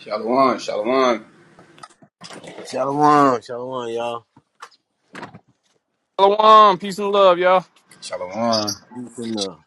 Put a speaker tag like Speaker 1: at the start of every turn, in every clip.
Speaker 1: Shalom, shalom,
Speaker 2: Shalom, shalom, y'all.
Speaker 3: Shalom, peace and love, y'all.
Speaker 1: shalom,
Speaker 2: Peace and love.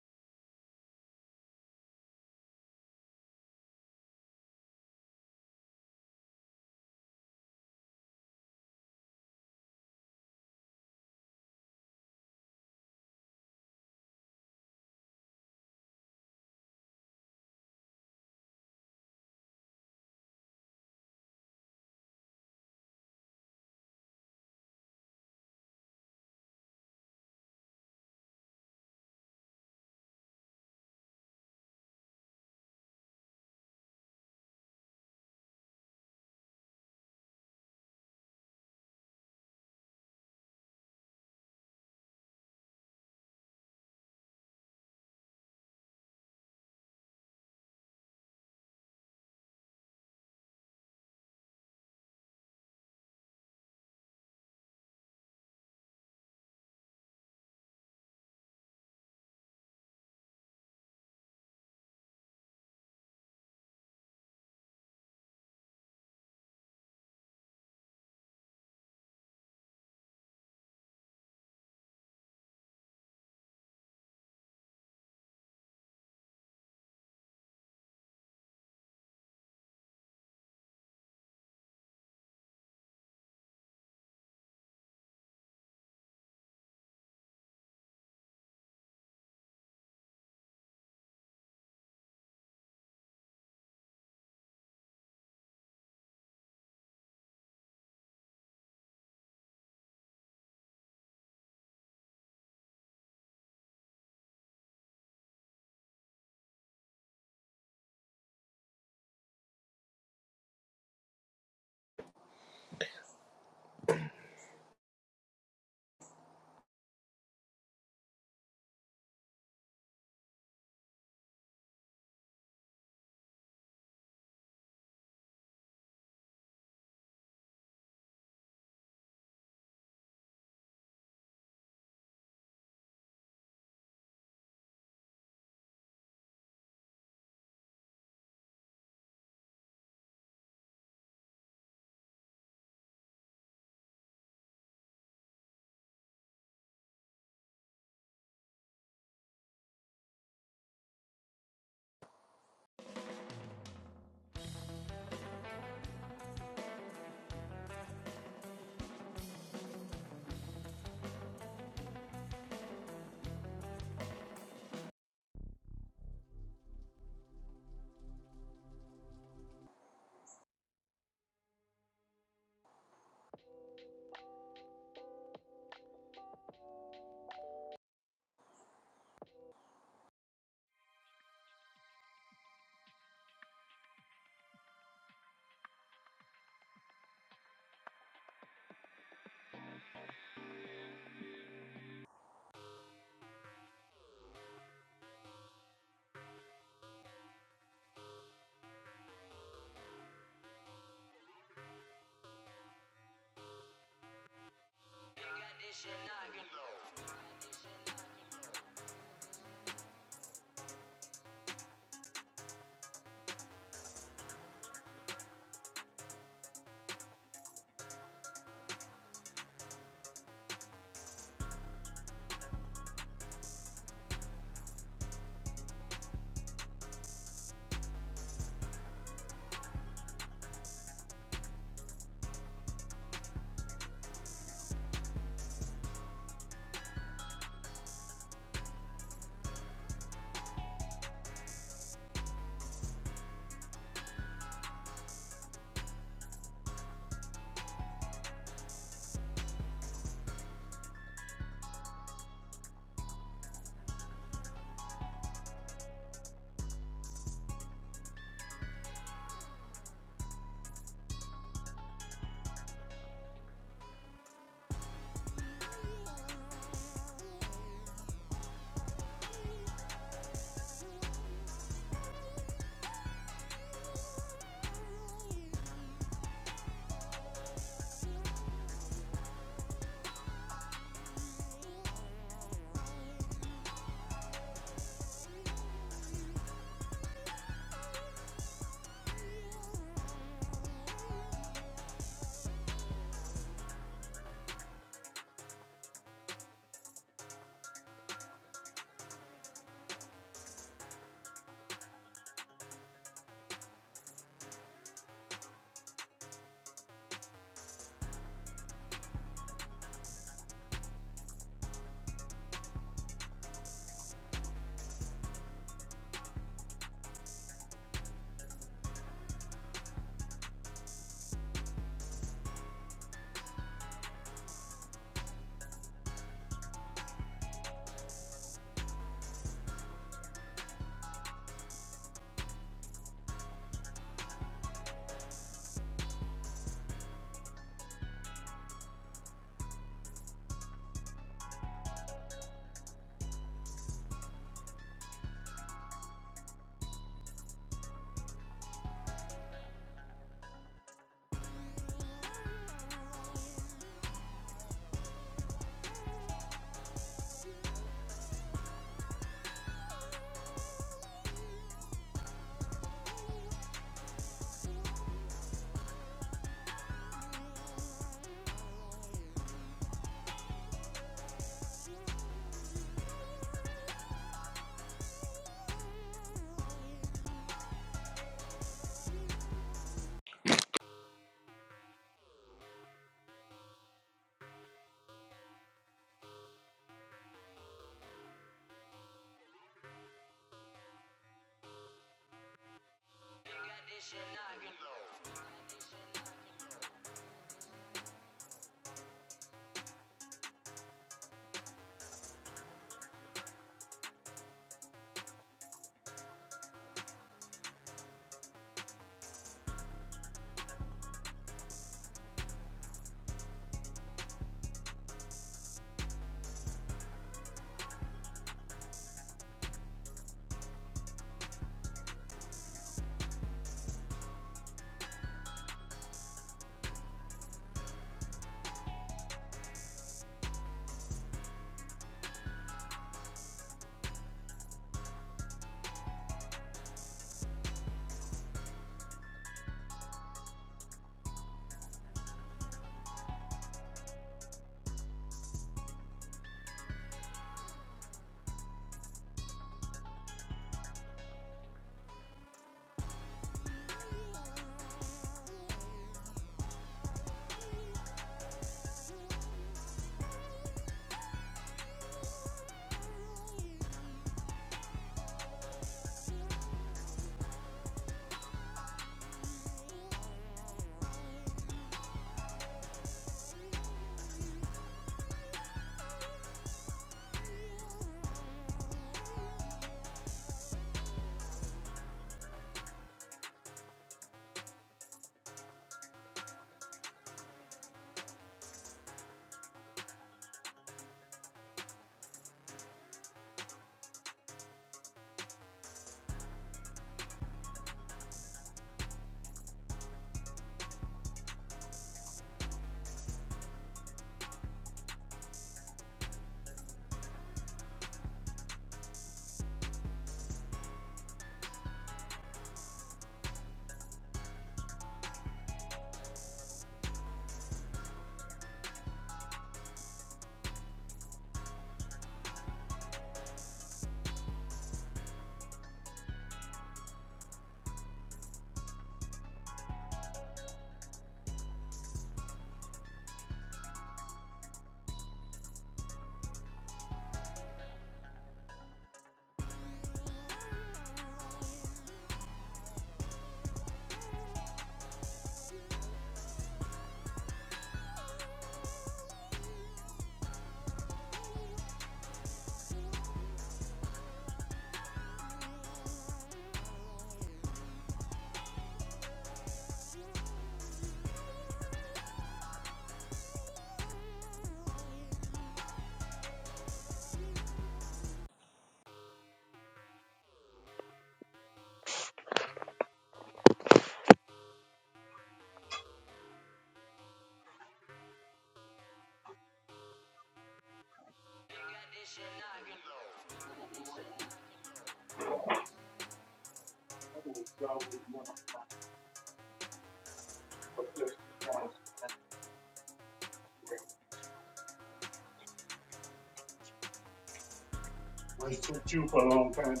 Speaker 4: Which took you for a long time.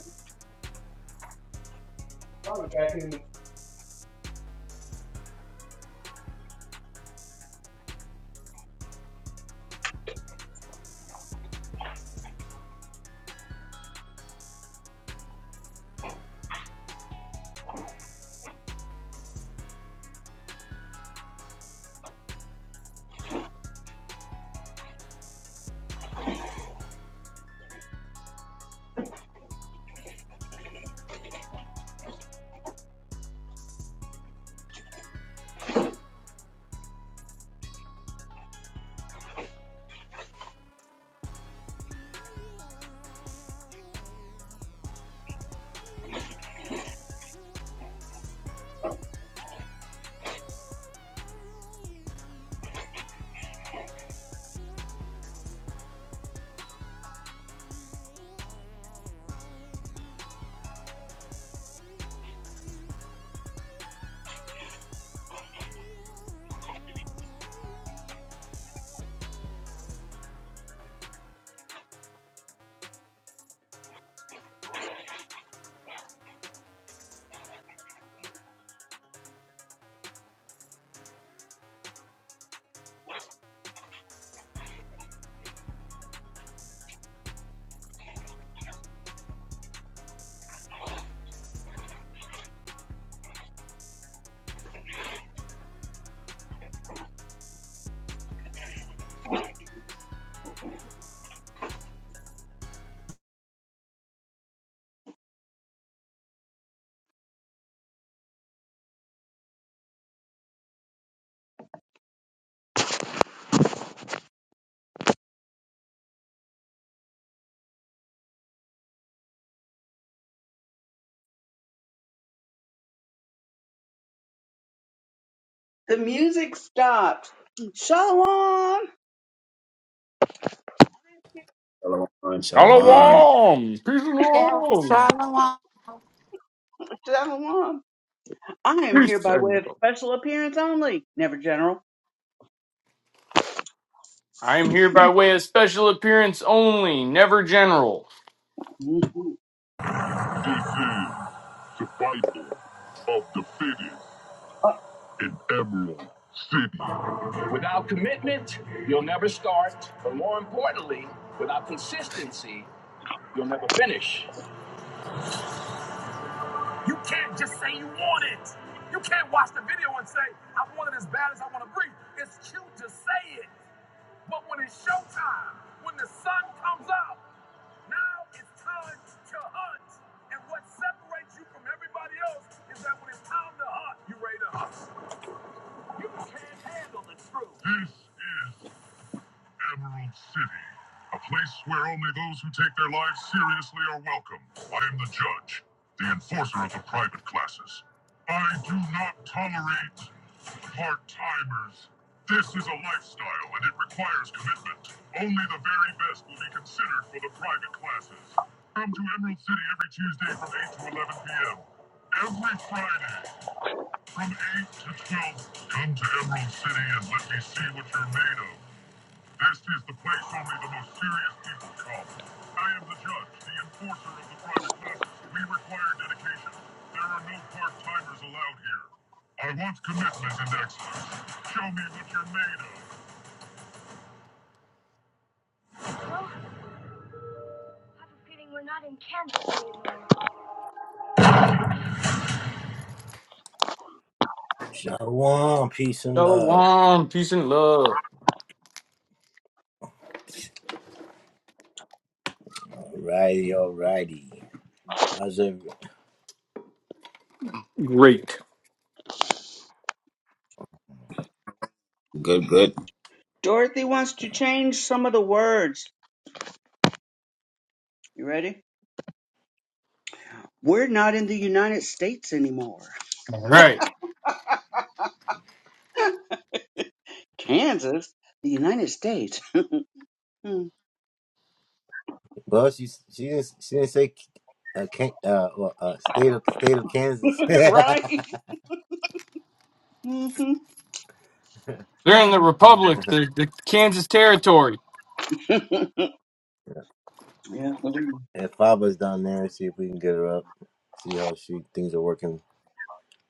Speaker 4: Probably back in. The music stopped. Shalom!
Speaker 1: shalom,
Speaker 4: I am
Speaker 1: shalom.
Speaker 3: Shalom, peace and
Speaker 5: Yeah,
Speaker 3: love.
Speaker 5: Shalom. I
Speaker 4: Shalom. I am here
Speaker 3: Peace.
Speaker 4: by way of
Speaker 3: everybody.
Speaker 4: special appearance only. Never general.
Speaker 3: I am here by way of special appearance only, never general.
Speaker 4: Mhm.
Speaker 2: This is survival of the fittest in Emerald City. Without commitment, you'll never start, but more importantly, without consistency, you'll never finish. You can't just say you want it. You can't watch the video and say, I want it as bad as I want to breathe. It's cute to say it. But when it's showtime, when the sun comes out, now it's time to hunt. And what separates you from everybody else is that when it's time to hunt, you are ready to hunt. You can't handle the truth. This is. Emerald City, a place where only those who take their lives seriously are welcome. I am the judge, the enforcer of the private classes. I do not tolerate part timers. This is a lifestyle and it requires commitment. Only the very best will be considered for the private classes. Come to Emerald City every Tuesday from 8 to 11 p.m. Every Friday from 8 to 12. Come to Emerald City and let me see what you're made of. This is the place only the most serious people come. I am the judge, the enforcer of the private classes. We require dedication. There are no part-timers allowed here. I want commitment and excellence. Show me what you're made of. Shalom, peace and love.
Speaker 3: Shalom, peace and love.
Speaker 2: Alrighty, alrighty. How's every?
Speaker 3: Great.
Speaker 1: Good, good.
Speaker 4: Dorothy wants to change some of the words. You ready? We're not in the United States anymore.
Speaker 3: All right.
Speaker 4: Kansas? The United States? Hmm.
Speaker 2: Well, she she didn't she didn't say uh, can, uh, well, uh state of state of Kansas.
Speaker 4: right?
Speaker 2: if
Speaker 4: hmm
Speaker 3: They're in the Republic, the, the Kansas Territory.
Speaker 4: yeah.
Speaker 2: Faba's down there, see if we can get her up. See how she things are working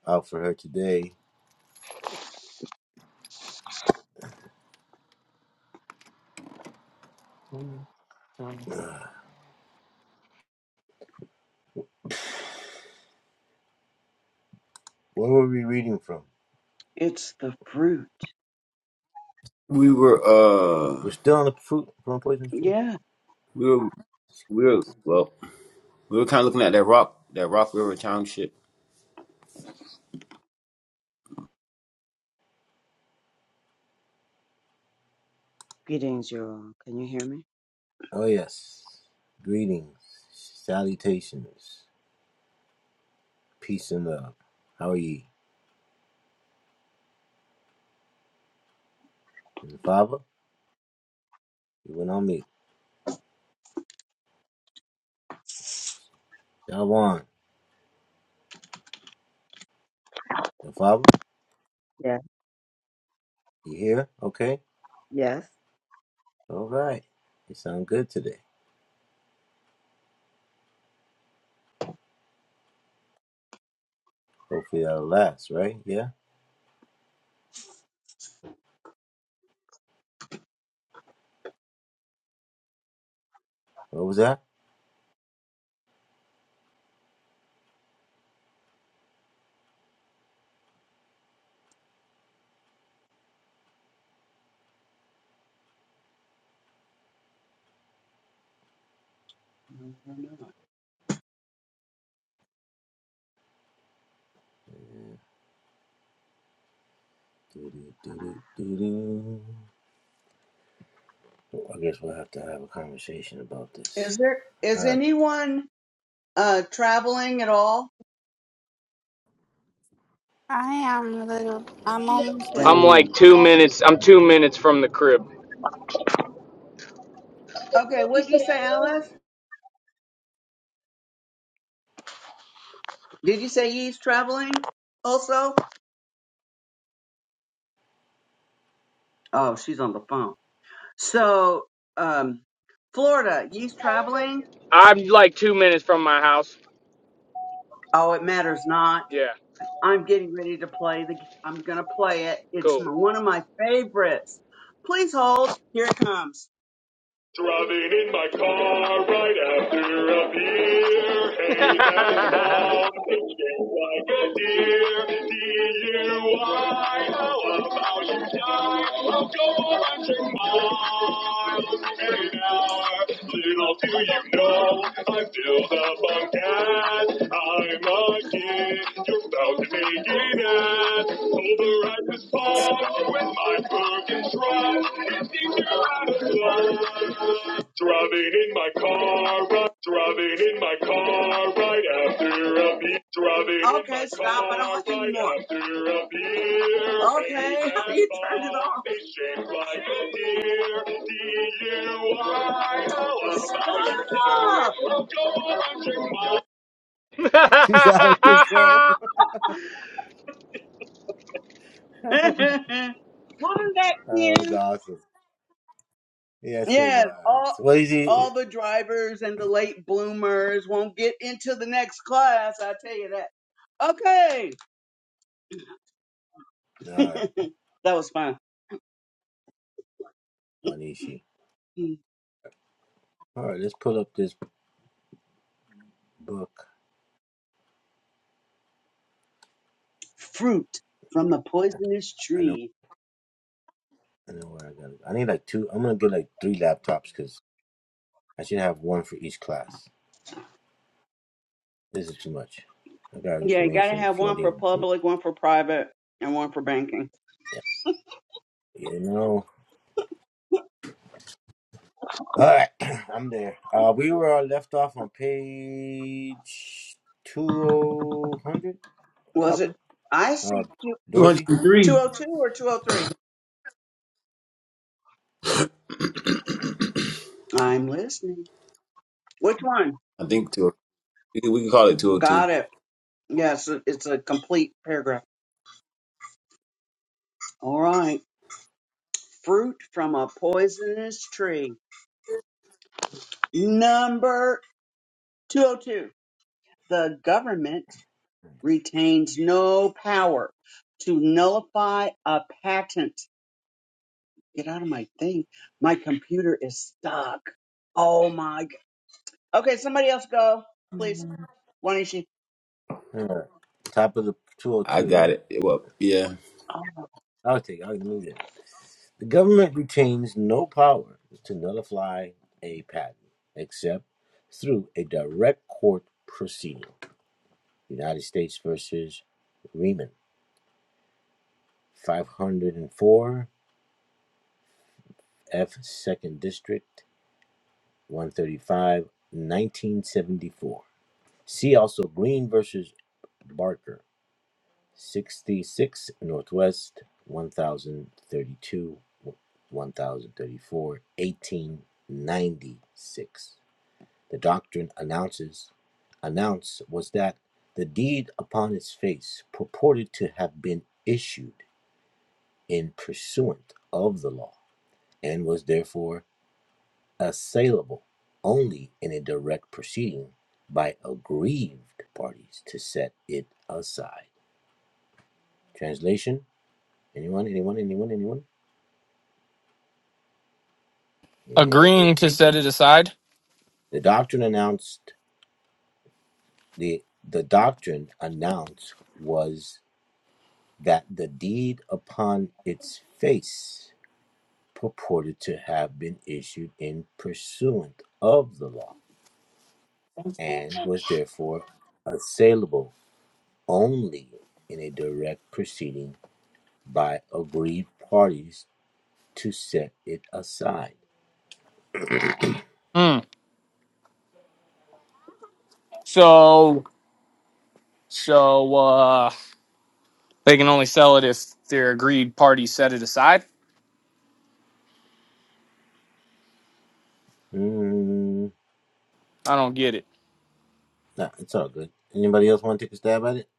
Speaker 2: out for her today.
Speaker 3: I'm
Speaker 2: Where were we reading from?
Speaker 4: It's the fruit.
Speaker 1: We were, uh,
Speaker 2: We're still on the fruit from poisonous tree.
Speaker 4: Yeah.
Speaker 1: we were, we were,
Speaker 2: Right.
Speaker 1: well, we were kind of looking at that rock, that Rock River Township.
Speaker 6: Greetings, you all. Can you hear me?
Speaker 2: Oh yes. Greetings, salutations, peace and love. How are ye? And Father, you went on mute. Shalom. And Father,
Speaker 6: Yeah.
Speaker 2: you here? Okay.
Speaker 6: Yes.
Speaker 2: All right. You sound good today. Hopefully that'll last, right? Yeah. What was that? Doo-doo, doo-doo, doo-doo. I guess we'll have to have a conversation about this.
Speaker 4: Is there
Speaker 2: All
Speaker 4: is
Speaker 2: right.
Speaker 4: anyone? Uh, traveling at all?
Speaker 5: am a little. I'm almost there.
Speaker 3: like
Speaker 4: Dang.
Speaker 3: two minutes. I'm two minutes from the crib.
Speaker 4: Okay, what did you say, Alice? Did you say he's traveling also? Oh, she's on the phone. So, um, Florida, he's traveling?
Speaker 3: I'm like two minutes from my house.
Speaker 4: Oh, it matters not.
Speaker 3: Yeah,
Speaker 4: I'm getting ready to play the. I'm gonna play it. It's
Speaker 3: cool.
Speaker 4: my, one of my favorites. Please hold. Here it comes. Driving in my car right after a beer. Hey, that bomb hitching like a deer. DUI, how about you die? I'll go 100 miles in an hour. Little do you know, I'm still the bunk ass. I'm a kid about to make it up. this pond with my broken truck. It's danger out of luck. Driving in my car, right, driving in my car right after a beer. Driving in okay, in my stop. Car I don't want any right more. After a beer. Okay, you turned it off. They shaped like a deer. DUI. How about you? Stop.
Speaker 2: She's out of control.
Speaker 4: Punching my- One back
Speaker 2: That was awesome. Yes, it
Speaker 4: Yes,
Speaker 2: was.
Speaker 4: all
Speaker 2: What is it?
Speaker 4: all the drivers and the late bloomers won't get into the next class. I tell you that. Okay,
Speaker 2: All right,
Speaker 4: that was fun.
Speaker 2: Wanishi.
Speaker 4: Mm,
Speaker 2: All right, let's pull up this book.
Speaker 4: Fruit from the poisonous
Speaker 2: I know,
Speaker 4: tree.
Speaker 2: I know where I got it. I need like two. I'm gonna get like three laptops because I should have one for each class. This is too much. I got
Speaker 4: Yeah, you gotta
Speaker 2: information
Speaker 4: have one for
Speaker 2: floating from
Speaker 4: public, one for private, and one for banking.
Speaker 2: you know. All right, I'm there. Uh, we were all left off on page two hundred.
Speaker 4: Was
Speaker 2: Copper.
Speaker 4: it? I see
Speaker 2: Uh, Dorothy.
Speaker 4: two
Speaker 1: 203.
Speaker 4: hundred two or two hundred three. I'm listening. Which one?
Speaker 1: I think two. We can we can call it 202.
Speaker 4: Got it. Yes, it's a complete paragraph. All right. Fruit from a poisonous tree. Number 202. The government retains no power to nullify a patent. Get out of my thing. My computer is stuck. Oh my. g- Okay, somebody else go, please. Why don't you?
Speaker 2: All right. Top of the two hundred
Speaker 1: I
Speaker 2: two,
Speaker 1: got
Speaker 2: right?
Speaker 1: it. Well, yeah.
Speaker 4: Oh.
Speaker 2: I'll take. I'll move that. The government retains no power to nullify a patent except through a direct court proceeding. United States versus Riemann, 504 F 2nd District, one thirty-five, nineteen seventy-four. See also Green versus Barker, 66 Northwest, 1032, thousand thirty-two, one thousand thirty-four, eighteen ninety-six. the doctrine announces announced was that the deed upon its face purported to have been issued in pursuant of the law and was therefore assailable only in a direct proceeding by aggrieved parties to set it aside. Translation? Anyone? Anyone? Anyone? Anyone? Eh,
Speaker 3: Agreeing to set it aside.
Speaker 2: The doctrine announced the the doctrine announced was that the deed upon its face purported to have been issued in pursuant of the law and was therefore assailable only in a direct proceeding by agreed parties to set it aside.
Speaker 3: Hmm. So, so uh, they can only sell it if their agreed party set it aside.
Speaker 2: Mm,
Speaker 3: I don't get it.
Speaker 2: nah, it's all good. Anybody else want to take a stab at it?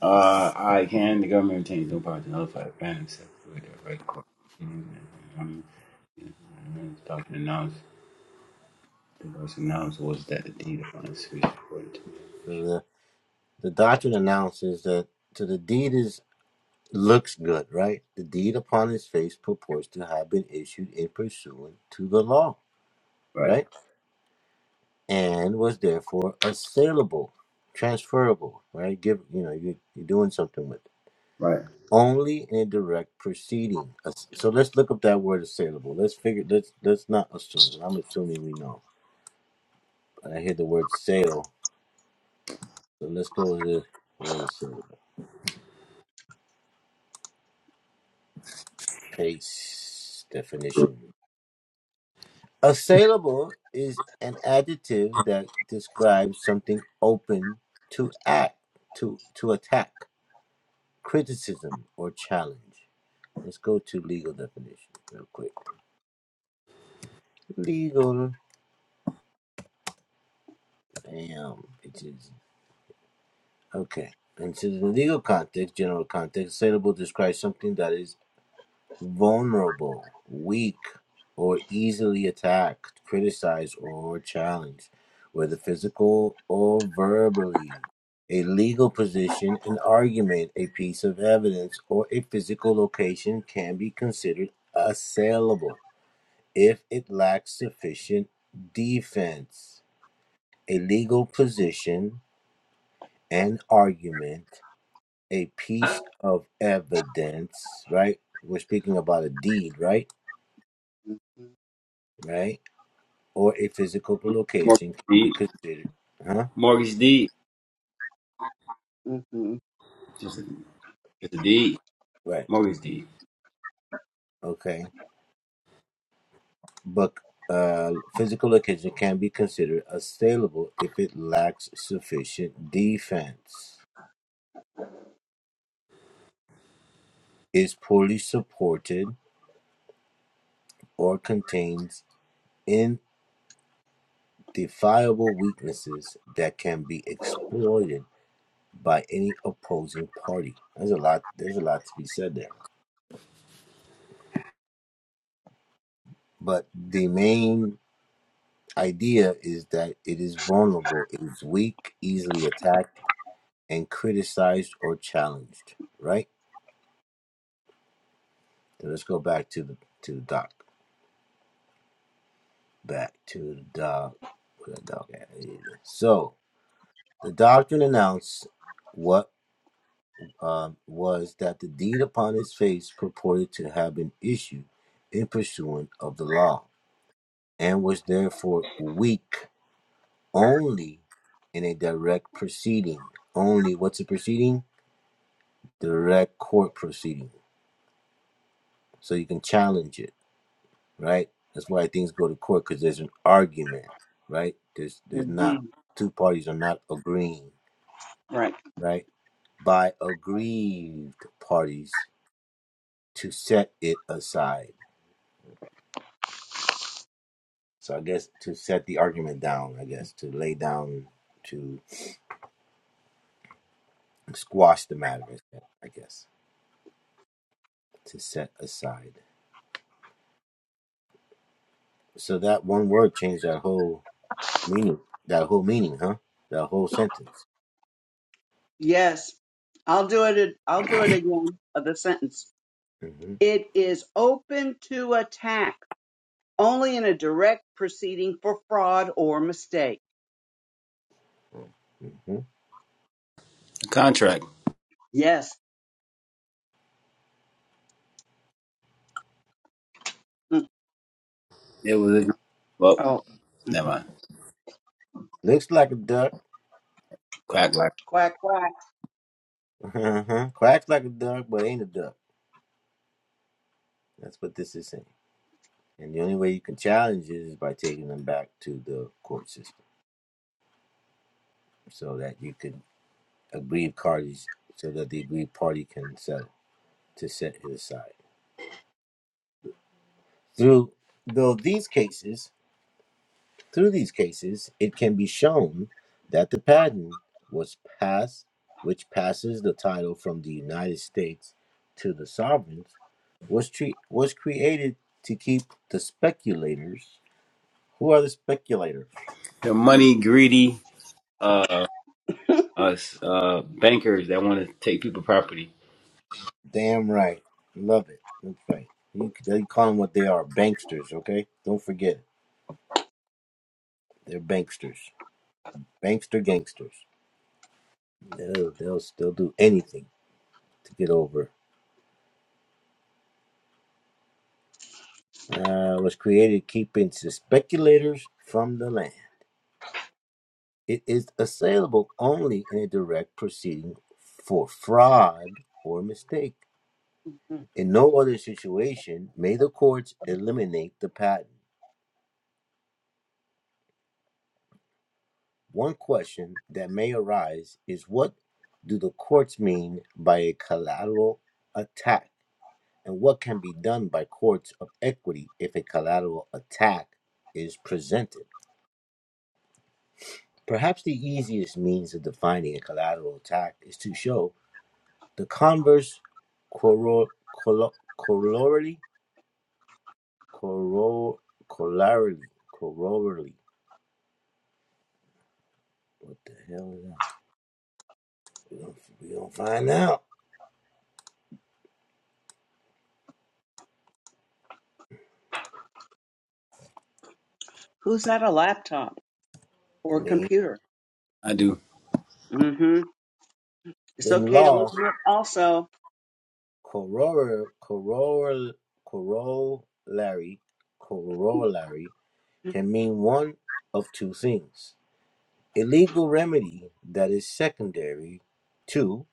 Speaker 1: Uh, I can. The government retains no power to nullify the ban except for the right court. Um, document announce the person announced was that the deed upon his speech.
Speaker 2: The, the doctrine announces that to the deed is. Looks good, right? The deed upon his face purports to have been issued in pursuant to the law,
Speaker 1: Right,
Speaker 2: right? And was therefore assailable, transferable, right? Give you know you you're doing something with it.
Speaker 1: right.
Speaker 2: only in a direct proceeding. Ass- So let's look up that word assailable. Let's figure. Let's let's not assume. I'm assuming we know. I hear the word sale, so let's go with the word assailable. Paste definition. Assailable is an adjective that describes something open to act to to attack, criticism, or challenge. Let's go to legal definition real quick. Legal, bam, bitches. Okay. And Considered in the legal context, general context, assailable describes something that is vulnerable, weak, or easily attacked, criticized, or challenged, whether physical or verbally. A legal position, an argument, a piece of evidence, or a physical location can be considered assailable if it lacks sufficient defense. A legal position, an argument, a piece of evidence, right? We're speaking about a deed, right? Right? or a physical
Speaker 1: More.
Speaker 2: location can be
Speaker 1: deed.
Speaker 2: considered. Huh?
Speaker 1: Mortgage deed.
Speaker 4: hmm
Speaker 1: Just a, just a deed.
Speaker 2: Right.
Speaker 1: Mortgage deed.
Speaker 2: Okay. But uh, physical location can be considered assailable if it lacks sufficient defense, is poorly supported, or contains indefiable weaknesses that can be exploited by any opposing party. There's a lot. There's a lot to be said there. But the main idea is that it is vulnerable, it is weak, easily attacked and criticized or challenged, right? So let's go back to the to the doc. Back to the dog. Where the dog at? So the doctrine announced what um, was that the deed upon his face purported to have been issued in pursuance of the law, and was therefore weak only in a direct proceeding. Only what's a proceeding? Direct court proceeding. So you can challenge it right? That's why things go to court because there's an argument, right? There's there's not
Speaker 4: hmm
Speaker 2: two parties are not agreeing,
Speaker 4: Right.
Speaker 2: right? By aggrieved parties to set it aside. So I guess to set the argument down, I guess to lay down to squash the matter, I guess to set aside. So that one word changed that whole meaning. That whole meaning, huh? That whole sentence.
Speaker 4: Yes. I'll do it. a- I'll do it again of the sentence.
Speaker 2: hmm
Speaker 4: It is open to attack only in a direct proceeding for fraud or mistake.
Speaker 2: hmm
Speaker 1: A contract.
Speaker 4: Yes, Mm,
Speaker 1: It was a well,
Speaker 4: Oh,
Speaker 1: never
Speaker 4: mhm.
Speaker 1: mind.
Speaker 2: Looks like a duck.
Speaker 1: Crack like
Speaker 4: quack, quack.
Speaker 2: Uh-huh. Quacks like a duck, but ain't a duck. That's what this is saying. And the only way you can challenge it is by taking them back to the court system so that you can aggrieve parties, so that the aggrieved party can settle to set it aside. Through though these cases, through these cases, it can be shown that the patent was passed, which passes the title from the United States to the sovereigns, was tre- was created to keep the speculators Who are the speculators?
Speaker 1: the money greedy uh us uh bankers that want to take people property.
Speaker 2: Damn right. Love it. That's right. You, you call them what they are banksters, okay? Don't forget, it. they're banksters. Bankster gangsters. They'll, they'll still do anything to get over. Uh, was created keeping the speculators from the land. It is assailable only in a direct proceeding for fraud or mistake.
Speaker 4: Mm.
Speaker 2: In no other situation may the courts eliminate the patent. One question that may arise is what do the courts mean by a collateral attack, and what can be done by courts of equity if a collateral attack is presented? Perhaps the easiest means of defining a collateral attack is to show the converse corro- collo- corollary, corro- corollary, corollary. What the hell is that? We don't, we don't find out.
Speaker 4: Who's at a laptop
Speaker 2: I
Speaker 4: or
Speaker 2: mean,
Speaker 4: computer?
Speaker 1: I do.
Speaker 4: hmm It's
Speaker 2: in
Speaker 4: okay to look
Speaker 2: law.
Speaker 4: it up also.
Speaker 2: Corollar- Corollary corollary can mean one of two things: a legal remedy that is secondary to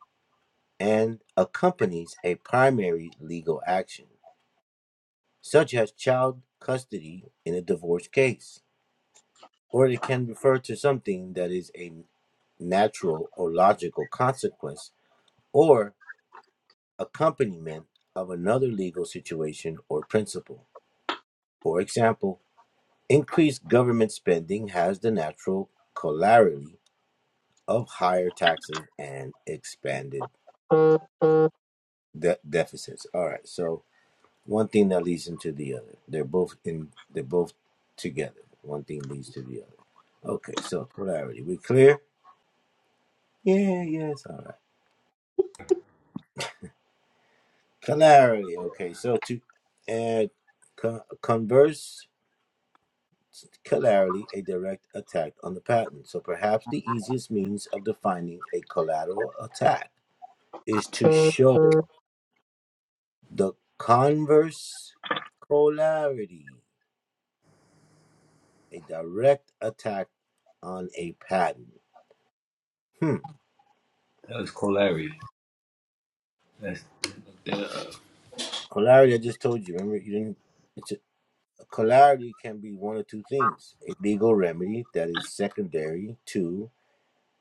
Speaker 2: and accompanies a primary legal action, such as child custody in a divorce case, or it can refer to something that is a natural or logical consequence or accompaniment of another legal situation or principle. For example, increased government spending has the natural corollary of higher taxes and expanded de- deficits. All right, so one thing that leads into the other. They're both in. They're both together. One thing leads to the other. Okay, so clarity. We clear? Yeah, yes. All right. Clarity. Okay, so to and co- converse collaterally a direct attack on the patent. So perhaps the easiest means of defining a collateral attack is to show the converse colarity, a direct attack on a patent. Hmm.
Speaker 1: That was Colary. That's that, uh,
Speaker 2: Colarity, I just told you. Remember, you didn't. It's a, colarity can be one of two things: a legal remedy that is secondary to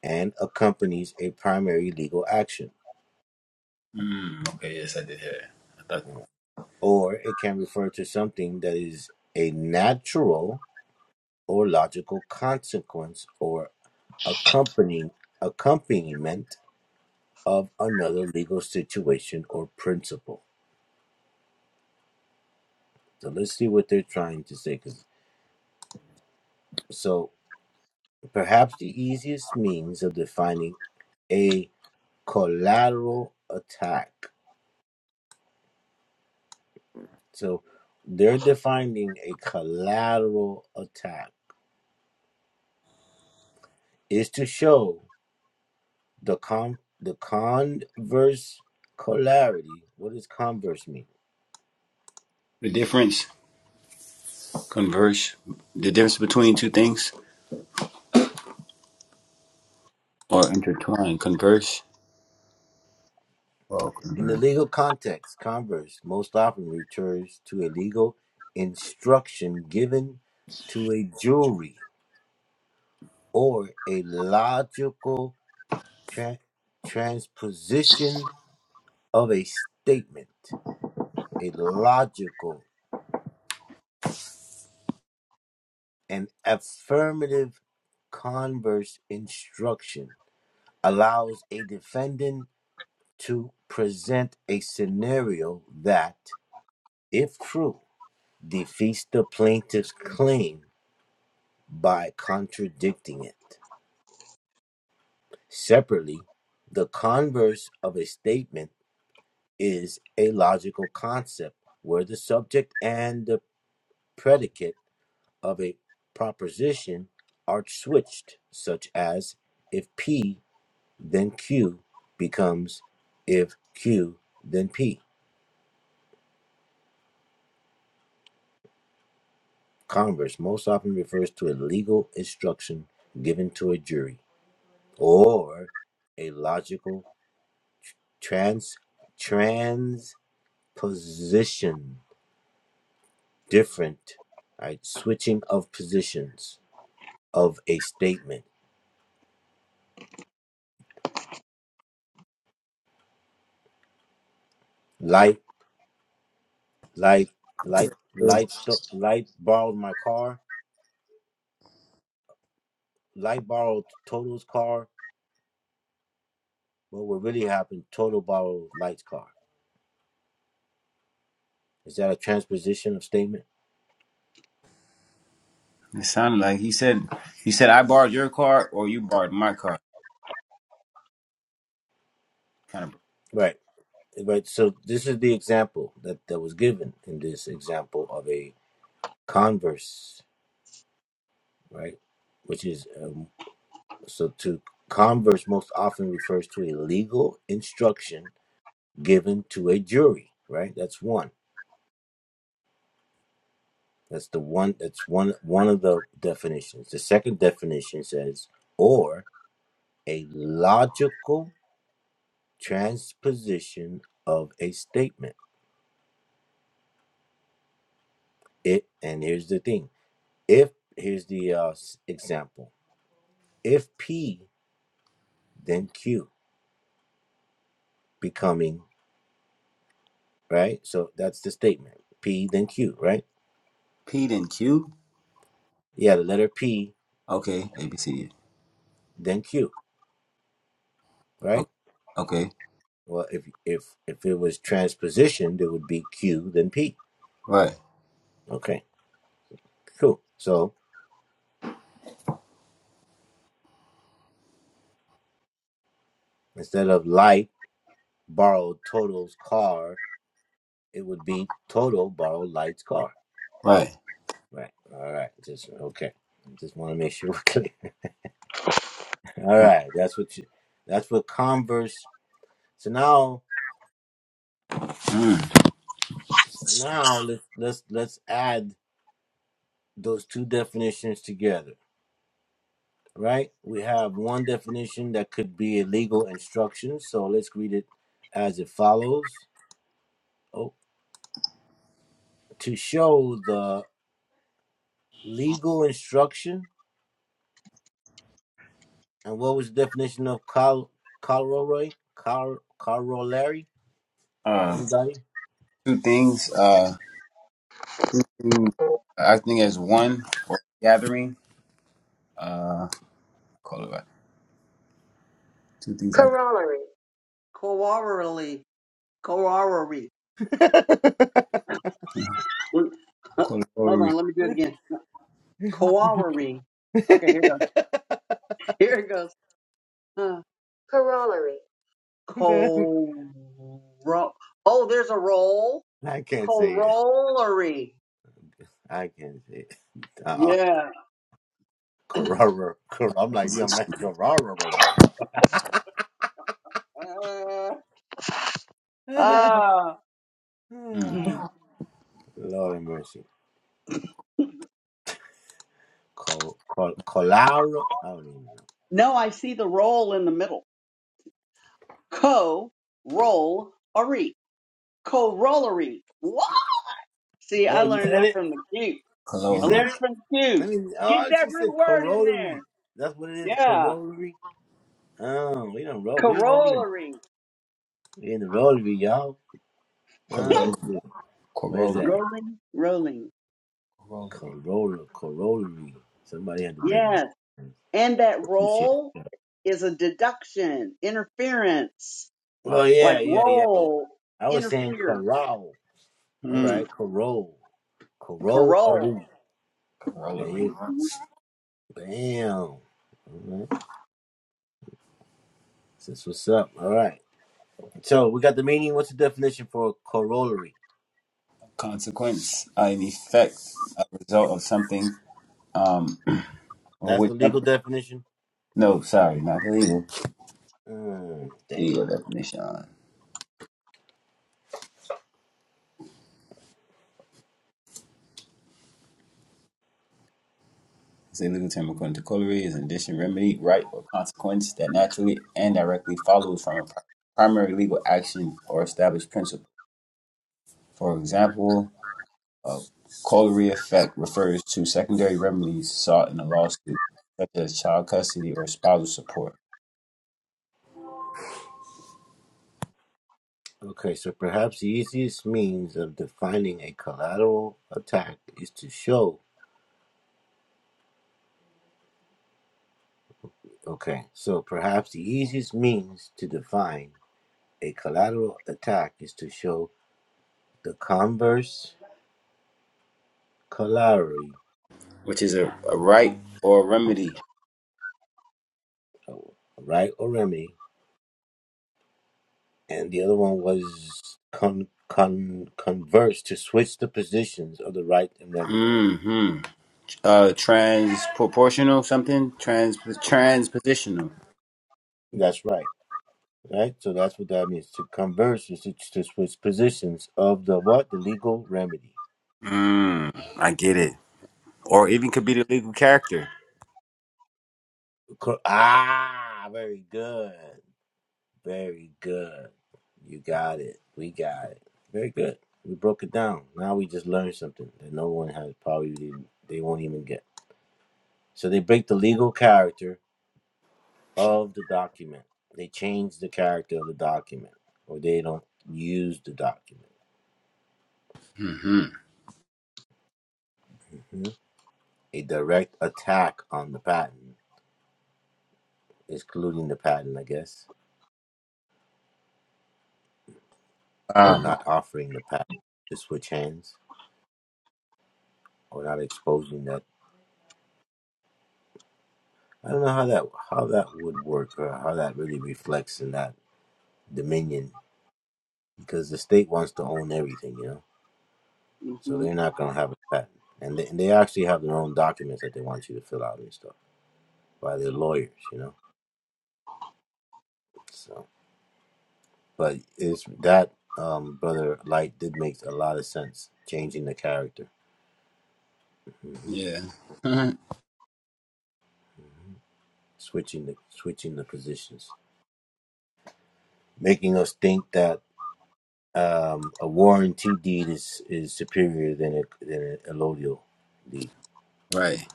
Speaker 2: and accompanies a primary legal action
Speaker 1: mm, okay, yes I did hear that. I thought
Speaker 2: or it can refer to something that is a natural or logical consequence or accompanying accompaniment of another legal situation or principle. So let's see what they're trying to say. 'cause- So perhaps the easiest means of defining a collateral attack. So they're defining a collateral attack is to show the con the converse polarity. What does converse mean?
Speaker 1: the difference converse the difference between two things or intertwine converse or
Speaker 2: In the
Speaker 1: converse.
Speaker 2: legal context, converse most often refers to a legal instruction given to a jury or a logical tra- transposition of a statement. A logical and affirmative converse instruction allows a defendant to present a scenario that, if true, defeats the plaintiff's claim by contradicting it. Separately, the converse of a statement is a logical concept where the subject and the predicate of a proposition are switched, such as if P then Q becomes if Q then P. Converse most often refers to a legal instruction given to a jury or a logical trans transposition, different, right, switching of positions of a statement. Light, light, light, light,
Speaker 1: It
Speaker 2: sto- light borrowed my car. Light borrowed Total's car. But what really happened? Total borrowed Light's car. Is that a transposition of statement?
Speaker 1: sounded like he said he said I borrowed your car or you borrowed my car.
Speaker 2: Right right so this is the example that that was given in this example of a converse right which is um, so to converse most often refers to a legal instruction given to a jury right that's one that's the one that's one one of the definitions the second definition says or a logical transposition of a statement it and here's the thing if here's the uh, s- example if P, then Q becoming, right? So that's the statement. P, then Q, right?
Speaker 1: P then Q.
Speaker 2: Yeah, the letter P,
Speaker 1: Okay, A B C. D.
Speaker 2: then Q,
Speaker 1: Okay,
Speaker 2: right?
Speaker 1: okay,
Speaker 2: Well, if if if it was transpositioned, it would be Q, then P.
Speaker 1: right,
Speaker 2: Okay, cool. So instead of light borrowed Total's car, it would be Total borrowed light's car.
Speaker 1: right.
Speaker 2: Right. All right. Just okay. Just want to make sure we're clear. All right. That's what you. That's what Converse. So now
Speaker 1: Mm.
Speaker 2: So now let's let's let's add those two definitions together, right? We have one definition that could be a legal instruction, so let's read it as it follows. Oh, to show the legal instruction, and what was the definition of col corollary? Cor corollary?
Speaker 1: Um,
Speaker 2: Anybody?
Speaker 1: two things. Uh, things acting as one or gathering. Uh, call it what? Two things. Act
Speaker 4: Corollary. Corollary. Mm. Huh. Hold on,
Speaker 1: coloration.
Speaker 4: let me do it again. Corollary. Okay, here it goes. Here it goes. Uh, Coro. Oh, there's a roll.
Speaker 2: I can't say it.
Speaker 4: Corollary.
Speaker 2: I can't say it. Uh uh
Speaker 4: Yeah.
Speaker 2: Carrara. Car- I'm like, yo, man,
Speaker 4: Uh,
Speaker 2: Carrara.
Speaker 4: ah.
Speaker 1: Mm.
Speaker 4: Mm.
Speaker 2: Lord have mercy. Col, col, colaro. I don't even know.
Speaker 4: no, I see the roll in the middle. Co roll Corollary. What? See,
Speaker 2: Oh,
Speaker 4: I
Speaker 2: you
Speaker 4: learned
Speaker 2: said
Speaker 4: that
Speaker 2: it?
Speaker 4: from the cute.
Speaker 2: You
Speaker 4: I
Speaker 1: Color.
Speaker 2: said
Speaker 4: learned
Speaker 2: it?
Speaker 4: from the
Speaker 2: I
Speaker 4: cute.
Speaker 2: mean,
Speaker 4: Get
Speaker 2: oh,
Speaker 4: that
Speaker 2: she
Speaker 4: root
Speaker 2: said
Speaker 4: word in there.
Speaker 2: corollary. That's what it is,
Speaker 4: Yeah.
Speaker 2: corollary. Oh, we don't roll. We're rolling.
Speaker 4: Corollary.
Speaker 2: We in the rollery, y'all. Oh,
Speaker 1: Color.
Speaker 2: that's good. Where is
Speaker 1: Corollary.
Speaker 2: that?
Speaker 4: Rolling. Rolling.
Speaker 1: Corollary.
Speaker 2: Corolla, corollary. Somebody had to break it
Speaker 4: Yes.
Speaker 2: down.
Speaker 4: And that
Speaker 2: Appreciate
Speaker 4: roll
Speaker 2: that.
Speaker 4: is a deduction, interference,
Speaker 2: Oh,
Speaker 4: like
Speaker 2: yeah, yeah, yeah.
Speaker 4: roll,
Speaker 2: I was saying
Speaker 4: interfere,
Speaker 2: corral. All
Speaker 1: Mm.
Speaker 2: right, corral.
Speaker 4: corroll.
Speaker 2: Corollary. There
Speaker 1: Corollary.
Speaker 2: Hey,
Speaker 4: hmm
Speaker 2: Bam. All right. That's what's up. All right. So we got the meaning. What's the definition for corollary?
Speaker 1: Consequence. Uh, an effect. A result of something. Um, or
Speaker 2: That's
Speaker 1: which
Speaker 2: the legal
Speaker 1: something.
Speaker 2: definition.
Speaker 1: No, sorry, not the legal.
Speaker 2: Mm,
Speaker 1: Legal
Speaker 2: dang.
Speaker 1: definition. As they look at him according to corollary is an addition, remedy, right, or consequence that naturally and directly follows from a primary legal action or established principle. For example, a corollary effect refers to secondary remedies sought in a lawsuit, such as child custody or spousal support,
Speaker 2: Okay, so perhaps the easiest means of defining a collateral attack is to show. Okay, so perhaps the easiest means to define a collateral attack is to show the converse corollary,
Speaker 1: which is a, a right or a remedy.
Speaker 2: oh, right or remedy, and the other one was con con converse to switch the positions of the right and remedy.
Speaker 1: hmm Uh, Transproportional something? Trans transpositional.
Speaker 2: That's right. Right? So that's what that means. To converse is to, to switch positions of the what? The legal remedy.
Speaker 1: Mm, I get it. Or even could be the legal character.
Speaker 2: Co- Ah, very good. Very good. You got it. We got it. Very good. We broke it down. Now we just learned something that no one has probably didn't, they won't even get. So they break the legal character of the document. They change the character of the document or they don't use the document.
Speaker 1: Hmm.
Speaker 2: Mhm. A direct attack on the patent excluding the patent, I guess, or
Speaker 1: Um,
Speaker 2: not offering the patent to switch hands, or not exposing that. I don't know how that how that would work, or how that really reflects in that dominion, because the state wants to own everything, you know. So
Speaker 4: hmm
Speaker 2: they're not going to have a patent, and they, and they actually have their own documents that they want you to fill out and stuff by their lawyers, you know. So, but is that um, brother Light did make a lot of sense, changing the character,
Speaker 1: yeah.
Speaker 2: switching the switching the positions, making us think that Um, a warranty deed is, is superior than a than a allodial deed,
Speaker 1: right.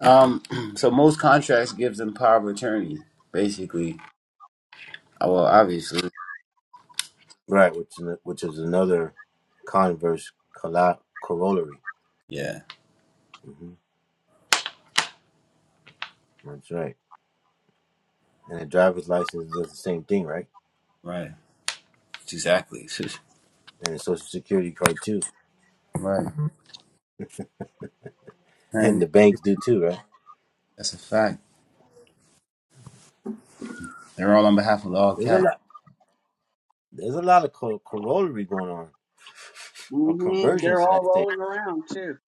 Speaker 1: Um, so most contracts gives them power of attorney, basically. Oh, well, obviously.
Speaker 2: right? Which is, ano- which is another converse colla- corollary.
Speaker 1: Yeah.
Speaker 2: hmm That's right. And a driver's license does the same thing, right?
Speaker 1: Right. Exactly.
Speaker 2: And a social security card too,
Speaker 1: right.
Speaker 2: and
Speaker 1: And
Speaker 2: the banks do too, right?
Speaker 1: that's a fact. They're all on behalf of the all
Speaker 2: There's a
Speaker 1: cap.
Speaker 2: lot. There's a lot of co- corollary going on, or
Speaker 4: hmm
Speaker 2: conversion,
Speaker 4: They're
Speaker 2: should I
Speaker 4: all
Speaker 2: say?
Speaker 4: rolling around too.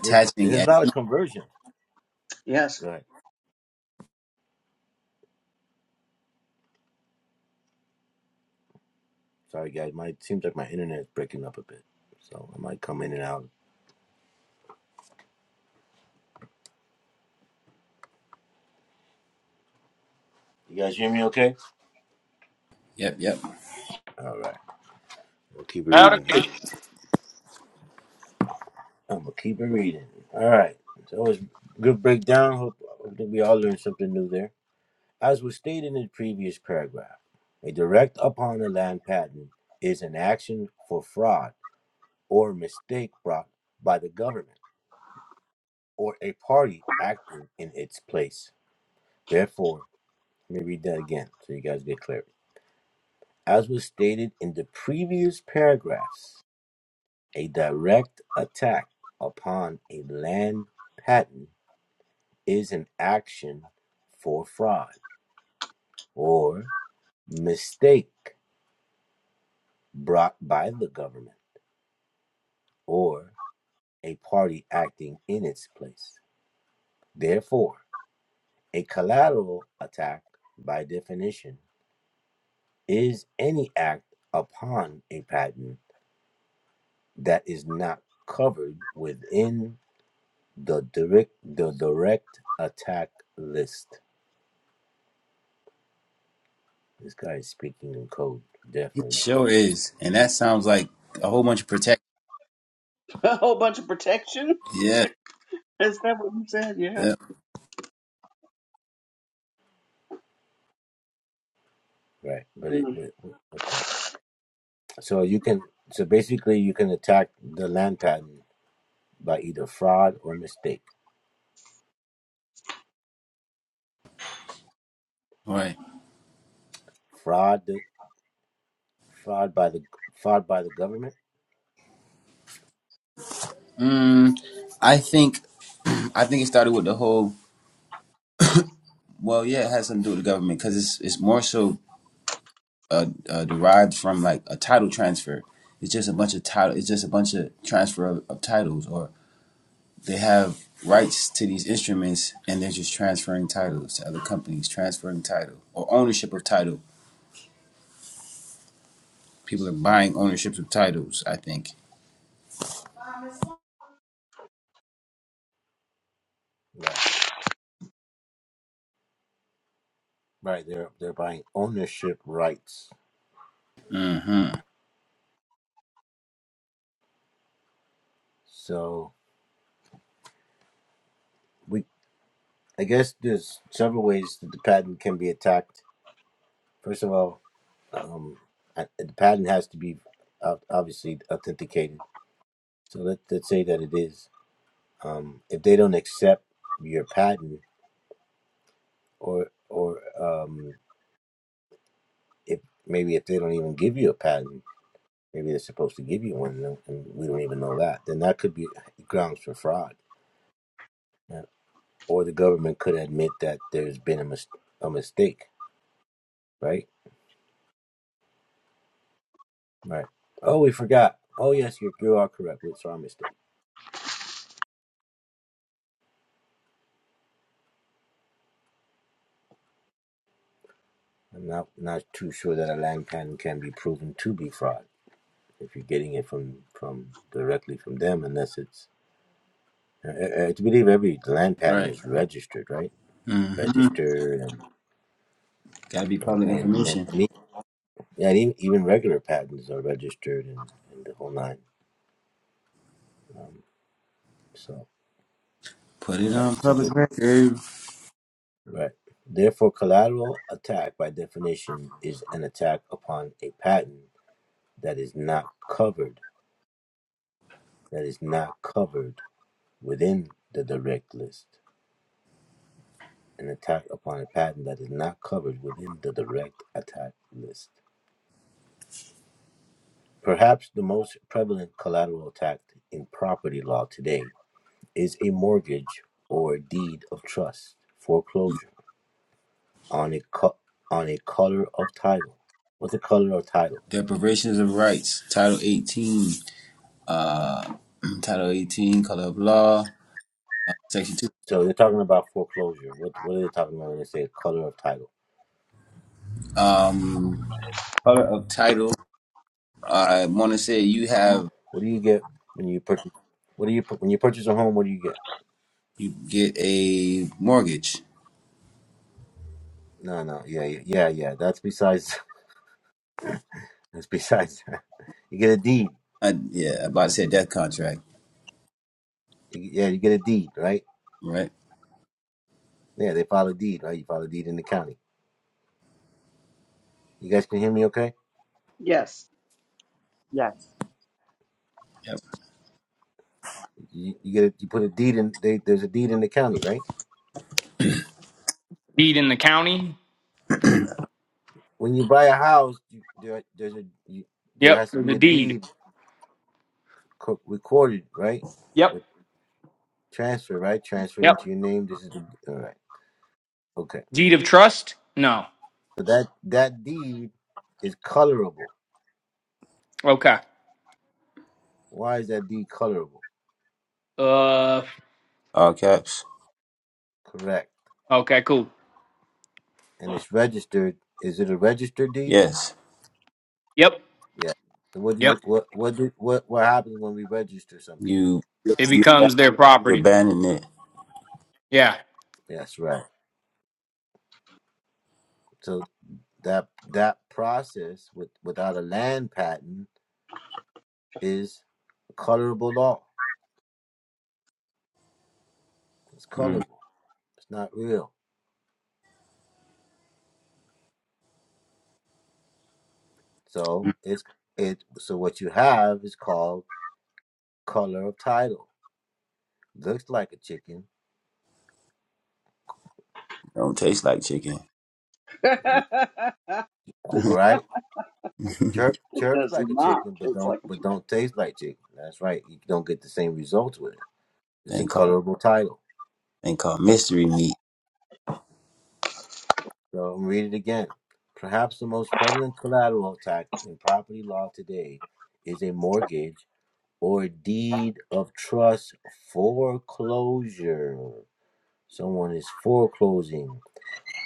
Speaker 2: There's there's
Speaker 1: at
Speaker 2: a lot of conversion.
Speaker 4: Yes.
Speaker 2: Go ahead. Sorry, guys. My seems like my internet is breaking up a bit, so I might come in and out. You guys hear me? Okay.
Speaker 1: yep, yep.
Speaker 2: All right. We'll keep it
Speaker 3: Out of
Speaker 2: reading here.
Speaker 3: deed
Speaker 2: I'm gonna keep it reading. All right. It's always good breakdown. Hope, hope that we all learned something new there. As was stated in the previous paragraph, a direct upon a land patent is an action for fraud or mistake brought by the government or a party acting in its place. Therefore, let me read that again so you guys get clear. As was stated in the previous paragraphs, A direct attack upon a land patent is an action for fraud or mistake brought by the government or a party acting in its place. Therefore, a collateral attack, by definition, is any act upon a patent that is not covered within the direct, the direct attack list. This guy is speaking in code,
Speaker 1: He
Speaker 2: definitely.
Speaker 1: sure is. And that sounds like a whole bunch of protect
Speaker 4: A whole bunch of protection.
Speaker 1: yeah,
Speaker 4: Is that what you said? Yeah.
Speaker 1: yeah.
Speaker 2: Right. But it,
Speaker 4: Mm.
Speaker 2: w okay. So you can, so basically you can attack the land patent by either fraud or mistake.
Speaker 1: Right.
Speaker 2: Fraud, fraud by the, fraud by the government.
Speaker 1: Mm, I think I think it started with the whole well, yeah, it has something to do with the government because it's it's more so uh, uh, derived from like a title transfer. It's just a bunch of title. It's just a bunch of transfer of, of titles, or they have rights to these instruments, and they're just transferring titles to other companies, transferring title or ownership of title. People are buying ownerships of titles. I think.
Speaker 2: Right. Right. They're, they're buying ownership rights.
Speaker 1: hmm
Speaker 2: So we, I guess there's several ways that the patent can be attacked. First of all, um, I- the patent has to be uh, obviously authenticated. So let, let's say that it is. um, if they don't accept your patent or or um, if maybe if they don't even give you a patent maybe they're supposed to give you one and and we don't even know that then that could be grounds for fraud Yeah. or the government could admit that there's been a, mis- a mistake right right oh we forgot oh yes you you are correct it's our mistake i'm not not too sure that a land patent can be proven to be fraud if you're getting it from from directly from them unless it's I, I I believe every land patent
Speaker 1: Right.
Speaker 2: is registered, right?
Speaker 1: hmm
Speaker 2: Registered and
Speaker 1: Gotta be
Speaker 2: uh,
Speaker 1: public
Speaker 2: and and,
Speaker 1: information.
Speaker 2: and, e- yeah, and even, even regular patents are registered and, and the whole nine. So,
Speaker 1: Put it
Speaker 2: all right.
Speaker 1: on
Speaker 2: So, we're-
Speaker 1: public record.
Speaker 2: right. Therefore, collateral attack by definition is an attack upon a patent that is not covered that is not covered within the direct list. An attack upon a patent that is not covered within the direct attack list. Perhaps the most prevalent collateral attack in property law today is a mortgage or deed of trust foreclosure on a co- on a color of title. What's a color of title?
Speaker 1: Deprivations of rights. Title 18. Uh, Title 18, color of law. Section 2.
Speaker 2: So they're talking about foreclosure. What what are they talking about when they say color of title?
Speaker 1: Um, color of title, I want to say you have
Speaker 2: What do you get when you purchase? What do you pu- when you purchase a home? What do you get?
Speaker 1: you get a mortgage.
Speaker 2: No, no, yeah, yeah, yeah. yeah. That's besides. That's besides. That. You get a deed. You-
Speaker 1: I, yeah, I about to say death contract,
Speaker 2: Yeah, you get a deed, right?
Speaker 1: right?
Speaker 2: Yeah, they file a deed, right? You file a deed in the county. You guys can hear me okay?
Speaker 4: Yes.
Speaker 6: Yes.
Speaker 1: Yep.
Speaker 2: You, you get a, you put a deed in they, there's a deed in the county, right?
Speaker 3: in the county.
Speaker 2: When you buy a house, you, there there's a you, there
Speaker 3: Yep,
Speaker 2: has to
Speaker 3: the
Speaker 2: be a
Speaker 3: deed.
Speaker 2: deed co- recorded, right?
Speaker 3: Yep,
Speaker 2: With transfer, right? Transferred
Speaker 3: yep.
Speaker 2: into your name. This is the, all right. Okay.
Speaker 3: Deed of trust. No.
Speaker 2: So that that deed is colorable.
Speaker 3: Okay.
Speaker 2: Why is that deed colorable?
Speaker 3: Uh.
Speaker 1: All caps.
Speaker 2: Correct.
Speaker 3: Okay. Cool.
Speaker 2: And it's registered. Is it a registered deed?
Speaker 1: Yes,
Speaker 3: Yep.
Speaker 2: Yeah. So what did
Speaker 3: Yep.
Speaker 2: you what what did what what happens when we register something?
Speaker 1: you you
Speaker 3: It becomes their property.
Speaker 1: abandon it.
Speaker 3: Yeah.
Speaker 2: That's right. So. That that process with without a land patent is colorable law. It's
Speaker 1: Mm.
Speaker 2: colorable. It's not real. So
Speaker 1: mm,
Speaker 2: it's it. So what you have is called color of title. Looks like a chicken,
Speaker 1: Don't taste like chicken.
Speaker 2: right?
Speaker 1: thing
Speaker 2: Chirp
Speaker 4: It
Speaker 2: chirps
Speaker 4: does
Speaker 2: like a
Speaker 4: not.
Speaker 2: chicken, but
Speaker 4: It's
Speaker 2: don't
Speaker 4: like,
Speaker 2: but don't taste like chicken. That's right. You don't get the same results with it. It's a
Speaker 1: called
Speaker 2: colorable title.
Speaker 1: thing called mystery meat.
Speaker 2: So I'm gonna read it again. Perhaps the most prevalent collateral attack in property law today is a mortgage or deed of trust foreclosure. Someone is foreclosing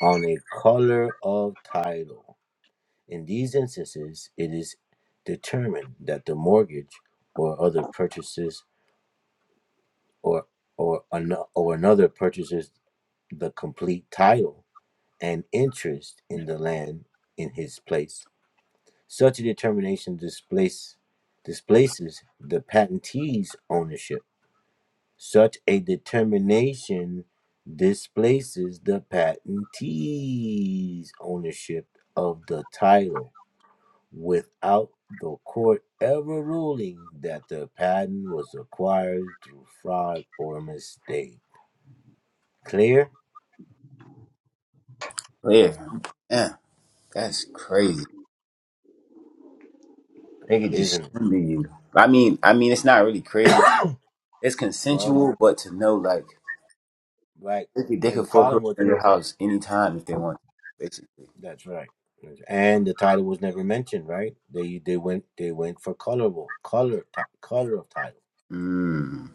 Speaker 2: on a color of title. In these instances, it is determined that the mortgage or other purchases or or, an, or another purchases the complete title and interest in the land in his place. Such a determination displace, displaces the patentee's ownership Such a determination displaces the patentee's ownership of the title without the court ever ruling that the patent was acquired through fraud or mistake. Clear,
Speaker 1: Yeah, yeah, that's crazy. They could just
Speaker 2: isn't it?
Speaker 1: send to you. I mean, I mean, it's not really crazy. It's
Speaker 2: Well,
Speaker 1: consensual, but to know like.
Speaker 2: right.
Speaker 1: They could, they
Speaker 2: And
Speaker 1: could
Speaker 2: the
Speaker 1: foreclose
Speaker 2: problem with
Speaker 1: on
Speaker 2: it,
Speaker 1: your house anytime if they want, basically.
Speaker 2: that's right. And the title was never mentioned, right? They they went they went for colorable color ti- color of title,
Speaker 1: Mm,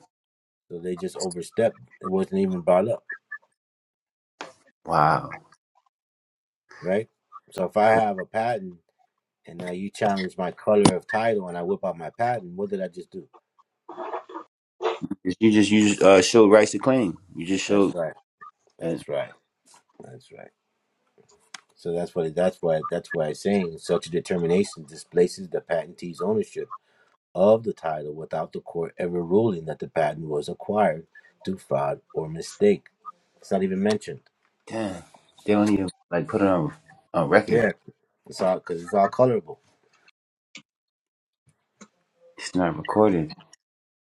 Speaker 2: so they just overstepped. It wasn't even brought up.
Speaker 1: wow.
Speaker 2: right? So if I have a patent and now you challenge my color of title and I whip out my patent, what did I just do?
Speaker 1: You just you just uh, showed rights to claim. You just
Speaker 2: That's
Speaker 1: showed.
Speaker 2: right.
Speaker 1: Uh,
Speaker 2: That's right. That's right. So that's what that's why that's why it's saying such a determination displaces the patentee's ownership of the title without the court ever ruling that the patent was acquired through fraud or mistake. It's not even mentioned.
Speaker 1: damn, they don't even like put it on on record.
Speaker 2: Yeah,
Speaker 1: Like,
Speaker 2: it's all because it's all colorable.
Speaker 1: It's not recorded.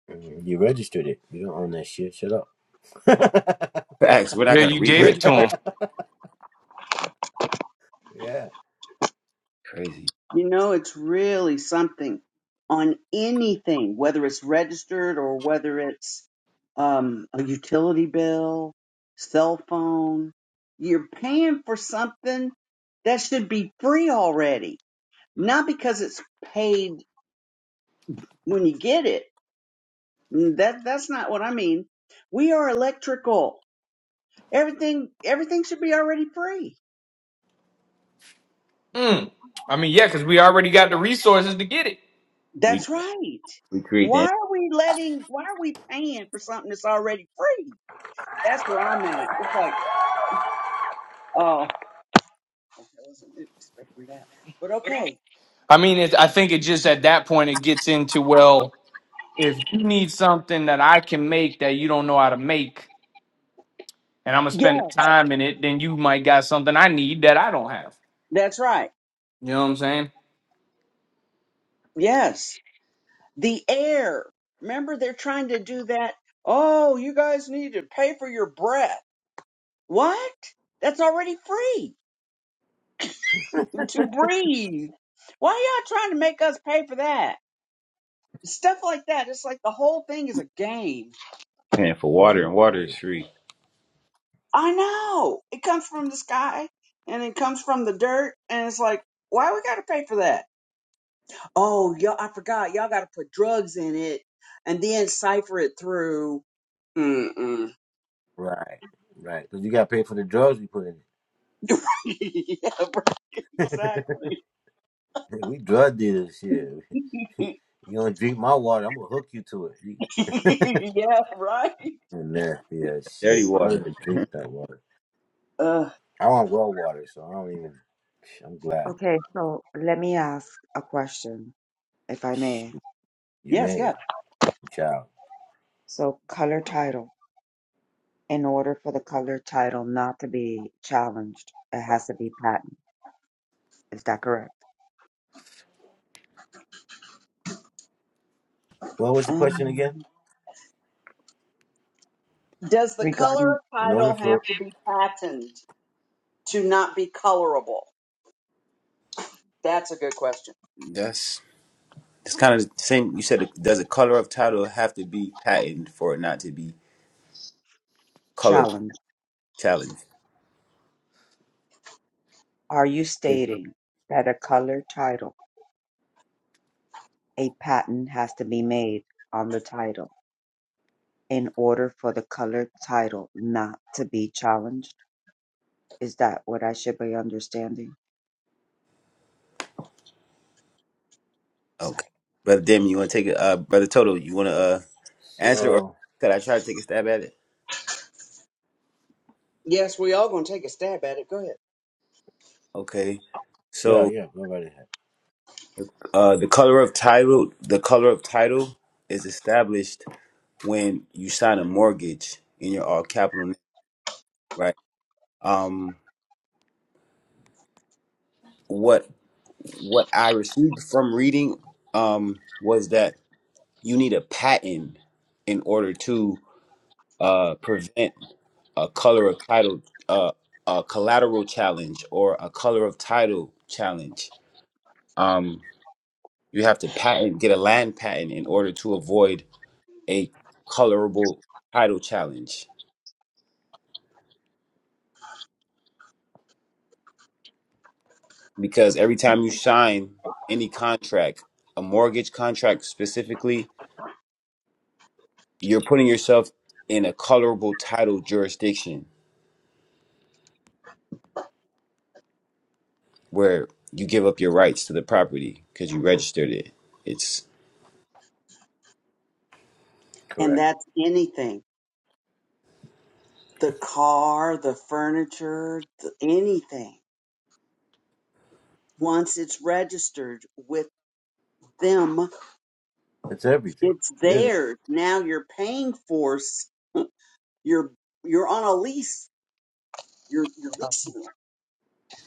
Speaker 2: Mhm. You registered it. You don't own that shit. Shut up.
Speaker 1: Facts. We're not
Speaker 3: Yeah.
Speaker 1: gonna
Speaker 3: You gave it to
Speaker 1: re-register.
Speaker 3: them.
Speaker 2: Yeah.
Speaker 1: Crazy.
Speaker 4: you know, it's really something on anything, whether it's registered or whether it's um, a utility bill, cell phone. You're paying for something that should be free already, not because it's paid when you get it. Mm, That that's not what I mean. We are electrical. Everything everything should be already free.
Speaker 3: Mm. I mean, yeah, because we already got the resources to get it.
Speaker 1: We
Speaker 4: That's right.
Speaker 1: we create
Speaker 4: Why
Speaker 1: the
Speaker 4: are we letting, why are we paying for something that's already free? That's where I'm at. It's like, oh, okay, I wasn't expecting that. But okay.
Speaker 3: I mean, it, I think it just at that point it gets into well. if you need something that I can make that you don't know how to make, and I'm gonna
Speaker 4: Yeah,
Speaker 3: spend the time in it, then you might got something I need that I don't have.
Speaker 4: that's right.
Speaker 3: You know what I'm saying?
Speaker 4: Yes. The air. Remember, they're trying to do that. Oh, you guys need to pay for your breath. What? That's already free to breathe. Why are y'all trying to make us pay for that? Stuff like that. It's like the whole thing is a game
Speaker 1: paying for water, and
Speaker 2: Oh
Speaker 1: water
Speaker 2: yeah.
Speaker 1: is free.
Speaker 4: I know it comes from the sky and it comes from the dirt, and it's like, why we gotta pay for that? Oh, y'all, I forgot. Y'all gotta put drugs in it and then cipher it through. Mm-mm.
Speaker 2: Right, right. Because you got to pay for the drugs we put in
Speaker 4: yeah, right. Exactly.
Speaker 2: it. We drug dealers, shit. You don't drink my water, I'm going to hook you to it. You
Speaker 4: yeah, right.
Speaker 2: and nasty ass shit.
Speaker 1: Dirty
Speaker 2: I don't
Speaker 1: water.
Speaker 2: even drink that water.
Speaker 4: Uh,
Speaker 2: I want raw water, so I don't even. I'm glad
Speaker 6: Okay, so let me ask a question, if I may.
Speaker 2: Shoot, you
Speaker 4: yes, yeah.
Speaker 2: may, child.
Speaker 6: So, color title. In order for the color title not to be challenged, it has to be patent. Is that correct?
Speaker 2: What was the question again?
Speaker 4: Um, does the color
Speaker 6: Regarding
Speaker 4: of
Speaker 2: In order
Speaker 4: title have
Speaker 2: for.
Speaker 4: to be patented to not be colorable? That's a good question.
Speaker 1: That's it's kind of the same. You said, does the color of title have to be patented for it not to be color
Speaker 6: challenge,
Speaker 1: challenged?
Speaker 6: are you stating that a color title, a patent has to be made on the title in order for the color title not to be challenged? Is that what I should be understanding?
Speaker 1: Okay.
Speaker 6: Psych.
Speaker 1: Brother Damon, you want to take it? Uh, Brother Toto, you want to uh, answer or
Speaker 2: So,
Speaker 1: could I try to take a stab at it?
Speaker 4: Yes, we all gonna take a stab at it. Go ahead.
Speaker 1: Okay.
Speaker 2: yeah,
Speaker 1: So
Speaker 2: yeah, go right ahead.
Speaker 1: uh, the color of title, the color of title is established when you sign a mortgage in your all capital, name, right? Um, what what I received from reading um, was that you need a patent in order to uh, prevent a color of title, uh, a collateral challenge, or a color of title challenge. Um, you have to patent, get a land patent in order to avoid a colorable title challenge. Because every time you sign any contract, a mortgage contract specifically, you're putting yourself in a colorable title jurisdiction where you give up your rights to the property because you registered it. It's
Speaker 4: And
Speaker 2: Correct.
Speaker 4: that's anything. the car, the furniture, th- anything. Once it's registered with them,
Speaker 2: That's everything,
Speaker 4: it's
Speaker 2: really.
Speaker 4: theirs. Now you're paying for s- you're you're on a lease. You're you're leasing it.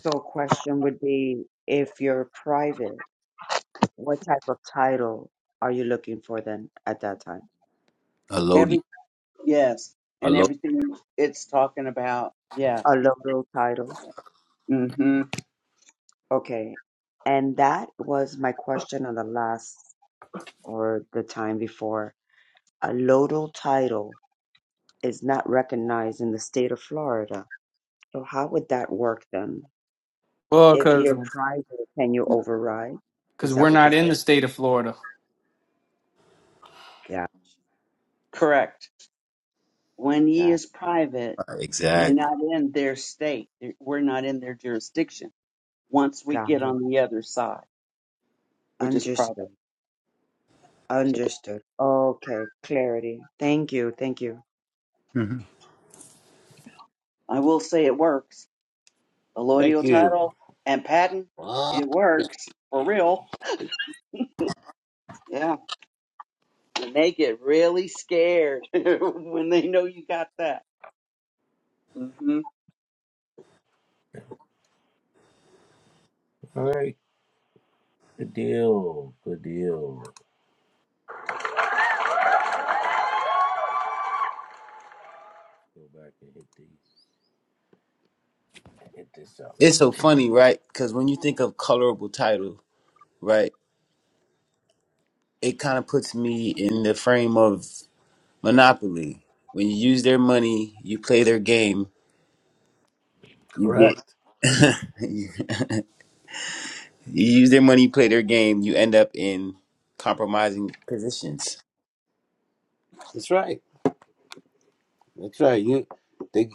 Speaker 6: So a question would be if you're private, what type of title are you looking for then at that time?
Speaker 1: a low,
Speaker 4: Every yes,
Speaker 1: a
Speaker 4: and
Speaker 1: load
Speaker 4: everything it's talking about.
Speaker 6: A
Speaker 4: Yes.
Speaker 6: local title.
Speaker 4: hmm
Speaker 6: Okay. And that was my question on the last or the time before. A lodal title is not recognized in the state of Florida. So how would that work then?
Speaker 3: Well,
Speaker 6: If
Speaker 3: cause
Speaker 6: you're private, can you override?
Speaker 3: cause
Speaker 6: Is
Speaker 3: we're
Speaker 6: that what you're
Speaker 3: not in
Speaker 6: saying?
Speaker 3: the state of Florida.
Speaker 6: God,
Speaker 4: Correct. When ye
Speaker 6: God,
Speaker 4: is private, you're
Speaker 1: exactly.
Speaker 4: not in their state. We're not in their jurisdiction. Once we get
Speaker 6: God,
Speaker 4: on the other side, we're just
Speaker 6: understood.
Speaker 4: private,
Speaker 6: Understood. Okay, clarity. Thank you. Thank you.
Speaker 1: hmm
Speaker 4: I will say it works
Speaker 2: Thank
Speaker 4: allodial
Speaker 2: you.
Speaker 4: title and patent,
Speaker 2: Wow.
Speaker 4: it works for real. Yeah, and they get really scared when they know you got that. hmm
Speaker 2: All right, good deal, good deal. Go back and hit these, hit this up.
Speaker 1: It's so funny, right? Because when you think of colorable title, right, it kind of puts me in the frame of Monopoly. When you use their money, you play their game. You get
Speaker 2: Correct.
Speaker 1: you use their money, you play their game. You end up in compromising positions.
Speaker 2: That's right. That's right. You they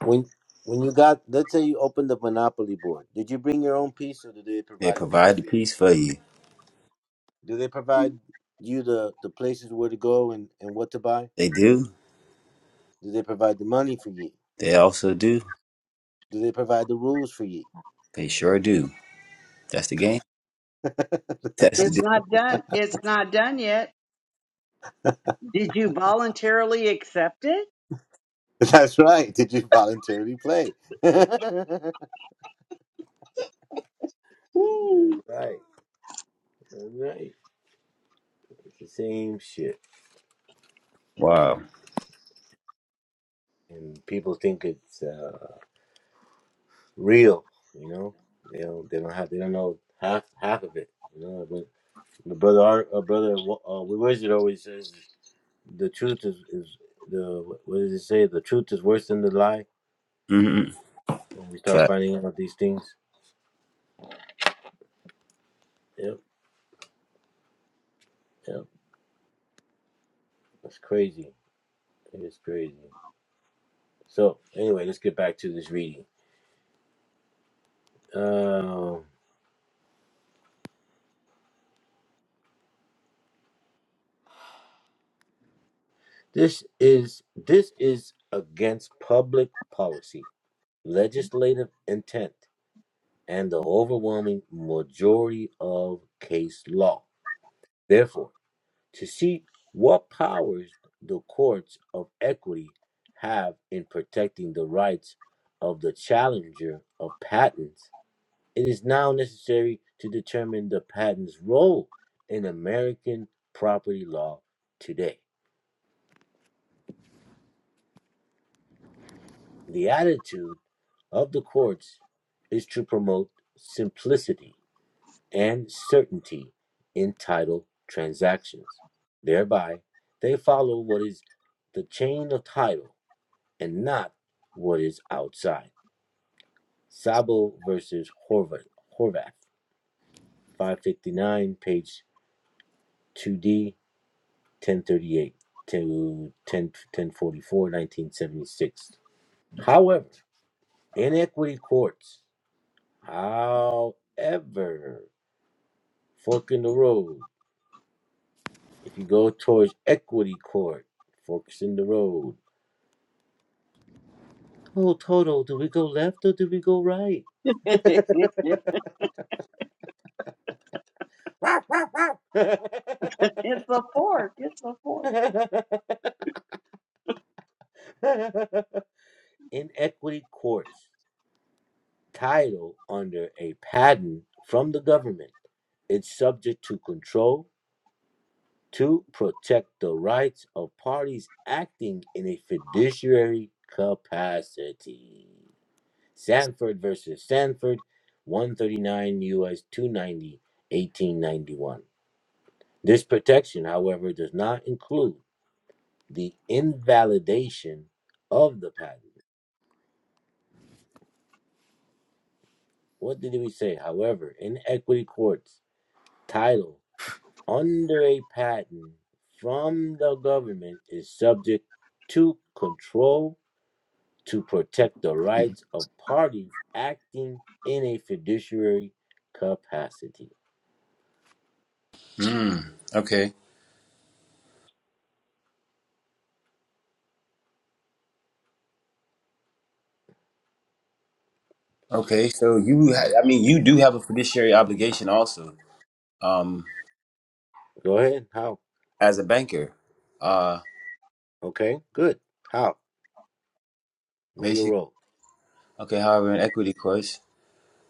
Speaker 2: when when you got let's say you opened the monopoly board. Did you bring your own piece or did they
Speaker 1: They
Speaker 2: provide a piece
Speaker 1: provide the
Speaker 2: for you?
Speaker 1: peace for you.
Speaker 2: Do they provide you the the places where to go and and what to buy?
Speaker 1: They do.
Speaker 2: Do they provide the money for you?
Speaker 1: They also do.
Speaker 2: Do they provide the rules for you?
Speaker 1: They sure do. That's the game. That's the
Speaker 4: It's
Speaker 1: deal.
Speaker 4: not done. It's not done yet. Did you voluntarily accept it?
Speaker 2: That's right. Did you voluntarily play? That's
Speaker 4: Woo.
Speaker 2: right. That's right. It's the same shit,
Speaker 1: Wow.
Speaker 2: and people think it's. uh real. You know, they don't they don't have they don't know half half of it. You know, but the brother our, our brother uh, Wizard always says the truth is is the what does it say? The truth is worse than the lie.
Speaker 1: Mm-hmm.
Speaker 2: When we start finding out these things, yep, yep, that's crazy. It's crazy. So anyway, let's get back to this reading. Um, this is this is against public policy, legislative intent and the overwhelming majority of case law. Therefore, to see what powers the courts of equity have in protecting the rights of the challenger of patents, it is now necessary to determine the patent's role in American property law today. The attitude of the courts is to promote simplicity and certainty in title transactions. Thereby, they follow what is the chain of title and not what is outside. Sabo versus Horvath, Horvath 559, page 2D, 1038 to 10, forty-four, nineteen seventy-six. However, in equity courts, however, fork in the road If you go towards Equity Court, forks in the road. Oh, Toto, do we go left or do we go right?
Speaker 4: it's a fork. It's a fork.
Speaker 2: in Equity Court's title under a patent from the government, it's subject to control to protect the rights of parties acting in a fiduciary capacity. Sanford versus Sanford, 139 U.S. ninety, eighteen ninety one. This protection, however, does not include the invalidation of the patent. What did we say? However, in equity courts, title under a patent from the government is subject to control to protect the rights of parties acting in a fiduciary capacity.
Speaker 1: Mm. Okay. Okay, so you, ha- I mean, you do have a fiduciary obligation also, um,
Speaker 2: Go ahead. How?
Speaker 1: as a banker. Uh,
Speaker 2: Okay, good. How? Know your
Speaker 1: basic.
Speaker 2: role.
Speaker 1: Okay, however, in equity course,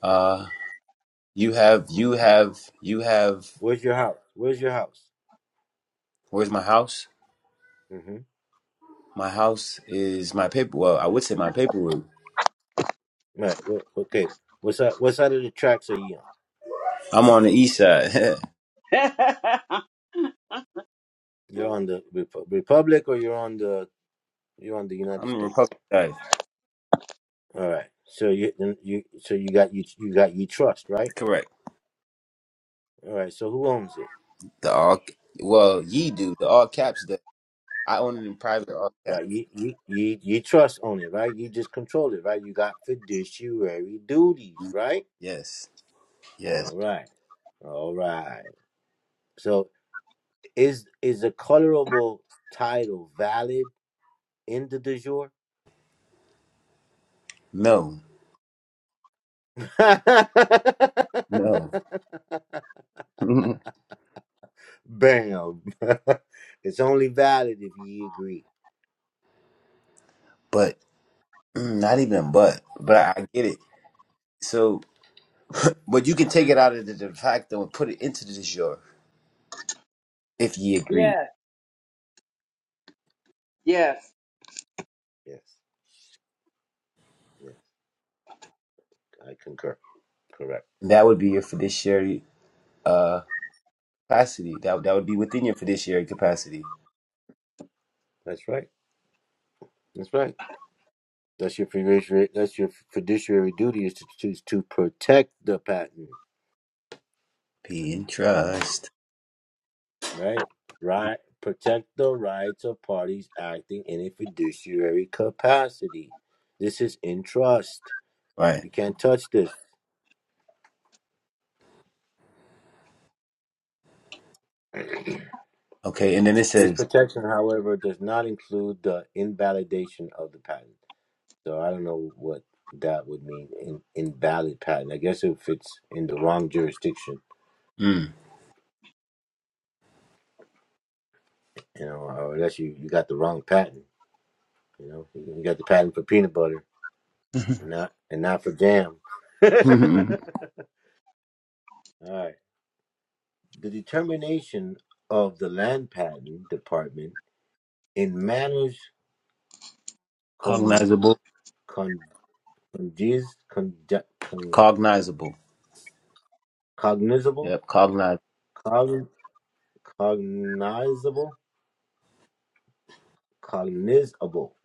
Speaker 1: uh, you have, you have, you have.
Speaker 2: Where's your house? Where's your house?
Speaker 1: Where's my house?
Speaker 2: Mm-hmm.
Speaker 1: My house is my paper. Well, I would say my paperwork.
Speaker 2: Right. wh- okay. What's that? What side of the tracks are you on?
Speaker 1: I'm on the east side.
Speaker 2: You're on the Repu- Republic, or you're on the you're on the
Speaker 1: I'm
Speaker 2: United
Speaker 1: the
Speaker 2: States.
Speaker 1: Republican side.
Speaker 2: All right. So you then you so you got you you got you trust right.
Speaker 1: Correct.
Speaker 2: All right. So who owns it?
Speaker 1: The all. Well, ye do the all caps. The I own it in private all caps.
Speaker 2: Right. You you you, you trust own it right. You just control it right. You got fiduciary duties
Speaker 1: Mm-hmm.
Speaker 2: right.
Speaker 1: Yes. Yes.
Speaker 2: All right. All right. So is is a colorable title valid? End of the jour.
Speaker 1: No. No.
Speaker 2: Bam. it's only valid if ye agree.
Speaker 1: but. Mm, Not even but, but I get it. So, but you can take it out of the de facto and put it into the de jure if ye agree.
Speaker 4: yes. Yes.
Speaker 2: Yes. Yes. I concur. Correct.
Speaker 1: That would be your fiduciary uh, capacity. That that would be within your fiduciary capacity.
Speaker 2: That's right. That's right. That's your fiduciary. That's your fiduciary duty is to choose to protect the patent,
Speaker 1: Be in trust,
Speaker 2: right? Right. Protect the rights of parties acting in a fiduciary capacity. This is in trust.
Speaker 1: right?
Speaker 2: You can't touch this.
Speaker 1: Okay, and then it
Speaker 2: This
Speaker 1: says,
Speaker 2: protection, however, does not include the invalidation of the patent. So I don't know what that would mean in invalid patent. I guess if it's in the wrong jurisdiction,
Speaker 1: mm.
Speaker 2: you know, or unless you, you got the wrong patent, you know, you got the patent for peanut butter and not and not for jam. All right. The determination of the land patent department in matters con
Speaker 1: cognizable,
Speaker 2: con conges, con, con,
Speaker 1: cognizable.
Speaker 2: cognizable
Speaker 1: Yep, cognize.
Speaker 2: cognizable, cognizable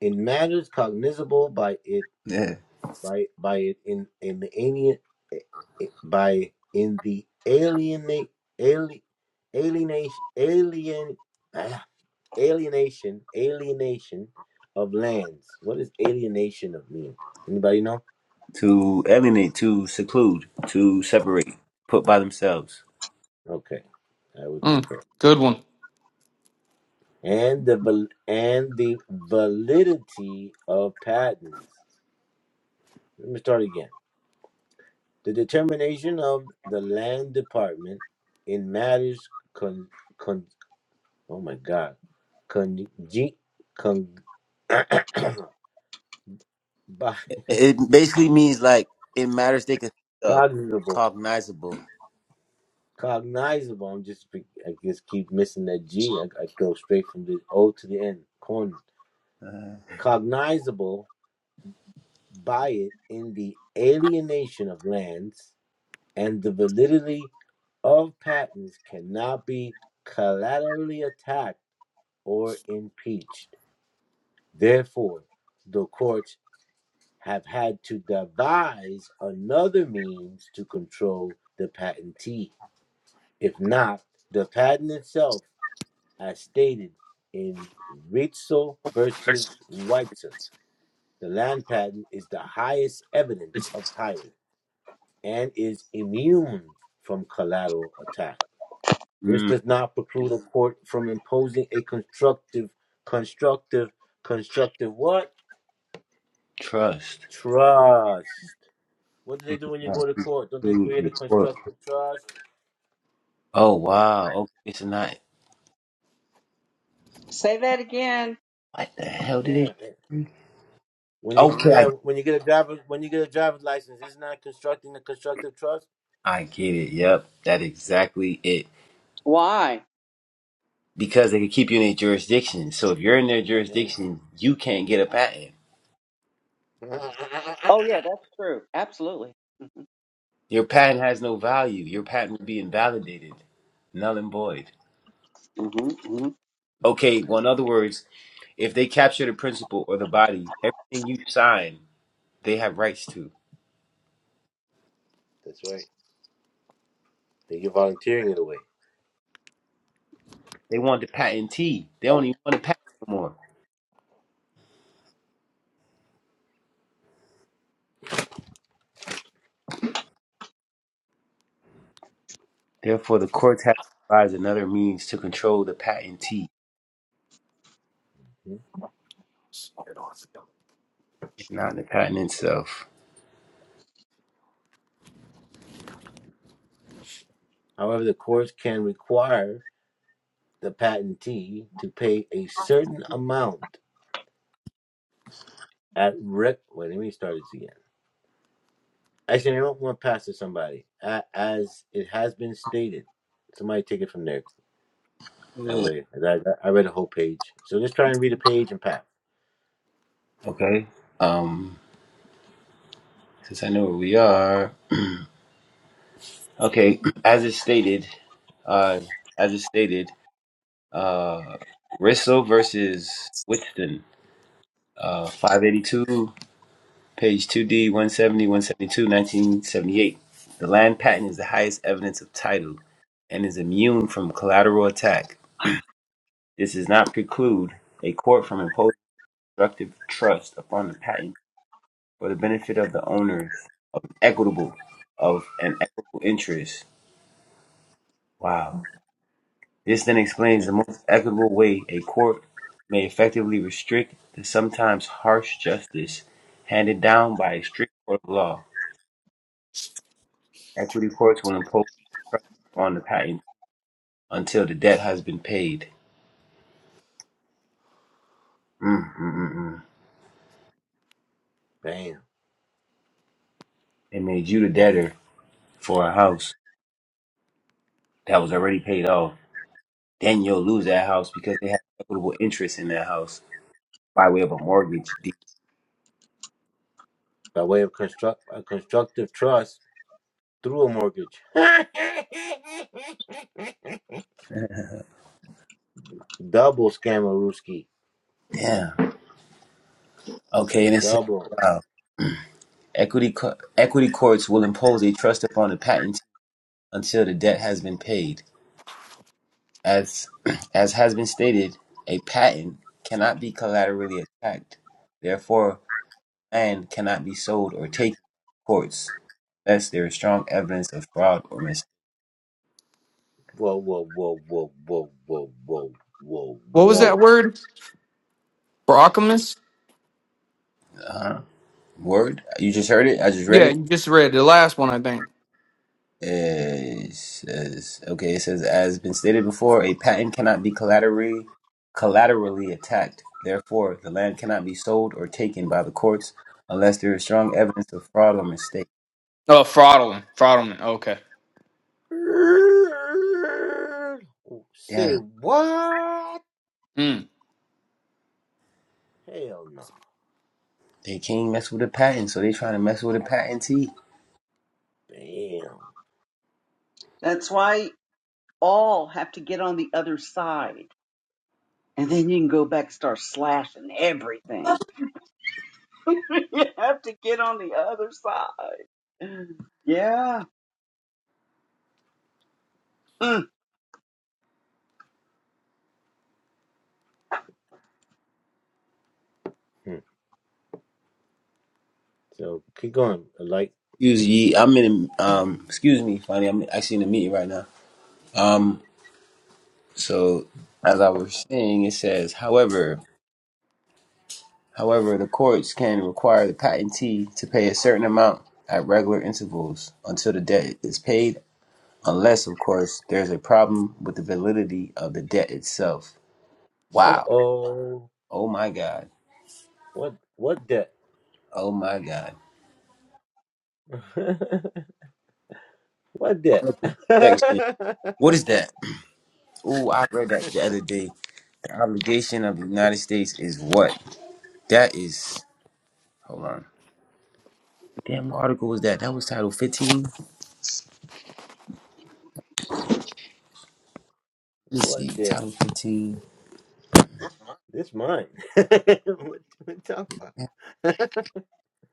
Speaker 2: in matters cognizable by it,
Speaker 1: Yeah,
Speaker 2: by by it in in the alien, eh, eh, by in the alienate alien alienation alien ah, alienation alienation of lands. What does alienation of mean? Anybody know?
Speaker 1: to alienate, to seclude, to separate, put by themselves.
Speaker 2: Okay, I would
Speaker 3: Mm,
Speaker 2: concur.
Speaker 3: good one.
Speaker 2: And the val- and the validity of patents. Let me start again The determination of the land department in matters con, con oh my god, con, con, by-
Speaker 1: It basically means like in matters they can think of,
Speaker 2: cognizable,
Speaker 1: cognizable.
Speaker 2: cognizable. I'm just be- I just keep missing that G. I, I go straight from the O to the N. Con, cognizable by it in the alienation of lands and the validity of patents cannot be collaterally attacked or impeached Therefore, the courts have had to devise another means to control the patentee. If not, the patent itself, as stated in Ritzel versus Whiteson, the land patent is the highest evidence of title and is immune from collateral attack. This
Speaker 1: Mm,
Speaker 2: does not preclude a court from imposing a constructive, constructive, constructive what?
Speaker 1: trust.
Speaker 2: Trust What do they do when you
Speaker 1: Not
Speaker 2: go to court? Don't they
Speaker 1: food
Speaker 2: create
Speaker 1: and
Speaker 2: a
Speaker 1: court.
Speaker 2: constructive trust?
Speaker 1: Oh wow. Okay, it's not.
Speaker 4: Say that again.
Speaker 1: What the hell did
Speaker 2: Yeah. yeah.
Speaker 1: it?
Speaker 2: When you
Speaker 1: Okay, I,
Speaker 2: where when you get a driver when you get a driver's license, isn't that constructing a constructive trust?
Speaker 1: I get it. Yep, that's exactly it.
Speaker 4: Why?
Speaker 1: Because they can keep you in their jurisdiction. So if you're in their
Speaker 2: Yeah.
Speaker 1: jurisdiction, you can't get a patent.
Speaker 4: Oh yeah, that's true. Absolutely.
Speaker 1: Your patent has no value. Your patent would be invalidated, null and void.
Speaker 4: hmm
Speaker 1: Okay. Well, in other words, if they capture the principle or the body, everything you sign they have rights to.
Speaker 2: That's right. So You're volunteering it away.
Speaker 1: They want the patentee. They don't even want the patent no more. Therefore, the courts have to devise another means to control the patentee,
Speaker 2: Hmm?
Speaker 1: if not the patent itself.
Speaker 2: However, the courts can require the patentee to pay a certain amount at rec. Wait, let me start this again. Actually, I don't want to pass to somebody. A- As it has been stated, somebody take it from there. That
Speaker 1: Mm.
Speaker 2: way, that, that- I read a whole page. So just try and read a page and pack.
Speaker 1: Okay. Um, since I know where we are. Okay. As it stated, uh, as it stated, uh, Risso versus Whiston, uh, 582 Page 2D, 170, 172, 1978. The land patent is the highest evidence of title and is immune from collateral attack. This does not preclude a court from imposing constructive trust upon the patent for the benefit of the owners of equitable of an equitable interest. Wow. This then explains
Speaker 2: Yeah.
Speaker 1: the most equitable way a court may effectively restrict the sometimes harsh justice handed down by a strict court of law. Equity courts will impose on the patent. until the debt has been paid. Mm, mm, mm, mm.
Speaker 2: Bam.
Speaker 1: They made you the debtor for a house that was already paid off. Then you'll lose that house because they have equitable interest in that house by way of a mortgage deed.
Speaker 2: By way of construct a constructive trust through a mortgage. Double scammerooski.
Speaker 1: Damn. Okay, and it says,
Speaker 2: Double.
Speaker 1: wow, equity, co- equity courts will impose a trust upon the patent until the debt has been paid. As, as has been stated, a patent cannot be collaterally attacked. Therefore, And cannot be sold or taken by courts unless there is strong evidence of fraud or mis.
Speaker 2: Whoa, whoa, whoa, whoa, whoa, whoa, whoa, whoa,
Speaker 3: What was that word? Brockamus?
Speaker 1: Huh? Word? You just heard it? I just read
Speaker 3: Yeah,
Speaker 1: it?
Speaker 3: you just read the last one, I think.
Speaker 1: Uh, It says, okay, it says, as been stated before, a patent cannot be collaterally, collaterally attacked. Therefore, the land cannot be sold or taken by the courts unless there is strong evidence of fraud or mistake.
Speaker 3: Oh, fraudulent. Fraudulent. Okay.
Speaker 2: whoa. Say
Speaker 1: Damn,
Speaker 2: what?
Speaker 3: Mm.
Speaker 2: Hell no.
Speaker 1: they can't mess with a patent, so they trying to mess with a patentee.
Speaker 2: Damn.
Speaker 4: That's why. all have to get on the other side. And then you can go back and start slashing everything. you have to get on the other side. Yeah. Mm.
Speaker 2: Hmm. So keep going. Like,
Speaker 1: Excuse ye, I'm in. A, um, excuse me, funny. I'm actually in a meeting right now. Um, So, as I was saying, it says, however, however, the courts can require the patentee to pay a certain amount at regular intervals until the debt is paid, unless, of course, there's a problem with the validity of the debt itself.
Speaker 2: uh
Speaker 1: Wow.
Speaker 2: oh.
Speaker 1: Oh my God.
Speaker 2: What? What debt?
Speaker 1: Oh my God.
Speaker 2: What that?
Speaker 1: Article section. What is that? Oh, I read that the other day. The obligation of the United States is what? That is. Hold on. Damn, what article was that? That was Title 15. Let me
Speaker 2: what
Speaker 1: see.
Speaker 2: that?
Speaker 1: Title 15.
Speaker 2: This mine. what we talking about?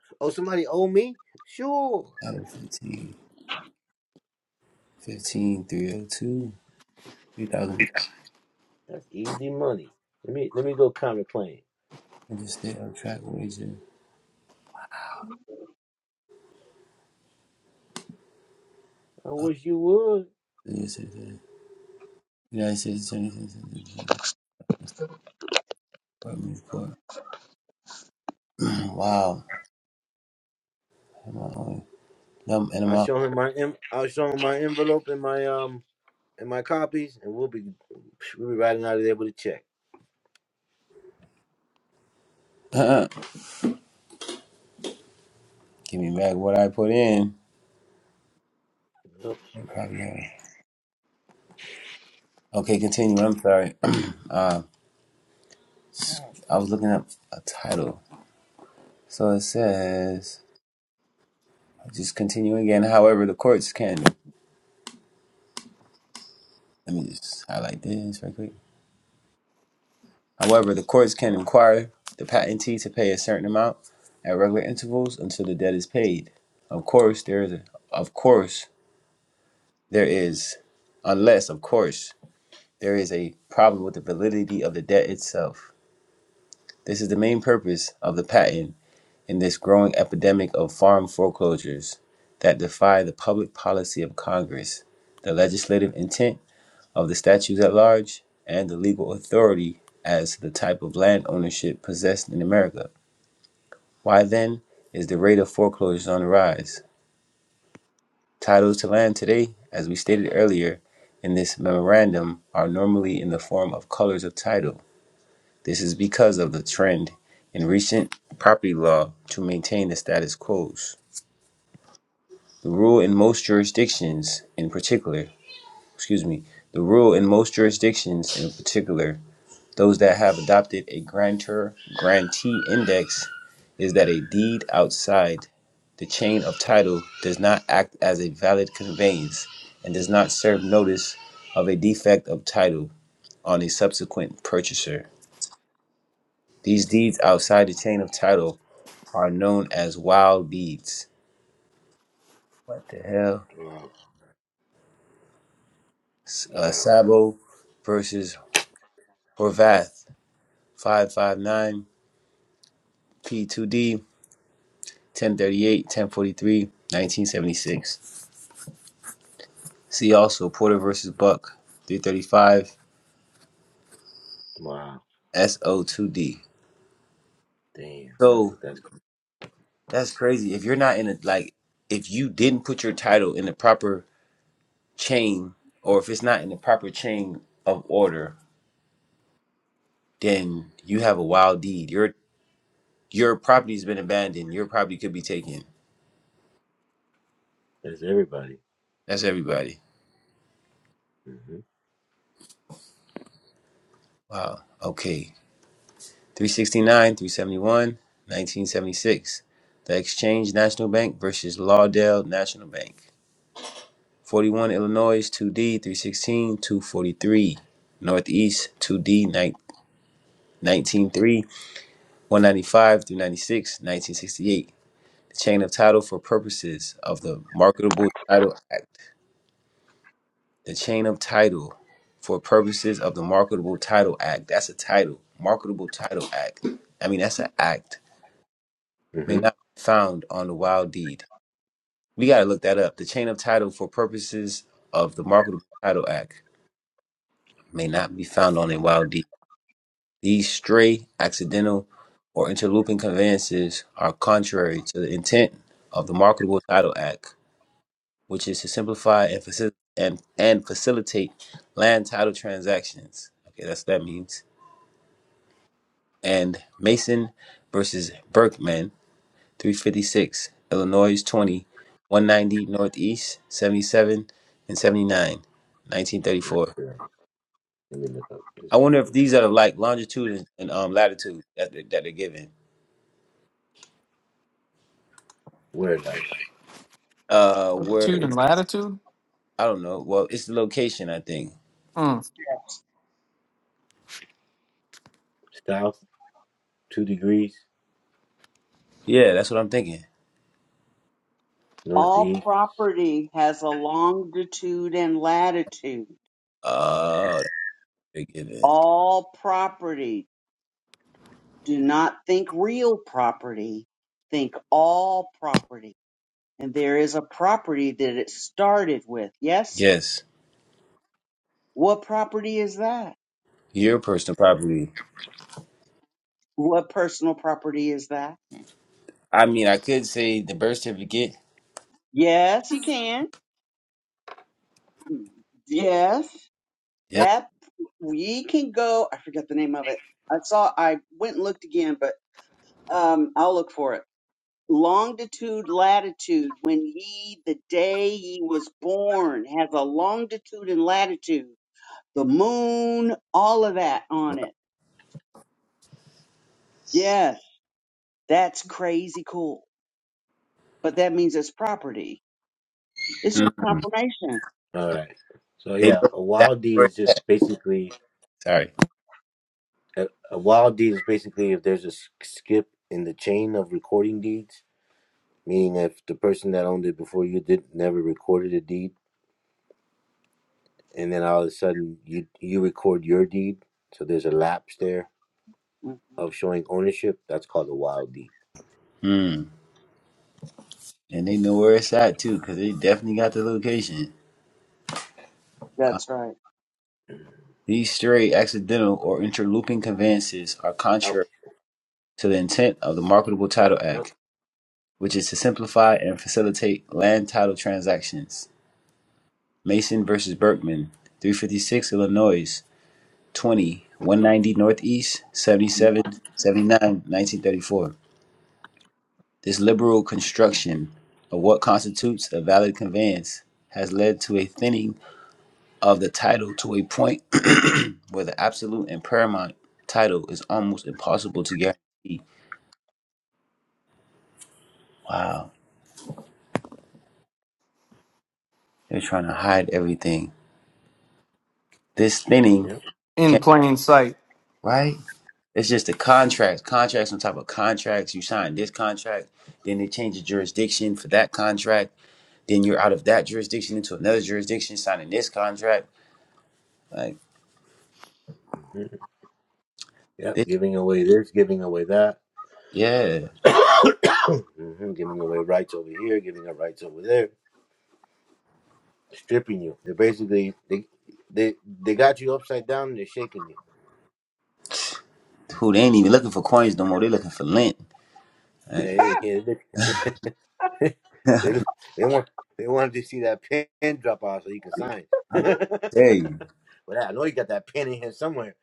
Speaker 2: oh, somebody owe me? Sure.
Speaker 1: Adam 15, 15 302, 3000.
Speaker 2: That's easy money. Let me let me go counter claim.
Speaker 1: I just stay on track wages.
Speaker 2: I wish you would.
Speaker 1: United States Attorney Department Court. wow. Am I on? Num- And
Speaker 2: I'll
Speaker 1: I'm
Speaker 2: show him my en- I'll show him my envelope and my um and my copies, and we'll be we'll be riding out of there with a check.
Speaker 1: out. Give me back what I put in.
Speaker 2: Oh,
Speaker 1: I probably have. Okay, continue. I'm sorry. uh, I was looking up a title. So it says, I'll just continue again. However, the courts can. Let me just highlight this right quick. However, the courts can require the patentee to pay a certain amount at regular intervals until the debt is paid. Of course, there is a, of course there is unless of course there is a problem with the validity of the debt itself. This is the main purpose of the patent in this growing epidemic of farm foreclosures that defy the public policy of Congress, the legislative intent of the statutes at large, and the legal authority as to the type of land ownership possessed in America. Why then is the rate of foreclosures on the rise? Titles to land today, as we stated earlier in this memorandum, are normally in the form of colors of title. This is because of the trend in recent property law to maintain the status quo. The rule in most jurisdictions, in particular, excuse me, the rule in most jurisdictions, in particular, those that have adopted a grantor grantee index is that a deed outside the chain of title does not act as a valid conveyance and does not serve notice of a defect of title on a subsequent purchaser. These deeds outside the chain of title are known as wild deeds. What the hell?
Speaker 2: wow,
Speaker 1: Uh,
Speaker 2: wow,
Speaker 1: Sabo versus Horvath, 559, P2D, 1038 1043 1976. See also Porter versus Buck, 335,
Speaker 2: wow,
Speaker 1: SO2D.
Speaker 2: damn! I
Speaker 1: So
Speaker 2: think that's
Speaker 1: that's crazy. If you're not in a like, if you didn't put your title in the proper chain, or if it's not in the proper chain of order, then you have a wild deed. Your your property's been abandoned. Your property could be taken.
Speaker 2: that's everybody.
Speaker 1: That's everybody.
Speaker 2: Mm-hmm.
Speaker 1: Wow. Okay. 369, seventy one, nineteen seventy six. The Exchange National Bank versus Lawdale National Bank. 41 Illinois 2D three sixteen two forty three, Northeast 2D 19 three. 195 through 96, 1968. The chain of title for purposes of the Marketable Title Act. The chain of title for purposes of the Marketable Title Act. That's a title. Marketable Title Act. I mean, that's an act. May not
Speaker 2: Mm-hmm.
Speaker 1: be found on the wild deed. We got to look that up. The chain of title for purposes of the Marketable Title Act may not be found on a wild deed. These stray, accidental, or interlooping conveyances are contrary to the intent of the Marketable Title Act, which is to simplify and, faci- and, and facilitate land title transactions. Okay, that's what that means. And Mason versus Berkman, 356, Illinois twenty-one ninety Northeast, 77 and 79, nineteen
Speaker 2: Let
Speaker 1: thirty-four.
Speaker 2: me look up this
Speaker 1: I wonder if these
Speaker 2: definition.
Speaker 1: are like longitude and, and um, latitude that, they- that they're given
Speaker 2: Where like.
Speaker 1: uh, where
Speaker 3: Longitude
Speaker 1: it's
Speaker 3: and latitude.
Speaker 1: I don't know. Well, it's the location, I think.
Speaker 3: Mm.
Speaker 2: south two degrees,
Speaker 1: Yeah, that's what I'm thinking.
Speaker 4: All
Speaker 2: northeast.
Speaker 4: property has a longitude and latitude.
Speaker 1: Oh, that's a big given.
Speaker 4: All property. Do not think real property. Think all property. And there is a property that it started with. Yes?
Speaker 1: Yes,
Speaker 4: What property is that?
Speaker 1: your personal property.
Speaker 4: What personal property is that?
Speaker 1: I mean, I could say the birth certificate.
Speaker 4: Yes, you can. Yes,
Speaker 1: Yeah.
Speaker 4: that we can go. I forget the name of it. I saw. I went and looked again, but um, I'll look for it. Longitude, latitude. When ye, the day ye was born, has a longitude and latitude. The moon, all of that on it. Yes, that's crazy cool. But that means it's property. It's just
Speaker 1: Mm.
Speaker 4: confirmation.
Speaker 2: All
Speaker 1: But
Speaker 2: right. So
Speaker 1: They
Speaker 2: yeah,
Speaker 1: know
Speaker 2: a
Speaker 1: exactly
Speaker 2: wild deed
Speaker 1: where.
Speaker 2: is just basically
Speaker 1: Sorry.
Speaker 2: a, a wild deed is basically if there's a s- skip in the chain of recording deeds, meaning if the person that owned it before you did never recorded a deed, and then all of a sudden you you record your deed, so there's a lapse there
Speaker 4: Mm,
Speaker 2: of showing ownership. That's called a wild deed.
Speaker 1: Mm. And they know where it's at too, because they definitely got the location.
Speaker 4: That's right.
Speaker 1: These stray, accidental, or interlooping conveyances are
Speaker 2: Oh,
Speaker 1: contrary to the intent of the Marketable Title
Speaker 2: oh,
Speaker 1: Act, which is to simplify and facilitate land title transactions. Mason versus Berkman, 356 Illinois, 20, one ninety Northeast, 77, 1934. This liberal construction of what constitutes a valid conveyance has led to a thinning of the title to a point where the absolute and paramount title is almost impossible to guarantee. Wow, they're trying to hide everything. This thinning
Speaker 2: yep,
Speaker 3: In
Speaker 1: can
Speaker 3: plain sight.
Speaker 1: not right? It's just the contracts, contracts on top of contracts. You sign this contract, then they change the jurisdiction for that contract. Then you're out of that jurisdiction into another jurisdiction, signing this contract. Like
Speaker 2: hmm yep.
Speaker 1: this,
Speaker 2: Giving away this, giving away that,
Speaker 1: yeah.
Speaker 2: hmm giving away rights over here, giving up rights over there stripping you. they basically they they they got you upside down and they're shaking you.
Speaker 1: Who they ain't even looking for coins no more? They're looking for lint.
Speaker 2: And
Speaker 1: Like,
Speaker 2: They they they they want they wanted to see that pen drop off so you can sign. but
Speaker 1: hey,
Speaker 2: I know you got that pen in here somewhere.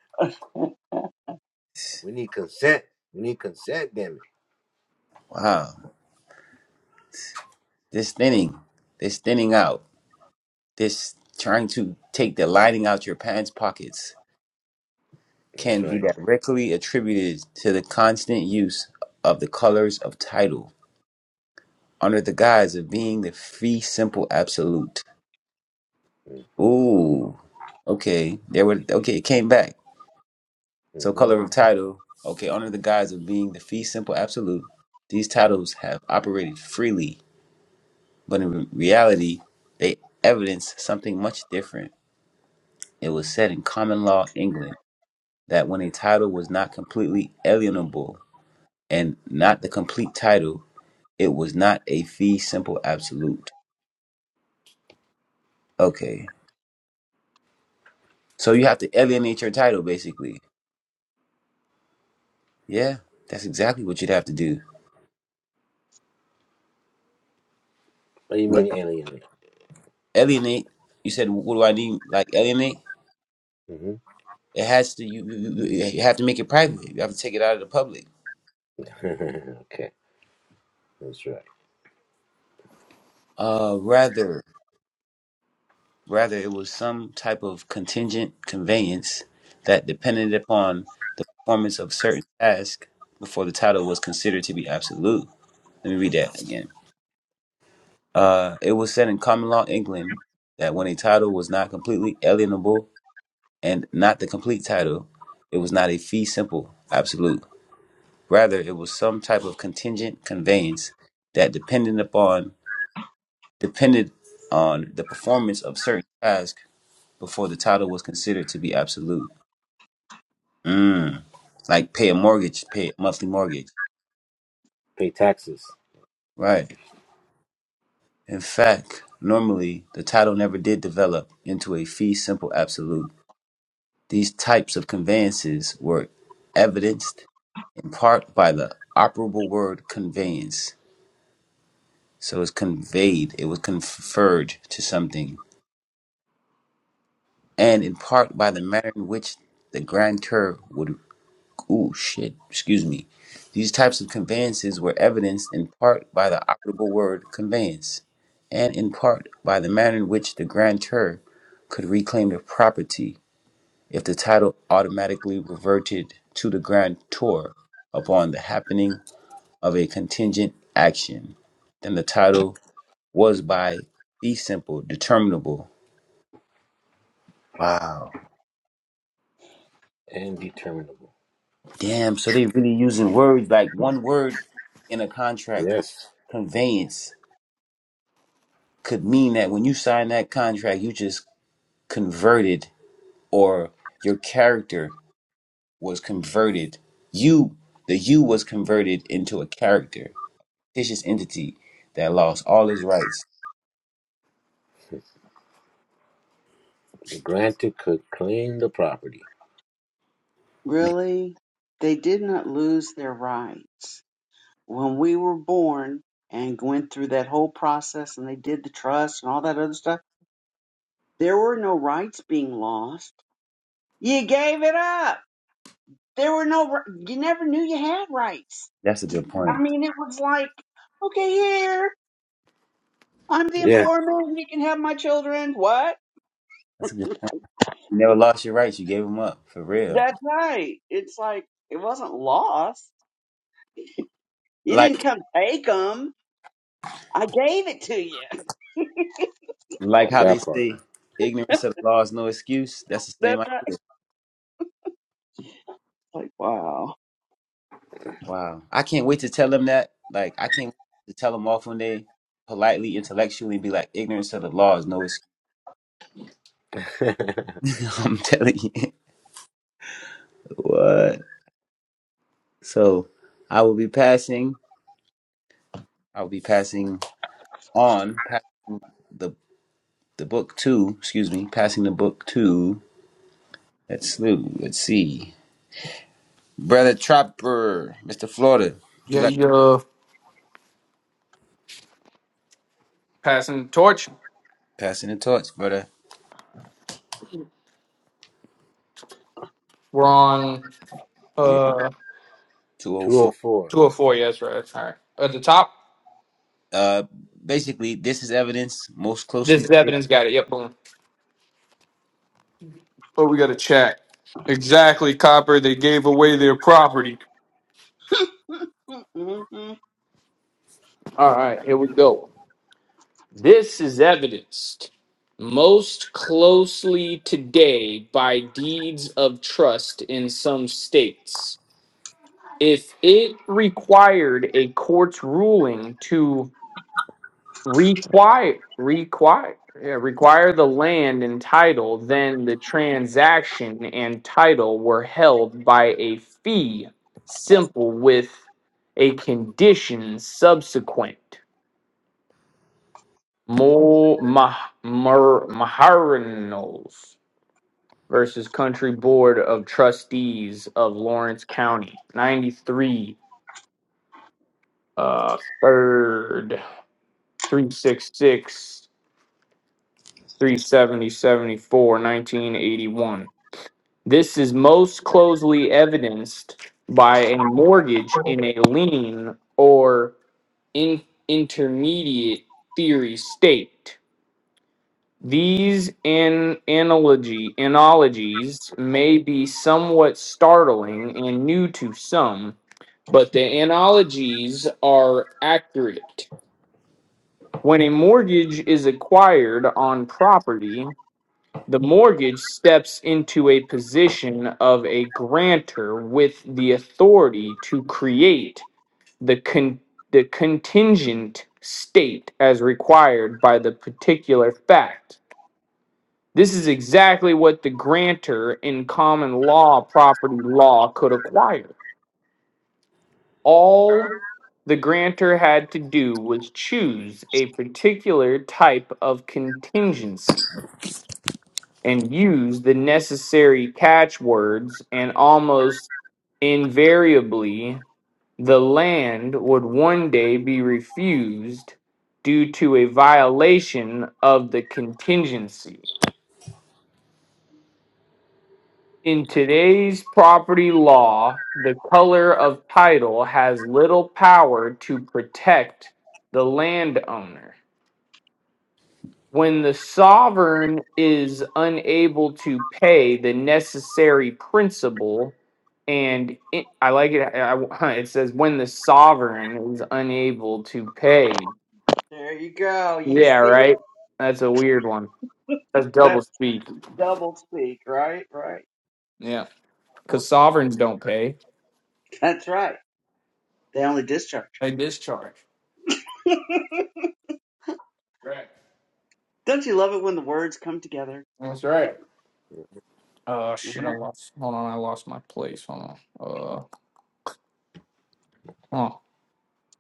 Speaker 2: We need consent. We need consent, damn it.
Speaker 1: wow. This thinning, this thinning out, this trying to take the lining out your pants pockets
Speaker 2: That's
Speaker 1: can be
Speaker 2: right.
Speaker 1: directly attributed to the constant use of the colors of title under the guise of being the free, simple absolute.
Speaker 2: hmm
Speaker 1: Ooh, okay. There were okay. It came back. So,
Speaker 2: hmm
Speaker 1: color of title. Okay, under the guise of being the free, simple absolute, these titles have operated freely, but in re- reality, they evidence something much different. It was said in common law England that when a title was not completely alienable and not the complete title, it was not a fee simple absolute. Okay. So you have to alienate your title basically Yeah, that's exactly what you'd have to do.
Speaker 2: What do you
Speaker 1: Right.
Speaker 2: mean alien?
Speaker 1: Alienate. You said, what do I need? Like alienate.
Speaker 2: hmm
Speaker 1: It has to. You, you you you have to make it private. You have to take it out of the public.
Speaker 2: okay, that's right.
Speaker 1: Uh, rather, rather it was some type of contingent conveyance that depended upon the performance of certain task before the title was considered to be absolute. Let me read that again. Uh, it was said in common law England that when a title was not completely alienable and not the complete title. It was not a fee simple absolute. Rather, it was some type of contingent conveyance that depended upon depended on the performance of certain tasks before the title was considered to be absolute. Mm, like pay a mortgage, pay a monthly mortgage.
Speaker 2: Pay taxes
Speaker 1: Right. In fact, normally the title never did develop into a fee simple absolute. These types of conveyances were evidenced in part by the operable word conveyance So it's conveyed, it was conferred to something. And in part by the manner in which the grantor would, ooh, shit, excuse me. These types of conveyances were evidenced in part by the operable word conveyance, and in part by the manner in which the grantor could reclaim the property if the title automatically reverted to the grantor upon the happening of a contingent action. Then the title was by be simple, determinable. Wow.
Speaker 2: and determinable.
Speaker 1: Damn. So they really using words like one word in a contract
Speaker 2: Yes,
Speaker 1: conveyance could mean that when you sign that contract, you just converted or your character was converted. You, the you was converted into a character, fictitious entity that lost all his rights.
Speaker 2: the grantor could claim the property.
Speaker 1: Man,
Speaker 4: Really, they did not lose their rights. when we were born and went through that whole process and they did the trust and all that other stuff, there were no rights being lost. You gave it up. There were no, ri- you never knew you had rights.
Speaker 1: that's a good
Speaker 4: I
Speaker 1: point.
Speaker 4: mean, it was like, okay, here, I'm the
Speaker 2: Yeah,
Speaker 4: informant. You can have my children. What?
Speaker 1: That's a good. You never lost your rights. You gave them up for real.
Speaker 4: That's right. It's like, it wasn't lost. You
Speaker 1: Like.
Speaker 4: didn't come take them. I gave it to you.
Speaker 1: Like
Speaker 4: Like,
Speaker 1: how they
Speaker 2: that part.
Speaker 1: say, ignorance of the law is no excuse. That's the same
Speaker 4: that's right.
Speaker 1: idea.
Speaker 4: It's like, wow.
Speaker 1: Wow. I can't wait to tell them that. Like, I can't wait to tell them off when they politely, intellectually be like, ignorance of the law is no excuse. I'm telling you. What? So, I will be passing, I will be passing on pa- the, the book to, excuse me, passing the book to, let's, slew. let's see. Brother Trapper, Mr. Florida, would you
Speaker 3: Yeah,
Speaker 1: like
Speaker 3: you're passing the torch.
Speaker 1: passing the torch, brother?
Speaker 3: We're on.
Speaker 1: We
Speaker 3: Uh,
Speaker 1: 204.
Speaker 2: 204.
Speaker 3: Two or four, yes, right. All right. At the top,
Speaker 1: Uh, basically, this is evidence most
Speaker 3: this
Speaker 1: closely.
Speaker 3: is evidence. Got it. Yep, boom. Oh, we got a chat. Exactly, Copper. They gave away their property. All right, here we go. This is evidenced most closely today by deeds of trust in some states. If it required a court's ruling to require require yeah, require the land and title then the transaction and title were held by a fee simple with a condition subsequent more maharinals versus country board of trustees of lawrence county 93 uh third 366 Three seventy seventy four nineteen eighty one. This is most closely evidenced by a mortgage in a lien or in intermediate theory state. These an- analogy analogies may be somewhat startling and new to some, but the analogies are accurate. When a mortgage is acquired on property, The mortgage steps into a position of a grantor with the authority to create the, con- the contingent state as required by the particular fact. This is exactly what the grantor in common law property law could acquire. All the grantor had to do was choose a particular type of contingency and use the necessary catchwords, and almost invariably, the land would one day be refused due to a violation of the contingency. In today's property law, the color of title has little power to protect the landowner. when the sovereign is unable to pay the necessary principal and it, i like it I, I- it says when the sovereign is unable to pay
Speaker 4: There you go. You
Speaker 3: yeah
Speaker 4: see,
Speaker 3: right that's a weird one that's double
Speaker 4: that's
Speaker 3: speak
Speaker 4: double speak, right? Right.
Speaker 3: yeah because sovereigns don't pay
Speaker 4: That's right. They only discharge.
Speaker 3: they discharge right
Speaker 4: Don't you love it when the words come together?
Speaker 3: that's right oh
Speaker 4: Yeah.
Speaker 3: shit i lost hold on i lost my place hold on uh huh.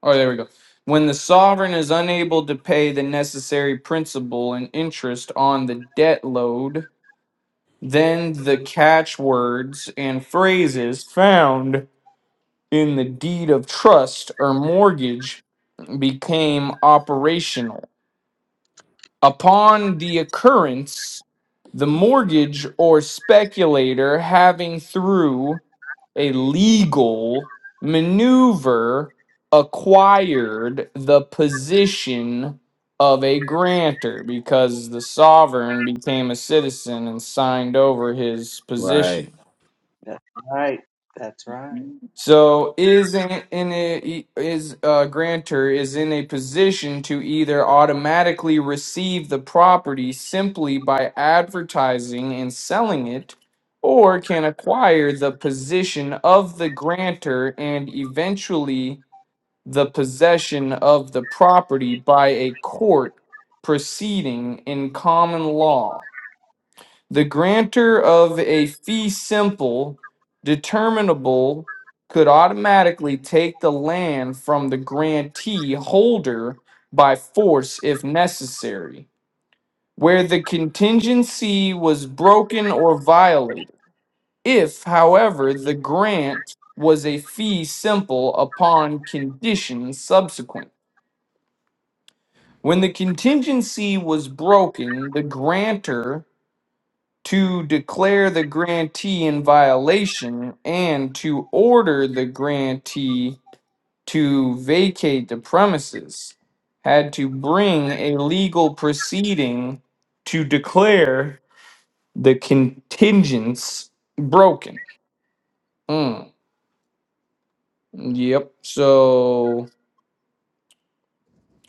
Speaker 3: Oh, there we go. When the sovereign is unable to pay the necessary principal and interest on the debt load, then the catchwords and phrases found in the deed of trust or mortgage became operational upon the occurrence the mortgage or speculator having through a legal maneuver acquired the position of a grantor because the sovereign became a citizen and signed over his position
Speaker 1: Right.
Speaker 4: That's right. That's right.
Speaker 3: so is in, in a, is a grantor is in a position to either automatically receive the property simply by advertising and selling it, or can acquire the position of the grantor and eventually the possession of the property by a court proceeding in common law the grantor of a fee simple determinable could automatically take the land from the grantee holder by force if necessary where the contingency was broken or violated if however the grant was a fee simple upon conditions subsequent when the contingency was broken the grantor to declare the grantee in violation and to order the grantee to vacate the premises had to bring a legal proceeding to declare the contingents broken. Mm, yep. So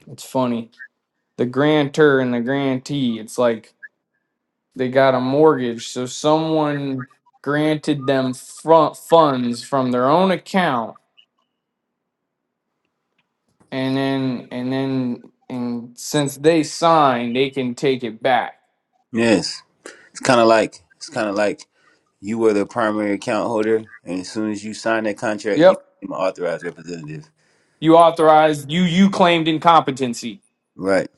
Speaker 3: it's funny. The grantor and the grantee, it's like they got a mortgage. So someone granted them front funds from their own account and then and then and since they signed, they can take it back.
Speaker 1: Yes. It's kind of like it's kind of like you were the primary account holder, and as soon as you sign that contract, you
Speaker 3: Yep.
Speaker 1: became an authorized representative.
Speaker 3: You authorized you you claimed incompetency.
Speaker 1: Right.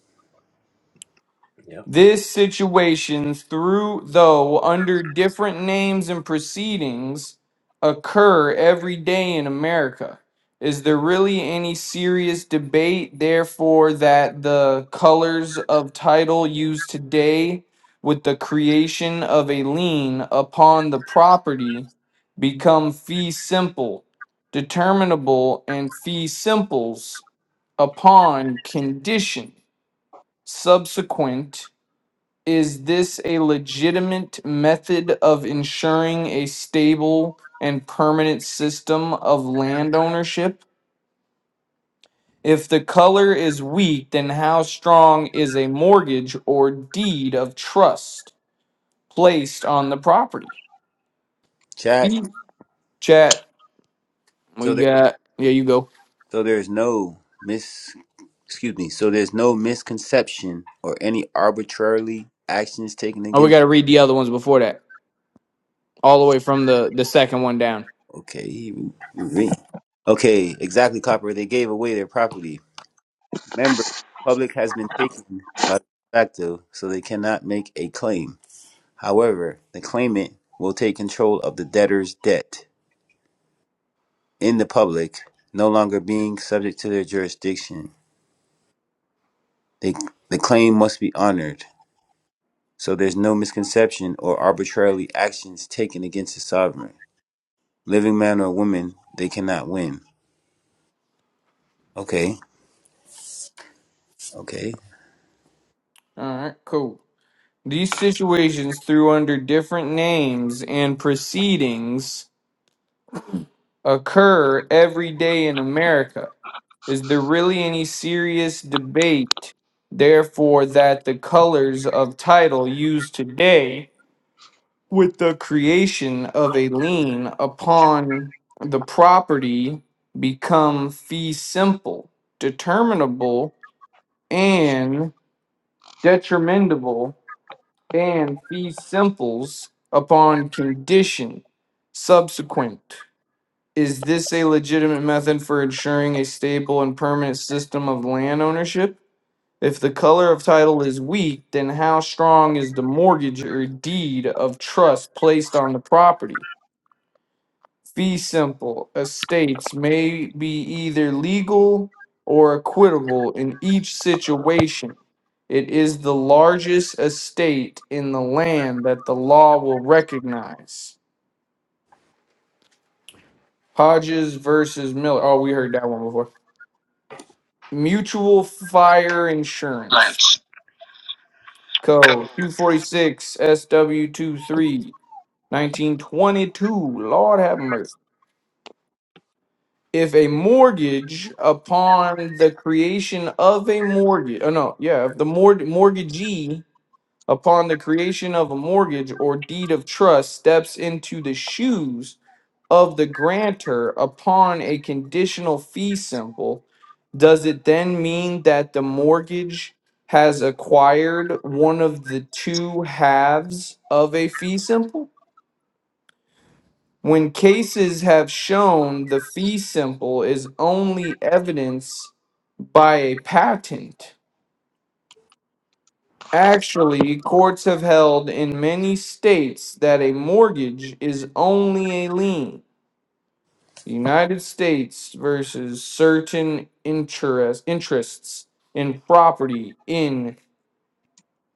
Speaker 2: Yep.
Speaker 3: This situations, through though under different names and proceedings, occur every day in America. Is there really any serious debate, therefore, that the colors of title used today with the creation of a lien upon the property become fee simple, determinable, and fee simples upon condition subsequent? Is this a legitimate method of ensuring a stable and permanent system of land ownership? If the color is weak, then how strong is a mortgage or deed of trust placed on the property?
Speaker 1: Chat.
Speaker 3: Mhm. Chat, we
Speaker 1: So there.
Speaker 3: got, yeah, you go.
Speaker 1: So there's no mis. Excuse me. So there's no misconception or any arbitrarily actions taken
Speaker 3: Oh, we
Speaker 1: against.
Speaker 3: got to read the other ones before that, all the way from the, the second one down.
Speaker 1: Okay. he- he- Okay. Exactly, Copper. They gave away their property. Remember, the public has been taken by the facto, so they cannot make a claim. However, the claimant will take control of the debtor's debt in the public, no longer being subject to their jurisdiction. They, the claim must be honored, so there's no misconception or arbitrarily actions taken against the sovereign. Living man or woman, they cannot win. Okay, okay.
Speaker 3: All right, cool. These situations through under different names and proceedings occur every day in America? Is there really any serious debate, therefore, that the colors of title used today with the creation of a lien upon the property become fee simple, determinable, and detrimentable, and fee simples upon condition subsequent? Is this a legitimate method for ensuring a stable and permanent system of land ownership? If the color of title is weak, then how strong is the mortgage or deed of trust placed on the property? Fee simple estates may be either legal or equitable in each situation. It is the largest estate in the land that the law will recognize. Hodges versus Miller. Oh, we heard that one before. Mutual Fire Insurance
Speaker 1: Let's go.
Speaker 3: Code 246 SW23 1922. Lord have mercy. If a mortgage upon the creation of a mortgage, oh no, yeah, if the mort- mortgagee upon the creation of a mortgage or deed of trust steps into the shoes of the grantor upon a conditional fee simple, does it then mean that the mortgage has acquired one of the two halves of a fee simple? When cases have shown the fee simple is only evidence by a patent. Actually, courts have held in many states that a mortgage is only a lien United States versus certain interest, interests in property in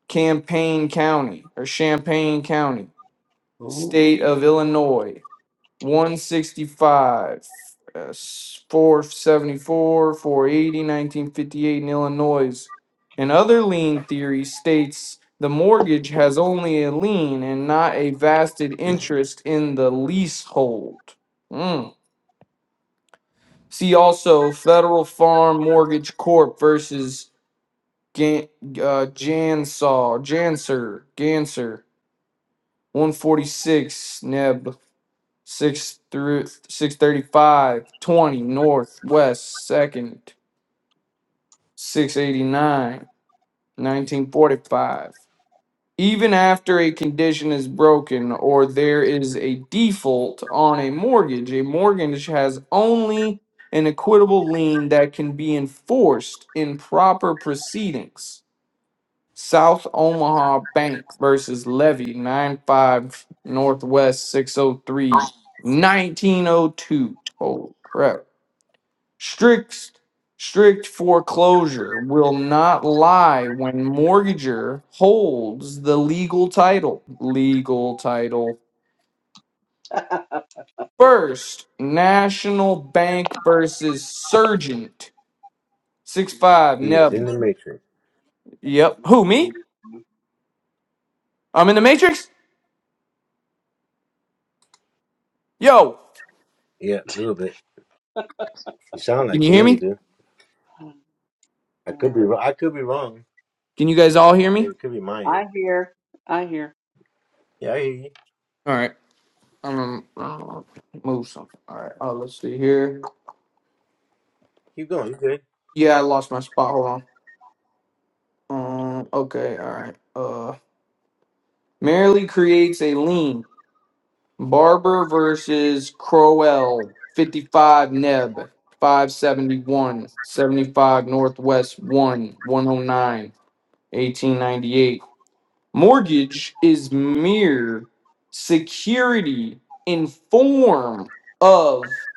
Speaker 3: Champaign County or Champaign County,
Speaker 1: Ooh.
Speaker 3: state of Illinois, 165, uh, 474, eighty nineteen fifty-eight in Illinois. And other lien theory states the mortgage has only a lien and not a vested interest in the leasehold. Mm. See also Federal Farm Mortgage Corp versus Gan, uh, Jansaw, Janser, Ganser, 146 Neb, 6 through 635, 20 Northwest, 2nd, 689, 1945. even after a condition is broken or there is a default on a mortgage, a mortgage has only an equitable lien that can be enforced in proper proceedings. South Omaha Bank versus Levy, 95 Northwest Six O Three Nineteen O Two. 1902. Oh, crap. Strict strict foreclosure will not lie when mortgager holds the legal title. Legal title. First National Bank versus Sergeant Six five.
Speaker 2: He is in
Speaker 3: Neb.
Speaker 2: the matrix.
Speaker 3: Yep. Who me?
Speaker 4: Mm-hmm.
Speaker 3: I'm in the Matrix. Yo,
Speaker 2: Yeah, a little bit. You sound
Speaker 3: can
Speaker 2: like
Speaker 3: you
Speaker 2: to
Speaker 3: hear
Speaker 2: me you
Speaker 3: me?
Speaker 2: do. I could be wrong. I could be wrong.
Speaker 3: Can you guys all hear me?
Speaker 2: Maybe it could be
Speaker 4: I
Speaker 2: Mayan.
Speaker 4: hear. I hear.
Speaker 2: Yeah, I hear you.
Speaker 3: All right. I'm gonna uh, move something. All right. Oh, let's see here.
Speaker 2: Keep going. You good?
Speaker 3: Yeah, I lost my spot. Hold on. Um. Okay. All right. Uh. Merely creates a lean. Barber versus Crowell, 55 Neb, Five seventy-one seventy-five Northwest one one oh nine eighteen ninety-eight Mortgage is mere security in form of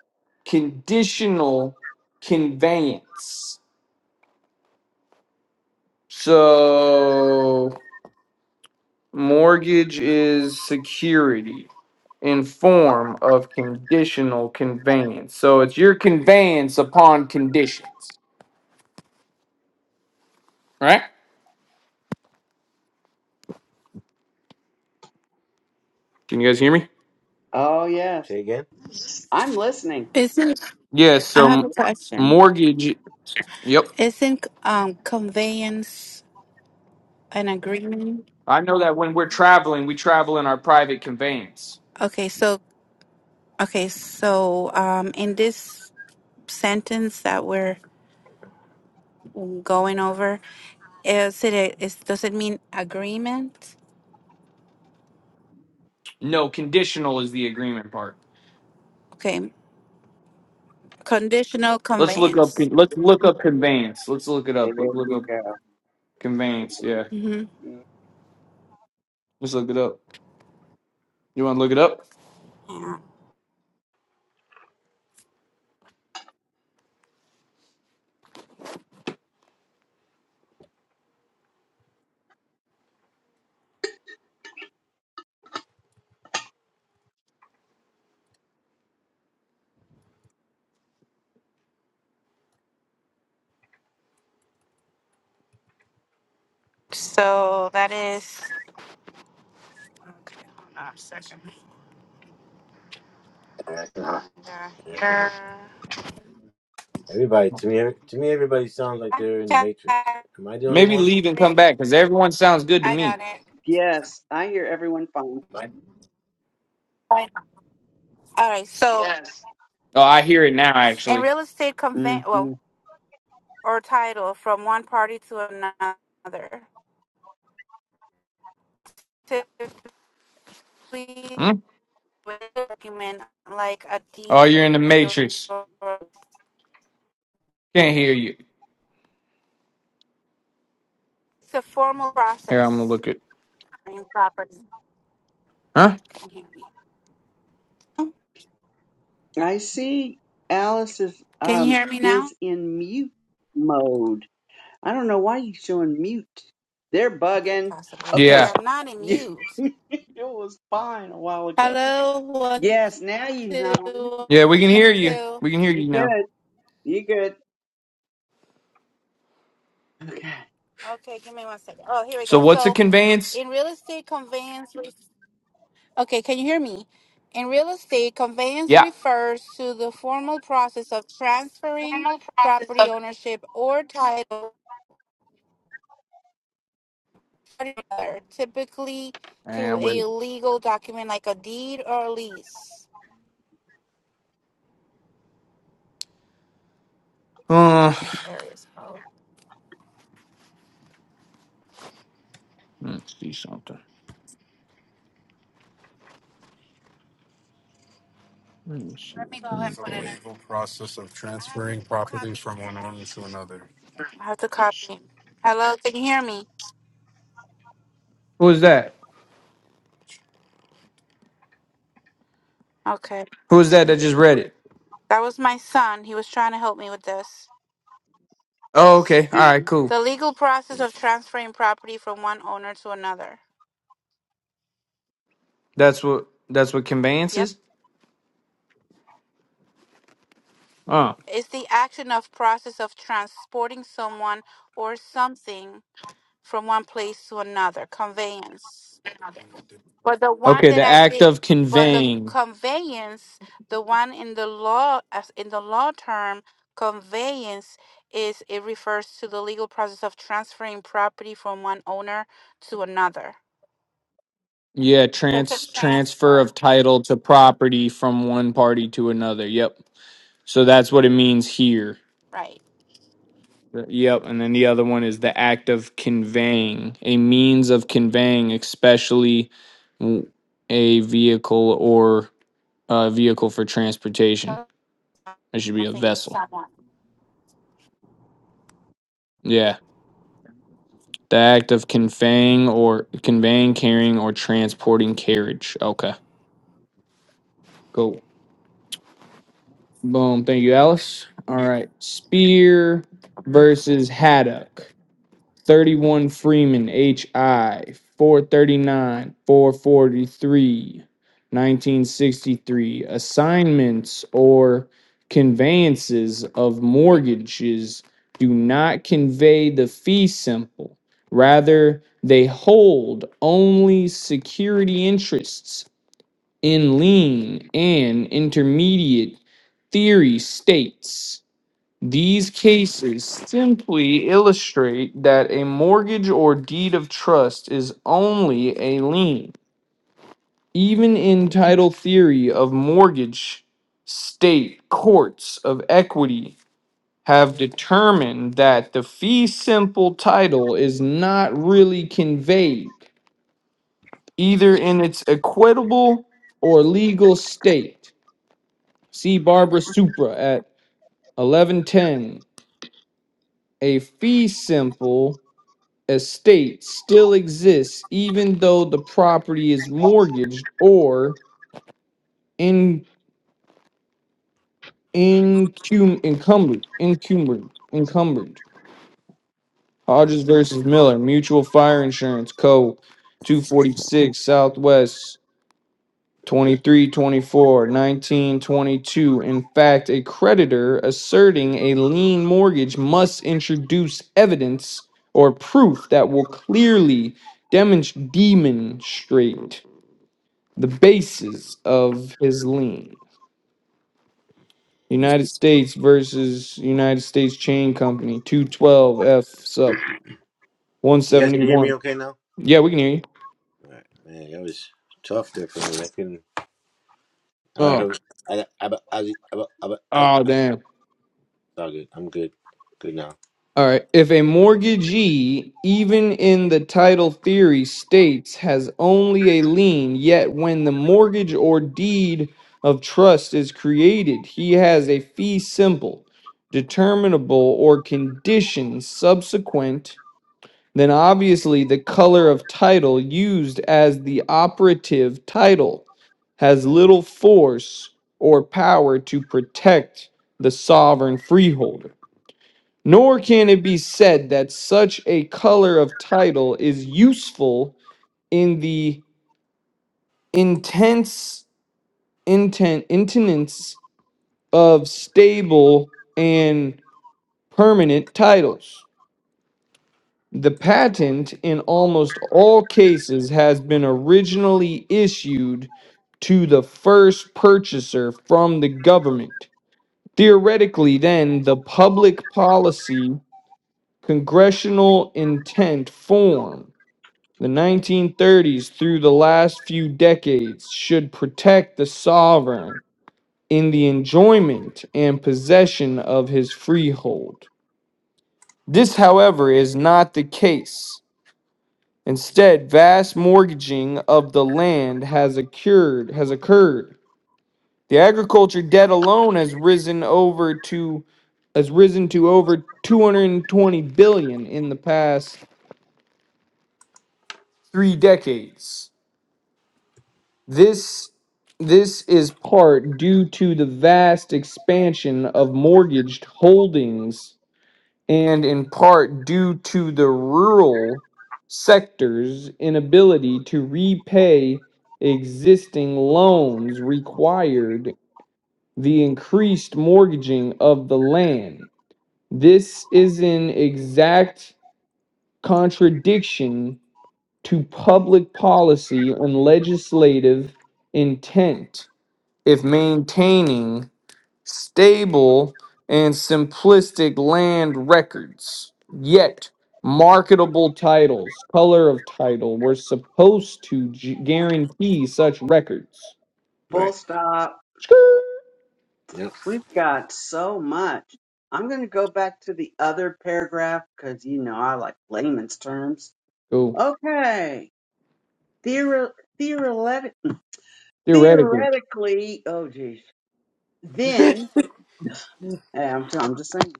Speaker 3: conditional conveyance. So Mortgage is security in form of conditional conveyance. So it's your conveyance upon conditions, right? Can you guys hear me?
Speaker 4: Oh yes,
Speaker 2: Say again.
Speaker 4: I'm listening.
Speaker 5: Isn't
Speaker 3: Yes.
Speaker 5: I
Speaker 3: so
Speaker 5: have a
Speaker 3: m-
Speaker 5: question?
Speaker 3: mortgage. Yep.
Speaker 5: Isn't um conveyance an agreement?
Speaker 3: I know that when we're traveling, we travel in our private conveyance.
Speaker 5: Okay, so okay, so um in this sentence that we're going over, is it a, is does it mean agreement?
Speaker 3: No, conditional is the agreement part.
Speaker 5: Okay, conditional
Speaker 3: Let's look up.
Speaker 5: conveyance.
Speaker 3: Let's look up conveyance. Let's look it up. Let's look up conveyance. Yeah.
Speaker 5: Mm-hmm.
Speaker 3: Let's look it up. You want to look it up?
Speaker 5: Yeah. So that is. Okay, hold on a second. They're
Speaker 2: Yeah, I can hear.
Speaker 5: here.
Speaker 2: Everybody to me every- to me everybody sounds like
Speaker 5: I
Speaker 2: they're in the
Speaker 5: got
Speaker 2: matrix. Am I the only
Speaker 3: Maybe
Speaker 2: one?
Speaker 3: leave and come
Speaker 5: it.
Speaker 3: back because everyone sounds good to
Speaker 5: I got
Speaker 3: me.
Speaker 5: it.
Speaker 4: Yes, I hear everyone fine.
Speaker 5: All right. So, Yeah.
Speaker 3: Oh, I hear it now,
Speaker 5: in
Speaker 3: actually.
Speaker 5: real estate convey well
Speaker 4: hmm
Speaker 5: or title from one party to another, typically
Speaker 3: Hmm?
Speaker 5: with a document like a
Speaker 3: Oh,
Speaker 5: deed
Speaker 3: you're in the
Speaker 5: or
Speaker 3: matrix. Can't hear you.
Speaker 5: it's a formal
Speaker 3: Here, I'm gonna
Speaker 5: process.
Speaker 3: look at.
Speaker 5: in Property.
Speaker 3: Huh?
Speaker 5: Can't hear me. Can
Speaker 4: I see Alice is
Speaker 5: you
Speaker 4: um
Speaker 5: hear me now?
Speaker 4: is in mute mode. I don't know why you showing mute. They're
Speaker 5: Okay,
Speaker 4: bugging.
Speaker 5: possibly
Speaker 4: Okay.
Speaker 5: be.
Speaker 3: Yeah,
Speaker 5: I'm not in mute.
Speaker 4: it was fine a while ago.
Speaker 5: Hello, one,
Speaker 4: Yes, now you know.
Speaker 5: two,
Speaker 3: yeah, we can
Speaker 5: one,
Speaker 3: hear you.
Speaker 5: two.
Speaker 3: We can hear
Speaker 4: You
Speaker 3: you now.
Speaker 4: good. You good. Okay.
Speaker 5: Okay, give me one second. Oh, here we
Speaker 3: So,
Speaker 5: go.
Speaker 3: what's a
Speaker 5: So,
Speaker 3: conveyance?
Speaker 5: in real estate conveyance, re- okay, can you hear me? In real estate, conveyance
Speaker 3: Yeah.
Speaker 5: refers to the formal process of transferring property ownership or title, to another, typically through
Speaker 3: And wait.
Speaker 5: a legal document like a deed or a lease.
Speaker 3: Uh,
Speaker 5: This area is hard.
Speaker 3: let's see something. Let me see.
Speaker 5: Let me go ahead and put it in.
Speaker 3: Convey.
Speaker 5: It's a I have to copy. Hello, can you hear me?
Speaker 3: Who is that?
Speaker 5: Okay.
Speaker 3: Who is that that just read it?
Speaker 5: That was my son. He was trying to help me with this.
Speaker 3: Oh, okay. All right, cool.
Speaker 5: The legal process of transferring property from one owner to another.
Speaker 3: That's what. That's what conveyance
Speaker 5: Yep.
Speaker 3: is. Oh,
Speaker 5: It's the action of process of transporting someone or something from one place to another. Conveyance. But the one
Speaker 3: okay.
Speaker 5: that
Speaker 3: The
Speaker 5: I
Speaker 3: act
Speaker 5: did
Speaker 3: of
Speaker 5: but the
Speaker 3: conveying.
Speaker 5: conveyance, the one in the law as in the law term, conveyance is it refers to the legal process of transferring property from one owner to another.
Speaker 3: Yeah,
Speaker 5: So it's a
Speaker 3: trans transfer
Speaker 5: transfer.
Speaker 3: of title to property from one party to another. Yep. So that's what it means here.
Speaker 5: Right.
Speaker 3: Yep. And then the other one is the act of conveying, a means of conveying, especially w- a vehicle or a vehicle for transportation. It should be a
Speaker 5: Something,
Speaker 3: vessel.
Speaker 5: someone.
Speaker 3: Yeah. The act of conveying or conveying, carrying, or transporting carriage. Okay. Cool. Boom. Thank you, Alice. All right. Spear versus haddock. 31 Freeman HI 439 forty-three, nineteen sixty-three assignments or conveyances of mortgages do not convey the fee simple rather they hold only security interests in lien and intermediate theory states these cases simply illustrate that a mortgage or deed of trust is only a lien. Even in title theory of mortgage, state courts of equity have determined that the fee simple title is not really conveyed either in its equitable or legal state. See Barbara Supra at 1110. A fee simple estate still exists even though the property is mortgaged or in incum, encumbered encumbered encumbered Hodges versus Miller Mutual Fire Insurance Co 246 Southwest 23 24 19 22 in fact a creditor asserting a lien mortgage must introduce evidence or proof that will clearly demonst- demonstrate the basis of his lien. United States versus United States Chain Company, 212 F sup
Speaker 2: You guys can hear me
Speaker 3: 171.
Speaker 2: okay now?
Speaker 3: Yeah, we can hear you.
Speaker 2: All right. Man, that was tough there for me. I couldn't I
Speaker 3: Oh,
Speaker 2: heard I I I I, I, I, I it's
Speaker 3: oh, damn.
Speaker 2: all good. I'm good. Good now.
Speaker 3: All right. If a mortgagee, even in the title theory, states has only a lien, yet when the mortgage or deed of trust is created, he has a fee simple, determinable, or condition subsequent then obviously the color of title used as the operative title has little force or power to protect the sovereign freeholder. Nor can it be said that such a color of title is useful in the intense intent intenance of stable and permanent titles. The patent in almost all cases has been originally issued to the first purchaser from the government. Theoretically, then, the public policy congressional intent form, the 1930s through the last few decades, should protect the sovereign in the enjoyment and possession of his freehold. This, however, is not the case. Instead, vast mortgaging of the land has occurred. Has occurred. The agriculture debt alone has risen over to has risen to over 220 billion in the past 3 decades. This this is part due to the vast expansion of mortgaged holdings and in part due to the rural sector's inability to repay existing loans required the increased mortgaging of the land. This is in exact contradiction to public policy and legislative intent if maintaining stable, and simplistic land records, yet marketable titles, color of title, were supposed to g- guarantee such records.
Speaker 4: Full
Speaker 2: Right.
Speaker 4: stop.
Speaker 3: Skirt.
Speaker 2: Yep.
Speaker 4: We've got so much. I'm going to go back to the other paragraph because, you know, I like layman's terms.
Speaker 3: Cool.
Speaker 4: Okay. Theor- theoretic-
Speaker 3: Theoretically,
Speaker 4: theoretically, oh, geez. Then, eh, I'm, I'm just saying,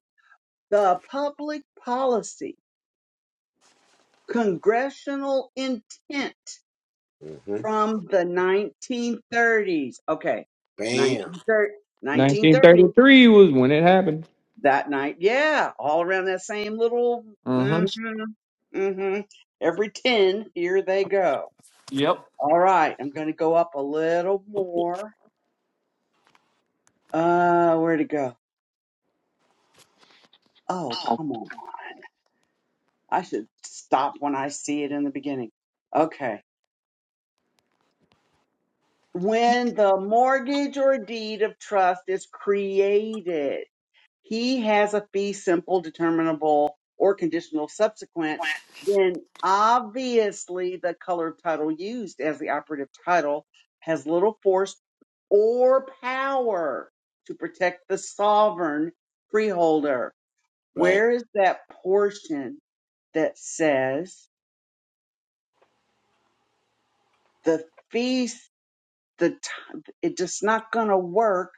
Speaker 4: the public policy. congressional intent
Speaker 2: hmm
Speaker 4: from the 1930s. Okay,
Speaker 2: Bam.
Speaker 4: 1930,
Speaker 3: 1933 was when it happened.
Speaker 4: that night. Yeah, all around that same little.
Speaker 3: Uh-huh.
Speaker 4: hmm hmm Every 10, here they go.
Speaker 3: Yep.
Speaker 4: All right, I'm going to go up a little more. Uh, where to go? Oh, come on. I should stop when I see it in the beginning. Okay. When the mortgage or deed of trust is created he has a fee simple, determinable, or conditional subsequent, then obviously the color title used as the operative title has little force or power to protect the sovereign freeholder.
Speaker 2: Right.
Speaker 4: Where is that portion that says the fee, the t- it just not gonna work?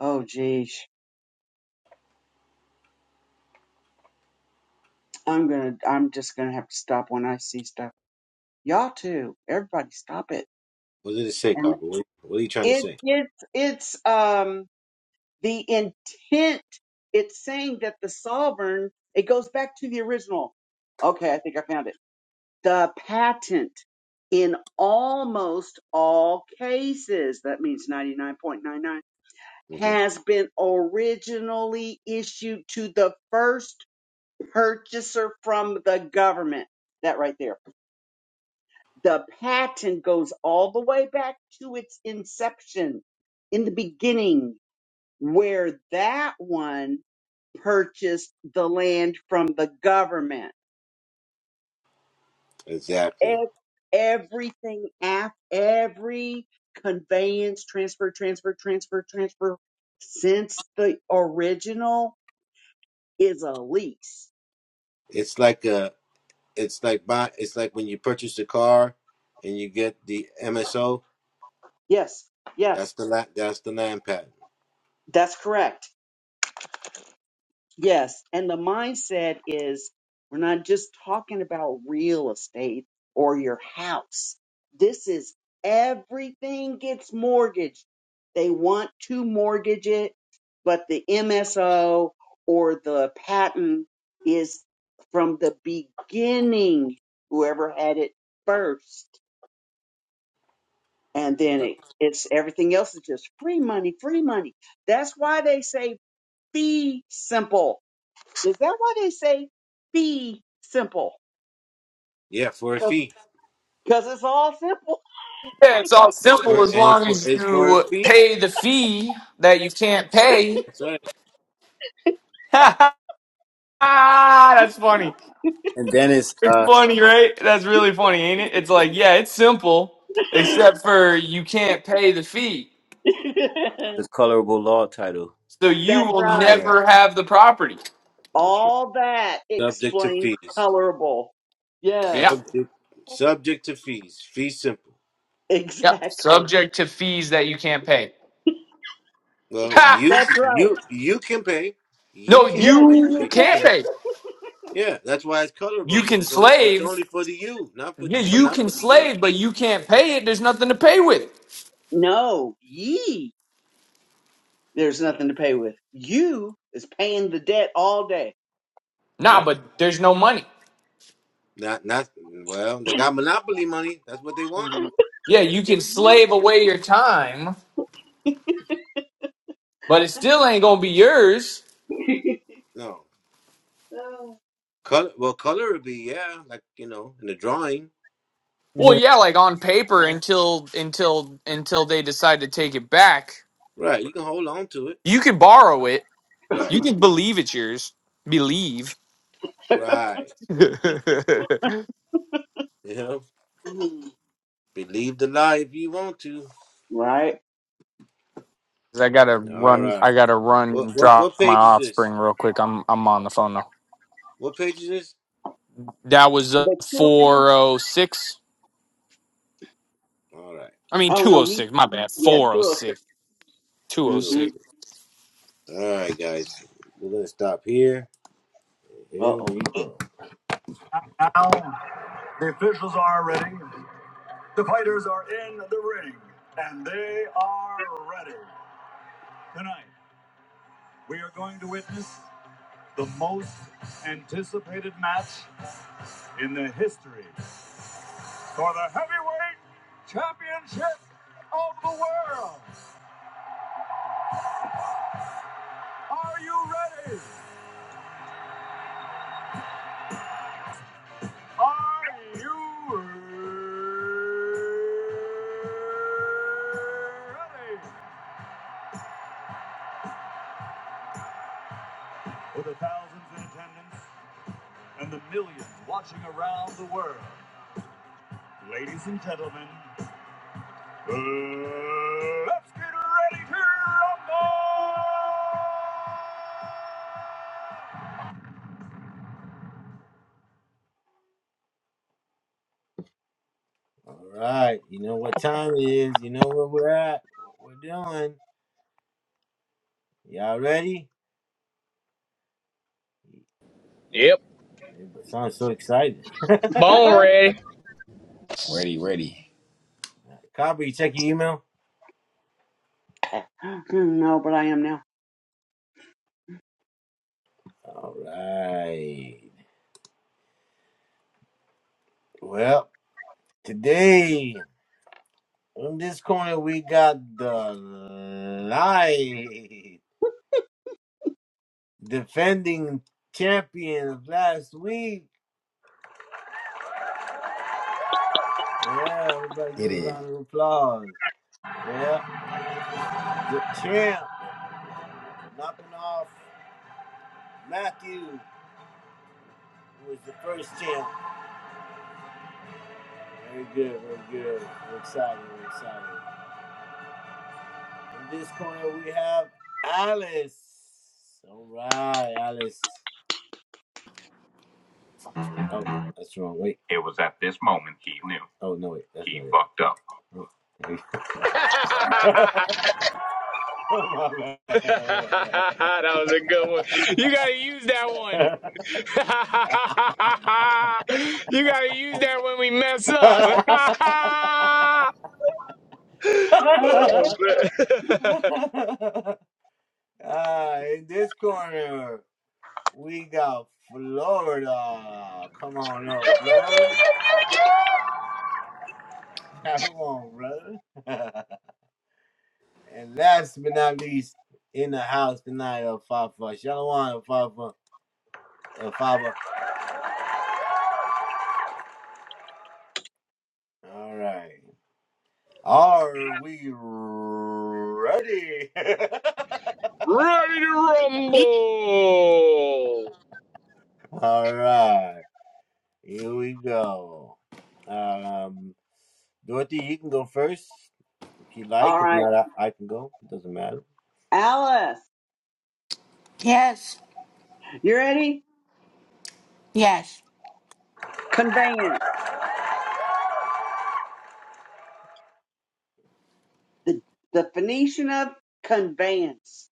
Speaker 4: Oh geez, I'm gonna, I'm just gonna have to stop when I see stuff. Y'all too, everybody, stop it.
Speaker 2: What did it say,
Speaker 4: and
Speaker 2: Copper? What, what are you trying to
Speaker 4: it
Speaker 2: say?
Speaker 4: it's it's um the intent it's saying that the sovereign it goes back to the original okay i think i found it the patent in almost all cases that means 99.99
Speaker 2: hmm
Speaker 4: has been originally issued to the first purchaser from the government that right there the patent goes all the way back to its inception in the beginning where that one purchased the land from the government.
Speaker 2: Exactly.
Speaker 4: Ev- Everything after every conveyance, transfer, transfer, transfer, transfer since the original is a lease.
Speaker 2: It's like a, it's like buy, it's like when you purchase a car and you get the MSO.
Speaker 4: Yes,
Speaker 2: That's
Speaker 4: yes,
Speaker 2: the la, that's the land patent.
Speaker 4: that's correct. Yes. And the mindset is we're not just talking about real estate or your house. This is everything gets mortgaged. They want to mortgage it, but the MSO or the patent is from the beginning, whoever had it first. And then
Speaker 2: Right.
Speaker 4: it, it's everything else is just free money, free money. That's why they say be simple is that why they say be simple?
Speaker 2: Yeah, for a
Speaker 4: Because
Speaker 2: fee.
Speaker 4: it's all simple.
Speaker 3: Yeah, it's all
Speaker 2: It's
Speaker 3: simple
Speaker 2: for
Speaker 3: as
Speaker 2: and it's
Speaker 3: long
Speaker 2: for
Speaker 3: as
Speaker 2: it's for a
Speaker 3: you
Speaker 2: fee.
Speaker 3: pay the fee that you can't pay.
Speaker 2: That's right.
Speaker 3: That's funny.
Speaker 1: And then it's
Speaker 3: It's
Speaker 1: uh,
Speaker 3: funny, right? That's really funny, ain't it? It's like, yeah, it's simple, except for you can't pay the fee.
Speaker 1: the colorable law title.
Speaker 3: So
Speaker 4: That's
Speaker 3: you will
Speaker 2: Damn
Speaker 4: right.
Speaker 2: right.
Speaker 3: never have the property.
Speaker 2: That's right.
Speaker 4: All that
Speaker 2: Subject to
Speaker 4: explains
Speaker 2: fees.
Speaker 4: colorable.
Speaker 3: Yeah.
Speaker 4: Yes,
Speaker 2: Subject subject to fees. Fee simple.
Speaker 3: Yeah.
Speaker 4: exactly.
Speaker 3: Subject to fees that you can't pay.
Speaker 2: Well, you
Speaker 3: Ha!
Speaker 4: That's right.
Speaker 2: you you can pay. Ye
Speaker 3: No,
Speaker 4: Yeah,
Speaker 2: can't, but
Speaker 4: you
Speaker 3: you
Speaker 2: but
Speaker 4: can
Speaker 2: you
Speaker 4: pay.
Speaker 3: can't
Speaker 2: can.
Speaker 3: pay.
Speaker 2: Yeah, that's why it's
Speaker 3: You
Speaker 2: colorable because
Speaker 3: can
Speaker 2: it's only it's
Speaker 3: slave.
Speaker 2: only for the you, not for
Speaker 3: Yeah,
Speaker 2: the but
Speaker 3: you
Speaker 2: not
Speaker 3: can
Speaker 2: for the ye.
Speaker 3: slave, but you can't pay it. There's nothing to pay with.
Speaker 4: No, ye. There's nothing to pay with. You is paying the debt all day.
Speaker 3: Nah,
Speaker 2: Yep.
Speaker 3: but there's no money.
Speaker 2: Not not well. They got monopoly money. That's what they want.
Speaker 1: Mhm.
Speaker 3: Yeah, you can
Speaker 4: You.
Speaker 3: slave away your time, but it still ain't gonna be yours.
Speaker 2: No
Speaker 4: Oh.
Speaker 2: color. Well, color would be yeah, like you know, in the drawing.
Speaker 3: Well, yeah, like on paper until until until they decide to take it back.
Speaker 2: Right. You can hold on to it.
Speaker 3: You can borrow it.
Speaker 2: Right.
Speaker 3: You can believe it's yours. Believe.
Speaker 2: Right.
Speaker 3: 'Cause
Speaker 2: You know,
Speaker 4: Mhm.
Speaker 2: believe the lie if you want to.
Speaker 4: Right.
Speaker 3: I gotta
Speaker 2: All
Speaker 3: run. I
Speaker 2: right.
Speaker 3: gotta run.
Speaker 2: What
Speaker 3: and
Speaker 2: what
Speaker 3: Drop
Speaker 2: what
Speaker 3: my
Speaker 2: page is this?
Speaker 3: offspring real quick. I'm I'm on the phone now.
Speaker 2: What page is this?
Speaker 3: That was uh,
Speaker 4: But two,
Speaker 3: four oh six.
Speaker 2: All right.
Speaker 3: I mean
Speaker 4: oh
Speaker 3: two oh
Speaker 4: no, he,
Speaker 3: six. My bad.
Speaker 4: yeah,
Speaker 3: Four oh
Speaker 4: 206.
Speaker 3: six. Two oh
Speaker 4: Mm
Speaker 2: Two.
Speaker 4: hmm.
Speaker 3: six.
Speaker 2: All right, guys. We're going to stop here.
Speaker 4: Uh
Speaker 2: Here
Speaker 4: oh.
Speaker 2: we
Speaker 4: six.
Speaker 2: go. Now, the officials are ready. The fighters are in the ring, and they are ready. Tonight, we are going to witness the most anticipated match in the history for the heavyweight championship of the world. Are you ready? Are you ready? For the thousands in attendance and the millions watching around the world, ladies and gentlemen, let's get ready to rumble! All right, you know what time it is. You know where we're at. What we're doing. Y'all ready?
Speaker 3: Yep.
Speaker 2: Everybody sounds so excited.
Speaker 4: Mm-hmm. Uh-oh.
Speaker 3: Bone ready.
Speaker 1: Ready, ready,
Speaker 2: Copper, you check your email.
Speaker 4: no, but I am now.
Speaker 2: All right. Well, today in this corner we got the light defending champion of last week. Yeah, everybody give
Speaker 1: Get
Speaker 2: a
Speaker 1: it.
Speaker 2: round of applause. Yeah, the champ knocking off Matthew who was the first champ. Very good, very good. We're excited, we're excited. In this corner we have Alice. All right, Alice. Oh, that's wrong. Wait. Oh no, wait. That's not it.
Speaker 3: that was a good one. You gotta use that you gotta use that when we mess up. Oh,
Speaker 2: ah, in this corner, we got Florida. Come on up, Florida. Come on, brother. and last but not least, in the house tonight, Alfafa. Shalom, Alfafa. Alfafa. All right. Are we ready?
Speaker 3: Ready to rumble.
Speaker 2: All right, here we go. Um, Dorothy, you can go first if you
Speaker 4: All
Speaker 2: like. If
Speaker 4: right,
Speaker 2: not, I, I can go. It doesn't matter.
Speaker 4: Alice,
Speaker 5: Yes,
Speaker 4: you ready?
Speaker 5: yes.
Speaker 4: Conveyance. The the Phoenician of conveyance.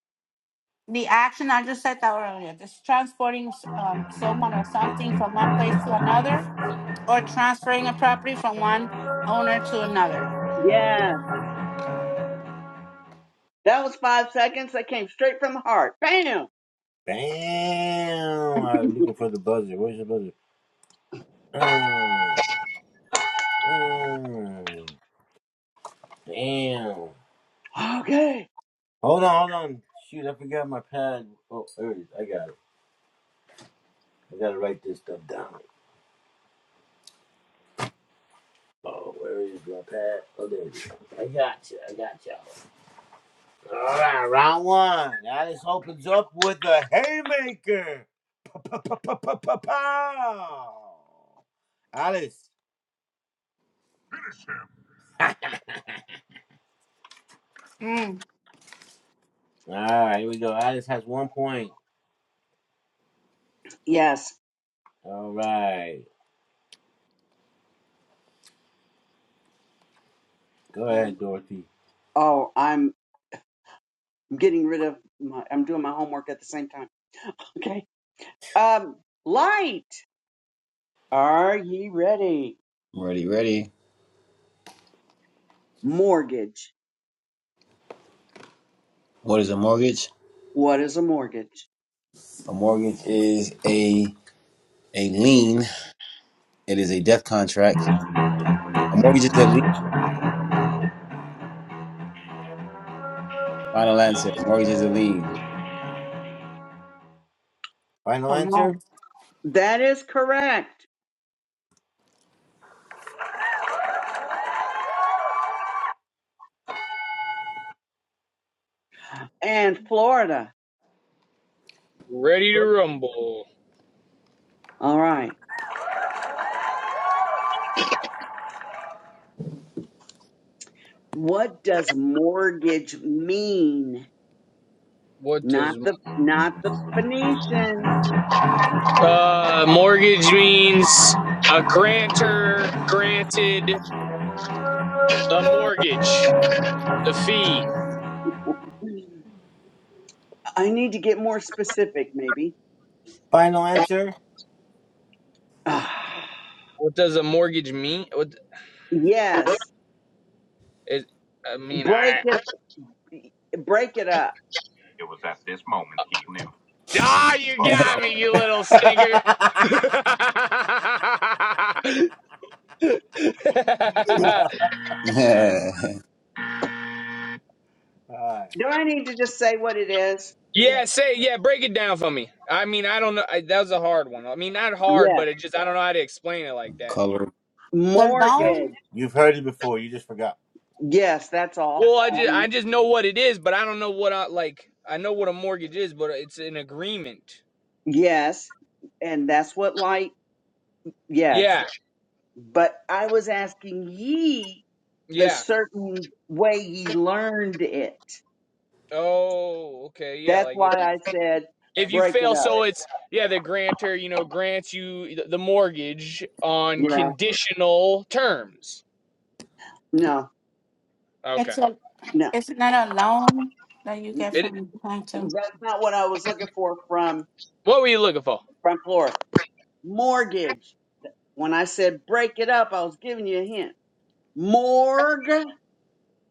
Speaker 5: The action, I just said that earlier. This transporting um, someone or something from one place to another or transferring a property from one owner to another.
Speaker 4: Yeah, that was five seconds. That came straight from the heart. Bam.
Speaker 2: Bam! I'm looking for the buzzer. Where's the buzzer? Mm, mm, Bam!
Speaker 4: Okay.
Speaker 2: Hold on, hold on. Shoot, I forgot my pad. Oh, there it is. I got it. I gotta write this stuff down. Oh, where is my pad? Oh, there it is. I got you. I got y'all. All right, round one. Alice opens up with a haymaker. Pa-pa-pa-pa-pa-pow. Alice.
Speaker 5: Mm,
Speaker 2: All right, here we go. Alice has one point.
Speaker 4: Yes.
Speaker 2: All right. Go ahead, Dorothy.
Speaker 4: Oh, I'm getting rid of my. I'm doing my homework at the same time. Okay. Um, light. Are ye ready?
Speaker 1: ready, ready.
Speaker 4: Mortgage.
Speaker 1: What is a mortgage?
Speaker 4: What is a mortgage?
Speaker 1: A mortgage is a a lien. It is a death contract. A mortgage is a lien. Final answer. A Mortgage is a lien.
Speaker 2: Final
Speaker 5: so
Speaker 2: answer.
Speaker 5: loan.
Speaker 4: That is correct. And Florida.
Speaker 3: Ready to rumble.
Speaker 4: All right. What does mortgage mean?
Speaker 3: What
Speaker 4: Not
Speaker 3: does
Speaker 4: the not the Phoenician.
Speaker 3: uh mortgage means? A grantor granted a mortgage. The fee.
Speaker 4: I need to get more specific, maybe.
Speaker 2: Final answer.
Speaker 4: Ah,
Speaker 3: What does a mortgage mean? What
Speaker 4: yes,
Speaker 3: is I mean
Speaker 4: break
Speaker 3: I
Speaker 4: it, break it up.
Speaker 2: It was at this moment he knew
Speaker 3: Ah oh,
Speaker 2: he
Speaker 3: you
Speaker 2: fucked
Speaker 3: got
Speaker 2: up.
Speaker 3: me, you little stinker.
Speaker 2: All right.
Speaker 4: Do I need to just say what it is?
Speaker 3: yeah,
Speaker 2: Yes.
Speaker 3: say yeah. Break it down for me. I mean, I don't know. I, that was a hard one. I mean, not hard,
Speaker 4: Yes,
Speaker 3: but it just I don't know how to explain it like that.
Speaker 1: Color.
Speaker 5: So
Speaker 4: mortgage.
Speaker 5: loan,
Speaker 2: You've heard it before. You just forgot.
Speaker 4: Yes, that's all.
Speaker 3: Well, I just
Speaker 4: Mhm.
Speaker 3: I just know what it is, but I don't know what I like. I know what a mortgage is, but it's an agreement.
Speaker 4: Yes, and that's what light. Yes,
Speaker 3: Yeah,
Speaker 4: but I was asking ye the
Speaker 3: yeah.
Speaker 4: certain way ye learned it.
Speaker 3: Oh, okay, yeah.
Speaker 4: That's
Speaker 3: Like if
Speaker 4: why
Speaker 3: you
Speaker 4: I said
Speaker 3: if you
Speaker 4: break it
Speaker 3: fail,
Speaker 4: up.
Speaker 3: so it's yeah. The grantor, you know, grants you the the mortgage on
Speaker 4: Yeah.
Speaker 3: conditional terms.
Speaker 4: No,
Speaker 3: Okay.
Speaker 5: it's a
Speaker 4: no.
Speaker 5: it's not a loan that you get
Speaker 3: It.
Speaker 5: from the bank to.
Speaker 4: That's not what I was looking for from
Speaker 3: What were you looking for?
Speaker 4: front floor. Mortgage. When I said break it up, I was giving you a hint. Morgue,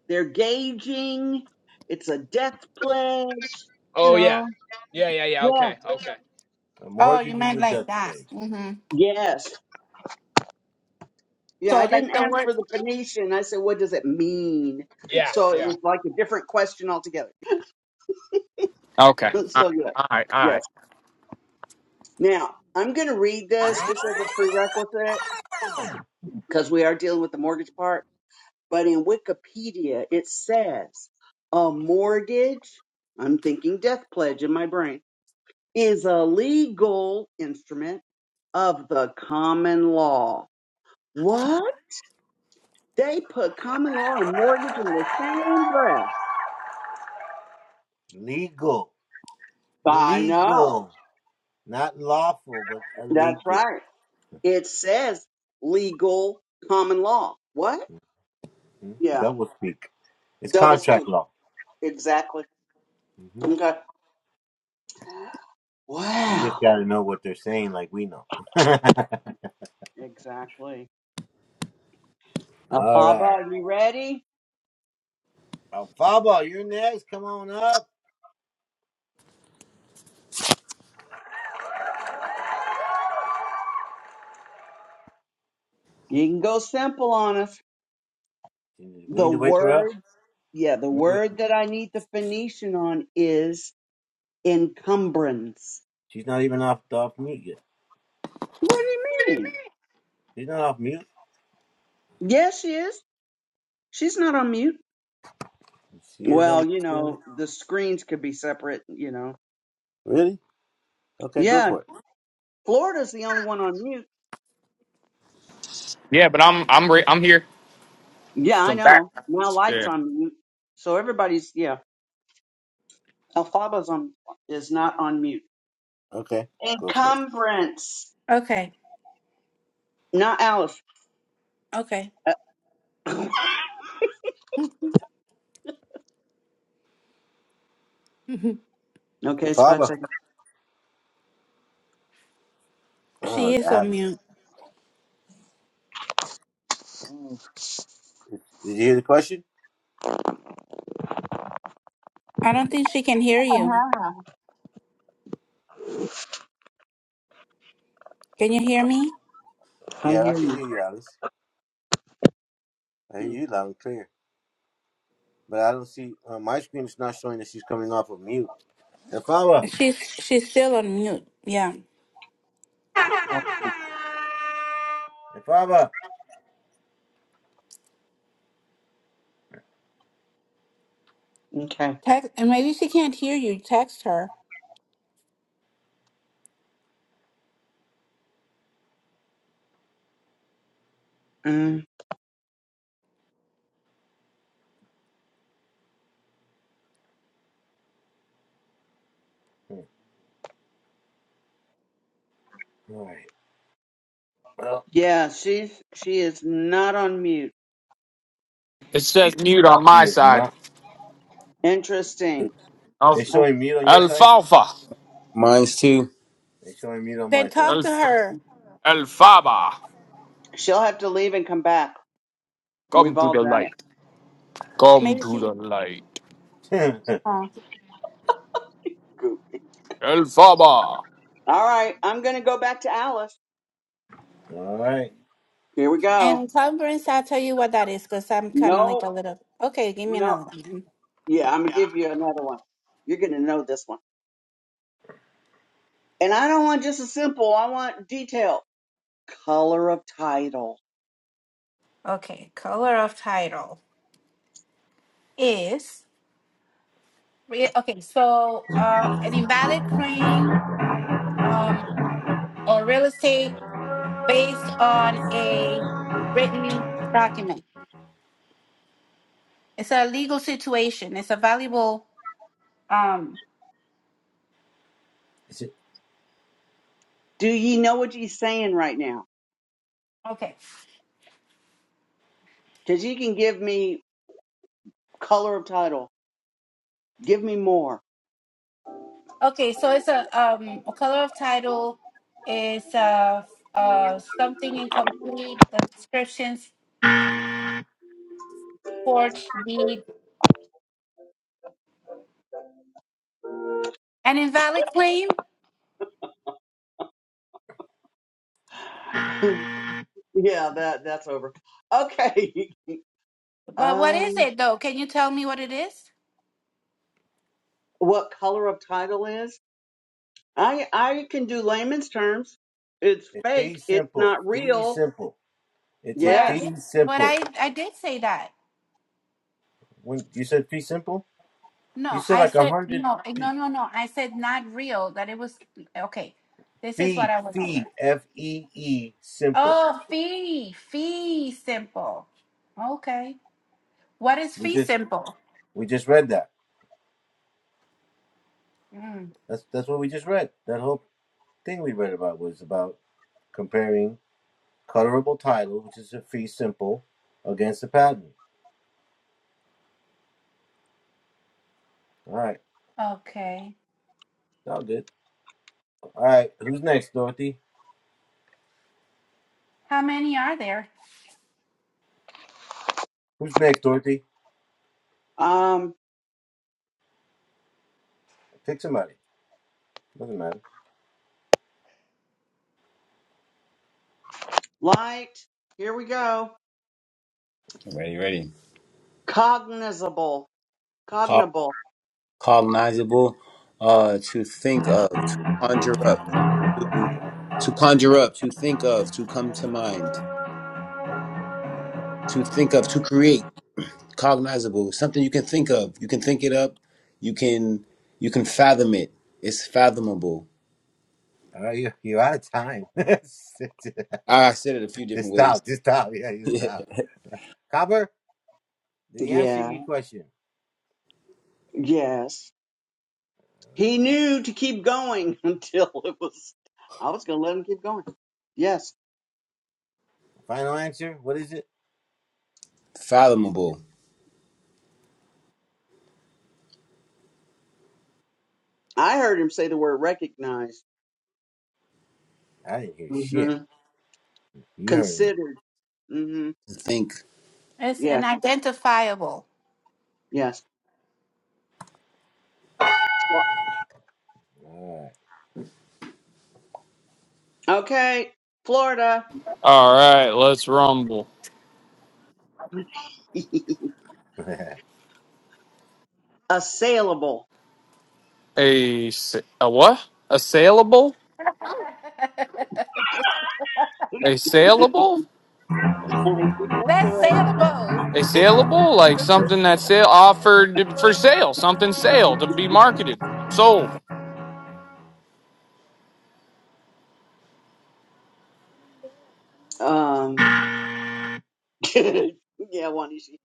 Speaker 4: they're gauging. It's a death pledge, you
Speaker 3: Oh yeah.
Speaker 4: know.
Speaker 3: Yeah, yeah, yeah.
Speaker 4: Yeah.
Speaker 3: Okay, okay.
Speaker 2: A
Speaker 5: Oh, you
Speaker 2: mortgage is
Speaker 5: meant
Speaker 2: a
Speaker 5: like
Speaker 2: death
Speaker 5: that.
Speaker 2: trade.
Speaker 5: hmm
Speaker 4: Yes. Yeah,
Speaker 5: So
Speaker 4: I
Speaker 5: like
Speaker 4: didn't
Speaker 5: the
Speaker 4: ask
Speaker 5: word
Speaker 4: for the Phoenician. I said, what does it mean?
Speaker 3: Yeah,
Speaker 4: So it
Speaker 3: yeah.
Speaker 4: was like a different question altogether.
Speaker 3: Okay.
Speaker 2: That's
Speaker 3: All
Speaker 2: right.
Speaker 4: so, yeah.
Speaker 3: right. All
Speaker 4: Yes.
Speaker 3: right.
Speaker 4: Now, I'm going to read this just as a prerequisite because we are dealing with the mortgage part. But in Wikipedia, it says a mortgage, I'm thinking death pledge in my brain, is a legal instrument of the common law. What? They put common law and mortgage in the same breath.
Speaker 2: Legal.
Speaker 4: I know.
Speaker 2: Legal. Not lawful, but
Speaker 4: That's
Speaker 2: illegal.
Speaker 4: right. It says legal common law. What?
Speaker 2: Hmm?
Speaker 4: Yeah.
Speaker 2: Double speak. It's
Speaker 4: Double speak.
Speaker 2: contract law.
Speaker 4: Exactly.
Speaker 2: hmm
Speaker 4: Okay.
Speaker 2: You just
Speaker 4: Wow.
Speaker 2: got to know what they're saying, like we know.
Speaker 4: Exactly.
Speaker 2: All
Speaker 4: Alfaba,
Speaker 2: right.
Speaker 4: are you ready?
Speaker 2: Oh, you're next. Come on up.
Speaker 4: You can go simple on us.
Speaker 2: We
Speaker 4: The
Speaker 2: need to wake her up.
Speaker 4: word, yeah, the
Speaker 2: Wait,
Speaker 4: word that I need the Phoenician on is encumbrance.
Speaker 2: She's not even off, off mute yet.
Speaker 4: What do you mean?
Speaker 2: She's not off mute.
Speaker 4: Yes, she is. She's not on mute.
Speaker 2: She is on.
Speaker 4: Well, you
Speaker 2: mute.
Speaker 4: know, the screens could be separate, you know.
Speaker 2: Really? Okay, go
Speaker 4: Yeah,
Speaker 2: for it.
Speaker 4: Florida's the only one on mute.
Speaker 3: Yeah, but I'm I'm re- I'm here.
Speaker 4: Yeah, I
Speaker 3: Some
Speaker 4: know. Now
Speaker 3: background.
Speaker 4: lights
Speaker 3: Yeah.
Speaker 4: on mute. So everybody's yeah. Alfaba's on is not on mute.
Speaker 2: Okay, go for it.
Speaker 4: Encumbrance.
Speaker 5: Okay.
Speaker 4: Not Alice.
Speaker 5: Okay.
Speaker 4: Uh, okay,
Speaker 2: Well,
Speaker 4: it's five seconds.
Speaker 5: she
Speaker 2: oh,
Speaker 5: is
Speaker 2: I
Speaker 5: on
Speaker 2: haven't.
Speaker 5: mute.
Speaker 4: Mm,
Speaker 2: Did you hear the question?
Speaker 5: I don't think she can hear you. Can you hear me?
Speaker 4: I
Speaker 2: Yeah, I
Speaker 4: hear
Speaker 2: can
Speaker 4: you.
Speaker 2: hear you, Alice. I hear
Speaker 4: Mm,
Speaker 2: you loud and clear. but I don't see uh, my screen is not showing that she's coming off of mute. Ifaba,
Speaker 5: She's she's still on mute. Yeah.
Speaker 4: Okay.
Speaker 2: Ifaba.
Speaker 4: Okay.
Speaker 5: Text, and maybe she can't hear you. Text her.
Speaker 4: Mm,
Speaker 2: All right. Well,
Speaker 4: yeah, she's she is not on mute.
Speaker 3: It says mute on
Speaker 2: she
Speaker 3: my
Speaker 2: is
Speaker 3: side.
Speaker 2: not.
Speaker 4: Interesting.
Speaker 3: Al-
Speaker 2: They
Speaker 4: Oh,
Speaker 2: showing mute on your side.
Speaker 3: Alfalfa.
Speaker 1: Mine's too.
Speaker 2: They showing mute on
Speaker 5: Then
Speaker 2: my
Speaker 5: talk
Speaker 2: side.
Speaker 5: to
Speaker 3: Alf-
Speaker 5: her.
Speaker 3: Alfaba.
Speaker 4: She'll have to leave and come back.
Speaker 3: Come
Speaker 4: We've
Speaker 3: to
Speaker 4: all
Speaker 3: the
Speaker 4: done it.
Speaker 3: light. Come
Speaker 5: Maybe
Speaker 3: to
Speaker 5: she.
Speaker 3: the light.
Speaker 5: Oh.
Speaker 4: Goop.
Speaker 3: Alfaba.
Speaker 4: All right, I'm gonna go back to Alice.
Speaker 2: All right.
Speaker 4: Here we
Speaker 5: And
Speaker 4: go.
Speaker 5: encumbrance, I'll tell you what that is because I'm kind of like
Speaker 4: No,
Speaker 5: a little. Okay, give me
Speaker 4: no.
Speaker 5: another one. then.
Speaker 4: Yeah, I'm gonna give you another one. You're gonna know this one. And I don't want just a simple. I want detail. Color of title.
Speaker 5: Okay, color of title is. re- Okay, so uh, an invalid claim um, or real estate based on a written document. It's a legal situation. It's a valuable. Um,
Speaker 2: It's a,
Speaker 4: Do ye know what ye saying right now?
Speaker 5: okay.
Speaker 4: Because you can give me color of title. Give me more.
Speaker 5: Okay, so it's a um a color of title is uh uh something incomplete, the descriptions, forged deed, an invalid claim.
Speaker 4: Yeah, that that's over. Okay.
Speaker 5: But what
Speaker 4: Um,
Speaker 5: is it though? Can you tell me what it is?
Speaker 4: what color of title is? I I can do layman's terms. It's
Speaker 2: it's fee
Speaker 4: fake. It's
Speaker 2: simple.
Speaker 4: not
Speaker 2: Fee
Speaker 4: real.
Speaker 2: simple. It's
Speaker 5: But
Speaker 2: a
Speaker 5: I
Speaker 4: Yes.
Speaker 5: did
Speaker 2: fee
Speaker 5: but
Speaker 2: simple.
Speaker 5: I I did say that.
Speaker 2: When you said fee simple, you
Speaker 5: No,
Speaker 2: said
Speaker 5: I
Speaker 2: like a
Speaker 5: said
Speaker 2: hundred
Speaker 5: no, no,
Speaker 2: fee
Speaker 5: no, no. I said not real, that it was okay. This is what
Speaker 2: fee
Speaker 5: I went over.
Speaker 2: fee f e e simple.
Speaker 5: Oh, fee, fee simple. Okay. What is
Speaker 2: We
Speaker 5: fee
Speaker 2: just
Speaker 5: simple?
Speaker 2: we just read that.
Speaker 5: Mm,
Speaker 2: That's that's what we just read. That whole thing we read about was about comparing colorable title, which is a fee simple, against the patent. All right,
Speaker 5: okay.
Speaker 2: sound good. All right, who's next, Dorothy?
Speaker 5: How many are there?
Speaker 2: Who's next, Dorothy?
Speaker 4: Um,
Speaker 2: Pick somebody. Doesn't matter.
Speaker 4: light. Here we go.
Speaker 1: Ready, ready.
Speaker 4: Cognizable.
Speaker 1: Col-
Speaker 4: Cognable.
Speaker 1: Colonizable. Uh, to think of, to conjure up, to to conjure up, to think of, to come to mind, to think of, to create. cognizable, something you can think of. You can think it up. You can you can fathom it. It's fathomable.
Speaker 2: All right, you you're out of time. just
Speaker 1: I I said it a few different ways.
Speaker 2: stop. Just stop. Yeah, just stop. Copper, did he answer
Speaker 4: Yeah.
Speaker 2: your question?
Speaker 4: Yes. He knew to keep going until it was. I was gonna let him keep going. Yes.
Speaker 2: Final answer? What is it?
Speaker 1: fathomable.
Speaker 4: I heard him say the word recognized.
Speaker 2: I didn't hear shit.
Speaker 4: hmm
Speaker 2: You heard him.
Speaker 4: Considered. hmm
Speaker 1: To think.
Speaker 5: It's
Speaker 4: Yes.
Speaker 5: unidentifiable.
Speaker 4: Yes.
Speaker 2: All
Speaker 4: Okay, Florida,
Speaker 3: All right. Let's rumble.
Speaker 2: right.
Speaker 4: assailable.
Speaker 3: A sa- a what? A saleable? A saleable?
Speaker 4: I think that's the
Speaker 5: That's
Speaker 4: way.
Speaker 5: sailable.
Speaker 3: A saleable? Like something that's sale offered for sale. Something sale to be marketed, sold.
Speaker 4: Um, yeah, One Wanishi.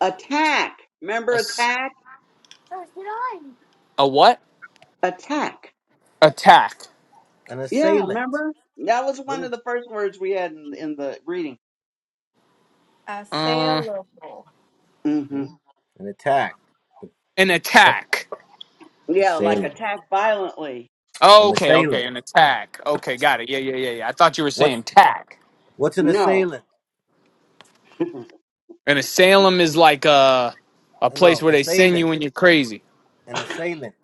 Speaker 4: Attack.
Speaker 3: A
Speaker 4: Remember
Speaker 3: s-
Speaker 4: attack?
Speaker 3: a what?
Speaker 4: Attack.
Speaker 3: Attack.
Speaker 2: An
Speaker 4: Yeah,
Speaker 2: assailant.
Speaker 4: remember? That was
Speaker 2: What
Speaker 4: one
Speaker 2: is
Speaker 4: of the first words we had in, in the reading.
Speaker 5: A
Speaker 3: Uh,
Speaker 5: sailable.
Speaker 4: hmm
Speaker 2: hmm? an attack?
Speaker 3: an attack.
Speaker 4: Yeah, like
Speaker 2: Assailable.
Speaker 4: attack violently.
Speaker 3: Oh,
Speaker 2: An
Speaker 3: Okay, okay,
Speaker 2: assailant.
Speaker 3: an attack. Okay, got it. Yeah, yeah, yeah, yeah. I thought you were
Speaker 2: What's
Speaker 3: saying tack.
Speaker 2: what's an
Speaker 4: No.
Speaker 2: assailant?
Speaker 3: An asylum is like a a
Speaker 2: Uh,
Speaker 3: place
Speaker 2: No,
Speaker 3: where they send
Speaker 2: assailant.
Speaker 3: you when you're crazy.
Speaker 2: An assailant.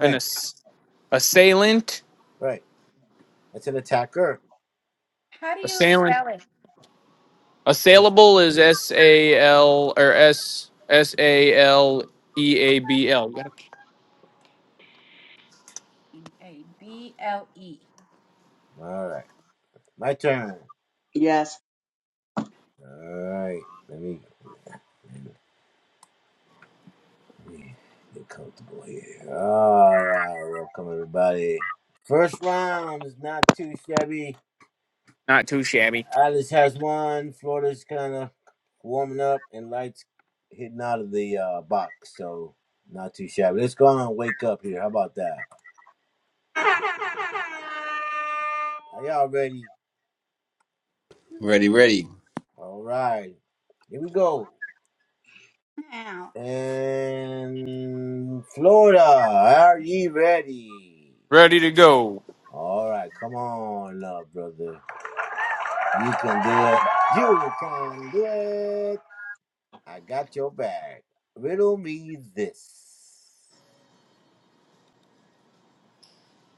Speaker 3: An ass- assailant,
Speaker 2: Right. That's an attacker.
Speaker 5: How do you
Speaker 3: assailant,
Speaker 5: spell it?
Speaker 2: And it's
Speaker 3: assailable is S A L or S S A L E A B L.
Speaker 5: A B L E.
Speaker 2: all right. My turn.
Speaker 4: Yes.
Speaker 2: All right. Let me, let me get comfortable here. All right. Welcome everybody. First round is not too shabby.
Speaker 3: Not too shabby.
Speaker 2: Alice has one. Florida's kind of warming up, and lights hitting out of the uh, box. So not too shabby. Let's go on. and Wake up here. How about that? Are y'all ready?
Speaker 1: Ready, ready.
Speaker 2: All right. Here we go.
Speaker 5: Now,
Speaker 2: And Florida, are ye ready?
Speaker 3: Ready to go.
Speaker 2: All right, come on, love brother. You can do it. You can do it. I got your back. Riddle me this.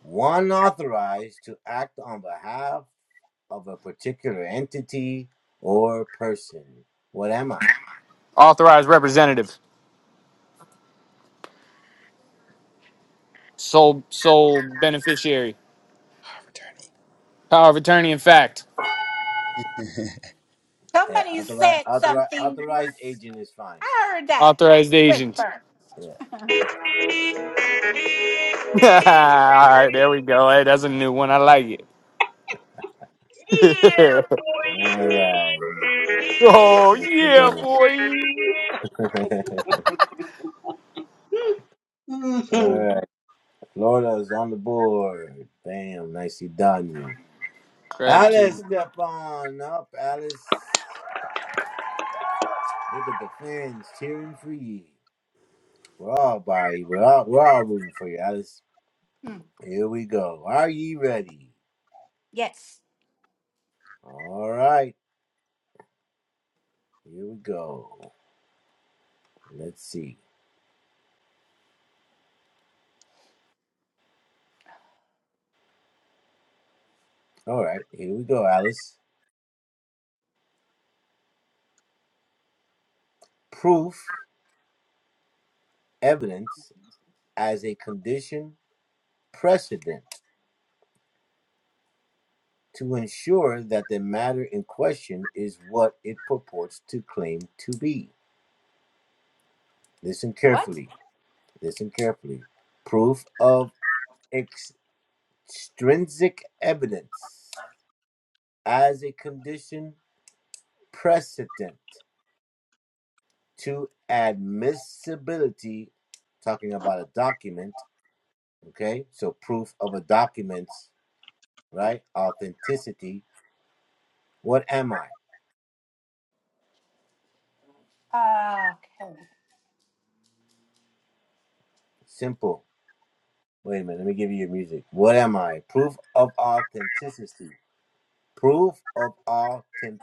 Speaker 2: One authorized to act on behalf of a particular entity or person. What am I?
Speaker 3: Authorized representative. Sole sole beneficiary.
Speaker 1: Ah, returning.
Speaker 3: Power of attorney in fact.
Speaker 2: Yeah,
Speaker 5: somebody
Speaker 2: authorized,
Speaker 5: said
Speaker 2: authorized,
Speaker 5: something was.
Speaker 2: authorized agent is fine.
Speaker 5: I heard that
Speaker 3: Authorized agent.
Speaker 5: whisper.
Speaker 2: Yeah.
Speaker 3: All right, there we go. Hey, that's a new one. I like
Speaker 4: Yeah,
Speaker 3: it.
Speaker 4: boy.
Speaker 2: All right.
Speaker 3: oh
Speaker 2: Let's see.
Speaker 3: yeah, boy.
Speaker 2: All
Speaker 4: hmm
Speaker 2: right. Florida's on the board. Bam, nicely done.
Speaker 5: I think
Speaker 2: Alice,
Speaker 3: Gratitude.
Speaker 5: it was-
Speaker 2: step on up, Alice. Look at the fans cheering for you. We're all by you. We're all, we're all rooting for you, Alice.
Speaker 5: mm,
Speaker 2: Here we go. Are you ready?
Speaker 5: yes.
Speaker 2: All right, here we go. Let's see. All right, here we go, Alice. Proof, evidence as a condition precedent to ensure that the matter in question is what it purports to claim to be. Listen
Speaker 5: What?
Speaker 2: carefully. Listen carefully. Proof of extrinsic evidence as a condition precedent to admissibility. Talking about a document, okay? So proof of a document's right authenticity. What am I?
Speaker 5: Okay.
Speaker 2: Simple. Wait a minute. Let me give you your music. What am I? Proof of authenticity. Proof of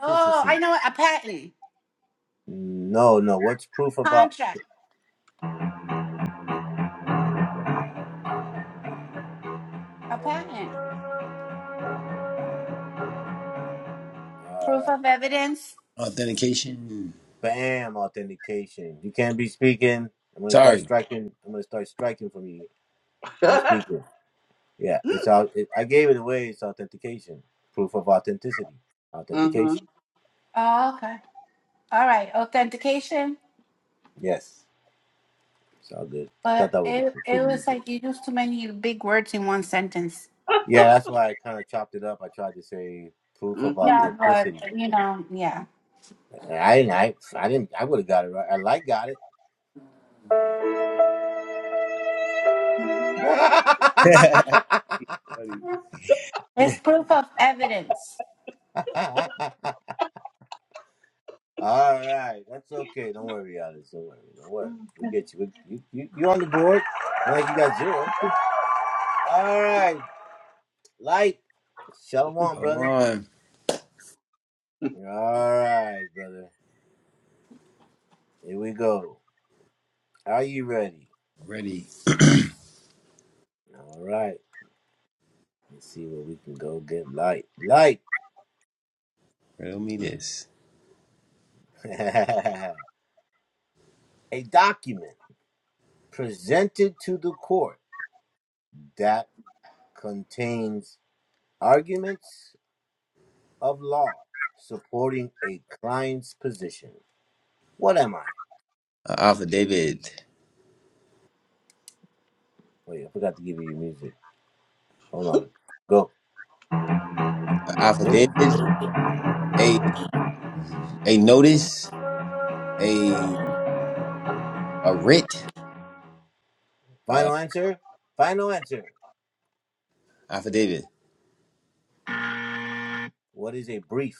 Speaker 5: Oh, I know what- a patent
Speaker 2: No, no. What's proof about?
Speaker 5: contract. A patent.
Speaker 2: All
Speaker 5: Proof
Speaker 2: right.
Speaker 5: of evidence?
Speaker 1: Authentication.
Speaker 2: Bam, authentication. You can't be speaking. I'm gonna start
Speaker 1: Sorry.
Speaker 2: striking. I'm gonna start striking from you. No speaking. Yeah, it's out. It, I gave it away. It's authentication. Proof of authenticity.
Speaker 4: hmm
Speaker 2: Authentication.
Speaker 5: Oh, okay. All right. Authentication.
Speaker 2: Yes, it's all good. I thought
Speaker 5: But
Speaker 2: that was
Speaker 5: it
Speaker 2: pre-
Speaker 5: it
Speaker 2: pretty
Speaker 5: was
Speaker 2: easy.
Speaker 5: like you use too many big words in one sentence.
Speaker 2: Yeah, that's why I kind of chopped it up. I tried to say proof of
Speaker 5: Yeah, but
Speaker 2: authenticity.
Speaker 5: you know, yeah.
Speaker 2: And I didn't. I, I didn't. I would have got it right. I like got
Speaker 1: Buddy.
Speaker 5: It's proof of evidence.
Speaker 2: it. All right, that's okay. Don't worry, Alex. Don't worry. Don't worry.
Speaker 4: hmm
Speaker 2: We get you. We, you, you you're on the board. Not Like you got zero. All right, light. Shalom,
Speaker 1: Come
Speaker 2: brother.
Speaker 1: on.
Speaker 2: All right, brother. Here we go. Are you ready?
Speaker 1: Ready.
Speaker 2: All right. Let's see where we can go get light. Light.
Speaker 1: Riddle me this.
Speaker 2: A document presented to the court that contains arguments of law supporting a client's position. What am I?
Speaker 1: Uh, Affidavit. David.
Speaker 2: Wait, I forgot to give you your music. Hold on. Go.
Speaker 1: Uh, A a notice. A a writ. Uh,
Speaker 2: Final answer. Final answer.
Speaker 1: Alpha
Speaker 2: What is a brief?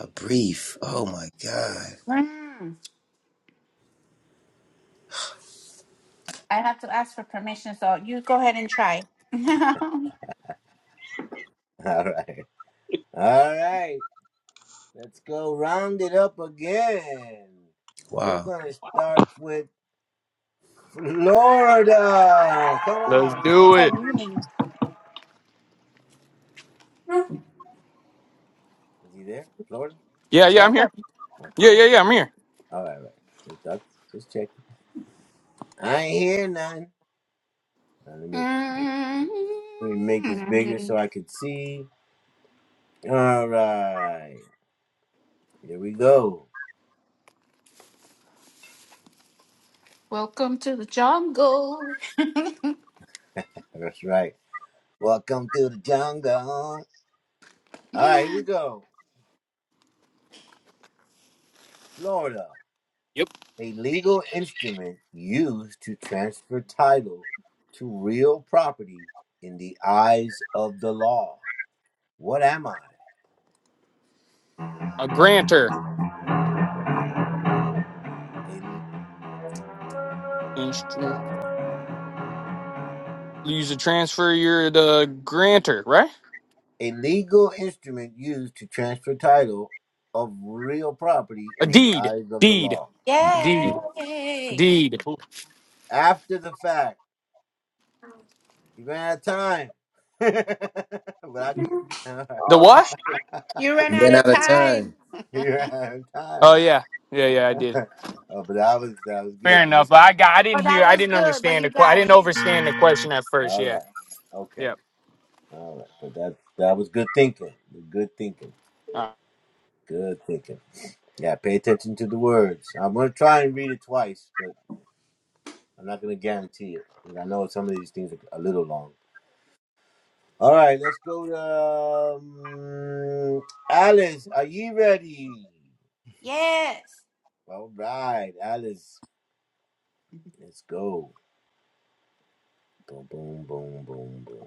Speaker 1: A brief. Oh my God.
Speaker 5: Mm. I have to ask for permission, so you go ahead and try.
Speaker 2: All right. All right. Let's go round it up again. We're
Speaker 1: Wow.
Speaker 2: going to start with Florida. Come
Speaker 3: Let's
Speaker 2: on
Speaker 3: do
Speaker 2: up,
Speaker 5: so
Speaker 3: it.
Speaker 2: buddy.
Speaker 5: meaning.
Speaker 2: Is he there? Florida?
Speaker 3: Yeah, yeah, I'm
Speaker 2: Hello?
Speaker 3: here.
Speaker 2: Okay.
Speaker 3: Yeah, yeah,
Speaker 2: okay.
Speaker 3: yeah, I'm here.
Speaker 2: All right. Right. Just, duck- just check. I ain't hear none. Now, let me
Speaker 5: Mm.
Speaker 2: let me make this bigger so I can see. All right. Here we go.
Speaker 5: Welcome to the jungle.
Speaker 2: That's right. Welcome to the jungle. All right, here we go. Florida,
Speaker 3: Yep.
Speaker 2: a legal instrument used to transfer title to real property in the eyes of the law. What am I?
Speaker 3: A grantor.
Speaker 2: A,
Speaker 3: Inst- Use a transfer. You're the grantor, right?
Speaker 2: a legal instrument used to transfer title of real property
Speaker 3: A
Speaker 2: in the
Speaker 3: deed.
Speaker 2: eyes of the
Speaker 3: Deed.
Speaker 2: law.
Speaker 1: You
Speaker 3: Deed.
Speaker 5: Yay!
Speaker 3: Deed.
Speaker 2: After the fact, you ran out of time. but I get.
Speaker 3: The what?
Speaker 5: You ran
Speaker 1: Ran
Speaker 5: out of
Speaker 1: out of
Speaker 5: time.
Speaker 1: time.
Speaker 2: You're out of
Speaker 3: Oh
Speaker 2: time.
Speaker 3: yeah. Yeah, yeah, I did.
Speaker 2: oh, but that was that was good.
Speaker 3: Fair enough.
Speaker 2: You-
Speaker 3: I got. I
Speaker 5: Oh,
Speaker 3: didn't hear.
Speaker 5: that
Speaker 3: I
Speaker 5: was
Speaker 3: didn't
Speaker 5: good, but
Speaker 3: understand the.
Speaker 5: you
Speaker 3: que- I
Speaker 5: got
Speaker 3: didn't
Speaker 5: it.
Speaker 3: understand the question at first.
Speaker 2: All
Speaker 3: Yeah.
Speaker 2: right. Okay.
Speaker 3: Yep.
Speaker 2: All right. But that that was good thinking. Good thinking.
Speaker 3: All right.
Speaker 2: Good thinking. Yeah. Pay attention to the words. I'm gonna try and read it twice, but I'm not gonna guarantee it because I know some of these things are a little long. All right. Let's go to um, Alice. Are you ready?
Speaker 5: Yes.
Speaker 2: All right, Alice. Let's go. Boom, boom, boom, boom, boom.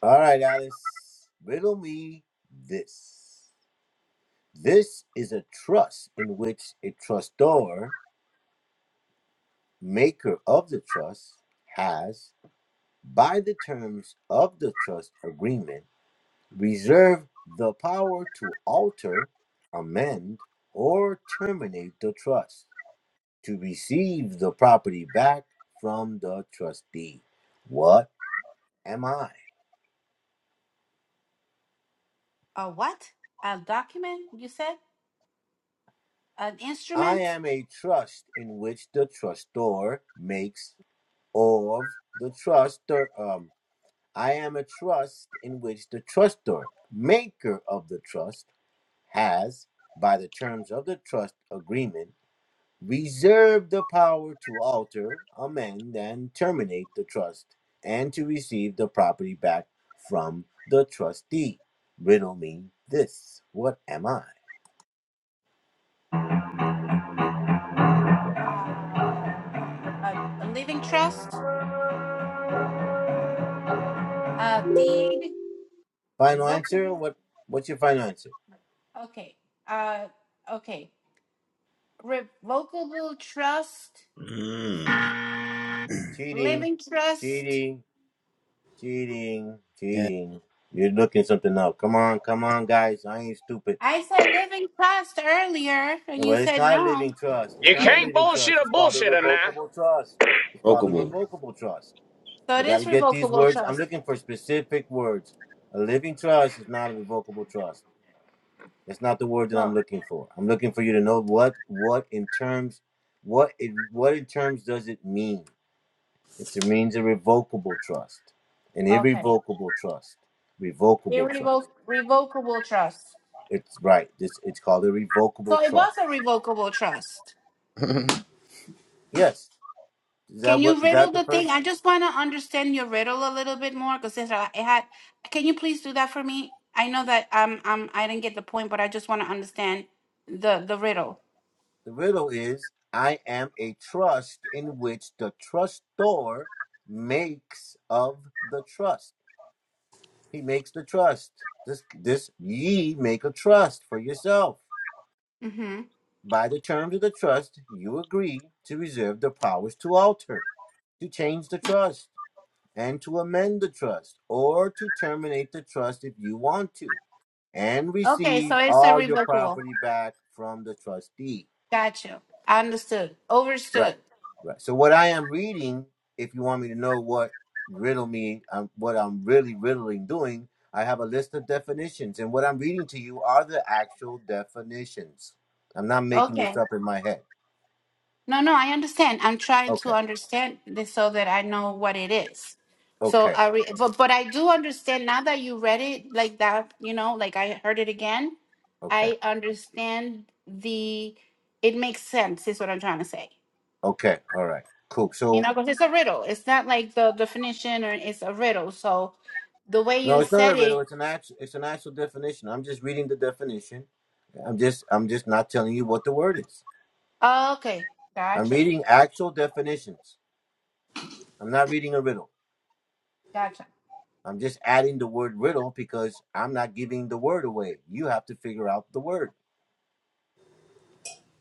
Speaker 2: All right, Alice, riddle me this. This is a trust in which a trustor, maker of the trust, has, by the terms of the trust agreement, reserved the power to alter, amend, or terminate the trust to receive the property back from the trustee. What am I?
Speaker 5: A what? A document, you said? An
Speaker 2: I
Speaker 5: instrument?
Speaker 2: am a trust in which the trustor makes of the trustor. Um, I am a trust in which the trustor, maker of the trust, has, by the terms of the trust agreement, reserved the power to alter, amend, and terminate the trust, and to receive the property back from the trustee. Riddle me this. What am I?
Speaker 5: Uh, a, a living trust? A deed?
Speaker 2: Final answer.
Speaker 5: Revocable?
Speaker 2: What? What's your final answer?
Speaker 5: Okay. Uh, okay. revocable trust,
Speaker 1: Mm.
Speaker 2: Cheating,
Speaker 5: living trust.
Speaker 2: cheating, cheating,
Speaker 1: Yeah.
Speaker 2: cheating. You're looking something up. Come on, come on, guys. I ain't stupid.
Speaker 5: I said living trust earlier, and you
Speaker 2: Well, it's
Speaker 5: said
Speaker 2: not a
Speaker 5: no.
Speaker 2: living trust. It's
Speaker 3: You
Speaker 2: not a
Speaker 3: can't
Speaker 2: living
Speaker 3: bullshit
Speaker 2: trust.
Speaker 3: a
Speaker 2: It's called a
Speaker 3: bullshitter now.
Speaker 2: revocable trust. It's called a
Speaker 1: Rokable.
Speaker 2: revocable trust.
Speaker 5: So
Speaker 2: You
Speaker 5: it
Speaker 2: got to
Speaker 5: is
Speaker 2: get these
Speaker 5: revocable
Speaker 2: words. I'm
Speaker 5: trust.
Speaker 2: looking for specific words. A living trust is not a revocable trust. That's not the word that I'm
Speaker 5: No,
Speaker 2: looking for. I'm looking for you to know what what in terms what it what in terms does it mean? It remains a revocable trust, an
Speaker 5: okay.
Speaker 2: irrevocable trust, revocable
Speaker 5: Irrevoc
Speaker 2: trust.
Speaker 5: revocable trust.
Speaker 2: It's right. This it's called a revocable
Speaker 5: So it
Speaker 2: trust.
Speaker 5: was a revocable trust.
Speaker 2: Yes, is
Speaker 5: Can
Speaker 2: that what
Speaker 5: you
Speaker 2: is
Speaker 5: riddle
Speaker 2: that the
Speaker 5: the thing?
Speaker 2: first?
Speaker 5: I just want to understand your riddle a little bit more because it had. Can you please do that for me? I know that um um I didn't get the point, but I just want to understand the the riddle.
Speaker 2: The riddle is: I am a trust in which the trustor makes of the trust. He makes the trust. This this ye make a trust for yourself.
Speaker 5: Mm-hmm.
Speaker 2: By the terms of the trust, you agree to reserve the powers to alter, to change the trust and to amend the trust or to terminate the trust if you want to and
Speaker 5: Okay, so
Speaker 2: receive
Speaker 5: it's a
Speaker 2: all your
Speaker 5: revocable.
Speaker 2: property back from the trustee.
Speaker 5: Got you. Understood. Overstood.
Speaker 2: Right. Right. So what I am reading, if you want me to know what riddle me, um, what I'm really riddling doing, I have a list of definitions, and what I'm reading to you are the actual definitions. I'm not making this
Speaker 5: Okay.
Speaker 2: up in my head.
Speaker 5: No, no, I understand. I'm trying to
Speaker 2: Okay.
Speaker 5: understand this so that I know what it is. So
Speaker 2: Okay.
Speaker 5: I re- but, but I do understand now that you read it like that, you know, like I heard it again.
Speaker 2: Okay.
Speaker 5: I understand the it makes sense is what I'm trying to say.
Speaker 2: Okay. All right. Cool.
Speaker 5: You
Speaker 2: So
Speaker 5: know, because it's a riddle. It's not like the definition or it's a riddle. So the way
Speaker 2: No,
Speaker 5: you
Speaker 2: it's not a
Speaker 5: said
Speaker 2: riddle.
Speaker 5: it,
Speaker 2: It's an actual. It's an actual definition. I'm just reading the definition. I'm just. I'm just not telling you what the word is.
Speaker 5: oh, okay.
Speaker 2: I'm
Speaker 5: Gotcha.
Speaker 2: reading actual definitions. I'm not reading a riddle.
Speaker 5: Gotcha.
Speaker 2: I'm just adding the word riddle because I'm not giving the word away. You have to figure out the word.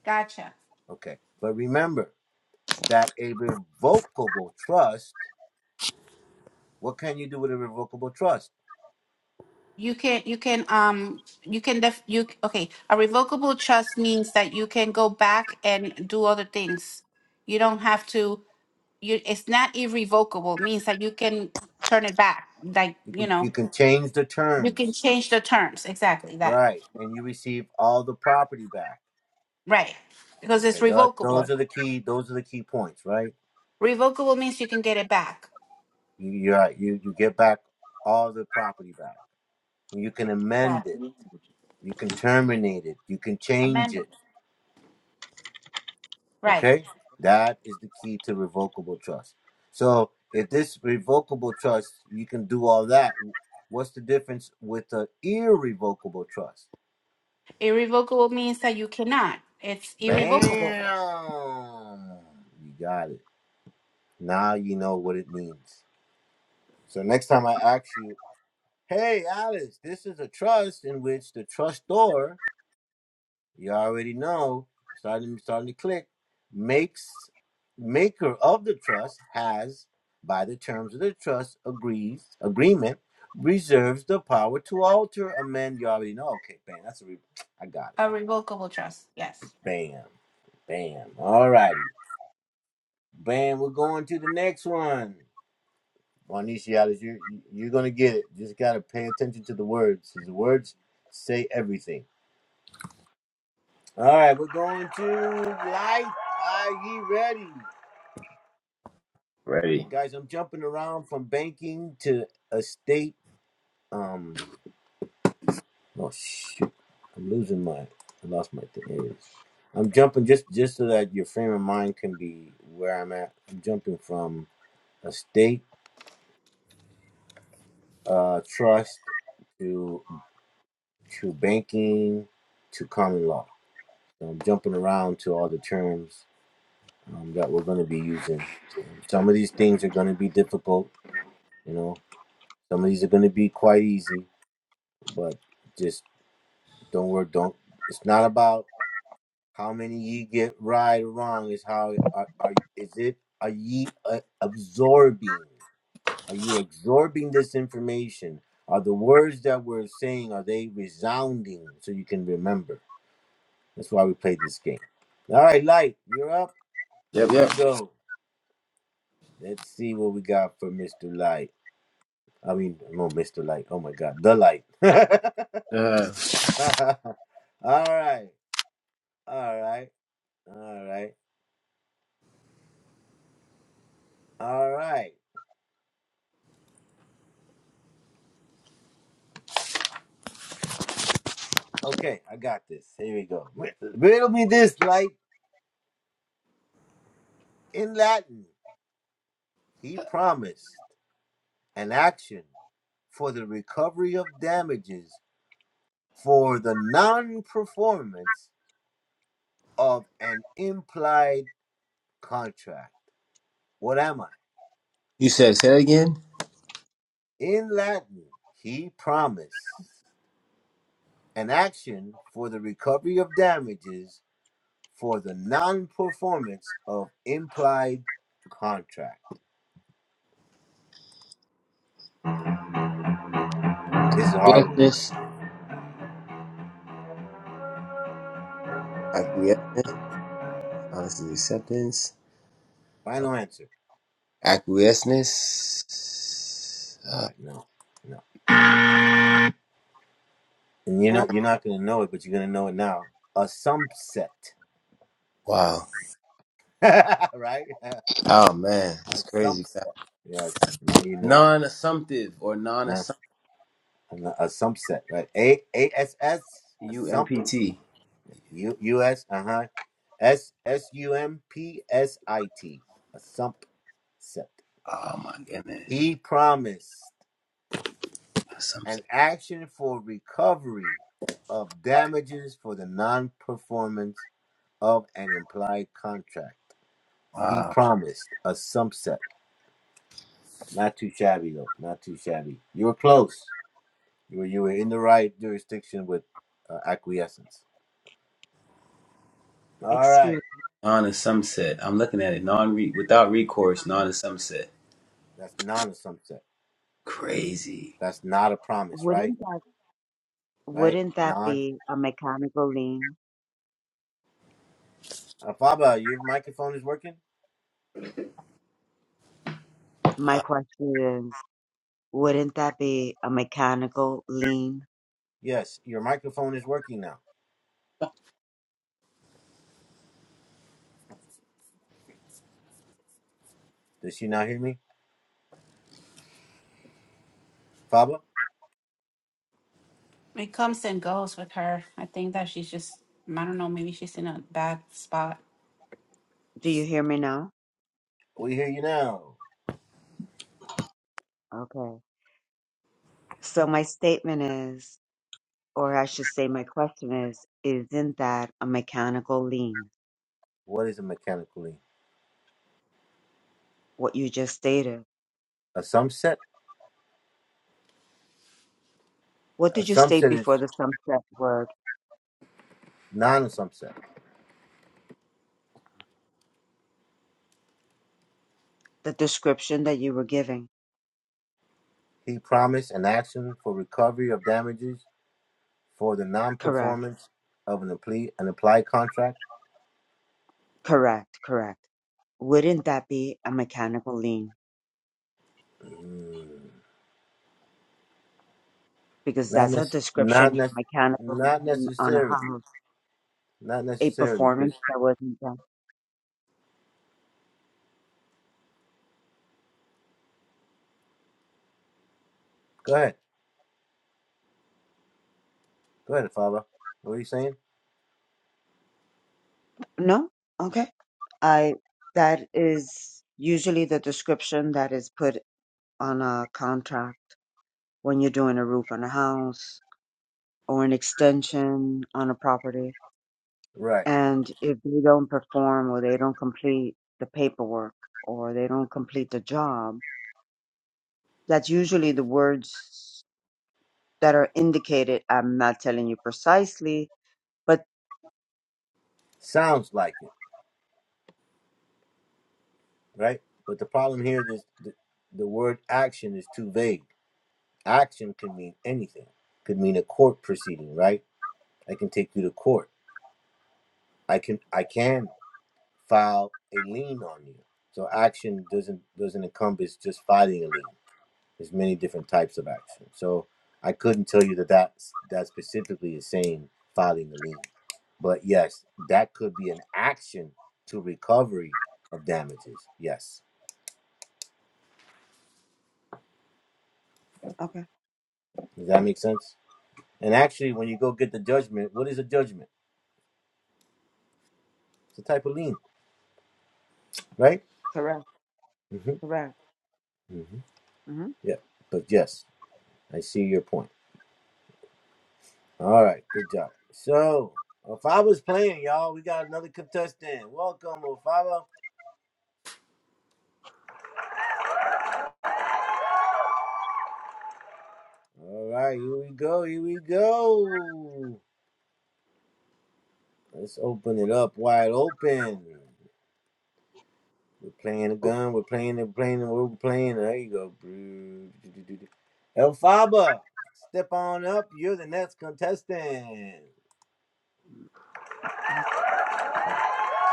Speaker 5: Gotcha.
Speaker 2: Okay. But remember that a revocable trust. What can you do with a revocable trust?
Speaker 5: You can you can um you can def you okay. A revocable trust means that you can go back and do other things. You don't have to you it's not irrevocable, It means that you can turn it back. Like,
Speaker 2: You
Speaker 5: you
Speaker 2: can.
Speaker 5: know,
Speaker 2: You can change the
Speaker 5: you can
Speaker 2: terms.
Speaker 5: change the terms. Exactly that.
Speaker 2: Right, and you receive all the property back.
Speaker 5: Right. Because
Speaker 2: Okay,
Speaker 5: it's
Speaker 2: tho-
Speaker 5: revocable.
Speaker 2: those are the key. Those are the key points, right?
Speaker 5: Revocable means you can get it back.
Speaker 2: You you are- you you get back all the property back. You can
Speaker 5: Got
Speaker 2: amend it.
Speaker 5: it.
Speaker 2: You can terminate it. You can change
Speaker 5: Amendable.
Speaker 2: it.
Speaker 5: Right.
Speaker 2: Okay, that is the key to revocable trust. So if this revocable trust, you can do all that. What's the difference with the irrevocable trust?
Speaker 5: Irrevocable means that you cannot. It's irrevocable.
Speaker 2: Bam! You got it. Now you know what it means. So next time I ask you, hey Alice, this is a trust in which the trustor You already know, starting starting to click, makes maker of the trust has, by the terms of the trust agrees agreement, reserves the power to alter, amend. You already know. Okay, bam. That's a re- I got
Speaker 5: A
Speaker 2: it.
Speaker 5: revocable trust. Yes.
Speaker 2: Bam, bam. All righty, bam. We're going to the next one. Juanicia, Alice, you you're gonna get it. Just gotta pay attention to the words. 'cause The words say everything. All right, we're going to light. Are you ready?
Speaker 1: Ready.
Speaker 2: guys, I'm jumping around from banking to estate. Um, oh shoot, I'm losing my, I lost my thing. Here it is. I'm jumping just just so that your frame of mind can be where I'm at. I'm jumping from estate, uh, trust to to banking to common law. So I'm jumping around to all the terms um, that we're going to be using. Um, some of these things are going to be difficult, you know. Some of these are going to be quite easy, but just Don't worry. Don't. It's not about how many ye get right or wrong. It's how are, are is it? Are ye uh, absorbing? Are you absorbing this information? Are the words that we're saying are they resounding so you can remember? That's why we play this game. All right, Light, you're up.
Speaker 1: Yep,
Speaker 2: Here we
Speaker 1: yep.
Speaker 2: go. Let's see what we got for Mr. Light. I mean, no, Mr. Light. Oh my God, the Light. all
Speaker 1: Uh,
Speaker 2: right, all right, all right, all right. Okay, I got this. Here we go. Riddle me this, like in Latin, he promised an action for the recovery of damages for the non performance of an implied contract. What am I?
Speaker 1: you said, say that again?
Speaker 2: In Latin, he promised an action for the recovery of damages for the non performance of implied contract. This is a hard one.
Speaker 1: Acquiescence. Acquiescence. Honest acceptance.
Speaker 2: Final answer.
Speaker 1: Acquiescence.
Speaker 2: All
Speaker 1: Uh,
Speaker 2: right, no, no, and you're not you're not gonna know it, but you're gonna know it now. A subset,
Speaker 1: wow.
Speaker 2: right? A
Speaker 1: Oh, man. It's crazy.
Speaker 2: subset. Yes, now you know.
Speaker 1: Non assumptive or non
Speaker 2: Uh,
Speaker 1: assumptive
Speaker 2: A subset, right? A A S S a sump
Speaker 1: UMPT.
Speaker 2: U U S uh huh S S U M P S I T a sump set.
Speaker 1: Oh, my goodness.
Speaker 6: Mm.
Speaker 2: He promised an
Speaker 1: Assumptive.
Speaker 2: action for recovery of damages for the non-performance of an implied contract. He
Speaker 1: Wow.
Speaker 2: promised a subset. Not too shabby though. Not too shabby. You were close. You were you were in the right jurisdiction with uh, acquiescence. All right.
Speaker 6: Excuse,
Speaker 1: Non assumptive. I'm looking at it. Non without recourse, non assumptive.
Speaker 2: That's not a subset.
Speaker 1: Crazy.
Speaker 2: That's not a promise, right?
Speaker 6: wouldn't that
Speaker 2: Right?
Speaker 6: wouldn't that
Speaker 2: Non.
Speaker 6: be a mechanical lean?
Speaker 2: Uh, Faba, your microphone is working.
Speaker 6: My question is, wouldn't that be a mechanical lean?
Speaker 2: Yes, your microphone is working now. Does she not hear me, Faba?
Speaker 5: It comes and goes with her. I think that she's just, I don't know, maybe she's in a bad spot.
Speaker 6: Do you hear me now?
Speaker 2: We hear you now.
Speaker 6: Okay. So my statement is, or I should say my question is, isn't that a mechanical lean?
Speaker 2: What is a mechanical mechanically
Speaker 6: What you just stated.
Speaker 2: a subset?
Speaker 6: What
Speaker 2: A
Speaker 6: did you state
Speaker 2: subset is
Speaker 6: before the sunset word?
Speaker 2: non a subset.
Speaker 6: The description that you were giving.
Speaker 2: He promised an action for recovery of damages for the
Speaker 6: Correct.
Speaker 2: non-performance of an apply an applied contract?
Speaker 6: Correct, correct. Wouldn't that be a mechanical lean? Because
Speaker 2: Not
Speaker 6: that's a
Speaker 2: nec- not
Speaker 6: description of a
Speaker 2: nec-
Speaker 6: mechanical
Speaker 2: not
Speaker 6: lean on
Speaker 2: necessarily.
Speaker 6: how
Speaker 2: Not
Speaker 6: a
Speaker 2: necessarily, because
Speaker 6: performance that wasn't done.
Speaker 2: go ahead, go ahead, Father. What are you saying?
Speaker 6: No? Okay. I that is usually the description that is put on a contract when you're doing a roof on a house or an extension on a property.
Speaker 2: Right.
Speaker 6: And if they don't perform or they don't complete the paperwork or they don't complete the job, that's usually the words that are indicated. I'm not telling you precisely, but
Speaker 2: Sounds like it, right? But the problem here is the, the word action is too vague. Action can mean anything. Could mean a court proceeding, right? I can take you to court. I can I can file a lien on you. So action doesn't doesn't encompass just filing a lien. There's many different types of action. So I couldn't tell you that that's, that specifically is saying filing the lien. But yes, that could be an action to recovery of damages. Yes.
Speaker 6: okay,
Speaker 2: Does that make sense? And actually, when you go get the judgment, what is a judgment? It's a type of lien, right?
Speaker 6: correct,
Speaker 2: mm hmm
Speaker 6: correct.
Speaker 2: mm hmm
Speaker 6: hmm
Speaker 2: Yeah. But yes, I see your point. All right. Good job. So, Ofaba was playing, y'all. We got another contestant. Welcome, Ofaba. All right, here we go. Here we go. Let's open it up wide open. We're playing the gun. We're playing it. We're playing it. We're playing it. There you go. bro. El Faba, step on up. You're the next contestant.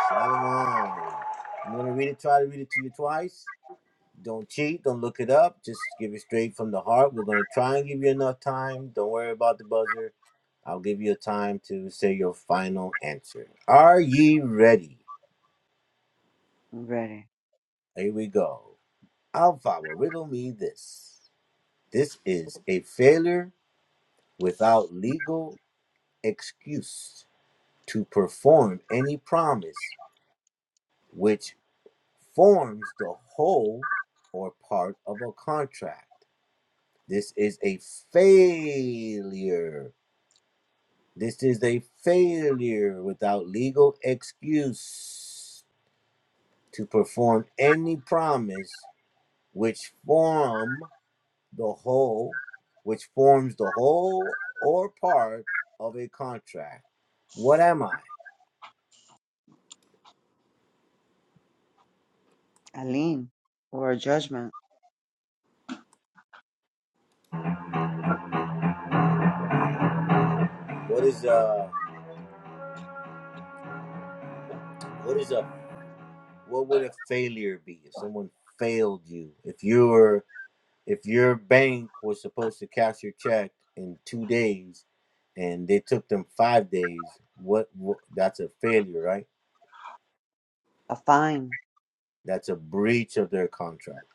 Speaker 2: Shalom. I'm gonna read it. Try to read it to you twice. Don't cheat. Don't look it up. Just give it straight from the heart. We're going to try and give you enough time. Don't worry about the buzzer. I'll give you time to say your final answer. Are ye ready?
Speaker 6: Ready.
Speaker 2: Here we go. Alpha will riddle me this. This is a failure without legal excuse to perform any promise which forms the whole or part of a contract. This is a failure This is a failure without legal excuse to perform any promise which form the whole, which forms the whole or part of a contract. What am I?
Speaker 6: A lien or a judgment,
Speaker 2: What is a what is a what would a failure be if someone failed you? If you were if your bank was supposed to cash your check in two days and they took them five days what, what that's a failure right
Speaker 6: a fine,
Speaker 2: that's a breach of their contract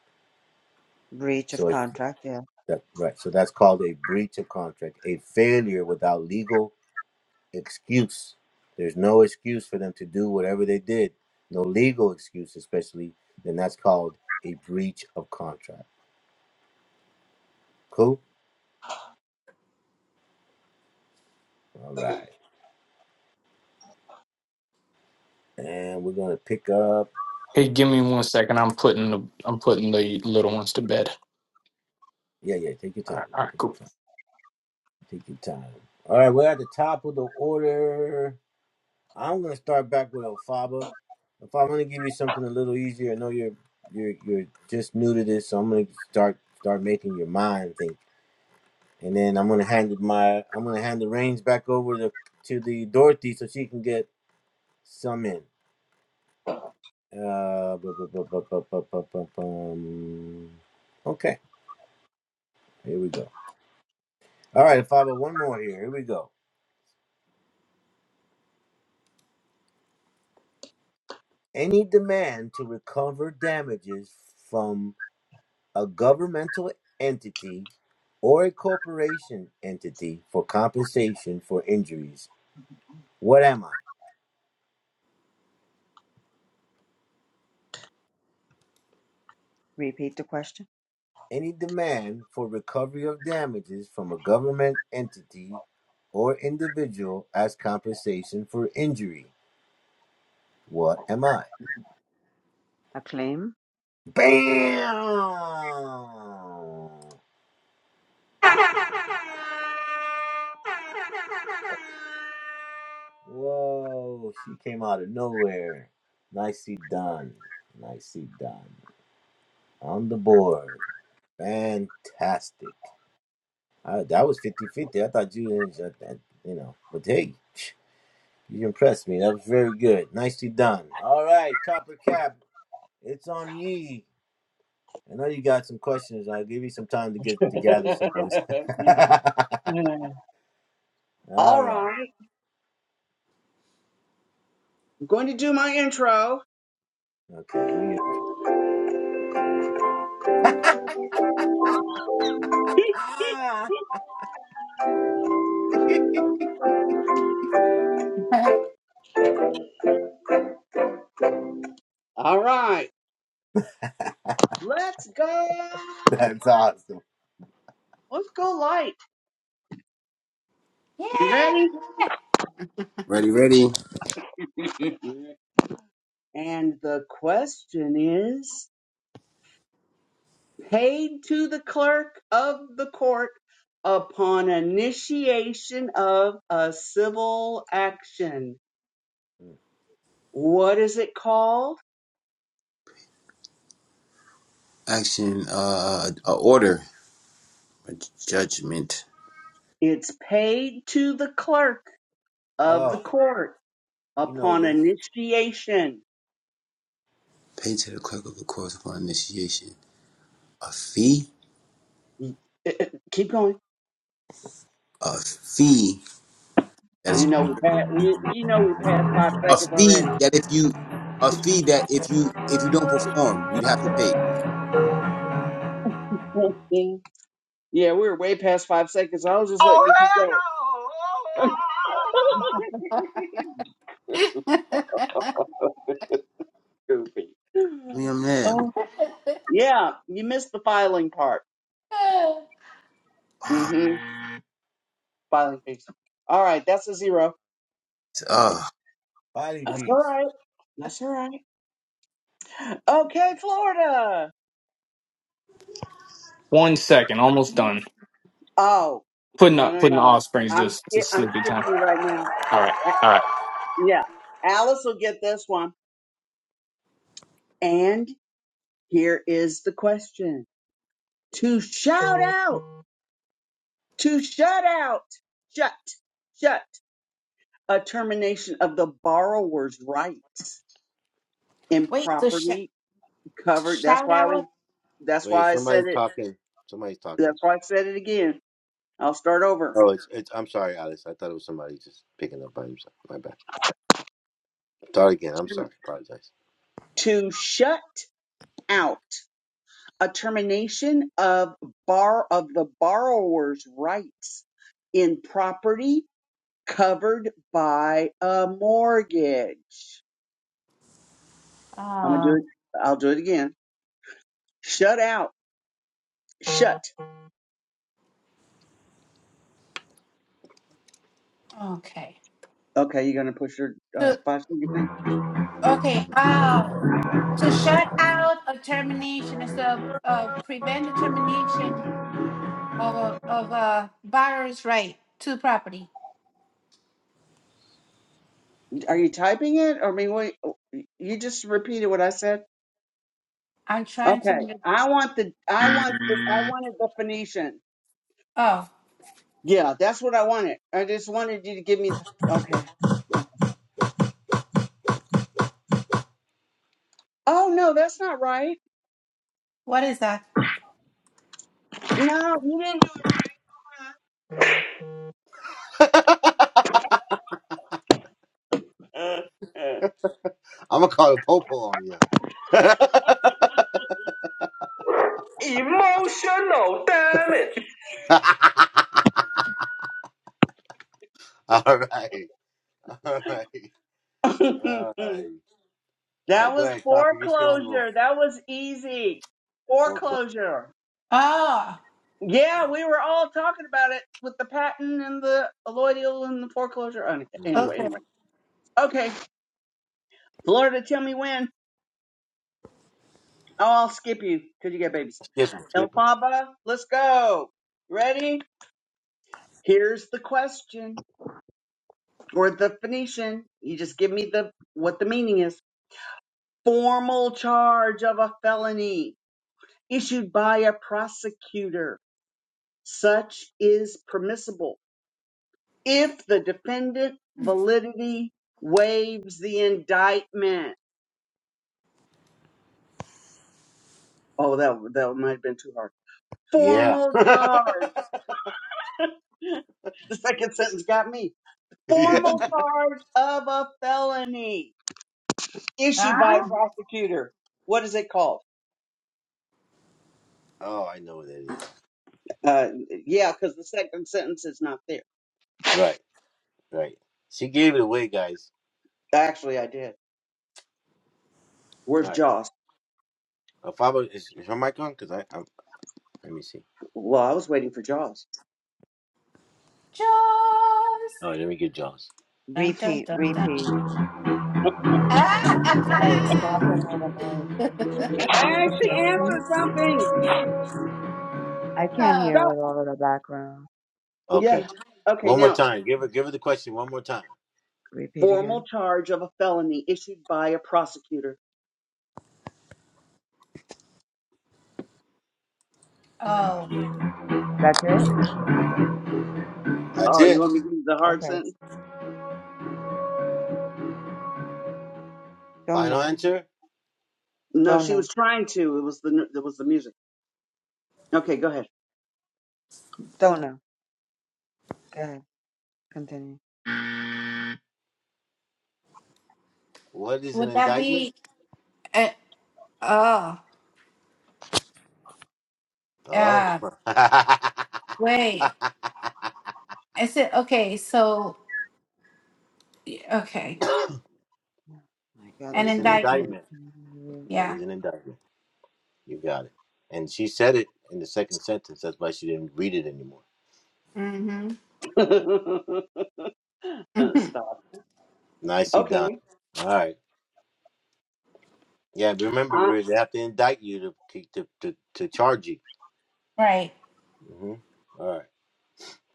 Speaker 6: breach of
Speaker 2: so it,
Speaker 6: contract. Yeah.
Speaker 2: that right so that's called a breach of contract a failure without legal excuse there's no excuse for them to do whatever they did no legal excuse especially then that's called a breach of contract cool all right and we're gonna pick up
Speaker 3: Hey, give me one second. I'm putting the I'm putting the little ones to bed.
Speaker 2: yeah yeah take your
Speaker 3: All
Speaker 2: time
Speaker 3: right, all right
Speaker 2: take your
Speaker 3: cool.
Speaker 2: time Take your time. All right, we're at the top of the order. I'm gonna start back with Ofaba. If I'm gonna give you something a little easier, I know you're you're you're just new to this, so I'm gonna start start making your mind think, and then I'm gonna hand it my I'm gonna hand the reins back over to to the Dorothy so she can get some in. Uh, bu- bu- bu- bu- bu- bu- bu- bu- bum. okay, here we go. All right, Ofaba, one more here. Here we go any demand to recover damages from a governmental entity or a corporation entity for compensation for injuries. What am I?
Speaker 6: Repeat the question.
Speaker 2: Any demand for recovery of damages from a government entity or individual as compensation for injury. What am I?
Speaker 6: A claim.
Speaker 2: Bam! Whoa, she came out of nowhere. Nicely done. Nicely done. On the board. Fantastic. I, that was fifty-fifty. I thought you didn't, that, that- you know, but hey, you impressed me. That was very good. Nicely done. All right, Copper Cap, it's on ye. I know you got some questions. I'll give you some time to get to gather some ones.
Speaker 4: All
Speaker 2: All right.
Speaker 4: right. I'm going to do my intro.
Speaker 2: Okay, do you?
Speaker 5: yeah.
Speaker 4: All right. Let's go. Let's go light. You ready?
Speaker 1: Ready, ready.
Speaker 4: and the question is paid to the clerk of the court upon initiation of a civil action. What is it called?
Speaker 1: Action, uh, a order, a judgment.
Speaker 4: It's paid to the clerk of the
Speaker 2: Oh,
Speaker 4: court
Speaker 2: you know
Speaker 4: upon
Speaker 2: this.
Speaker 4: initiation.
Speaker 1: Paid to the clerk of the course upon initiation. A fee?
Speaker 4: Keep going.
Speaker 1: A fee that is
Speaker 4: You know we passed. We you know we passed five
Speaker 1: a
Speaker 4: seconds
Speaker 1: fee
Speaker 4: already.
Speaker 1: that if you a fee that if you if you don't perform, you'd have to pay.
Speaker 4: yeah, we were way past five seconds. I was just letting you keep going.
Speaker 1: I mean,
Speaker 4: Goofy.
Speaker 1: I'm mad.
Speaker 4: Oh yeah, you missed the filing part.
Speaker 1: Uh,
Speaker 4: Mm-hmm. Filing piece. All right, that's a zero.
Speaker 1: uh,
Speaker 2: Fighting
Speaker 4: That's all
Speaker 2: fees.
Speaker 4: right. That's all right. Okay, Florida.
Speaker 3: One second, almost done.
Speaker 4: Oh
Speaker 3: Putting
Speaker 4: no
Speaker 3: up
Speaker 4: no
Speaker 3: putting the
Speaker 4: no.
Speaker 3: offsprings
Speaker 4: I'm
Speaker 3: just to
Speaker 4: skip. I'm
Speaker 3: sleepy
Speaker 4: skipping
Speaker 3: time.
Speaker 4: you right now.
Speaker 3: All right,
Speaker 4: A-
Speaker 3: all right.
Speaker 4: yeah, Alice will get this one. And here is the question to shout out. to shut out, shut, shut a termination of the borrower's rights in
Speaker 5: Wait, to, sh-
Speaker 4: property
Speaker 5: to
Speaker 4: covered. That's
Speaker 5: shout
Speaker 4: why I was,
Speaker 5: out?
Speaker 4: that's
Speaker 2: Wait,
Speaker 4: why I
Speaker 2: somebody's
Speaker 4: said it.
Speaker 2: talking. Somebody's talking.
Speaker 4: That's why I said it again. I'll start over.
Speaker 2: Oh, it's, it's. I'm sorry, Alex. I thought it was somebody just picking up by himself. My bad. Start again. I'm sorry.
Speaker 4: To,
Speaker 2: Apologize.
Speaker 4: to shut out a termination of bar of the borrower's rights in property covered by a mortgage. I'm gonna do
Speaker 5: Um,
Speaker 4: it. I'll do it again. Shut out, shut
Speaker 5: okay.
Speaker 4: Okay, you're gonna push your uh,
Speaker 5: To,
Speaker 4: five second thing.
Speaker 5: okay. Uh, to shut out a termination is to uh, prevent the termination of a, of a buyer's right to property.
Speaker 4: Are you typing it? I mean, wait, you just repeated what I said.
Speaker 5: I'm trying to.
Speaker 4: Okay,
Speaker 5: under-
Speaker 4: I want the, I want, the, I wanted the Phoenician.
Speaker 5: Oh,
Speaker 4: Yeah, that's what I wanted. I just wanted you to give me the. Okay. okay. Oh no, that's not right.
Speaker 5: what is that?
Speaker 4: No, you didn't do it right. Uh, uh.
Speaker 2: I'm gonna call a popo on you.
Speaker 4: Emotional damage.
Speaker 2: All right. All right. All right. All
Speaker 4: that
Speaker 2: right. Go
Speaker 4: was
Speaker 2: ahead, Copper. You're still on roll.
Speaker 4: foreclosure. That was easy.
Speaker 2: Full club.
Speaker 4: Foreclosure.
Speaker 5: Oh,
Speaker 4: Yeah, we were all talking about it with the patent and the alloidial and the foreclosure. Oh, okay.
Speaker 2: Yeah. Mm-hmm.
Speaker 4: Anyway,
Speaker 5: okay.
Speaker 4: anyway. Okay, Florida, tell me when. Oh, I'll skip you because you got babies.
Speaker 2: Skip him. Skip him.
Speaker 4: Elphaba, let's go. Ready? Here's the question or the Phoenician. You just give me the what the meaning is. Formal charge of a felony issued by a prosecutor. Such is permissible if the defendant validity waives the indictment. Oh, that that might have been too hard.
Speaker 2: Yeah.
Speaker 4: Formal charge. The second sentence got me.
Speaker 2: yeah.
Speaker 4: Formal charge of a felony issued by a
Speaker 5: Ah,
Speaker 4: prosecutor. What is it called?
Speaker 2: Oh, I know what that is.
Speaker 4: Uh, yeah, because the second sentence is not there.
Speaker 2: Right. Right. She gave it away, guys.
Speaker 4: Actually, I did.
Speaker 2: All
Speaker 4: Where's
Speaker 2: right.
Speaker 4: Jaws?
Speaker 2: Uh, Fabo, is, is her mic on? Cause I, I'm. Let me see.
Speaker 4: Well, I was waiting for Jaws.
Speaker 5: Jones.
Speaker 2: Oh, Let me get Jones.
Speaker 5: Dun, dun,
Speaker 6: Repeat,
Speaker 5: dun, dun.
Speaker 6: repeat. Why
Speaker 5: Ah!
Speaker 6: stop it overnight?
Speaker 4: I
Speaker 6: Repeat the
Speaker 4: actually
Speaker 6: question.
Speaker 4: answered something.
Speaker 6: I can't
Speaker 5: oh,
Speaker 6: hear
Speaker 4: Stop.
Speaker 6: with all of the background.
Speaker 2: Okay.
Speaker 4: Yeah. Okay.
Speaker 2: One more
Speaker 4: Now
Speaker 2: time. Give her. Give her the question one more time.
Speaker 6: Repeat
Speaker 4: Formal
Speaker 6: again.
Speaker 4: charge of a felony issued by a prosecutor.
Speaker 5: oh,
Speaker 6: That's it?
Speaker 2: That's
Speaker 4: Oh, you
Speaker 2: it.
Speaker 4: want me to give you the hard
Speaker 6: Okay.
Speaker 4: sentence?
Speaker 6: Don't
Speaker 2: Final
Speaker 6: know.
Speaker 2: answer.
Speaker 4: No,
Speaker 6: Don't
Speaker 4: she
Speaker 6: know.
Speaker 4: was trying to. It was the it was the music. Okay, go ahead.
Speaker 6: Don't know. Go ahead. Continue.
Speaker 2: What is an
Speaker 5: would that
Speaker 2: indictment?
Speaker 5: be? Uh, oh,
Speaker 2: Oh.
Speaker 5: uh, wait. Is it okay? So, okay,
Speaker 6: Oh my God,
Speaker 2: what
Speaker 5: an
Speaker 6: there's
Speaker 2: is
Speaker 6: so
Speaker 2: an
Speaker 6: much.
Speaker 5: indictment.
Speaker 2: indictment? What
Speaker 5: Yeah.
Speaker 2: is an indictment? You got it. And she said it in the second sentence. That's why she didn't read it anymore.
Speaker 5: Mm-hmm.
Speaker 4: Uh,
Speaker 5: hmm
Speaker 4: Stop.
Speaker 2: Nicely
Speaker 4: Okay.
Speaker 2: done. All right. Yeah, remember,
Speaker 4: I,
Speaker 2: Riz, they have to indict you to to to, to charge you.
Speaker 5: Right.
Speaker 2: hmm All right.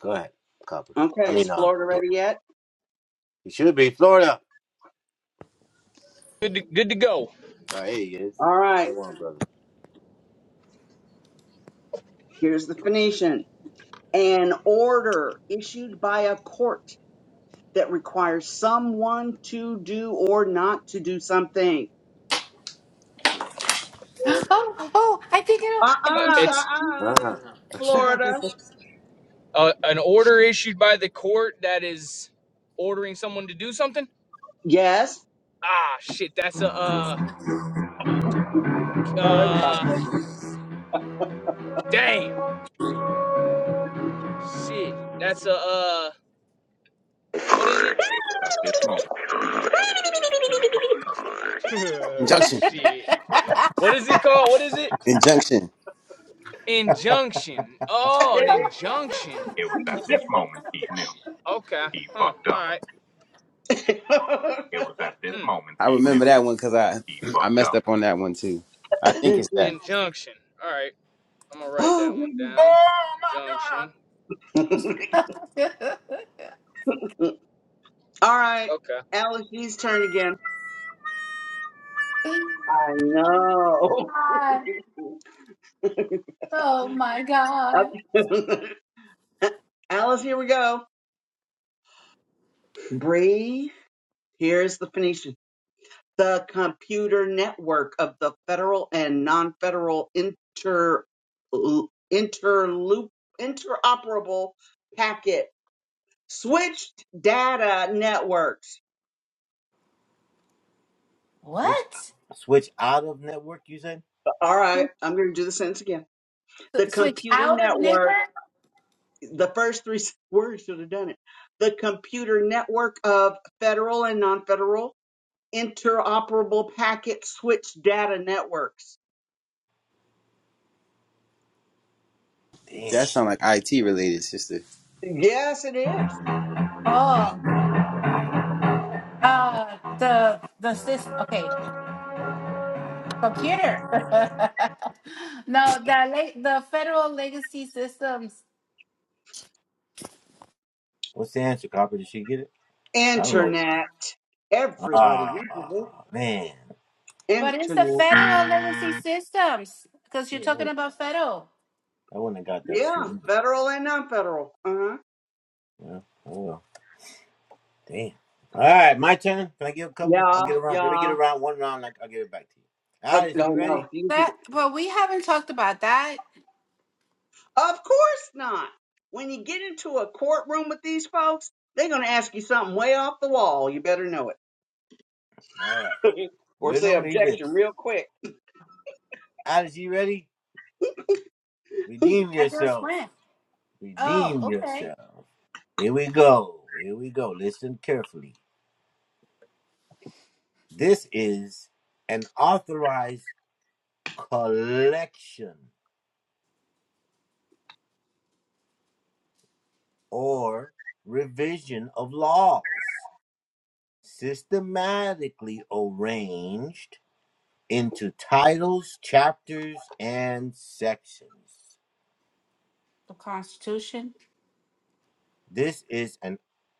Speaker 2: Go ahead, Copper. I
Speaker 4: okay. Is
Speaker 2: mean, um,
Speaker 4: Florida
Speaker 2: Dor-
Speaker 4: ready yet?
Speaker 2: you should be Florida. All right, here he is.
Speaker 4: All right.
Speaker 2: Come on, brother.
Speaker 4: Here's the Phoenician. An order issued by a court that requires someone to do or not to do something.
Speaker 5: Oh, oh, I think I know.
Speaker 4: Uh
Speaker 5: I
Speaker 4: uh
Speaker 5: just checked.
Speaker 4: uh uh.
Speaker 2: Uh-uh.
Speaker 4: Florida.
Speaker 3: Uh, an order issued by the court that is ordering someone to do something?
Speaker 4: Yes.
Speaker 3: Ah, shit, that's a, uh,
Speaker 4: Already five
Speaker 3: uh, damn. Shit, that's a, uh, what is it?
Speaker 2: It was at this moment.
Speaker 1: injunction.
Speaker 3: shit. What is it called? What is it?
Speaker 1: Injunction.
Speaker 3: Injunction. Oh, an injunction.
Speaker 2: It was at
Speaker 4: seconds.
Speaker 2: this moment he knew
Speaker 3: Okay,
Speaker 2: he
Speaker 3: huh,
Speaker 2: fucked up.
Speaker 3: all right.
Speaker 2: It was at
Speaker 3: Hmm.
Speaker 2: this moment
Speaker 1: I
Speaker 2: he knew
Speaker 1: remember that one because I
Speaker 2: he
Speaker 1: I
Speaker 2: fucked
Speaker 1: messed
Speaker 2: up.
Speaker 1: up on that one too. I think it's that.
Speaker 3: Injunction. All right, I'm gonna write
Speaker 4: oh,
Speaker 3: that one down. Junction.
Speaker 4: goodness. All right.
Speaker 3: Okay.
Speaker 4: Alice G's turn again. I know.
Speaker 5: oh, my God. Oh my God.
Speaker 4: Okay. Alice, here we go. Bree, here's the Phoenician. The computer network of the federal and non-federal inter interloop interoperable packet switched data networks.
Speaker 2: Switch
Speaker 5: What?
Speaker 2: switch out of network, you said?
Speaker 4: All right, I'm going to do the sentence again. The
Speaker 5: S- switch
Speaker 4: computer
Speaker 5: out of
Speaker 4: network
Speaker 5: network?
Speaker 4: the first three words should have done it. The computer network of federal and non-federal interoperable packet switch data networks.
Speaker 2: Damn.
Speaker 1: That sound like IT related, sister.
Speaker 4: Yes, it is.
Speaker 5: Oh, uh, the the system. Okay, a computer. no, the la- the federal legacy systems,
Speaker 2: What's the answer, Copper? Did she get it? I don't know.
Speaker 4: Internet. Everybody
Speaker 2: Ah
Speaker 4: uses it.
Speaker 2: man.
Speaker 5: but it's the
Speaker 4: Internet.
Speaker 5: federal legacy systems because you're
Speaker 2: Shit, I
Speaker 5: talking
Speaker 2: would
Speaker 5: about federal.
Speaker 2: I wouldn't have got that
Speaker 4: Yeah,
Speaker 2: shit. Yeah.
Speaker 4: federal and non-federal. Uh-huh.
Speaker 2: Oh well. Damn. All right, my turn. Can I get a couple? I'll
Speaker 4: Yeah,
Speaker 2: get around. Let me get
Speaker 4: yeah.
Speaker 2: around one round. I'll, I'll give it back to you.
Speaker 4: Oh,
Speaker 2: Alice,
Speaker 4: no,
Speaker 2: you
Speaker 4: no.
Speaker 2: ready?
Speaker 4: you can do-
Speaker 5: That, well, we haven't talked about that.
Speaker 4: Of course not. When you get into a courtroom with these folks, they're going to ask you something way off the wall. You better know it.
Speaker 2: All right.
Speaker 4: or say
Speaker 2: Riddle me this.
Speaker 4: objection real quick.
Speaker 2: Alice, you ready? Redeem
Speaker 5: I just
Speaker 2: yourself.
Speaker 5: went. Oh,
Speaker 2: Redeem
Speaker 5: okay.
Speaker 2: yourself. Here we go. Here we go. Listen carefully. This is an authorized collection or revision of laws systematically arranged into titles, chapters, and sections.
Speaker 5: The Constitution,
Speaker 2: This is an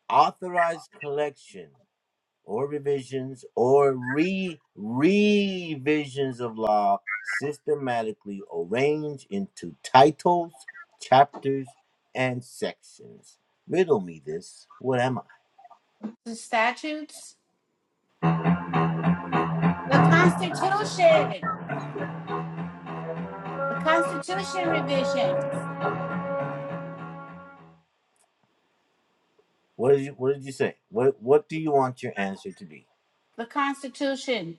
Speaker 2: authorized collection or revisions or re revisions of law systematically arranged into titles, chapters, and sections. Riddle me this. What am I?
Speaker 5: the statutes, the Constitution, the Constitution revisions,
Speaker 2: What did you what did you say? What what do you want your answer to be?
Speaker 5: the Constitution.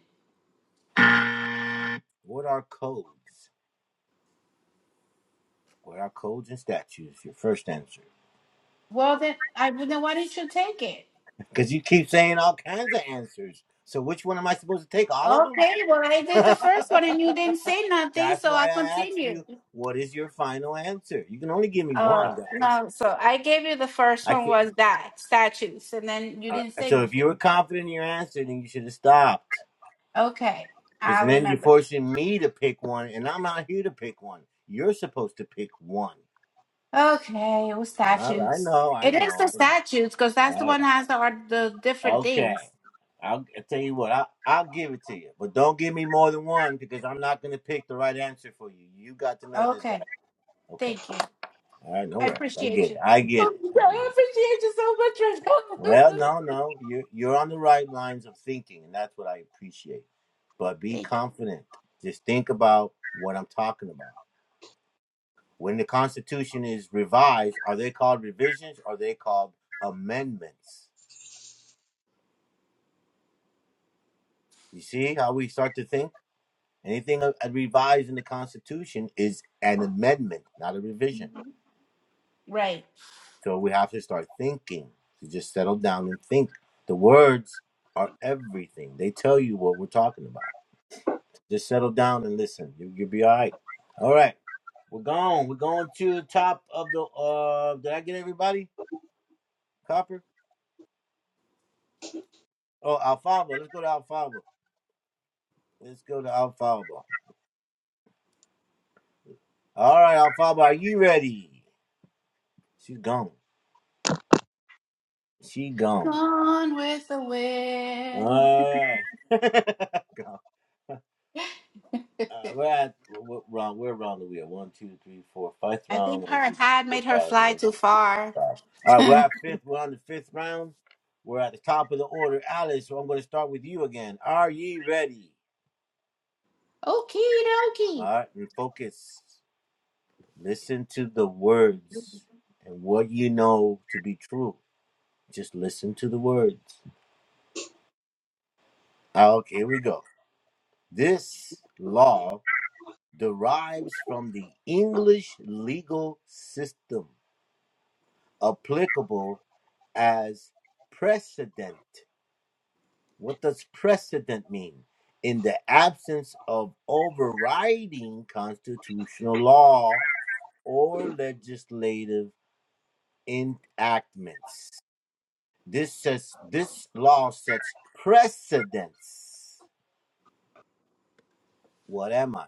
Speaker 2: What are codes? What are codes and statutes? Your first answer.
Speaker 5: Well, then, I well, then why didn't you take it?
Speaker 2: Because you keep saying all kinds of answers. So which one am I supposed to take? All of them?
Speaker 5: Okay, well, I did the
Speaker 2: That's
Speaker 5: first one and you didn't say nothing, so
Speaker 2: why
Speaker 5: I
Speaker 2: I asked
Speaker 5: continued.
Speaker 2: you, what is your final answer? You can only give me one,
Speaker 5: Uh,
Speaker 2: guys.
Speaker 5: no, so I gave you the first
Speaker 2: I
Speaker 5: one
Speaker 2: can't.
Speaker 5: was that statues, and then you
Speaker 2: Uh,
Speaker 5: didn't say
Speaker 2: so if you were
Speaker 5: anything.
Speaker 2: confident in your answer, then you should have stopped.
Speaker 5: Okay,
Speaker 2: Because
Speaker 5: I
Speaker 2: then you're
Speaker 5: remember.
Speaker 2: forcing me to pick one, and I'm not here to pick one. You're supposed to pick one.
Speaker 5: Okay, it was
Speaker 2: All right, I
Speaker 5: statues.
Speaker 2: know, I
Speaker 5: It is the
Speaker 2: know, I know.
Speaker 5: statues because that's the
Speaker 2: All
Speaker 5: one
Speaker 2: right.
Speaker 5: that has the, art- the different
Speaker 2: Okay.
Speaker 5: things.
Speaker 2: I'll, i tell you what, I'll, I'll give it to you. But don't give me more than one because I'm not going to pick the right answer for you. You got to know this guy.
Speaker 5: Okay,
Speaker 2: Okay.
Speaker 5: thank you.
Speaker 2: I
Speaker 5: I
Speaker 2: know it. I
Speaker 5: appreciate
Speaker 2: get it.
Speaker 5: you.
Speaker 2: I get it. I get
Speaker 5: I
Speaker 2: it.
Speaker 5: appreciate you so much right
Speaker 2: Well,
Speaker 5: now.
Speaker 2: no, no, you're you're on the right lines of thinking, and that's what I appreciate. But be
Speaker 5: thank
Speaker 2: confident. Just think about what I'm talking about. When the Constitution is revised, are they called revisions? Or are they called amendments? You see how we start to think. Anything uh, revised in the Constitution is an amendment, not a
Speaker 5: you.
Speaker 2: revision.
Speaker 5: Mhm. Right.
Speaker 2: So we have to start thinking. To just settle down and think. The words are everything. They tell you what we're talking about. Just settle down and listen. You, you'll be all right. All right, we're gone. We're going to the top of the. Uh, did I get everybody? Copper. Oh, Alfalfa. Let's go to Alfalfa. Let's go to Alfalfa. All right, Alfalfa, are you ready? She's gone. She gone.
Speaker 5: Gone with the wind.
Speaker 2: All right. Uh, we're at what round? Where round are we at? One, two, three, four, fifth
Speaker 5: I
Speaker 2: round.
Speaker 5: think
Speaker 2: One,
Speaker 5: her
Speaker 2: two,
Speaker 5: hat
Speaker 2: three, four,
Speaker 5: made her
Speaker 2: five,
Speaker 5: fly
Speaker 2: one, two,
Speaker 5: too far.
Speaker 2: five. All right,
Speaker 5: Okie
Speaker 2: we're at fifth. We're on the fifth round. We're at the top of the order, Alice. So I'm going to start with you again. Are ye ready?
Speaker 5: dokie.
Speaker 2: All right, and focus. Listen to the words and what you know to be true. Just listen to the words. Okay, here we go. This law derives from the English legal system applicable as precedent. What does precedent mean? In the absence of overriding constitutional law or legislative enactments. This says this law sets precedents. What am I?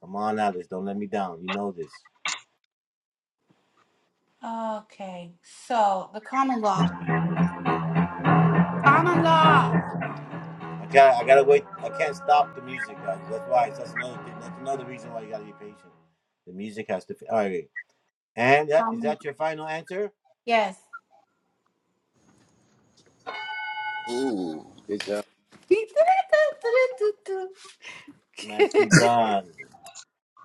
Speaker 2: Come on, Alice, don't let me down. You know this.
Speaker 5: Okay, so the common law. Common law.
Speaker 2: I gotta, I gotta wait. I can't stop the music, guys. That's why. That's another thing. That's another reason why you gotta be patient. The music has to. All right, And that is
Speaker 5: Common.
Speaker 2: that your final answer?
Speaker 5: Yes.
Speaker 1: Ooh, good job.
Speaker 2: Nicely done.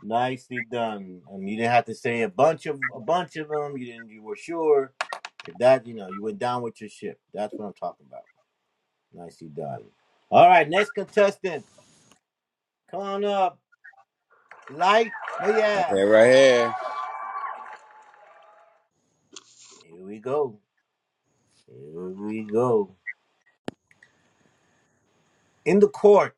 Speaker 2: Nicely done. Um, you didn't have to say a bunch of a bunch of them. You didn't. You were sure. If that, you know, you went down with your ship. That's what I'm talking about. Nicely done. All right, next contestant. Come on up. Light. Oh
Speaker 1: Right
Speaker 2: yeah.
Speaker 1: here, right here.
Speaker 2: Here we go. Here we go. In the court,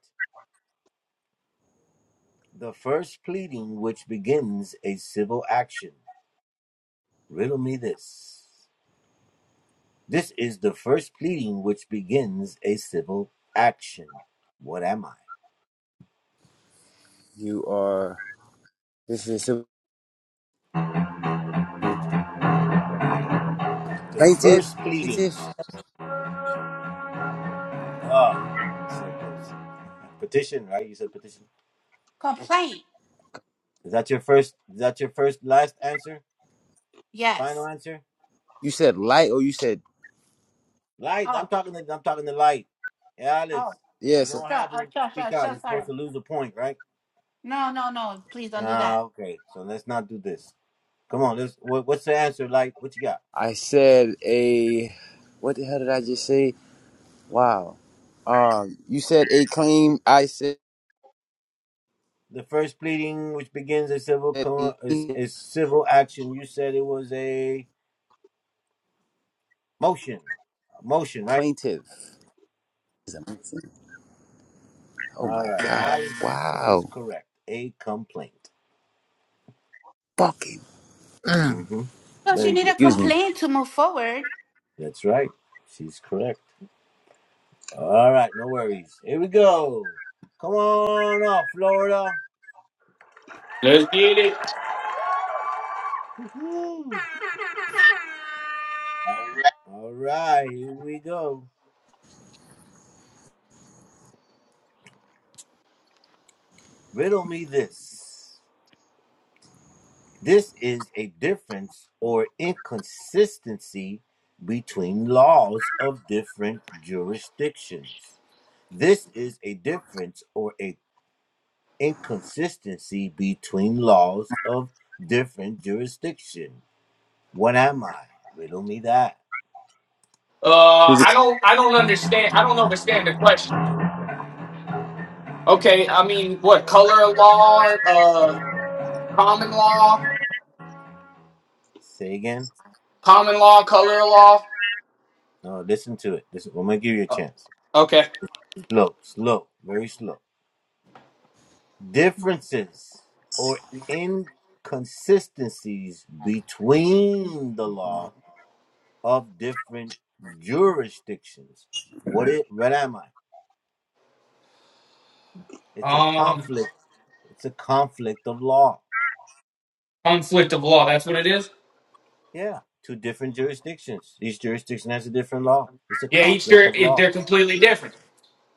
Speaker 2: the first pleading which begins a civil action. Riddle me this. This is the first pleading which begins a civil action. What am I?
Speaker 1: You are. This is Plaintiff,
Speaker 2: The first pleading.
Speaker 1: plaintiff.
Speaker 2: Oh, so close. Petition, right? You said petition.
Speaker 5: Complaint.
Speaker 2: Is that your first? Is that your first, last answer? Final
Speaker 5: Yes.
Speaker 2: answer?
Speaker 1: You said light, or you said
Speaker 2: Light. I'm
Speaker 5: Oh,
Speaker 2: talking to. I'm talking to light. Yeah,
Speaker 5: oh,
Speaker 2: Alice. You
Speaker 1: yes.
Speaker 2: know what
Speaker 5: sure,
Speaker 2: happens
Speaker 5: oh,
Speaker 2: if you
Speaker 5: sure,
Speaker 2: speak
Speaker 5: sure,
Speaker 2: out?
Speaker 5: sure,
Speaker 2: You're
Speaker 5: sorry.
Speaker 2: supposed to lose a point, right?
Speaker 5: No, no, no, please don't do
Speaker 2: Ah,
Speaker 5: that.
Speaker 2: okay. So let's not do this. Come on. Let's. What, what's the answer, light? What you got?
Speaker 1: I said a. What the hell did I just say? Wow. Um, you said a claim. I said
Speaker 2: The first pleading, which begins a civil co-
Speaker 1: a
Speaker 2: is, is civil action. You said it was a motion, a motion, right?
Speaker 1: plaintiff. Is amazing. Oh
Speaker 2: All
Speaker 1: my
Speaker 2: right,
Speaker 1: god!
Speaker 2: Alice was
Speaker 1: Wow.
Speaker 2: correct. A complaint.
Speaker 1: Fucking.
Speaker 2: Mm-hmm.
Speaker 5: Because you
Speaker 2: Very
Speaker 5: need a
Speaker 2: good.
Speaker 1: Excuse me.
Speaker 5: complaint to move forward.
Speaker 2: That's right. She's correct. All right, no worries. Here we go. Come on up, Florida.
Speaker 3: Let's get it.
Speaker 2: All right, here we go. Riddle me this. This is a difference or inconsistency between laws of different jurisdictions. This is a difference or a inconsistency between laws of different jurisdiction. What am I? Riddle me that.
Speaker 3: Uh,
Speaker 1: Who's it?
Speaker 3: I don't, I don't understand. I don't understand the question. Okay, I mean, what color of law? Uh, common law,
Speaker 2: Say again.
Speaker 3: common law, color of law.
Speaker 2: No, listen to it. Listen, I'm gonna give you a chance.
Speaker 3: Okay.
Speaker 2: Slow, slow, very slow. Differences or inconsistencies between the law of different jurisdictions. What it what am I? It's a
Speaker 3: Um,
Speaker 2: conflict. It's a conflict of law.
Speaker 3: conflict of law. That's what it is.
Speaker 2: Yeah. Two different jurisdictions. Each jurisdiction has a different law. It's a
Speaker 3: Yeah, each
Speaker 2: conflict
Speaker 3: they're
Speaker 2: of
Speaker 3: it-
Speaker 2: law.
Speaker 3: they're completely different.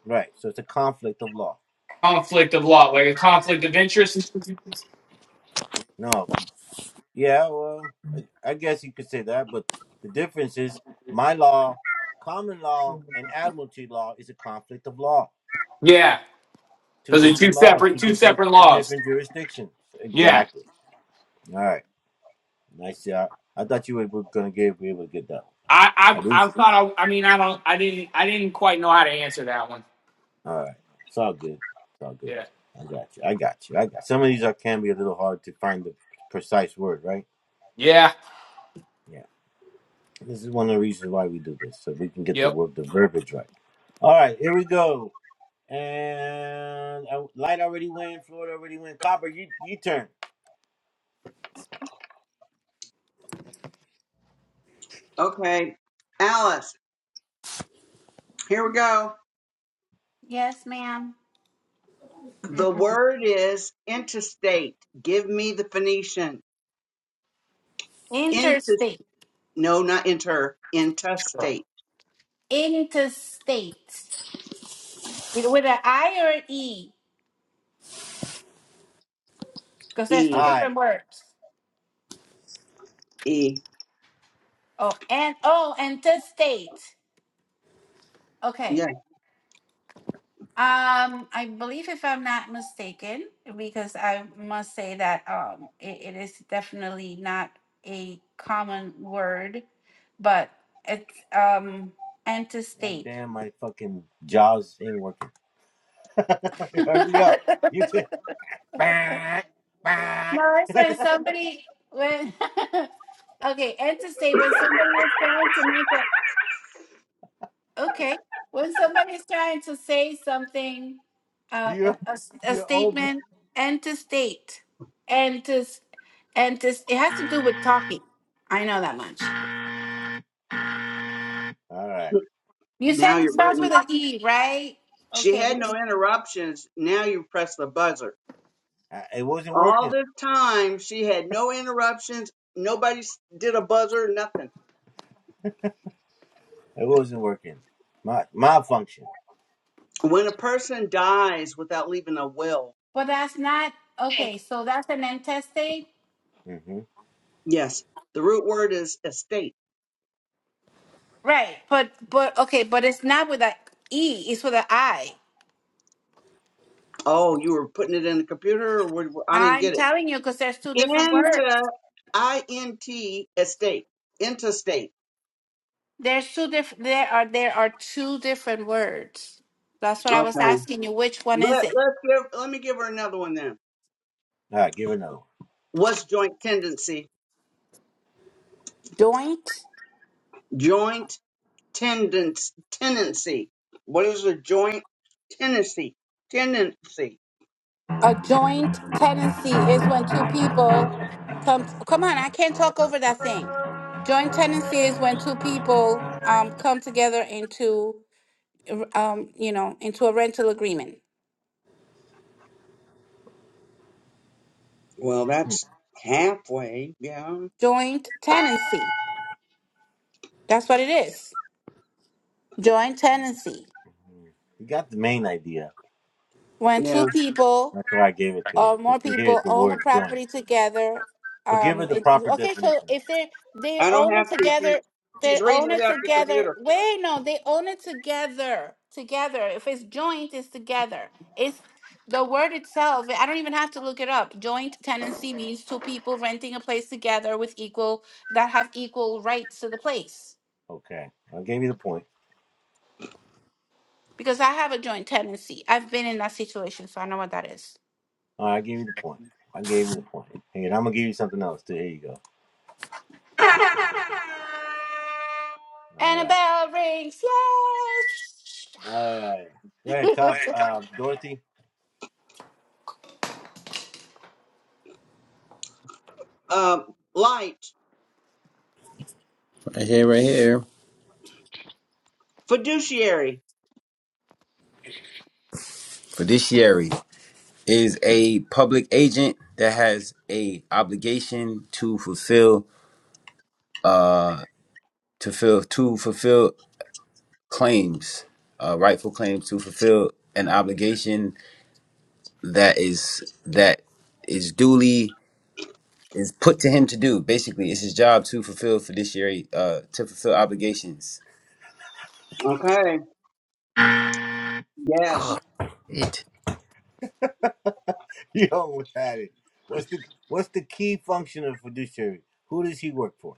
Speaker 2: Right. So it's a conflict of law.
Speaker 3: Conflict of law, like a conflict of interest.
Speaker 2: No. Yeah, well I, I guess you could say that, but the difference is my law, common law and admiralty law is a conflict of law.
Speaker 3: Yeah,
Speaker 2: Two
Speaker 3: because they're two
Speaker 2: different laws,
Speaker 3: separate,
Speaker 2: two
Speaker 3: two
Speaker 2: different
Speaker 3: separate
Speaker 2: two
Speaker 3: laws.
Speaker 2: different jurisdictions.
Speaker 3: Yeah.
Speaker 2: Exactly. All right. Nice shot. I thought you were gonna get, be able to get that one. I
Speaker 3: I I
Speaker 2: didn't.
Speaker 3: I thought I, I mean I don't I didn't I didn't quite know how to answer that one.
Speaker 2: All right, it's all good. It's all good.
Speaker 3: Yeah.
Speaker 2: I got you. I got you. I got. Some of these are can be a little hard to find the precise word, right?
Speaker 3: Yeah.
Speaker 2: Yeah. This is one of the reasons why we do this, so we can get the
Speaker 3: Yep.
Speaker 2: word, the verbiage right. All right, here we go. And uh, light already went. Florida already went. Copper, you you turn.
Speaker 4: Okay, Alice, here we go.
Speaker 5: Yes, ma'am.
Speaker 4: The word is interstate. Give me the Phoenician. Inter,
Speaker 5: Interstate.
Speaker 4: no, not inter, intestate.
Speaker 5: interstate It- with an I or an E because there's two
Speaker 4: E,
Speaker 2: Aye.
Speaker 5: different words.
Speaker 4: E.
Speaker 5: Oh, and oh, interstate. Okay.
Speaker 4: Yeah,
Speaker 5: Um, I believe if I'm not mistaken, because I must say that um, it, it is definitely not a common word, but it's um
Speaker 2: God
Speaker 5: interstate.
Speaker 2: damn, my fucking jaws ain't working. Hurry up. You turn. Back.
Speaker 5: No, it's when somebody when okay, interstate when somebody was trying to make a Okay. When somebody's trying to say something, uh, a,
Speaker 2: You
Speaker 5: a s- a
Speaker 2: you're over.
Speaker 5: statement, and to state, and to, s- and to, s- it has to do with talking. I know that much.
Speaker 2: All right.
Speaker 5: You said
Speaker 4: now
Speaker 5: it
Speaker 4: your
Speaker 5: starts with
Speaker 4: button.
Speaker 5: an E, right?
Speaker 4: She
Speaker 5: Okay,
Speaker 4: had
Speaker 5: let's-
Speaker 4: no interruptions. Now you press the buzzer.
Speaker 2: I, it wasn't working.
Speaker 4: All this time, she had no interruptions. Nobody s- did a buzzer, nothing.
Speaker 2: It wasn't working. My malfunction.
Speaker 4: When a person dies without leaving a will,
Speaker 5: but that's not okay. So that's an intestate,
Speaker 2: Mm-hmm. All
Speaker 4: yes, the root word is estate
Speaker 5: right? But but okay, but it's not with an E. It's with an I.
Speaker 4: Oh, you were putting it in the computer, or what, I didn't
Speaker 5: I'm
Speaker 4: get it.
Speaker 5: telling you because there's two different words.
Speaker 4: Into I N T estate, interstate.
Speaker 5: There's two different. There are there are two different words. That's what I
Speaker 4: Okay.
Speaker 5: was asking you. Which one is
Speaker 4: Let
Speaker 5: it?
Speaker 4: let's give. Let me give her another one then.
Speaker 2: right, give her another one.
Speaker 4: What's joint tendency?
Speaker 5: Joint.
Speaker 4: Joint tendons tendency. What is a joint tendency? Tendency.
Speaker 5: A joint tenancy is when two people come. Come on, I can't talk over that thing. Joint tenancy is when two people um come together into um you know into a rental agreement.
Speaker 4: Well, that's halfway. Yeah.
Speaker 5: Joint tenancy. That's what it is. Joint tenancy.
Speaker 2: Mhm. You got the main idea.
Speaker 5: When
Speaker 4: Yeah.
Speaker 5: two people
Speaker 2: That's why I gave it to her
Speaker 5: or more
Speaker 2: because she hears
Speaker 5: people
Speaker 2: the
Speaker 5: own a
Speaker 2: word joint.
Speaker 5: property together.
Speaker 2: But give her
Speaker 5: Um,
Speaker 2: the
Speaker 5: it,
Speaker 2: proper
Speaker 5: okay, so
Speaker 2: definition.
Speaker 5: if they they
Speaker 4: I don't
Speaker 5: own it
Speaker 4: have to. She's
Speaker 5: together, they
Speaker 4: she's
Speaker 5: own
Speaker 4: reading it
Speaker 5: it
Speaker 4: out the
Speaker 5: together.
Speaker 4: computer.
Speaker 5: Wait, no, they own it together. Together. If it's joint, it's together. It's the word itself. I don't even have to look it up. Joint tenancy means two people renting a place together with equal that have equal rights to the place.
Speaker 2: Okay, I gave you the point.
Speaker 5: Because I have a joint tenancy. I've been in that situation, so I know what that is.
Speaker 2: All right, I gave you the point. I gave you the point. Hey, and I'm gonna give you something else too. Here you go. All
Speaker 5: And a
Speaker 2: right.
Speaker 5: bell rings. Yes.
Speaker 2: All right. Go ahead, cop.
Speaker 5: The
Speaker 2: Uh, Dorothy,
Speaker 4: Um, light
Speaker 1: Right here, right here.
Speaker 4: fiduciary.
Speaker 1: Fiduciary is a public agent that has a obligation to fulfill. Uh, to fill to fulfill claims, uh, rightful claims to fulfill an obligation that is that is duly is put to him to do. Basically, it's his job to fulfill fiduciary uh, to fulfill obligations.
Speaker 4: Okay. Yes.
Speaker 1: Oh, it
Speaker 2: you almost had it. What's the What's the key function of fiduciary? Who does he work for?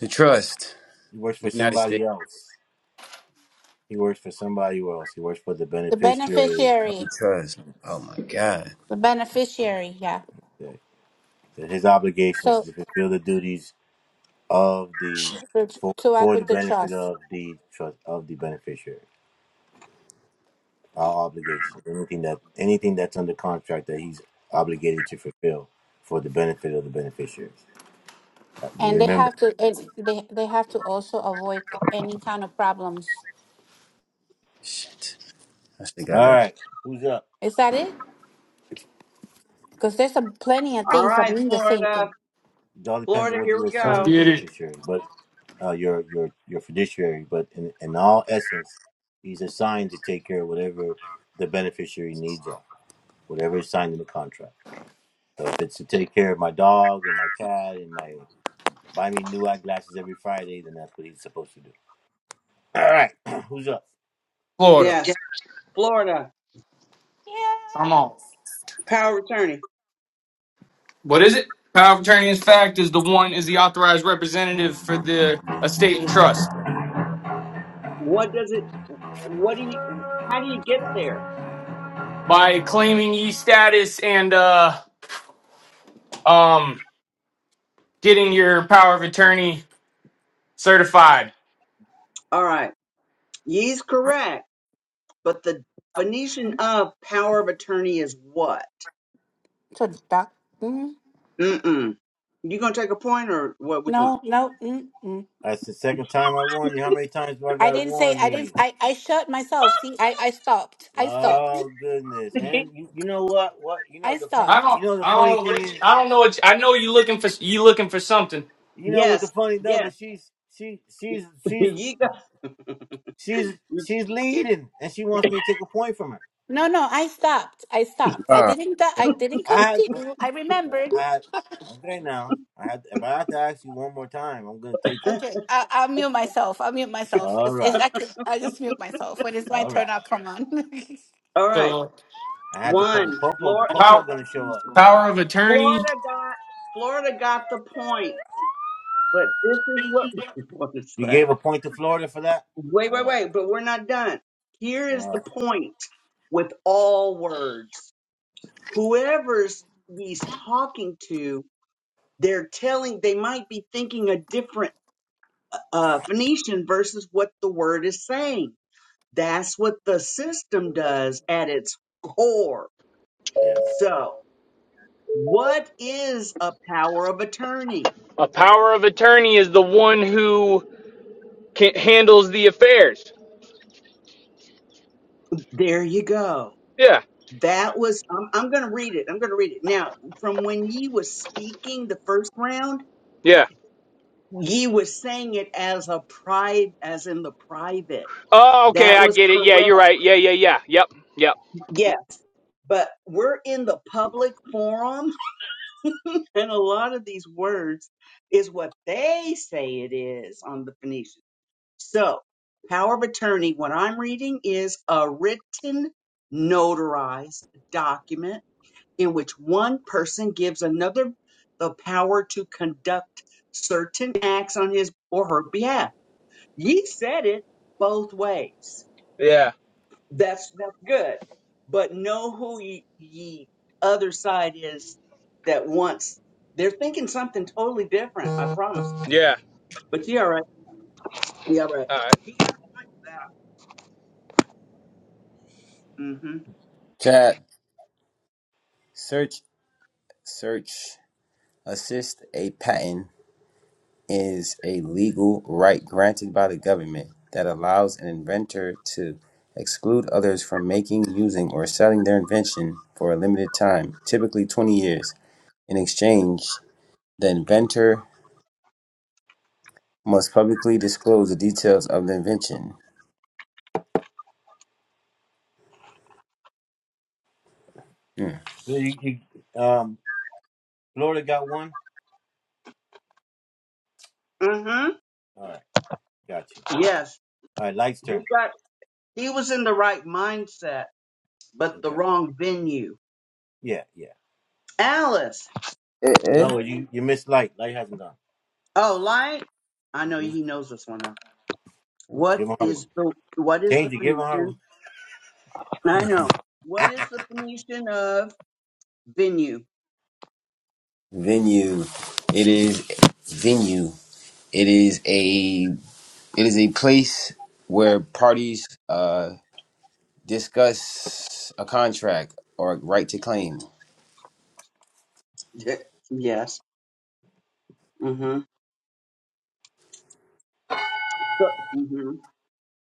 Speaker 1: the trust
Speaker 2: He works for
Speaker 1: the United
Speaker 2: somebody
Speaker 1: States
Speaker 2: else. He works for somebody else. He works for the beneficiary.
Speaker 1: of the
Speaker 5: beneficiary,
Speaker 1: trust. Oh my God,
Speaker 5: the beneficiary, yeah.
Speaker 2: That, that his obligation is
Speaker 5: So
Speaker 2: to fulfill the duties of the
Speaker 5: to,
Speaker 2: for,
Speaker 5: to act
Speaker 2: for the
Speaker 5: with the
Speaker 2: benefit
Speaker 5: trust,
Speaker 2: of the trust of the beneficiary. Our obligation, anything that anything that's under contract that he's obligated to fulfill for the benefit of the beneficiary. Uh,
Speaker 5: and they
Speaker 2: Remember.
Speaker 5: have to, and they they have to also avoid any kind of problems.
Speaker 1: shit! I should have
Speaker 2: All
Speaker 1: got that.
Speaker 2: right. Who's up?
Speaker 5: Is that it? Because there's a plenty of
Speaker 4: All
Speaker 5: things that
Speaker 4: right,
Speaker 5: mean the same
Speaker 4: Florida.
Speaker 5: thing.
Speaker 2: It all depends on
Speaker 4: Florida,
Speaker 2: what
Speaker 4: here
Speaker 2: you
Speaker 4: we
Speaker 3: Let's
Speaker 2: assign your
Speaker 4: go.
Speaker 3: get it.
Speaker 2: beneficiary, but uh, your your your fiduciary. But in, in all essence, he's assigned to take care of whatever the beneficiary needs are, whatever is signed in the contract. So if it's to take care of my dog and my cat and my buy me new eyeglasses every Friday, then that's what he's supposed to do. All right, who's up?
Speaker 3: Florida.
Speaker 4: Yes, Florida,
Speaker 5: Yeah.
Speaker 3: Come on.
Speaker 4: power of attorney.
Speaker 3: What is it? Power of attorney in fact is the one is the authorized representative for the estate and trust.
Speaker 4: What does it, what do you, how do you get there?
Speaker 3: By claiming e status and uh um getting your power of attorney certified.
Speaker 4: All right, ye's correct, but the Phoenician of power of attorney is what?
Speaker 5: So duck. Mm,
Speaker 4: Mm-mm. You gonna take a point or what we doing?
Speaker 5: no, no. Mm, mm.
Speaker 2: That's the second time I warned you. How many times do I
Speaker 5: I
Speaker 2: gotta
Speaker 5: didn't say.
Speaker 2: warn
Speaker 5: I didn't.
Speaker 2: you?
Speaker 5: I I shut myself. See, I I stopped. I stopped.
Speaker 2: Oh goodness! And you, you know what? What you know
Speaker 5: I
Speaker 2: the
Speaker 3: I
Speaker 2: funny
Speaker 5: stopped.
Speaker 3: don't
Speaker 2: you know the
Speaker 3: I
Speaker 2: funny thing
Speaker 3: don't
Speaker 2: is
Speaker 3: I don't know what you, I know you looking for you looking for something.
Speaker 2: You know what the
Speaker 4: yes,
Speaker 2: funny though,
Speaker 4: yes.
Speaker 2: but she's she she's she's
Speaker 4: You got,
Speaker 2: she's she's leading, and she wants me to take a point from her.
Speaker 5: No, no. I stopped. I stopped. I
Speaker 1: Wow.
Speaker 5: didn't. I didn't
Speaker 2: I had, but
Speaker 5: continue. I
Speaker 2: but
Speaker 5: remembered.
Speaker 2: I had, okay now. I had if I have to ask you one more time, I'm gonna take it.
Speaker 5: Okay, I, I'll mute myself. I'll mute myself.
Speaker 2: All
Speaker 5: It's, it's
Speaker 2: right,
Speaker 5: actually, I just mute myself. When it's my
Speaker 2: all right.
Speaker 5: turn, I'll come on.
Speaker 4: all right,
Speaker 3: So
Speaker 2: I had the po- the
Speaker 4: one.
Speaker 2: popo the
Speaker 4: Flor-
Speaker 2: popo
Speaker 3: power
Speaker 2: gonna show up.
Speaker 3: power of attorney
Speaker 4: Florida got, Florida got the point, but this is what, what is
Speaker 2: You
Speaker 4: that?
Speaker 2: gave a point to Florida for that.
Speaker 4: Wait,
Speaker 2: All
Speaker 4: wait,
Speaker 2: right,
Speaker 4: wait, but we're not done. Here is
Speaker 2: all
Speaker 4: the
Speaker 2: right.
Speaker 4: point with all words. Whoever's he's talking to, they're telling, they might be thinking a different uh, Phoenician versus what the word is saying. That's what the system does at its core.
Speaker 2: Yes.
Speaker 4: So, what is a power of attorney?
Speaker 3: A power of attorney is the one who can, handles the affairs.
Speaker 4: There you go.
Speaker 3: Yeah,
Speaker 4: That was, I'm, I'm going to read it. I'm going to read it. Now, from when he was speaking the first round,
Speaker 3: yeah.
Speaker 4: He was saying it as a pride, as in the private.
Speaker 3: Oh, okay,
Speaker 4: That
Speaker 3: I
Speaker 4: was
Speaker 3: get it. Yeah, you're
Speaker 4: correct.
Speaker 3: right. Yeah, yeah, yeah. Yep, yep.
Speaker 4: Yes. But we're in the public forum, and a lot of these words is what they say it is on the Phoenician. So, power of attorney, what I'm reading is a written, notarized document in which one person gives another the power to conduct certain acts on his or her behalf Ye said it both ways.
Speaker 3: Yeah,
Speaker 4: That's that's good. But know who ye, ye other side is that wants. They're thinking something totally different. I promise.
Speaker 3: yeah.
Speaker 4: But you all right. You all right.
Speaker 3: All right.
Speaker 4: He got that. Mm-hmm.
Speaker 1: Chat search search assist a patent. is a legal right granted by the government that allows an inventor to exclude others from making, using, or selling their invention for a limited time, typically 20 years. In exchange, the inventor must publicly disclose the details of the invention. Hmm.
Speaker 2: So you, you um Florida got one.
Speaker 4: Mm-hmm.
Speaker 2: All right, got you.
Speaker 4: Yes.
Speaker 2: All right, light's
Speaker 4: He
Speaker 2: turn.
Speaker 4: got. He was in the right mindset, but the
Speaker 2: Okay.
Speaker 4: wrong venue.
Speaker 2: Yeah, yeah.
Speaker 4: Alice,
Speaker 1: Eh, eh.
Speaker 2: No,
Speaker 4: ready?
Speaker 2: you you missed light. Light hasn't gone.
Speaker 4: Oh, light. I know
Speaker 2: hmm
Speaker 4: he knows this one now. What
Speaker 2: Give him a hard one.
Speaker 4: is the What is the
Speaker 2: Change to give her.
Speaker 4: Phoenician? I know. What is the Phoenician of venue?
Speaker 1: Venue. It is venue. It is a it is a place where parties uh, discuss a contract or right to claim.
Speaker 4: yes. Mm-hmm. So, hmm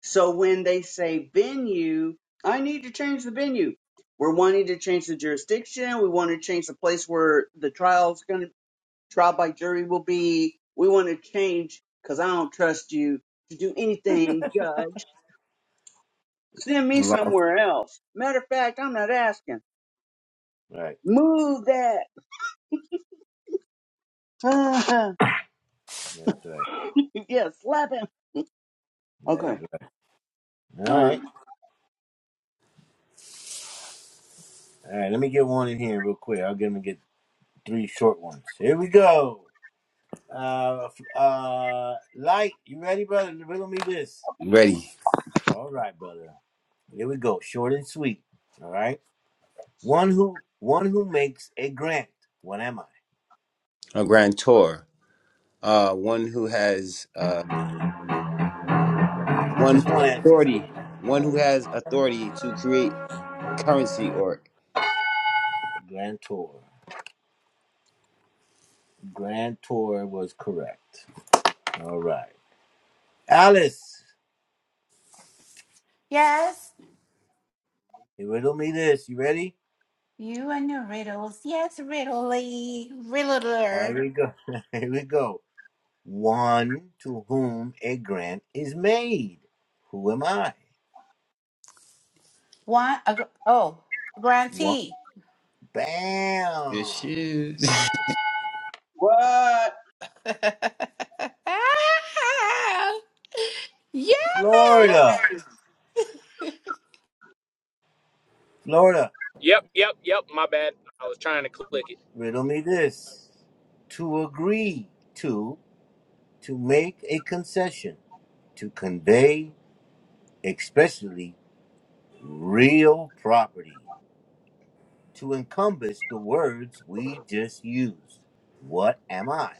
Speaker 4: so when they say venue, I need to change the venue. We're wanting to change the jurisdiction. We want to change the place where the trial's going to trial by jury will be. We want to change because I don't trust you to do anything, Judge. Send me
Speaker 1: Law.
Speaker 4: somewhere else. Matter of fact, I'm not asking.
Speaker 2: Right.
Speaker 4: Move that.
Speaker 2: That's right.
Speaker 4: yeah, slap him.
Speaker 2: That's
Speaker 4: Okay.
Speaker 2: right. All right. All right. Let me get one in here real quick. I'll get him to get three short ones. Here we go. Uh, uh, light. You ready, brother? Riddle me this.
Speaker 1: Ready.
Speaker 2: All right, brother. Here we go. Short and sweet. All right. One who one who makes a grant. What am I?
Speaker 1: A grantor, Uh, one who has uh, one
Speaker 2: Just
Speaker 1: who
Speaker 2: one
Speaker 1: has
Speaker 2: answer is good.
Speaker 1: authority.
Speaker 2: Don't
Speaker 1: One who
Speaker 2: worry.
Speaker 1: has authority to create currency or
Speaker 2: Grantor. Grantor was correct. All right. Alice.
Speaker 5: yes,
Speaker 2: You riddle me this. You ready?
Speaker 5: you and your riddles. Yes, riddly,
Speaker 2: Here
Speaker 5: riddler.
Speaker 2: we go. Here we go. One to whom a grant is made. Who am I?
Speaker 5: One, a, gr- oh,
Speaker 2: One.
Speaker 5: grantee.
Speaker 1: your
Speaker 2: Bam.
Speaker 1: shoes.
Speaker 4: What?
Speaker 5: yes.
Speaker 2: Florida. Florida.
Speaker 3: Yep, yep, yep. My bad. I was trying to click it.
Speaker 2: Riddle me this. To agree to, to make a concession, to convey, especially real property, to encompass the words we just used. What am I?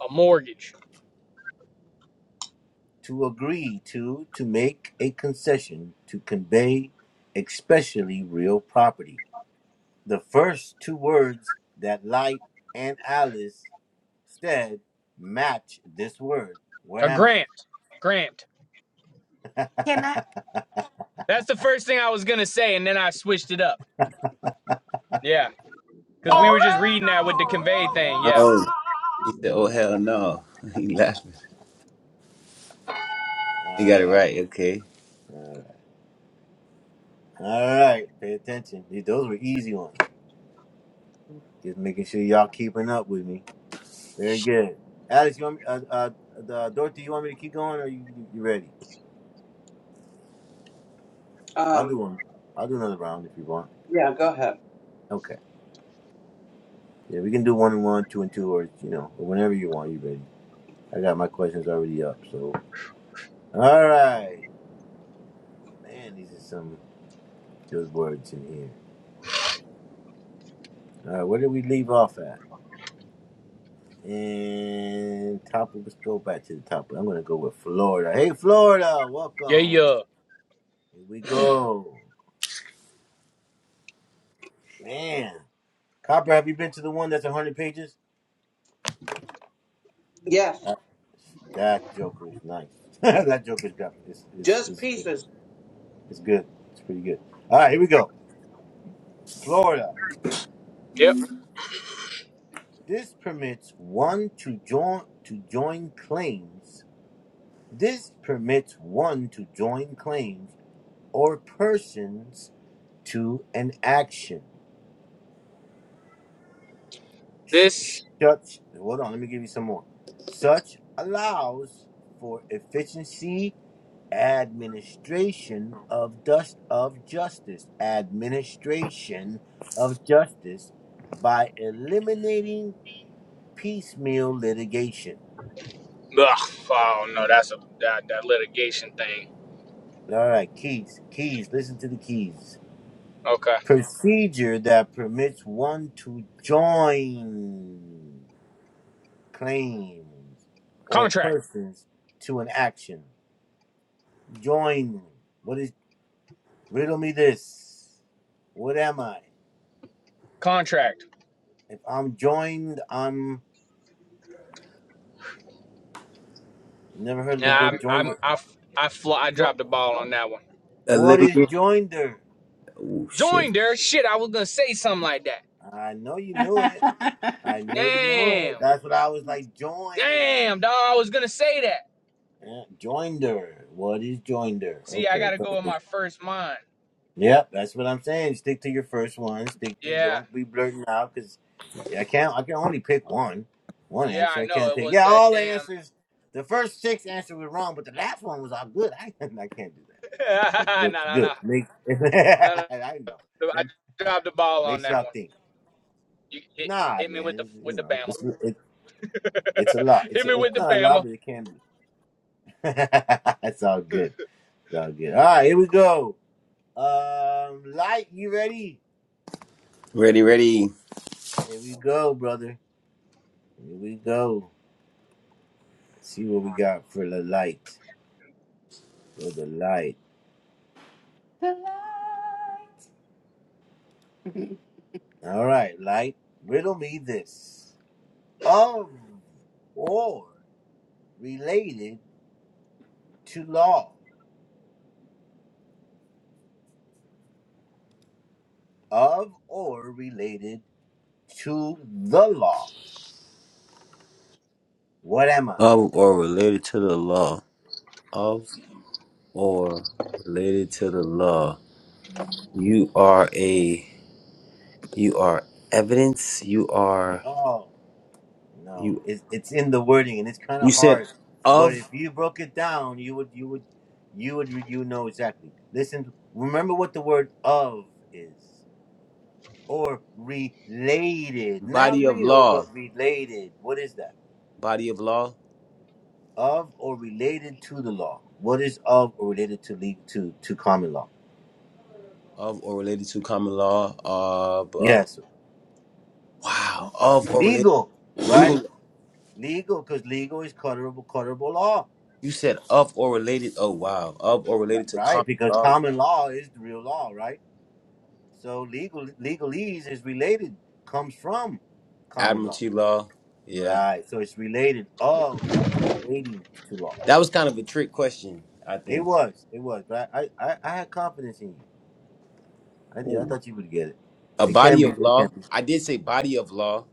Speaker 3: A mortgage,
Speaker 2: to agree to to make a concession to convey especially real property the first two words that light and alice said match this word what
Speaker 3: a
Speaker 2: am i
Speaker 3: grant, grant.
Speaker 5: Can I
Speaker 3: That's the first thing I was gonna say, and then I switched it up. Yeah, because we
Speaker 2: all
Speaker 3: were just reading that with the convey thing. Yeah,
Speaker 1: oh, he said, "Oh hell no!" He laughing. He got it
Speaker 2: Oh,
Speaker 1: right. Okay.
Speaker 2: hell right all right all right all right pay attention Th- those were easy ones just making sure y'all keeping up with me very good alice you want me, uh, uh, uh, dorothy you want me to keep going or you, you ready I'll do
Speaker 4: Um,
Speaker 2: one. I'll do another round if you want.
Speaker 4: yeah, go ahead.
Speaker 2: Okay. Yeah, we can do one and one, two and two, or you know, or whenever you want. You ready? I got my questions already up. So, all right, man, these are some good words in here. All right, where did we leave off at? And top. Let's go back to the top. I'm gonna go with Florida. Hey, Florida,
Speaker 3: yeah,
Speaker 2: welcome.
Speaker 3: yeah.
Speaker 2: Here we go, man. Copper, have you been to the one that's 100 pages?
Speaker 4: Yes,
Speaker 2: That, that Joker is nice. that Joker's got is is
Speaker 4: just
Speaker 2: is.
Speaker 4: pieces.
Speaker 2: It's good. It's pretty good. All right, here we go. Florida.
Speaker 3: Yep.
Speaker 2: This permits one to join to join claims. This permits one to join claims or persons to an action. Sh- sh-
Speaker 3: This.
Speaker 2: Such hold on, let me give you some more. Such allows for efficiency administration of dust of justice administration of justice by eliminating piecemeal litigation.
Speaker 3: Ugh, oh no, that's a that, that litigation thing.
Speaker 2: All right, keys, keys, listen to the keys.
Speaker 3: Okay.
Speaker 2: Procedure that permits one to join claims or
Speaker 3: Contract.
Speaker 2: persons to an action. Join. What is, riddle me this. What am I?
Speaker 3: Contract.
Speaker 2: If I'm joined, I'm, never heard of the
Speaker 3: Nah, I'm,
Speaker 2: word
Speaker 3: I'm
Speaker 2: joinder.
Speaker 3: I f- I fl- I
Speaker 2: Jo-
Speaker 3: dropped the ball on that one.
Speaker 1: A
Speaker 2: what is
Speaker 1: litigant.
Speaker 2: joinder?
Speaker 1: Oh shit.
Speaker 3: Join there, shit. I was gonna say something like that.
Speaker 2: I know you knew it. I know you know
Speaker 3: Damn,
Speaker 2: it. That's what I was like, join.
Speaker 3: damn, dog. I was gonna say that.
Speaker 2: Yeah, joinder. What is joinder?
Speaker 3: See, I
Speaker 2: Okay.
Speaker 3: gotta
Speaker 2: so-
Speaker 3: go with my first mind.
Speaker 2: Yep, that's what I'm saying. Stick to your first one. Stick to.
Speaker 3: Yeah,
Speaker 2: Don't be blurting out because I can't. I can only pick one. One
Speaker 3: yeah, I
Speaker 2: answer. I
Speaker 3: know.
Speaker 2: can't
Speaker 3: It
Speaker 2: take.
Speaker 3: was
Speaker 2: Yeah,
Speaker 3: that
Speaker 2: all the
Speaker 3: damn.
Speaker 2: answers. The first six answers were wrong, but the last one was all good. I I can't do that. But but
Speaker 3: no, no, no,
Speaker 2: good. Make,
Speaker 3: no,
Speaker 2: I know.
Speaker 3: no.
Speaker 2: It
Speaker 3: I dropped the ball on
Speaker 2: makes
Speaker 3: that
Speaker 2: y'all
Speaker 3: one.
Speaker 2: think.
Speaker 3: You hit
Speaker 2: Nah,
Speaker 3: hit me with the
Speaker 2: man.
Speaker 3: with
Speaker 2: You
Speaker 3: the
Speaker 2: know,
Speaker 3: bama.
Speaker 2: it's it, it's a lot. It's
Speaker 3: Hit me with
Speaker 2: it's
Speaker 3: the
Speaker 2: not a
Speaker 3: bama.
Speaker 2: lot, but it can be. it's all good. It's all good. All right, here we go. Um, light, you ready?
Speaker 1: Ready, ready.
Speaker 2: There we go, brother. Here we go. Let's see what we got for the light. For the light. All right, light. Riddle me this: of or related to law. Of or related to the law. What am I?
Speaker 1: Of or related to the law. Of or related to the law. You are a. You are evidence. You are.
Speaker 2: Oh. No,
Speaker 1: You.
Speaker 2: it's it's in the wording, and it's kind
Speaker 1: You
Speaker 2: of
Speaker 1: said
Speaker 2: hard. But
Speaker 1: of.
Speaker 2: if you broke it down, you would you would you would you would know exactly. Listen, remember what the word of is, or related, not
Speaker 1: Body of
Speaker 2: real,
Speaker 1: law.
Speaker 2: but related. What is that?
Speaker 1: Body of law
Speaker 2: Of or related to the law? What is of or related to legal to to common law?
Speaker 1: of or related to common law. Uh, b- uh
Speaker 2: Yes,
Speaker 1: wow. Of or related
Speaker 2: legal,
Speaker 1: to legal law.
Speaker 2: right? Legal, because legal is colorable, colorable law,
Speaker 1: You said of or related. Oh wow. Of or
Speaker 2: ri-
Speaker 1: related to
Speaker 2: right?
Speaker 1: common
Speaker 2: Because
Speaker 1: law,
Speaker 2: common law is the real law, right? So legal legalese is related, comes from common law.
Speaker 1: admiralty law. Yeah.
Speaker 2: Right. So it's related of or relating to law.
Speaker 1: That was kind of a trick question, I
Speaker 2: It
Speaker 1: think.
Speaker 2: was. It was. But I, I, I I had confidence in you. I did. I
Speaker 1: Ooh.
Speaker 2: thought you would get it.
Speaker 1: A
Speaker 2: It can
Speaker 1: body
Speaker 2: be
Speaker 1: of
Speaker 2: it can
Speaker 1: law.
Speaker 2: be.
Speaker 1: I did say body of law.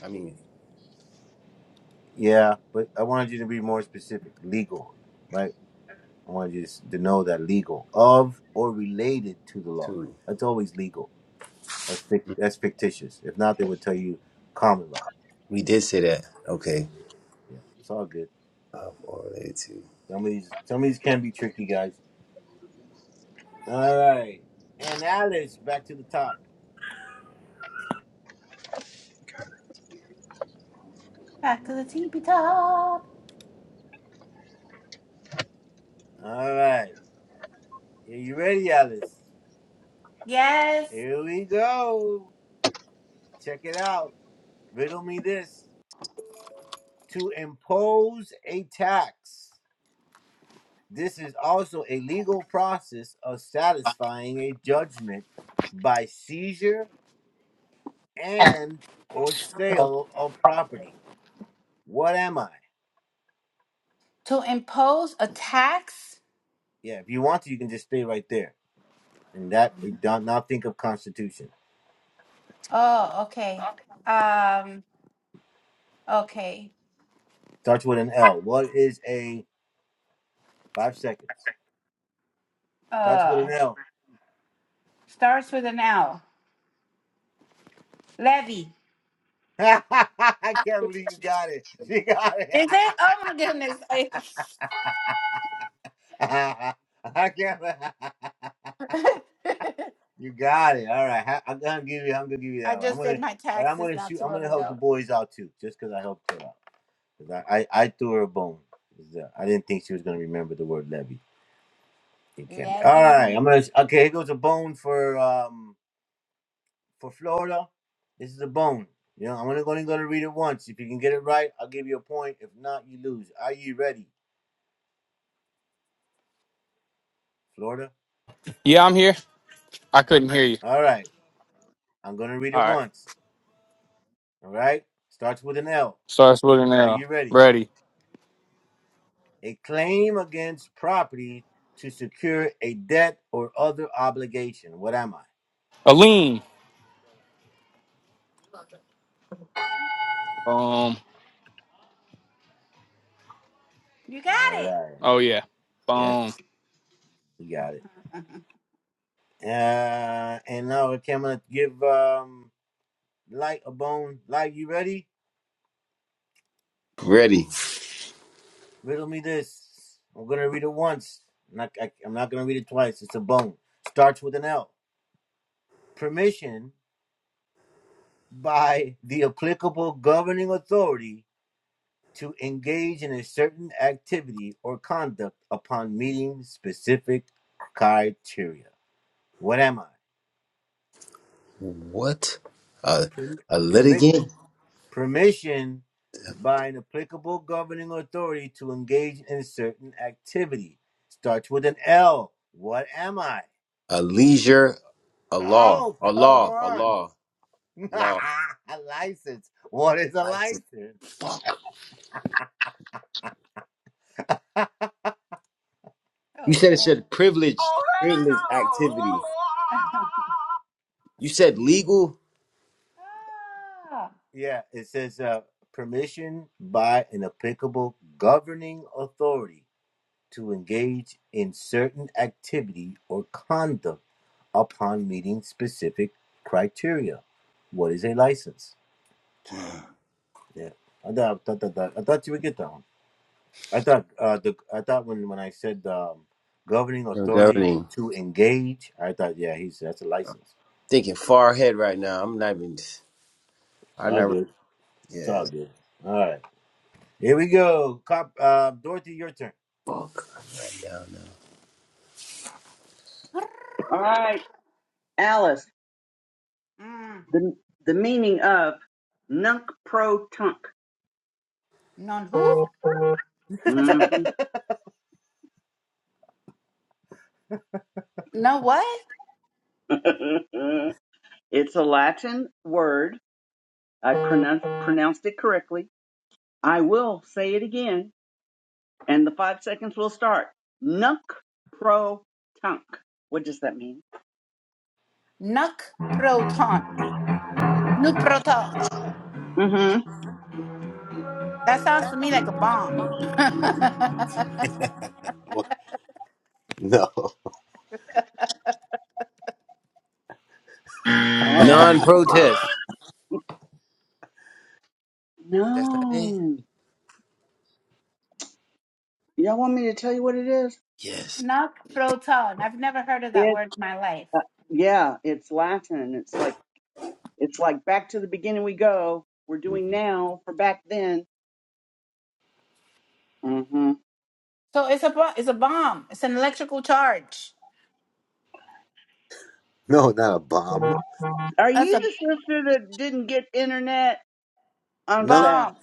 Speaker 1: I mean,
Speaker 2: Yeah, but I wanted you to be more specific. Legal. Right? I wanted you to know that legal. Of or related to the law.
Speaker 1: two.
Speaker 2: That's always legal. That's fic- that's fictitious. If not, they would tell you common law.
Speaker 1: We did say that. Okay.
Speaker 2: Yeah. It's all good.
Speaker 1: Of or related to.
Speaker 2: Some of these some of these can be tricky guys. All right. And Alice, back to the top.
Speaker 5: back to the teepee top?
Speaker 2: All right. Are you ready, Alice?
Speaker 5: Yes.
Speaker 2: Here we go. Check it out. Riddle me this. To impose a tax. This is also a legal process of satisfying a judgment by seizure and or sale of property. What am I?
Speaker 5: To impose a tax.
Speaker 2: Yeah, if you want to, you can just stay right there. And that, don't, now think of Constitution.
Speaker 5: Oh, okay. Um. Okay.
Speaker 2: Starts with an L. What is a Five seconds. Starts with
Speaker 5: Uh,
Speaker 2: an L.
Speaker 5: Starts with an L. Levy.
Speaker 2: I can't believe you got it. She got it.
Speaker 5: Is it? Oh my goodness. I
Speaker 2: I can't. be- You got it. All right. Ha- I'm gonna give you. I'm gonna give you
Speaker 5: I
Speaker 2: that one. I'm
Speaker 5: just did
Speaker 2: gonna.
Speaker 5: my
Speaker 2: But I'm
Speaker 5: taxes
Speaker 2: gonna
Speaker 5: not
Speaker 2: shoot.
Speaker 5: too
Speaker 2: I'm
Speaker 5: long
Speaker 2: gonna help the
Speaker 5: ago.
Speaker 2: boys out too, just because I helped her out. Because I, I, I threw her a bone. 'Cause, uh, I didn't think she was gonna remember the word levy. It can be. All right. I'm
Speaker 5: Levy.
Speaker 2: gonna. Okay. Here goes a bone for um. for Florida, this is a bone. You know, I'm only going to read it once. If you can get it right, I'll give you a point. If not, you lose. Are you ready, Florida?
Speaker 3: Yeah, I'm here. I couldn't hear you.
Speaker 2: All right. I'm going to read
Speaker 3: All
Speaker 2: it
Speaker 3: right.
Speaker 2: once. All right. Starts with an L.
Speaker 3: Starts with an
Speaker 2: Are
Speaker 3: L.
Speaker 2: you ready?
Speaker 3: Ready.
Speaker 2: A claim against property to secure a debt or other obligation. What am I?
Speaker 3: Aline. Boom.
Speaker 5: You got
Speaker 2: All
Speaker 5: it.
Speaker 2: right.
Speaker 3: Oh, yeah.
Speaker 2: Yes,
Speaker 3: Boom.
Speaker 2: you got it. Uh, and now okay, I'm going to give um, Light a bone. Light, you ready?
Speaker 1: Ready.
Speaker 2: Riddle me this. I'm gonna read it once. I'm not, I, am not gonna read it twice. It's a bone. Starts with an L. Permission by the applicable governing authority to engage in a certain activity or conduct upon meeting specific criteria. What am I?
Speaker 1: What? A
Speaker 2: Perm-
Speaker 1: a
Speaker 2: Permit
Speaker 1: litigant?
Speaker 2: permission by an applicable governing authority to engage in a certain activity. Starts with an L. What am I?
Speaker 1: A leisure, a law,
Speaker 2: Oh,
Speaker 1: a
Speaker 2: come
Speaker 1: law, a
Speaker 2: on.
Speaker 1: law, law.
Speaker 2: a license. What is a
Speaker 1: License.
Speaker 2: license?
Speaker 1: You said it
Speaker 5: okay.
Speaker 1: said privileged,
Speaker 2: Oh,
Speaker 1: privileged activity. You said legal.
Speaker 5: ah.
Speaker 2: hell no! Yeah, it says uh, permission by an applicable governing authority to engage in certain activity or conduct upon meeting specific criteria. What is a license? Yeah, I thought, I thought I thought you would get that one. I thought uh, the I thought when when I said um, governing
Speaker 1: I'm
Speaker 2: authority
Speaker 1: governing.
Speaker 2: to engage, I thought yeah, he's that's a license.
Speaker 1: Thinking far ahead right now. I'm not even.
Speaker 2: It's
Speaker 1: I'm
Speaker 2: all
Speaker 1: not. re-
Speaker 2: good. It's
Speaker 1: Yeah.
Speaker 2: all good. All right, here we go. Cop, uh, Dorothy, your turn.
Speaker 1: Fuck. down now.
Speaker 4: All right, Alice.
Speaker 5: mm.
Speaker 4: The the meaning of nunc pro tunc.
Speaker 5: Non who?
Speaker 4: Mhm.
Speaker 5: No what?
Speaker 4: it's a Latin word. I pronounced pronounced it correctly. I will say it again, and the five seconds will start. Nunc pro tunc. What does that mean?
Speaker 5: Nuc proton. Nu proton.
Speaker 4: Mm-hmm.
Speaker 5: That sounds to me like a bomb.
Speaker 4: Oh
Speaker 1: Non-protest. That's not it.
Speaker 4: no. Y'all want me to tell you what it is?
Speaker 1: Yes.
Speaker 5: Nuc proton. I've never heard of that word in my life.
Speaker 4: Uh, yeah, it's Latin. It's like it's like back to the beginning we go. We're doing
Speaker 2: hmm
Speaker 4: now for back then. hmm
Speaker 5: So it's a bo- it's a bomb. It's an electrical charge.
Speaker 2: No, not a bomb.
Speaker 4: Are
Speaker 5: That's a
Speaker 4: you the sister that didn't get internet? I'm just
Speaker 2: Nunk.
Speaker 4: asking.
Speaker 5: bomb.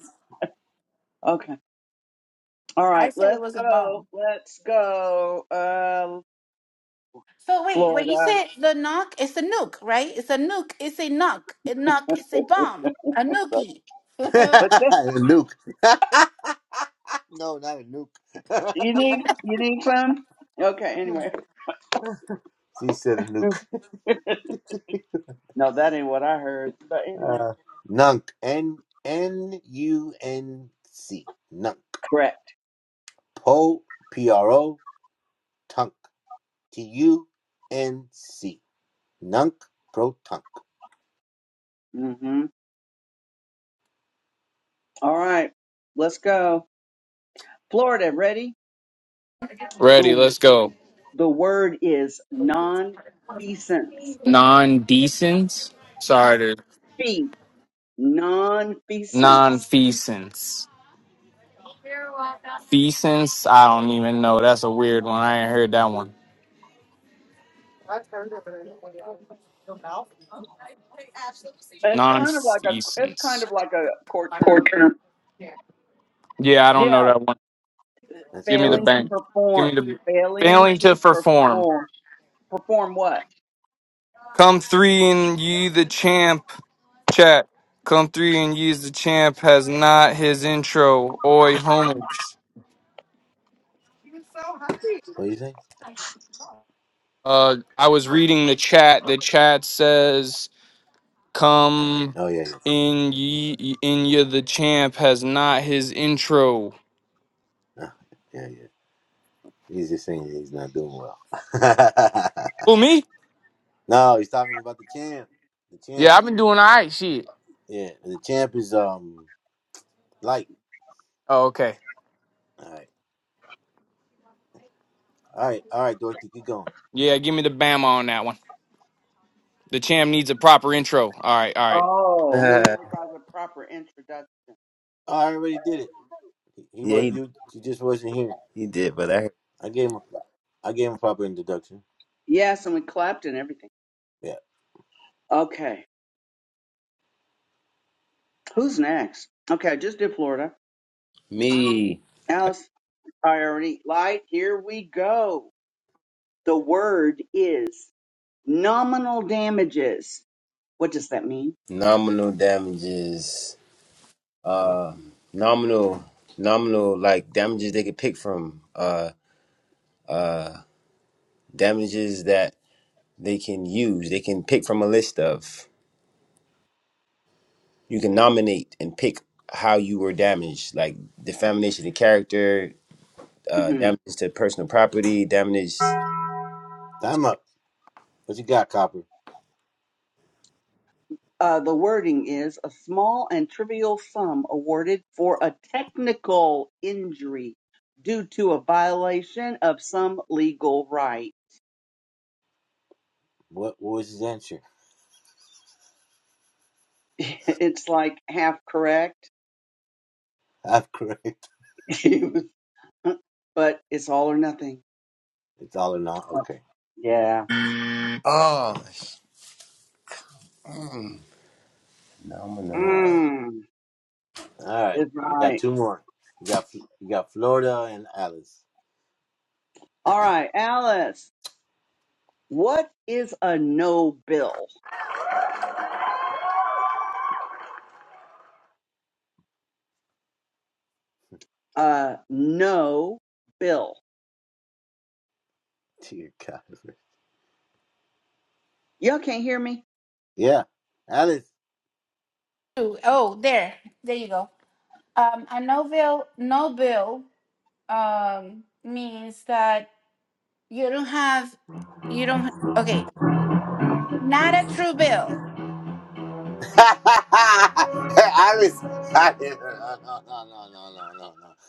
Speaker 4: Okay. All
Speaker 5: I
Speaker 4: right.
Speaker 5: said it
Speaker 4: Let's
Speaker 5: was a
Speaker 4: go.
Speaker 5: bomb.
Speaker 4: Let's go. Uh,
Speaker 5: So wait, when you
Speaker 4: Florida.
Speaker 5: said the knock, it's a nuke, right? It's a nuke. It's a knock. A knock. It's a bomb. A
Speaker 4: but
Speaker 5: nookie.
Speaker 2: a
Speaker 4: this,
Speaker 2: nuke. No, not a nuke.
Speaker 4: you need you need some. Okay. Anyway.
Speaker 2: She said a nuke.
Speaker 4: No, that ain't what I heard. But anyway.
Speaker 2: Nunk. N N U N C. Nunk.
Speaker 4: Correct.
Speaker 2: Po P R O Tunk. T U N C. Nunk pro tunk.
Speaker 4: Mm-hmm. All right. Let's go. Florida. Ready?
Speaker 3: Ready.
Speaker 4: The
Speaker 3: Let's go.
Speaker 4: The word is non-feasance.
Speaker 3: non-decence. Sorry, to
Speaker 4: Fee, non-feasance.
Speaker 3: non-feasance. Feasance, I don't even know. That's a weird one. I ain't heard that one.
Speaker 4: It's kind of like a, it's kind
Speaker 3: Non-feasance.
Speaker 4: of like a court term.
Speaker 3: Yeah, I don't
Speaker 4: Yeah,
Speaker 3: know that one.
Speaker 2: That's a
Speaker 3: Give me the
Speaker 2: hard
Speaker 4: failing
Speaker 2: one.
Speaker 4: to
Speaker 3: bank. Give
Speaker 4: perform,
Speaker 3: me the
Speaker 4: failing
Speaker 3: failing
Speaker 4: to
Speaker 3: to perform.
Speaker 4: perform, perform what?
Speaker 3: Come three and ye the champ. Chat. Come three and ye's the champ has not his intro. Oi, homage.
Speaker 2: What do you think?
Speaker 3: Uh, I was reading the chat. The chat says Come
Speaker 2: Oh yeah, yeah,
Speaker 3: in ye in ye the champ has not his intro.
Speaker 2: Nah, yeah, yeah. He's just saying he's not doing well.
Speaker 3: Who me?
Speaker 2: no, he's talking about the champ. The
Speaker 3: Yeah,
Speaker 2: champ.
Speaker 3: I've been doing alright shit.
Speaker 2: Yeah, and the champ is um light.
Speaker 3: Oh, okay.
Speaker 2: All right, all right, all right, Dorothy, keep going.
Speaker 3: Yeah, give me the Bama on that one. The champ needs a proper intro. Alright, alright.
Speaker 4: Oh, he
Speaker 1: Uh,
Speaker 4: never got the proper introduction.
Speaker 2: Oh, I already did it. He, he
Speaker 1: yeah,
Speaker 2: was
Speaker 1: he
Speaker 2: you. You just wasn't here.
Speaker 1: he did, but I
Speaker 2: I gave him. A, I gave him a proper introduction.
Speaker 4: Yes, and we clapped and everything.
Speaker 2: Yeah.
Speaker 4: Okay, who's next? Okay, I just did Florida.
Speaker 1: me
Speaker 4: Alice, I already lied. Here we go. The word is nominal damages. What does that mean?
Speaker 1: nominal damages.
Speaker 2: Mm.
Speaker 1: Uh, nominal, nominal like damages they could pick from. Uh, damages that they can use they can pick from a list of you can nominate and pick how you were damaged like defamation of character uh
Speaker 4: Mhm.
Speaker 1: damage to personal property damage
Speaker 2: Time up. What you got, Copper?
Speaker 4: Uh, the wording is a small and trivial sum awarded for a technical injury due to a violation of some legal right.
Speaker 2: What What was his answer?
Speaker 4: it's like half correct,
Speaker 2: I'm correct.
Speaker 4: but it's all or nothing.
Speaker 2: It's all or not. Okay.
Speaker 4: Yeah.
Speaker 2: All
Speaker 1: oh sh- mm, no i'm gonna know
Speaker 2: right.
Speaker 4: Mm,
Speaker 2: All right,
Speaker 4: it's
Speaker 2: you got
Speaker 4: right.
Speaker 2: two more. You got you got Florida and Alice.
Speaker 4: All right, Alice, what is a no bill? Uh, no bill.
Speaker 2: Dear God,
Speaker 4: Y'all can't hear me?
Speaker 2: yeah, Alice.
Speaker 5: Ooh, oh, there, there you go. Um, a no bill, no bill. Um, means that you don't have, you don't. Okay, not a true bill.
Speaker 2: Alice. Alice.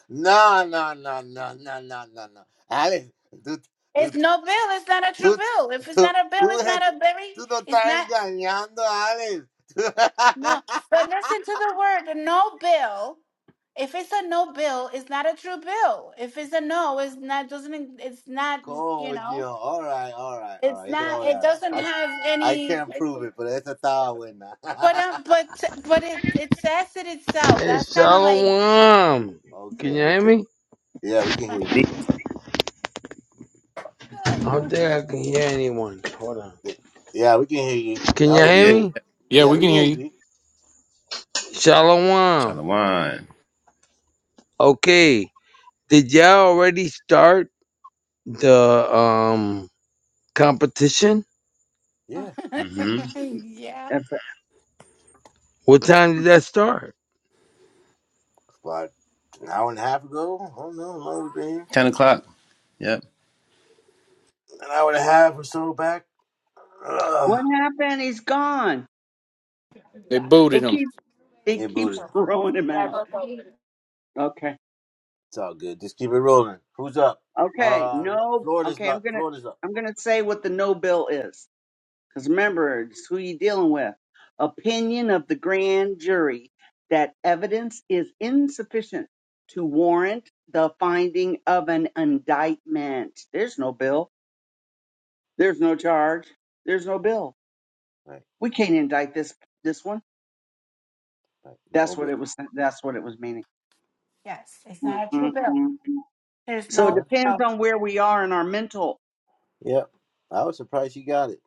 Speaker 2: No, no, no, no, no, no, no, no, no, no, no, no, no, no, no. no, no. Alice, tú, tú,
Speaker 5: It's no bill. It's not a true
Speaker 2: tú,
Speaker 5: bill. If it's not
Speaker 2: tú,
Speaker 5: a bill,
Speaker 2: tú,
Speaker 5: it's not
Speaker 2: eres-
Speaker 5: a very.
Speaker 2: tú no
Speaker 5: It's
Speaker 2: estás
Speaker 5: not.
Speaker 2: engañando, Alice.
Speaker 5: No, but listen to the word no bill. If it's a no bill, it's not a true bill. If it's a no, it's not doesn't it's not, you know, it's not it doesn't have any but um, but but it it says it itself.
Speaker 7: Hey,
Speaker 5: That's kind of like
Speaker 7: Shalom. Can
Speaker 2: okay,
Speaker 7: you hear
Speaker 2: okay.
Speaker 7: me?
Speaker 2: Yeah, we can hear you.
Speaker 7: I don't think I can hear anyone. Hold on.
Speaker 2: Yeah, we can hear you.
Speaker 7: Can
Speaker 2: That
Speaker 7: you
Speaker 2: was
Speaker 7: hear
Speaker 1: yeah
Speaker 2: good.
Speaker 7: me?
Speaker 3: Yeah,
Speaker 2: Yeah,
Speaker 3: we
Speaker 2: we
Speaker 3: can
Speaker 2: can
Speaker 3: hear
Speaker 2: hear
Speaker 3: you.
Speaker 7: Shalom.
Speaker 1: shalom
Speaker 7: Okay. Did y'all already start the um competition?
Speaker 2: you. Yeah.
Speaker 1: mm-hmm
Speaker 5: yeah.
Speaker 4: That's it.
Speaker 7: What time did that start?
Speaker 2: an hour and a half ago. I don't know how long we've been here.
Speaker 1: 10 o'clock yep
Speaker 2: An hour and a half or so back. Ugh.
Speaker 4: What happened? He's gone.
Speaker 3: They booted
Speaker 4: It
Speaker 3: him.
Speaker 4: keeps. He
Speaker 2: Hey,
Speaker 4: keeps
Speaker 2: Buddha.
Speaker 4: throwing him out. Okay.
Speaker 2: It's all good. Just keep it rolling. Who's up?
Speaker 4: Okay.
Speaker 2: Uh,
Speaker 4: No.
Speaker 2: Florida's
Speaker 4: Okay. I'm
Speaker 2: up.
Speaker 4: gonna
Speaker 2: Florida's up.
Speaker 4: I'm gonna say what the no bill is, because
Speaker 2: Mhm.
Speaker 4: remember, it's who you dealing with. Opinion of the grand jury that evidence is insufficient to warrant the finding of an indictment. There's no bill. There's no charge. There's no bill.
Speaker 2: Right,
Speaker 4: We can't indict this this one.
Speaker 2: right.
Speaker 4: That's
Speaker 2: No
Speaker 4: what
Speaker 2: bill.
Speaker 4: it was. That's what it was meaning.
Speaker 5: Yes, it's not a true
Speaker 4: Mhm,
Speaker 5: bill.
Speaker 4: mhm.
Speaker 5: There's
Speaker 4: So it
Speaker 5: no
Speaker 2: Huh?
Speaker 4: depends
Speaker 5: no.
Speaker 4: on where we are in our mental
Speaker 2: Yep. I was surprised she got it.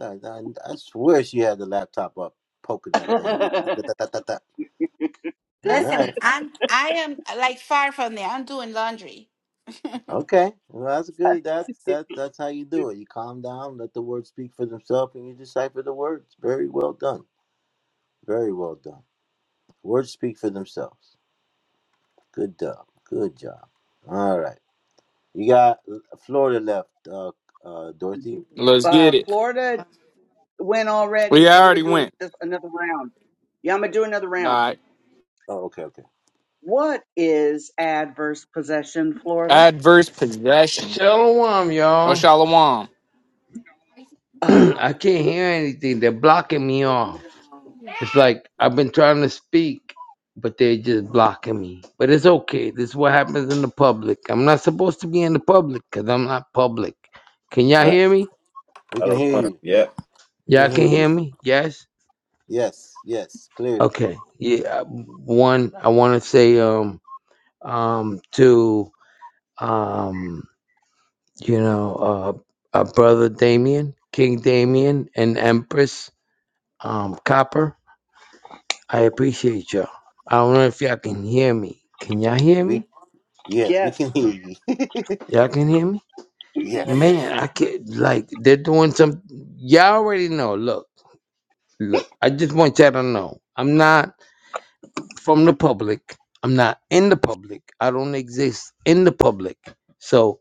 Speaker 2: I, I, I swear she had the laptop up, poking that thing. Da-da-da-da-da-da. All
Speaker 5: Listen,
Speaker 2: right.
Speaker 5: I'm I am like far from there. I'm doing laundry.
Speaker 2: Okay. Well, that's good. That's that. That's how you do it. You calm down, let the words speak for themselves, and you decipher the words. Very well done. Very well done. Words speak for themselves. Good job. Good job. All right. You got Florida left, uh, uh, Dorothy.
Speaker 3: Let's
Speaker 4: uh,
Speaker 3: get it.
Speaker 4: Florida went
Speaker 3: Well
Speaker 4: already,
Speaker 3: yeah,
Speaker 4: so
Speaker 3: I
Speaker 4: I'm
Speaker 3: already
Speaker 4: going to do an-
Speaker 3: went.
Speaker 4: this, another round. Yeah, I'm going to do another round.
Speaker 3: Alright.
Speaker 2: Oh, okay, okay.
Speaker 4: What is adverse possession, Florida?
Speaker 3: Adverse possession.
Speaker 7: Shalom,
Speaker 3: Oh
Speaker 7: y'all.
Speaker 3: Shalom.
Speaker 4: Ah,
Speaker 7: I can't hear anything. They're blocking me off. It's like I've been trying to speak, but they're just blocking me. But it's okay. This is what happens in the public. I'm not supposed to be in the public because I'm not public. Can y'all
Speaker 2: Right.
Speaker 7: hear me?
Speaker 2: We can
Speaker 1: shalom
Speaker 2: hear you.
Speaker 1: yep
Speaker 2: We can
Speaker 7: Y'all
Speaker 2: hear
Speaker 7: can
Speaker 2: you.
Speaker 7: hear me? Yes.
Speaker 2: Yes, yes, clearly.
Speaker 7: Okay. Yeah. uh, One, I want to say um um to um you know uh, uh brother Damien, King Damien, and Empress um Copper. I appreciate y'all. I don't know if y'all can hear me. Can y'all hear
Speaker 2: We
Speaker 7: me?
Speaker 2: yes, we
Speaker 4: yes,
Speaker 2: can hear you.
Speaker 7: Y'all can hear me?
Speaker 4: yes,
Speaker 7: Man,
Speaker 2: yes,
Speaker 7: I can't like they're doing some. Y'all already know. Look, look. I just want y'all to know. I'm not from the public. I'm not in the public. I don't exist in the public. So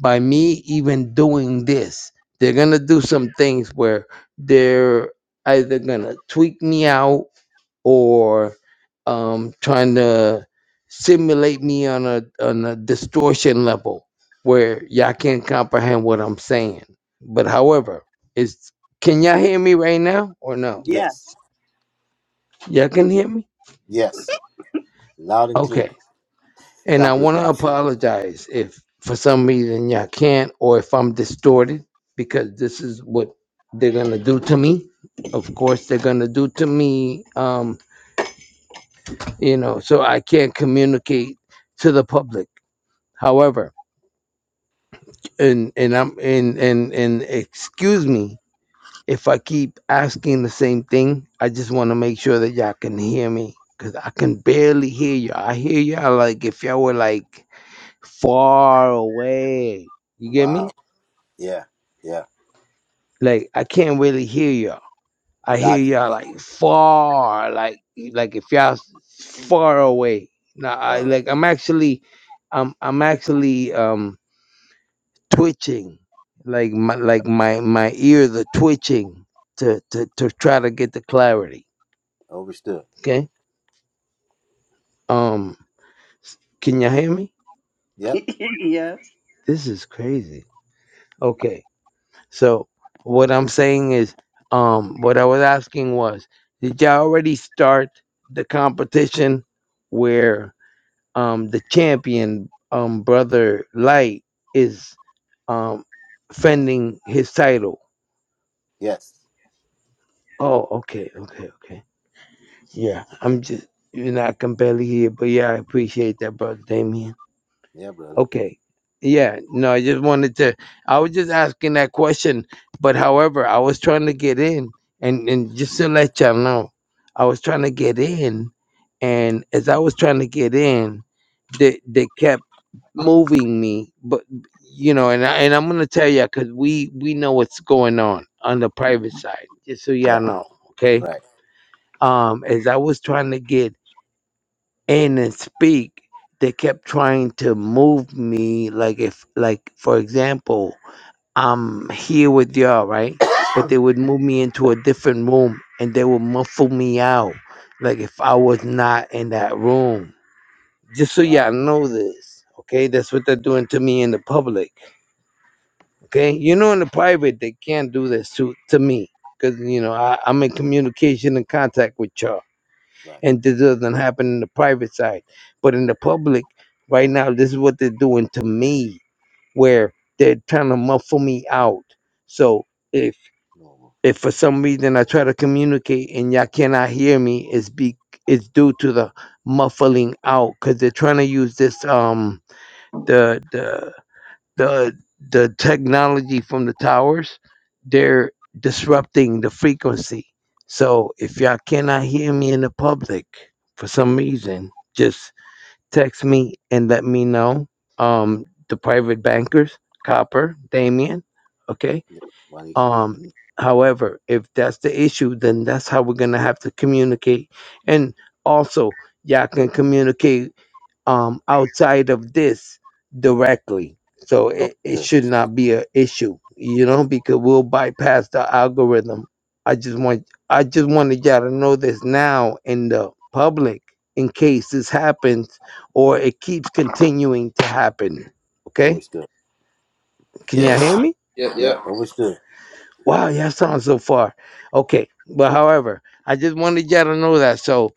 Speaker 7: by me even doing this, they're gonna do some things where they're either gonna tweak me out or um, trying to simulate me on a on a distortion level where y'all can't comprehend what I'm saying. But however, it's can y'all hear me right now or no?
Speaker 4: yeah,
Speaker 2: yes,
Speaker 7: Y'all can hear me?
Speaker 2: yes. Loud and clear.
Speaker 7: Okay. And I
Speaker 2: Copper's
Speaker 7: want to
Speaker 2: laughing.
Speaker 7: apologize if for some reason y'all can't or if I'm distorted because this is what they're going to do to me. Of course they're going to do to me um you know, so I can't communicate to the public However, and and I'm and and and excuse me if I keep asking the same thing. I just want to make sure that y'all can hear me because I can barely hear you. I hear y'all like if y'all were like far away. You get me?
Speaker 2: Yeah, yeah.
Speaker 7: Like I can't really hear y'all. I hear
Speaker 2: Got you.
Speaker 7: y'all like far, like like if y'all s- far away. Now I
Speaker 2: All right.
Speaker 7: like I'm actually, I'm I'm actually um. twitching like my like my my ear the twitching to to to try to get the clarity
Speaker 2: Overstood.
Speaker 7: okay um can you hear me
Speaker 2: Yep.
Speaker 4: yes.
Speaker 7: this is crazy okay so what i'm saying is um what i was asking was did y'all already start the competition where um the champion um brother light is um fending his title
Speaker 2: Yes.
Speaker 7: oh okay okay okay Yeah, I'm just, you know, I can barely hear, but yeah, I appreciate that, brother Damien.
Speaker 2: Yeah, brother.
Speaker 7: Okay. Yeah, no, I just wanted to, I was just asking that question, but however, I was trying to get in and, and just to let y'all know, I was trying to get in. And as I was trying to get in, they, they kept moving me, but you know, and I, and I'm going to tell you, cause we, we know what's going on on the private side, just so y'all
Speaker 2: Right.
Speaker 7: know. Okay.
Speaker 2: Right.
Speaker 7: Um, as I was trying to get and then speak they kept trying to move me like if like for example i'm here with y'all right but they would move me into a different room and they would muffle me out like if i was not in that room just so y'all
Speaker 2: Wow.
Speaker 7: know this okay that's what they're doing to me in the public okay you know in the private they can't do this to to me because you know I, i'm in communication and contact with y'all
Speaker 2: Right.
Speaker 7: and this doesn't happen in the private side but in the public right now this is what they're doing to me where they're trying to muffle me out so if
Speaker 2: Normal.
Speaker 7: if for some reason i try to communicate and y'all cannot hear me it's be it's due to the muffling out because they're trying to use this um the the the the technology from the towers they're disrupting the frequency so if y'all cannot hear me in the public for some reason just text me and let me know um the private bankers copper damien okay
Speaker 2: Wanishi.
Speaker 7: um however if that's the issue then that's how we're gonna have to communicate and also y'all can communicate um, outside of this directly. So it, it
Speaker 2: Good.
Speaker 7: should not be an issue, you know, because we'll bypass the algorithm. I just want I just wanted y'all to know this now in the public in case this happens or it keeps continuing to happen. Okay?
Speaker 2: Overstood.
Speaker 7: Can y'all hear
Speaker 1: yes
Speaker 7: me?
Speaker 1: yep
Speaker 2: Yeah.
Speaker 1: yep
Speaker 2: Overstood.
Speaker 7: Wow, y'all sound so far. Okay. But however, I just wanted y'all to know that. So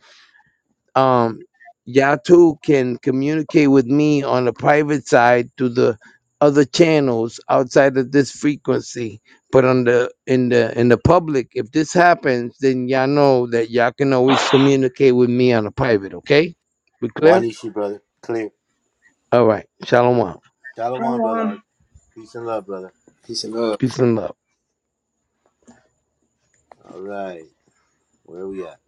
Speaker 7: um, y'all too can communicate with me on the private side through the other channels outside of this frequency. But on the in the in the public, if this happens, then y'all know that y'all can always communicate with me on the private. Okay, we clear?
Speaker 2: Wanishi, brother. Clear.
Speaker 7: All right. Shalom. out.
Speaker 2: Shalawan, brother. Art.
Speaker 4: Pronoun.
Speaker 2: Peace and love, brother.
Speaker 1: peace and love
Speaker 7: Peace and love.
Speaker 2: All right. Where are we at?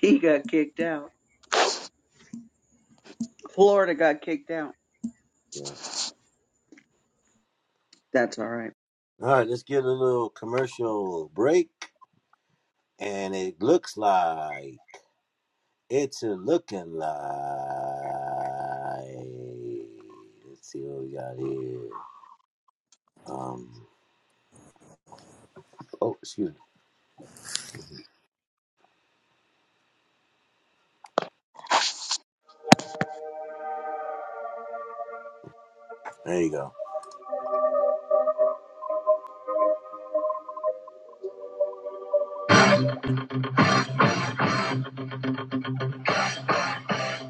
Speaker 4: He got kicked out. Florida got kicked out.
Speaker 2: Yeah.
Speaker 4: That's all right.
Speaker 2: All right. Let's get a little commercial break. And it looks like it's a looking like. Let's see what we got here. Um. Oh, excuse me. There you go.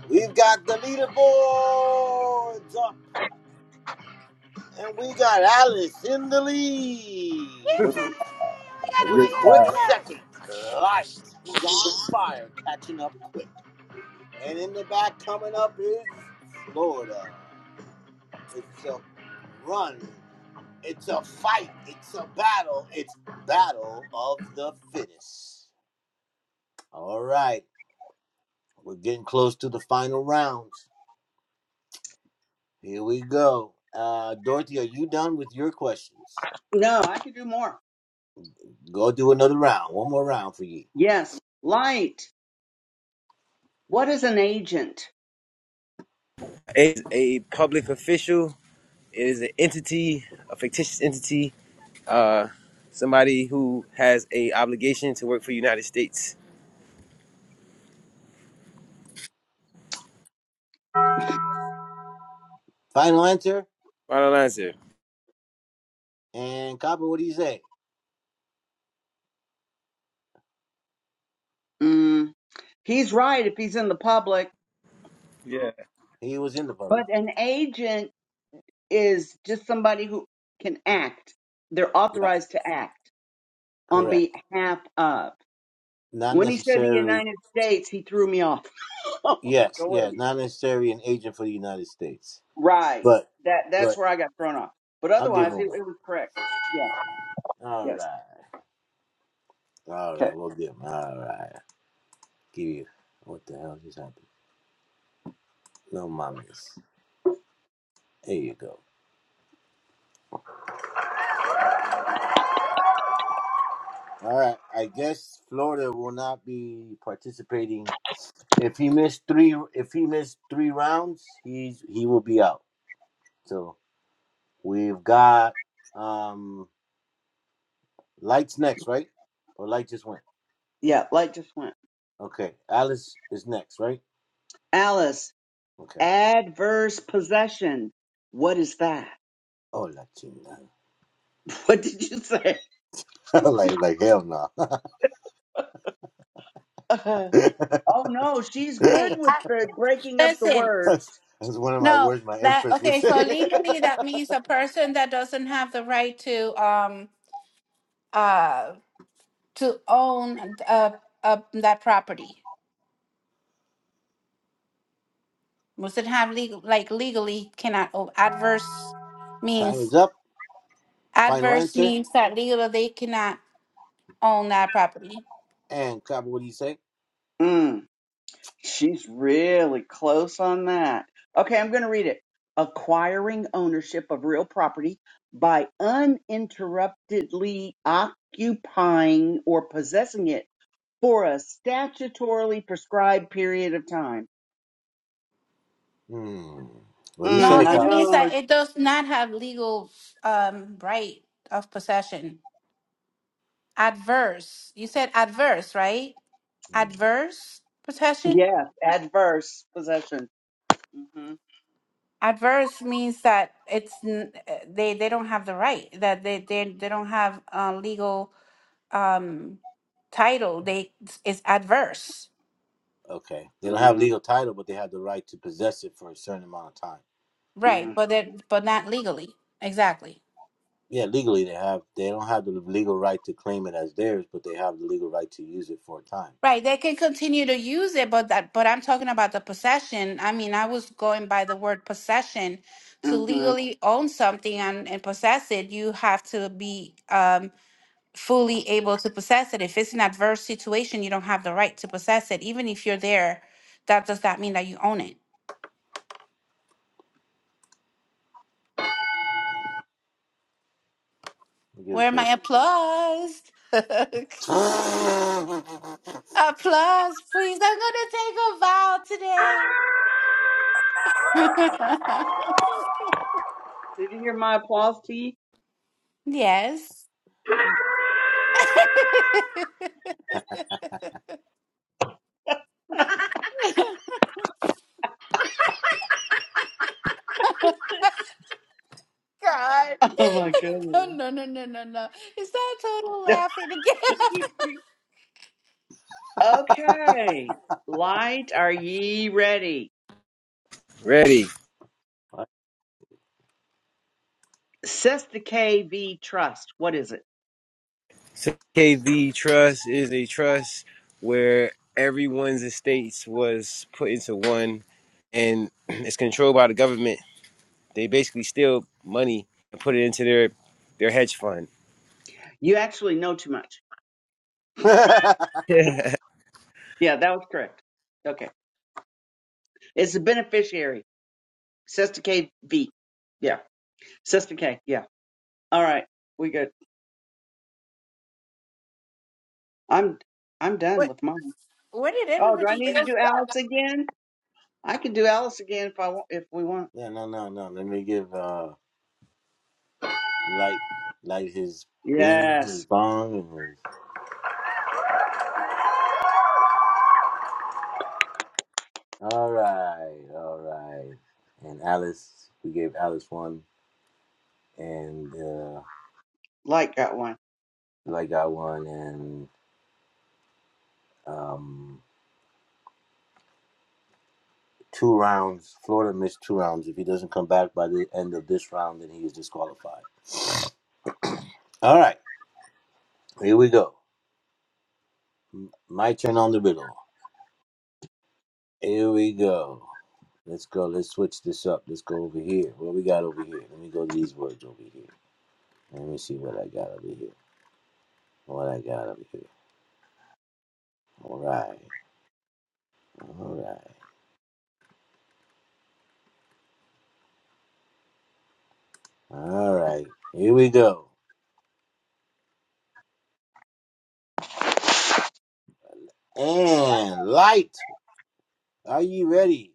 Speaker 2: We've got the leaderboards up, and we got Alice in the lead.
Speaker 5: Yay! Oh my god!
Speaker 2: With a quick
Speaker 5: Oh my god!
Speaker 2: second, Light, who's on fire, catching up quick. And in the back, coming up is Florida. It's a run. It's a fight. It's a battle. It's battle of the fittest. All right, we're getting close to the final rounds. Here we go. Uh, Dorothy, are you done with your questions?
Speaker 4: no, I could do more.
Speaker 2: Go do another round. One more round for you.
Speaker 4: Yes, light. What is an agent?
Speaker 1: is a public official it is an entity a fictitious entity Uh, somebody who has a obligation to work for United States.
Speaker 2: Final answer.
Speaker 1: Final answer.
Speaker 2: And Copper, what do you say?
Speaker 4: Mm, he's right if he's in the public,
Speaker 1: Yeah.
Speaker 2: He was in the public.
Speaker 4: but an agent. is just somebody who can act. They're
Speaker 2: Right.
Speaker 4: authorized to act on
Speaker 2: Correct.
Speaker 4: behalf of.
Speaker 2: not
Speaker 4: When he said the
Speaker 2: necessarily
Speaker 4: United States, he threw me off. I'm like,
Speaker 2: yes
Speaker 4: oh,
Speaker 2: yeah
Speaker 4: wait.
Speaker 2: not necessarily an agent for the united states
Speaker 4: Right.
Speaker 2: but
Speaker 4: That that's
Speaker 2: but
Speaker 4: where I got thrown off. But
Speaker 2: i'll give
Speaker 4: otherwise,
Speaker 2: him
Speaker 4: it,
Speaker 2: one
Speaker 4: it was correct. Yeah.
Speaker 2: all
Speaker 4: Yes.
Speaker 2: right all
Speaker 4: Okay.
Speaker 2: right we'll give him all right give you what the hell just happened no mamas there you go all right i guess florida will not be participating if he missed three if he missed three rounds he's he will be out so we've got um lights next right or light just went
Speaker 4: Yeah. Light just went.
Speaker 2: okay alice is next right
Speaker 4: Alice,
Speaker 2: Okay.
Speaker 4: adverse possession. What is that?
Speaker 2: Oh, Latina.
Speaker 4: What did you say?
Speaker 2: like, like, hell no.
Speaker 4: oh no, she's
Speaker 5: Oh my god!
Speaker 4: good
Speaker 5: Hey,
Speaker 4: with the breaking up the
Speaker 5: Listen,
Speaker 4: words.
Speaker 5: no, that okay. So legally, that means a person that doesn't have the right to um uh to own uh, uh that property mustn't have legal like legally cannot own adverse
Speaker 2: Time
Speaker 5: means
Speaker 2: is up. Final
Speaker 5: adverse
Speaker 2: answer.
Speaker 5: means that legally they cannot own that property.
Speaker 2: And Cop, what do you say?
Speaker 4: Mm. She's really close on that. Okay, I'm going to read it. Acquiring ownership of real property by uninterruptedly occupying or possessing it for a statutorily prescribed period of time.
Speaker 2: Hmm. What do you
Speaker 5: No,
Speaker 2: say,
Speaker 4: Mm, I
Speaker 5: it
Speaker 2: Cop?
Speaker 5: means
Speaker 4: know.
Speaker 5: that it does not have legal um right of possession. Adverse. You said adverse, right?
Speaker 2: Hmm.
Speaker 5: Adverse possession.
Speaker 4: Yes, adverse possession. hmm
Speaker 5: adverse means that it's n- uh, they they don't have the right that they they, they don't have a legal um title they it's adverse
Speaker 2: Okay. They don't have
Speaker 4: hmm
Speaker 2: legal title, but they have the right to possess it for a certain amount of time.
Speaker 5: right but they but not legally exactly
Speaker 2: Yeah, legally they have. They don't have the legal right to claim it as theirs, but they have the legal right to use it for a time.
Speaker 5: right they can continue to use it but that but i'm talking about the possession i mean i was going by the word possession to
Speaker 4: hmm
Speaker 5: legally own something and, and possess it you have to be um fully able to possess it. If it's an adverse situation, you don't have the right to possess it. Even if you're there, that does not mean that you own it. Where my applause? applause, please. I'm gonna take a vow today.
Speaker 4: Did you hear my applause, T?
Speaker 5: yes. God.
Speaker 4: Oh my goodness.
Speaker 5: No, no, no, no, no, no. Is that total laughing again?
Speaker 4: okay. Light, are ye ready?
Speaker 1: Ready.
Speaker 4: Cesta KV Trust. What is it?
Speaker 1: So KV Trust is a trust where everyone's estates was put into one and it's controlled by the government. They basically steal money and put it into their their hedge fund.
Speaker 4: You actually know too much.
Speaker 1: yeah,
Speaker 4: Yeah, that was correct. Okay. It's a beneficiary. Cesta KV. Yeah. Cesta K. Yeah. All right. We good. I'm I'm done with mine.
Speaker 5: Where did
Speaker 4: Oh, do I
Speaker 5: everybody go?
Speaker 4: need to do Alice again? I can do Alice again if I want if we want.
Speaker 2: yeah, no, no, no. Let me give uh, light, light his bean, his
Speaker 4: Yes.
Speaker 2: bong, and his All right, all right. And Alice, we gave Alice one, uh,
Speaker 4: Light got one.
Speaker 2: I got one, and um, two rounds. Florida missed two rounds. If he doesn't come back by the end of this round, then he is disqualified. All right, here we go. My turn on the riddle. Here we go. Let's go. Let's switch this up. Let's go over here. What we got over here? Let me go to these words over here. Let me see what I got over here. What I got over here. All right. All right. All right. Here we go. And light. Are you ready?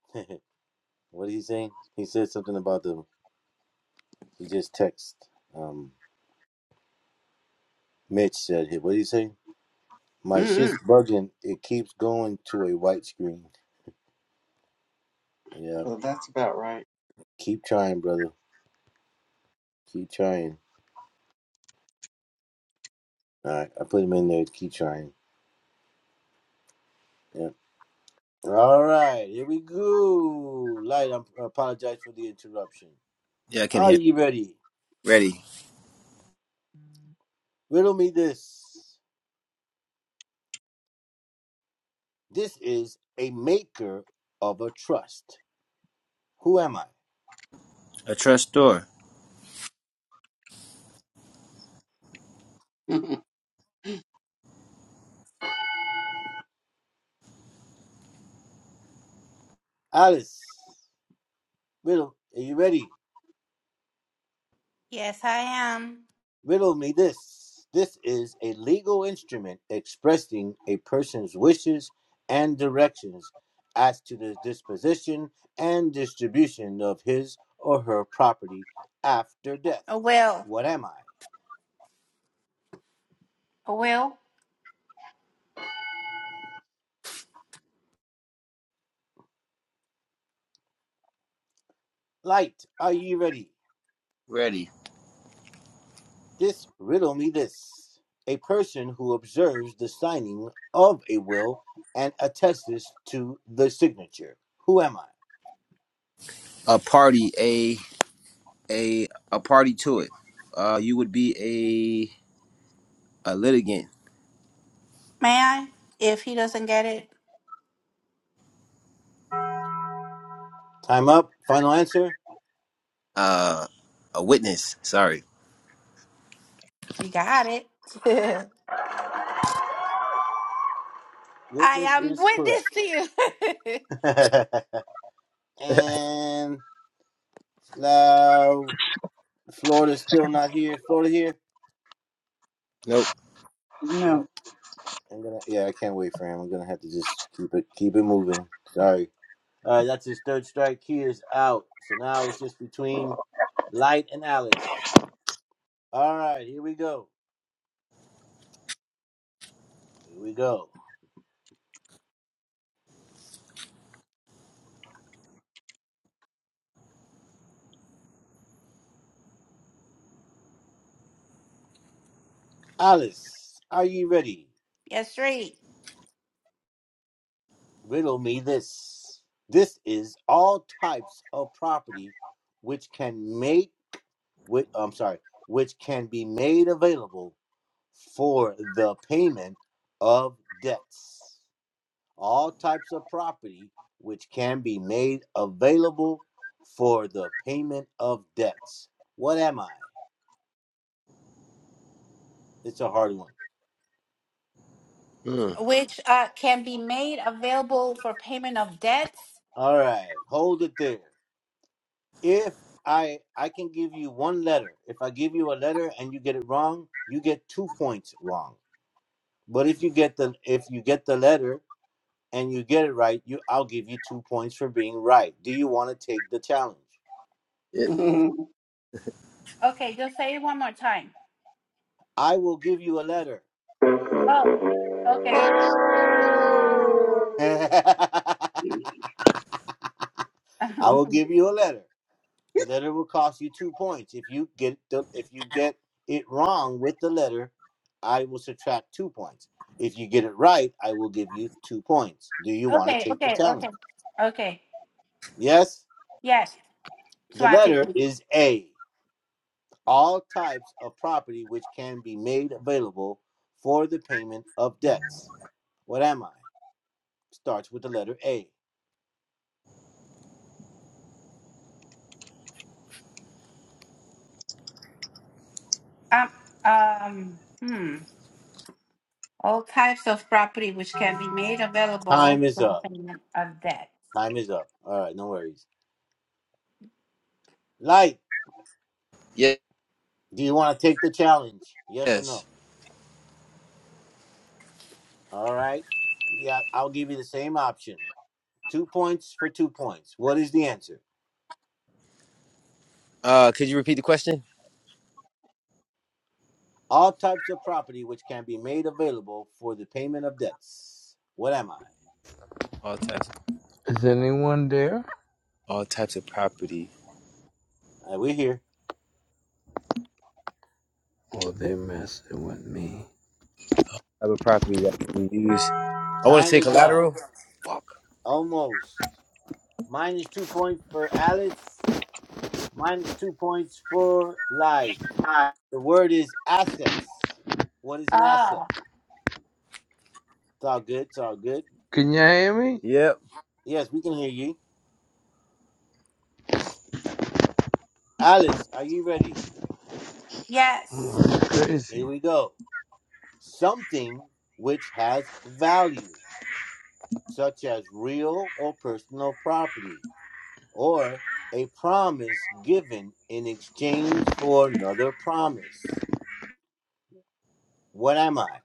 Speaker 2: what did he say? He said something about the. He just text. Um, Mitch said, "Hey, what did he say? My
Speaker 4: Mm-hmm.
Speaker 2: shit's bugging. It keeps going to a white screen. Yeah,
Speaker 4: Well, that's about right.
Speaker 2: keep trying, brother. Keep trying. All right, I put him in there. Keep trying. Yeah. All right, here we go. Light. I'm, I apologize for the interruption.
Speaker 1: Yeah. I can
Speaker 2: Are
Speaker 1: hear.
Speaker 2: you ready?
Speaker 1: Ready.
Speaker 2: Riddle me this. This is a maker of a trust. Who am I?
Speaker 1: A trust door.
Speaker 2: Alice. Riddle, are you ready?
Speaker 5: Yes, I am.
Speaker 2: Riddle me this. This is a legal instrument expressing a person's wishes and directions as to the disposition and distribution of his or her property after death.
Speaker 5: A will.
Speaker 2: What am I?
Speaker 5: A will.
Speaker 2: Light, are you ready?
Speaker 1: Ready.
Speaker 2: This riddle me this. A person who observes the signing of a will and attests to the signature. Who am I?
Speaker 1: A party, a a a party to it. Uh you would be a a litigant
Speaker 5: May I? If he doesn't get it,
Speaker 2: Time up. Final answer.
Speaker 1: uh, a witness. Sorry.
Speaker 5: you got it. I
Speaker 2: Witness
Speaker 5: am
Speaker 2: is correct.
Speaker 5: witness to you.
Speaker 2: and uh, Florida's still not here. Florida here?
Speaker 1: Nope.
Speaker 4: no.
Speaker 2: No. I'm gonna. Yeah, I can't wait for him. I'm gonna have to just keep it keep it moving. Sorry. All right, that's his third strike. He is out. So now it's just between Light and Alice. All right, here we go. Here we go. Alice, are you ready?
Speaker 5: yes, right.
Speaker 2: riddle me this. This is all types of property which can make which I'm sorry, which can be made available for the payment of debts. All types of property which can be made available for the payment of debts. What am I? It's a hard one.
Speaker 1: Mm.
Speaker 5: Which uh, can be made available for payment of debts.
Speaker 2: All right, hold it there. if I I can give you one letter. If I give you a letter and you get it wrong, you get two points wrong. But if you get the if you get the letter and you get it right, you I'll give you two points for being right. Do you want to take the challenge?
Speaker 5: Okay, just say it one more time.
Speaker 2: I will give you a letter.
Speaker 5: Oh, okay.
Speaker 2: I will
Speaker 5: okay,
Speaker 2: give you a letter. The letter will cost you two points. If you get the if you get it wrong with the letter, I will subtract two points. If you get it right, I will give you two points. Do you want to take the
Speaker 5: okay,
Speaker 2: challenge?
Speaker 5: okay, okay.
Speaker 2: Yes.
Speaker 5: Yes,
Speaker 2: The
Speaker 5: Swati.
Speaker 2: letter is A. All types of property which can be made available for the payment of debts. What am I? Starts with the letter A.
Speaker 5: Um, um, hmm. All types of property which can be made available
Speaker 2: Time is
Speaker 5: for the
Speaker 2: up.
Speaker 5: payment of debts.
Speaker 2: Time is up. All right, no worries. Light,
Speaker 1: Ye-
Speaker 2: do you want to take the challenge? Yes or no?
Speaker 1: Yes.
Speaker 2: All right. Yeah, I'll give you the same option. Two points for two points. What is the answer?
Speaker 1: Uh, could you repeat the question?
Speaker 2: All types of property which can be made available for the payment of debts. What am I?
Speaker 1: All types, of,
Speaker 7: Is anyone there?
Speaker 1: all types of property,
Speaker 2: All right, we're here.
Speaker 7: Oh, they messing with me.
Speaker 1: type of property that can be used. I want to
Speaker 2: Time
Speaker 1: say
Speaker 2: is up.
Speaker 1: collateral. Fuck.
Speaker 2: Almost. Minus two points for Alice. Minus two points for Light. The word is assets. What is an asset?
Speaker 5: Oh,
Speaker 2: It's all good. It's all good.
Speaker 7: Can y'all hear me?
Speaker 1: Yep.
Speaker 2: Yes, we can hear you. Alice, are you ready?
Speaker 7: Oh,
Speaker 5: yes.
Speaker 7: that's crazy.
Speaker 2: Here we go. something which has value, such as real or personal property, or a promise given in exchange for another promise. What am I?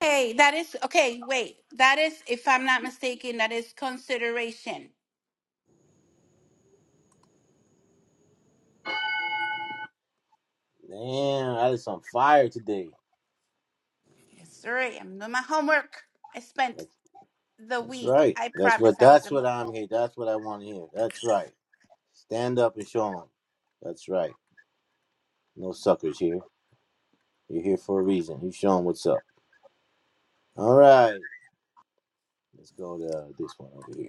Speaker 5: Okay, that is okay. Wait, that is, if I'm not mistaken, that is consideration.
Speaker 2: Man, I was on fire today.
Speaker 5: Yes, sir. I'm doing my homework. I spent
Speaker 2: That's,
Speaker 5: the
Speaker 2: that's
Speaker 5: week.
Speaker 2: right.
Speaker 5: I
Speaker 2: That's
Speaker 5: promise
Speaker 2: what.
Speaker 5: I was
Speaker 2: That's
Speaker 5: gonna.
Speaker 2: what I'm here. That's what I want to hear. That's right. Stand up and show 'em. That's right. No suckers here. You're here for a reason. You show 'em what's up. All right. Let's go to this one over here.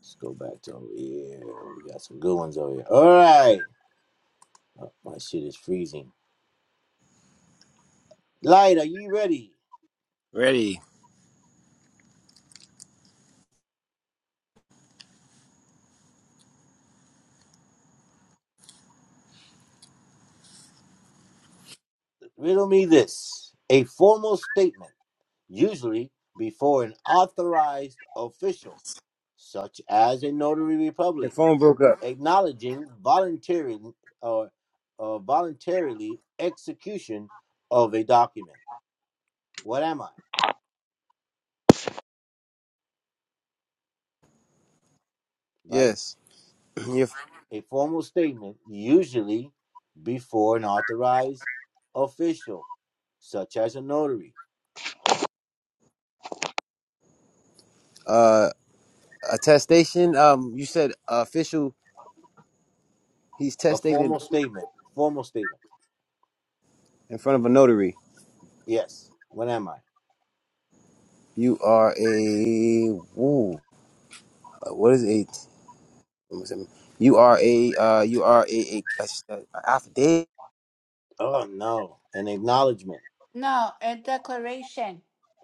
Speaker 2: Let's go back to over here. We got some good ones over here. All right. Oh, my shit is freezing. Light, are you ready?
Speaker 1: Ready.
Speaker 2: Riddle me this. A formal statement, usually before an authorized official, such as a notary
Speaker 1: Your
Speaker 2: republic,
Speaker 1: phone broke up.
Speaker 2: acknowledging volunteering or uh, voluntarily execution of a document. What am I? Light?
Speaker 1: Yes. Your
Speaker 2: a formal statement, usually before an authorized official, such as a notary.
Speaker 1: uh, attestation. Um, you said official. He's
Speaker 2: A
Speaker 1: testated
Speaker 2: formal statement. Formal statement.
Speaker 1: in front of a notary.
Speaker 2: Yes. What am I?
Speaker 1: You are a woo. uh, What is a? what was it? You are a. Uh, you are a, a, a, a affidavit.
Speaker 2: Oh no. An acknowledgement.
Speaker 5: No, a declaration.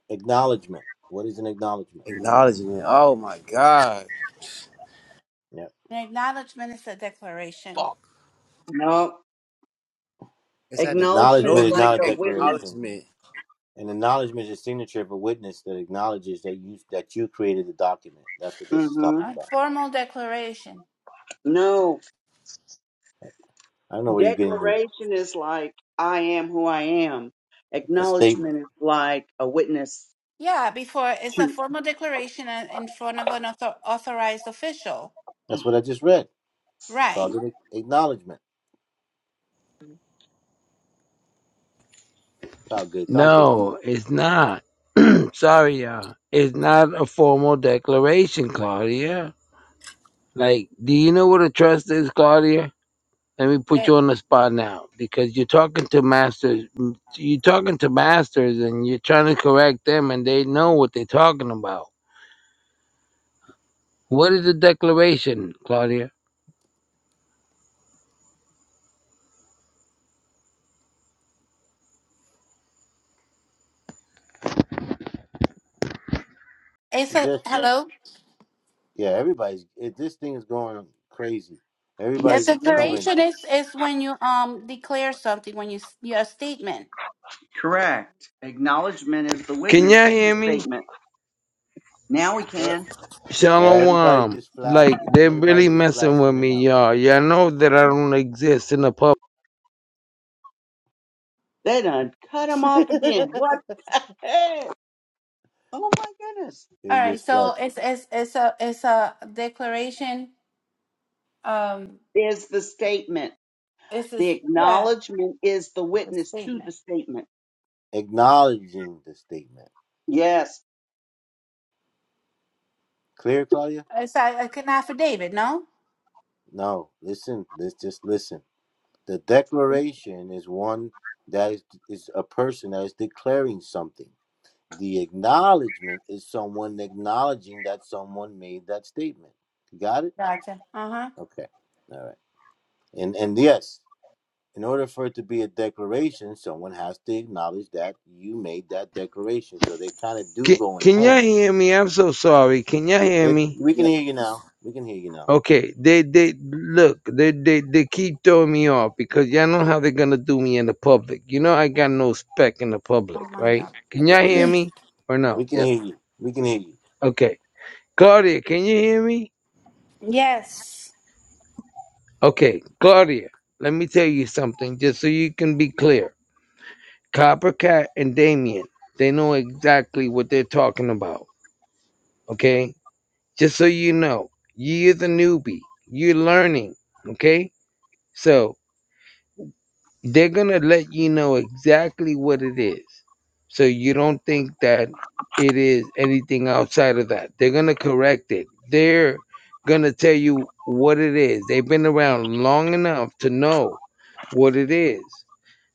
Speaker 2: Acknowledgement. What is an acknowledgement?
Speaker 1: Acknowledgement. Oh my God.
Speaker 2: Yeah.
Speaker 5: An acknowledgement is a declaration,
Speaker 1: Fuck.
Speaker 4: no.
Speaker 1: It's at the
Speaker 4: Acknowledgement
Speaker 2: Acknowledgement
Speaker 4: is
Speaker 2: is
Speaker 1: notary
Speaker 4: like
Speaker 2: not a
Speaker 4: a witness.
Speaker 2: declaration.
Speaker 1: acknowledgement.
Speaker 2: An acknowledgement is a signature of a witness that acknowledges that you that you created the document. That's what
Speaker 4: Mm
Speaker 2: this is
Speaker 4: hmm.
Speaker 2: talking
Speaker 5: a
Speaker 2: about.
Speaker 5: formal declaration.
Speaker 4: No,
Speaker 2: I don't know where you're getting
Speaker 4: declaration is like I am who I am.
Speaker 2: a statement.
Speaker 4: Acknowledgement is like a witness
Speaker 5: Yeah, before it's a
Speaker 4: to.
Speaker 5: formal declaration uh, in front of an author- authorized official.
Speaker 2: That's what I just read. It's
Speaker 5: Right.
Speaker 2: called an acknowledgement. It's all good. It's all good.
Speaker 7: No, it's not. Sorry, y'all. It's not a formal declaration, Claudia. Like, do you know what a trust is, Claudia? Let me put you
Speaker 5: It-
Speaker 7: on the spot now because you're talking to masters. You're talking to masters and you're trying to correct them and they know what they're talking about. What is a declaration, Claudia?
Speaker 5: It's
Speaker 2: It's
Speaker 5: a
Speaker 2: just
Speaker 5: hello.
Speaker 2: yeah, everybody's it, this thing is going crazy.
Speaker 5: A
Speaker 4: Yes,
Speaker 2: Everybody's
Speaker 4: it
Speaker 2: coming.
Speaker 4: is.
Speaker 5: declaration is is when you um declare something when you s- your statement.
Speaker 4: Correct. Acknowledgement is the
Speaker 7: Can
Speaker 4: witness
Speaker 7: y'all
Speaker 4: to the
Speaker 7: hear me?
Speaker 4: statement. Now we
Speaker 1: Yep.
Speaker 4: can.
Speaker 2: Everybody
Speaker 7: Shalom.
Speaker 2: just flashed.
Speaker 7: Like, they're
Speaker 2: Everybody
Speaker 7: really
Speaker 2: just
Speaker 7: messing
Speaker 2: flashed
Speaker 7: with
Speaker 2: in and
Speaker 7: me,
Speaker 2: out.
Speaker 7: y'all. Y'all know that I don't exist in the public.
Speaker 4: They done cut him off again. What the heck? Oh my goodness.
Speaker 2: they
Speaker 5: All right,
Speaker 2: just
Speaker 5: so
Speaker 2: flashed,
Speaker 5: it's it's it's a it's a declaration. Um,
Speaker 4: There's the statement.
Speaker 5: it's a
Speaker 4: The
Speaker 5: yeah,
Speaker 4: acknowledgement is the
Speaker 5: a
Speaker 4: witness to the
Speaker 5: statement.
Speaker 4: statement.
Speaker 2: acknowledging the statement.
Speaker 4: Yes.
Speaker 2: Clear, Claudia?
Speaker 5: It's a, like an affidavit. No,
Speaker 2: No. Listen. Let's just listen. The declaration is one that is is a person that is declaring something. The acknowledgement is someone acknowledging that someone made that statement. You got it?
Speaker 5: gotcha. Uh huh.
Speaker 2: Okay. All right. And and yes. in order for it to be a declaration, someone has to acknowledge that you made that declaration. So they kind of do
Speaker 7: Can,
Speaker 2: go in
Speaker 7: can y'all
Speaker 2: hand.
Speaker 7: hear me? I'm so sorry. Can y'all hear
Speaker 2: It.
Speaker 7: me?
Speaker 2: We can
Speaker 1: Yep.
Speaker 2: hear you now. We can hear you now.
Speaker 7: Okay, they they look, they they they keep throwing me off because y'all know how they're gonna do me in the public. You know I got no spec in the public,
Speaker 5: Oh my
Speaker 7: right?
Speaker 5: god.
Speaker 7: Can
Speaker 2: Yeah,
Speaker 7: y'all hear
Speaker 2: Yes,
Speaker 7: me or no?
Speaker 2: we can
Speaker 1: Yep.
Speaker 2: hear you. We can hear you.
Speaker 7: Okay, Claudia, can you hear me?
Speaker 5: Yes.
Speaker 7: Okay, Claudia, let me tell you something just so you can be clear. Coppercat and Damien, they know exactly what they're talking about. Okay, just so you know, you're the newbie, you're learning. Okay, So they're gonna let you know exactly what it is. So you don't think that it is anything outside of that. They're gonna correct it. They're gonna tell you what it is. They've been around long enough to know what it is.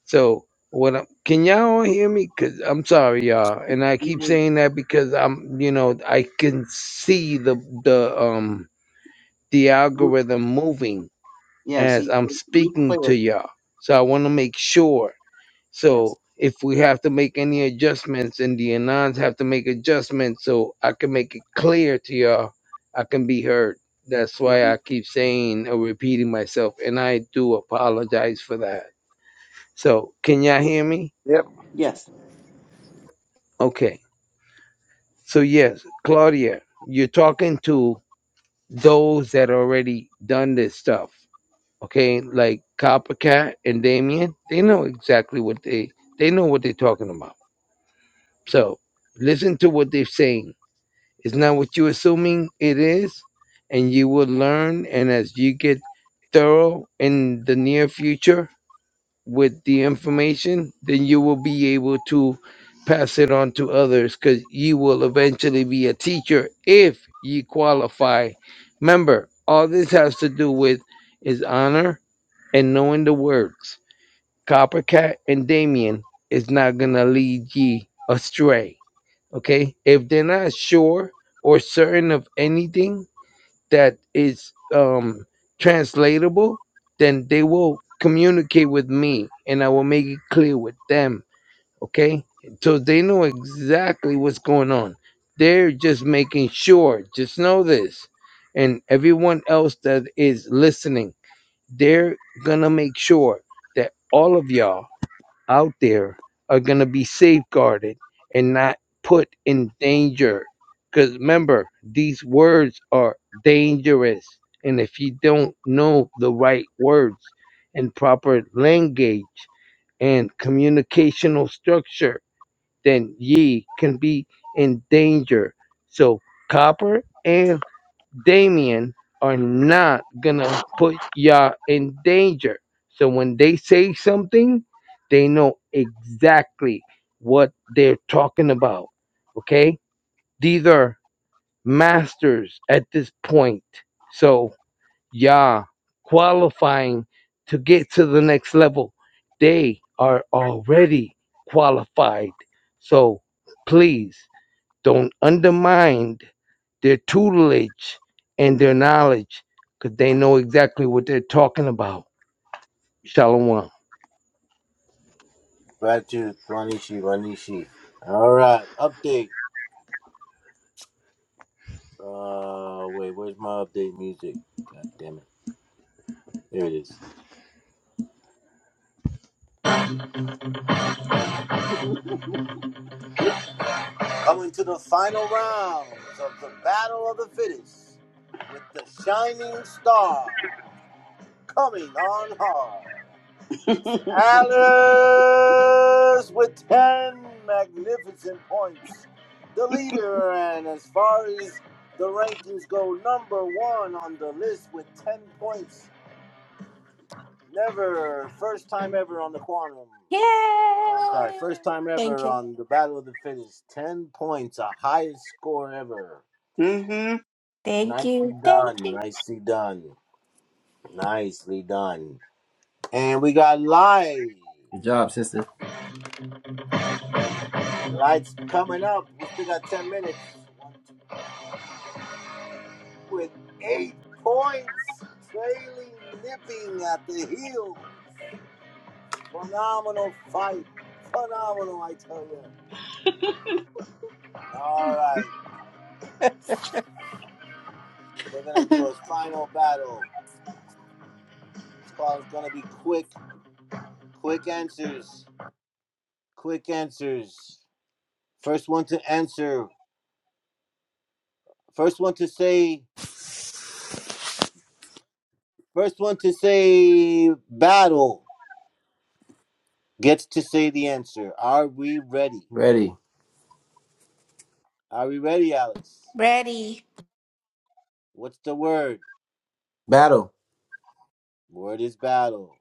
Speaker 7: So what I'm, can y'all all hear me? Cause I'm sorry, y'all, and I keep
Speaker 4: You-
Speaker 7: saying that because I'm, you know, I can see the the um the
Speaker 4: you-
Speaker 7: algorithm moving
Speaker 4: Yes,
Speaker 7: as
Speaker 4: you,
Speaker 7: I'm
Speaker 4: cl- you
Speaker 7: speaking to
Speaker 4: clear.
Speaker 7: y'all. So I want to make sure.
Speaker 4: Yes.
Speaker 7: So if we have to make any adjustments and the Anons have to make adjustments so I can make it clear to y'all, I can be heard. That's why
Speaker 4: hmm
Speaker 7: I keep saying or repeating myself, and I do apologize for that. So can y'all hear me?
Speaker 1: Yep.
Speaker 4: Yes.
Speaker 7: Okay. So yes, Claudia, you're talking to those that already done this stuff. okay, like Coppercat and Damien, they know exactly what they they know what they're talking about. So listen to what they're saying. It's not what you're assuming it is, and you will learn. And as you get thorough in the near future with the information, then you will be able to pass it on to others because you will eventually be a teacher if you qualify. Remember, all this has to do with is honor and knowing the words, Coppercat and Damien is not gonna lead ye astray. Okay? If they're not sure or certain of anything that is um translatable, then they will communicate with me and I will make it clear with them. Okay? So they know exactly what's going on. They're just making sure. Just know this. And everyone else that is listening they're gonna make sure that all of y'all out there are gonna be safeguarded and not put in danger. Because remember, these words are dangerous. And if you don't know the right words and proper language and communicational structure, then ye can be in danger. So, copper and Damien are not gonna put y'all in danger. So when they say something, they know exactly what they're talking about. Okay? These are masters at this point. So y'all qualifying to get to the next level. They are already qualified. So please don't undermine their tutelage and their knowledge because they know exactly what they're talking about. Shalom.
Speaker 2: Gratitude, Kwanishi, Wanishi. All right, update. Uh, wait, where's my update music? God damn it. There it is. Coming to the final rounds of the Battle of the Fittest with the Shining Star coming on hard. It's Alice with 10 magnificent points. The leader, and as far as the rankings go, number one on the list with 10 points. Never, first time ever on the quantum. I'm sorry,
Speaker 5: Yay!
Speaker 2: first time
Speaker 5: Thank
Speaker 2: ever
Speaker 5: you.
Speaker 2: on the Battle of the Fittest. 10 points, a highest score ever.
Speaker 4: hmm
Speaker 5: Thank
Speaker 2: Nicely
Speaker 5: you. Thank
Speaker 2: done,
Speaker 5: you.
Speaker 2: nicely done, nicely done. And we got live.
Speaker 1: Good job, sister.
Speaker 2: Lights coming up. We still got 10 minutes. with eight points, trailing nipping at the heel. Phenomenal fight. Phenomenal, I tell you. All right, we're going to do a final battle. It's it's going to be quick, quick answers. Quick answers. First one to answer, first one to say, first one to say battle gets to say the answer. Are we ready?
Speaker 1: Ready.
Speaker 2: Are we ready, Alice?
Speaker 5: Ready.
Speaker 2: What's the word?
Speaker 1: Battle.
Speaker 2: Word is battle.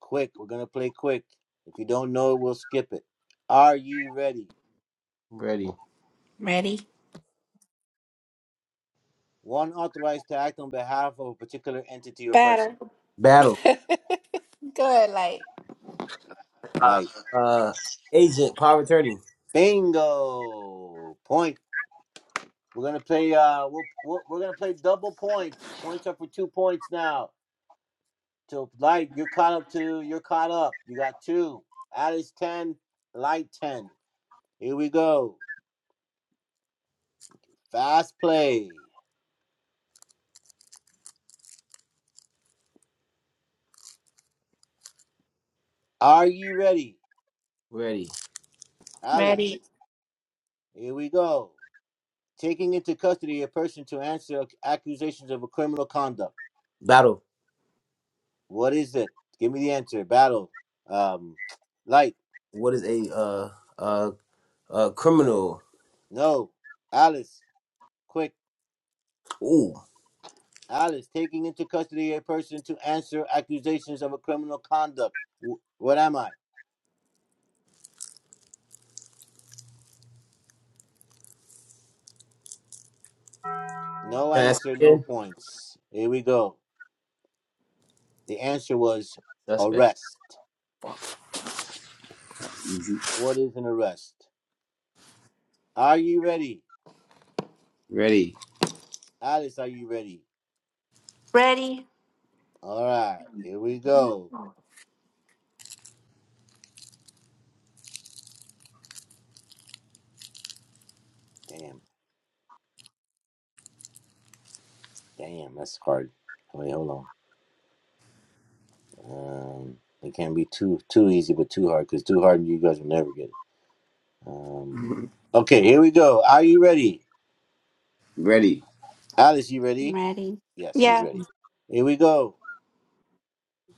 Speaker 2: Quick, we're going to play quick. If you don't know it, we'll skip it. Are ye ready?
Speaker 1: Ready.
Speaker 5: Ready.
Speaker 2: One authorized to act on behalf of a particular entity or person.
Speaker 5: Better.
Speaker 1: Battle.
Speaker 5: Good. Like
Speaker 2: Like
Speaker 1: Uh agent, power of attorney.
Speaker 2: bingo point. We're gonna play. Uh, we'll, we are gonna play double points. Points are for two points now. So light, you're caught up to. You're caught up. You got two. Alice ten. Light ten. Here we go. Fast play. Are ye ready,
Speaker 1: Ready.
Speaker 2: Alice?
Speaker 5: ready.
Speaker 2: Here we go. taking into custody a person to answer accusations of a criminal conduct.
Speaker 1: Battle.
Speaker 2: What is it? Give me the answer. Battle. Um, light.
Speaker 1: What is a uh uh uh criminal?
Speaker 2: No. Alice. Quick.
Speaker 1: Ooh.
Speaker 2: Alice. Taking into custody a person to answer accusations of a criminal conduct. W- what am I? No
Speaker 1: Can I ask
Speaker 2: answer. No
Speaker 1: again?
Speaker 2: points. Here we go. The answer was
Speaker 1: Suspect.
Speaker 2: arrest.
Speaker 1: Easy.
Speaker 2: What is an arrest? Are you ready?
Speaker 1: Ready.
Speaker 2: Alice, are you ready?
Speaker 5: Ready.
Speaker 2: All right. Here we go. Damn. Damn, that's hard. Wait, hold on. Um, it can't be too too easy, but too hard, because too hard, you guys will never get it. Um, okay, here we go. Are you ready,
Speaker 1: Ready.
Speaker 2: Alice? You ready?
Speaker 5: Ready.
Speaker 2: Yes, he's
Speaker 5: Yeah.
Speaker 2: ready. Here we go.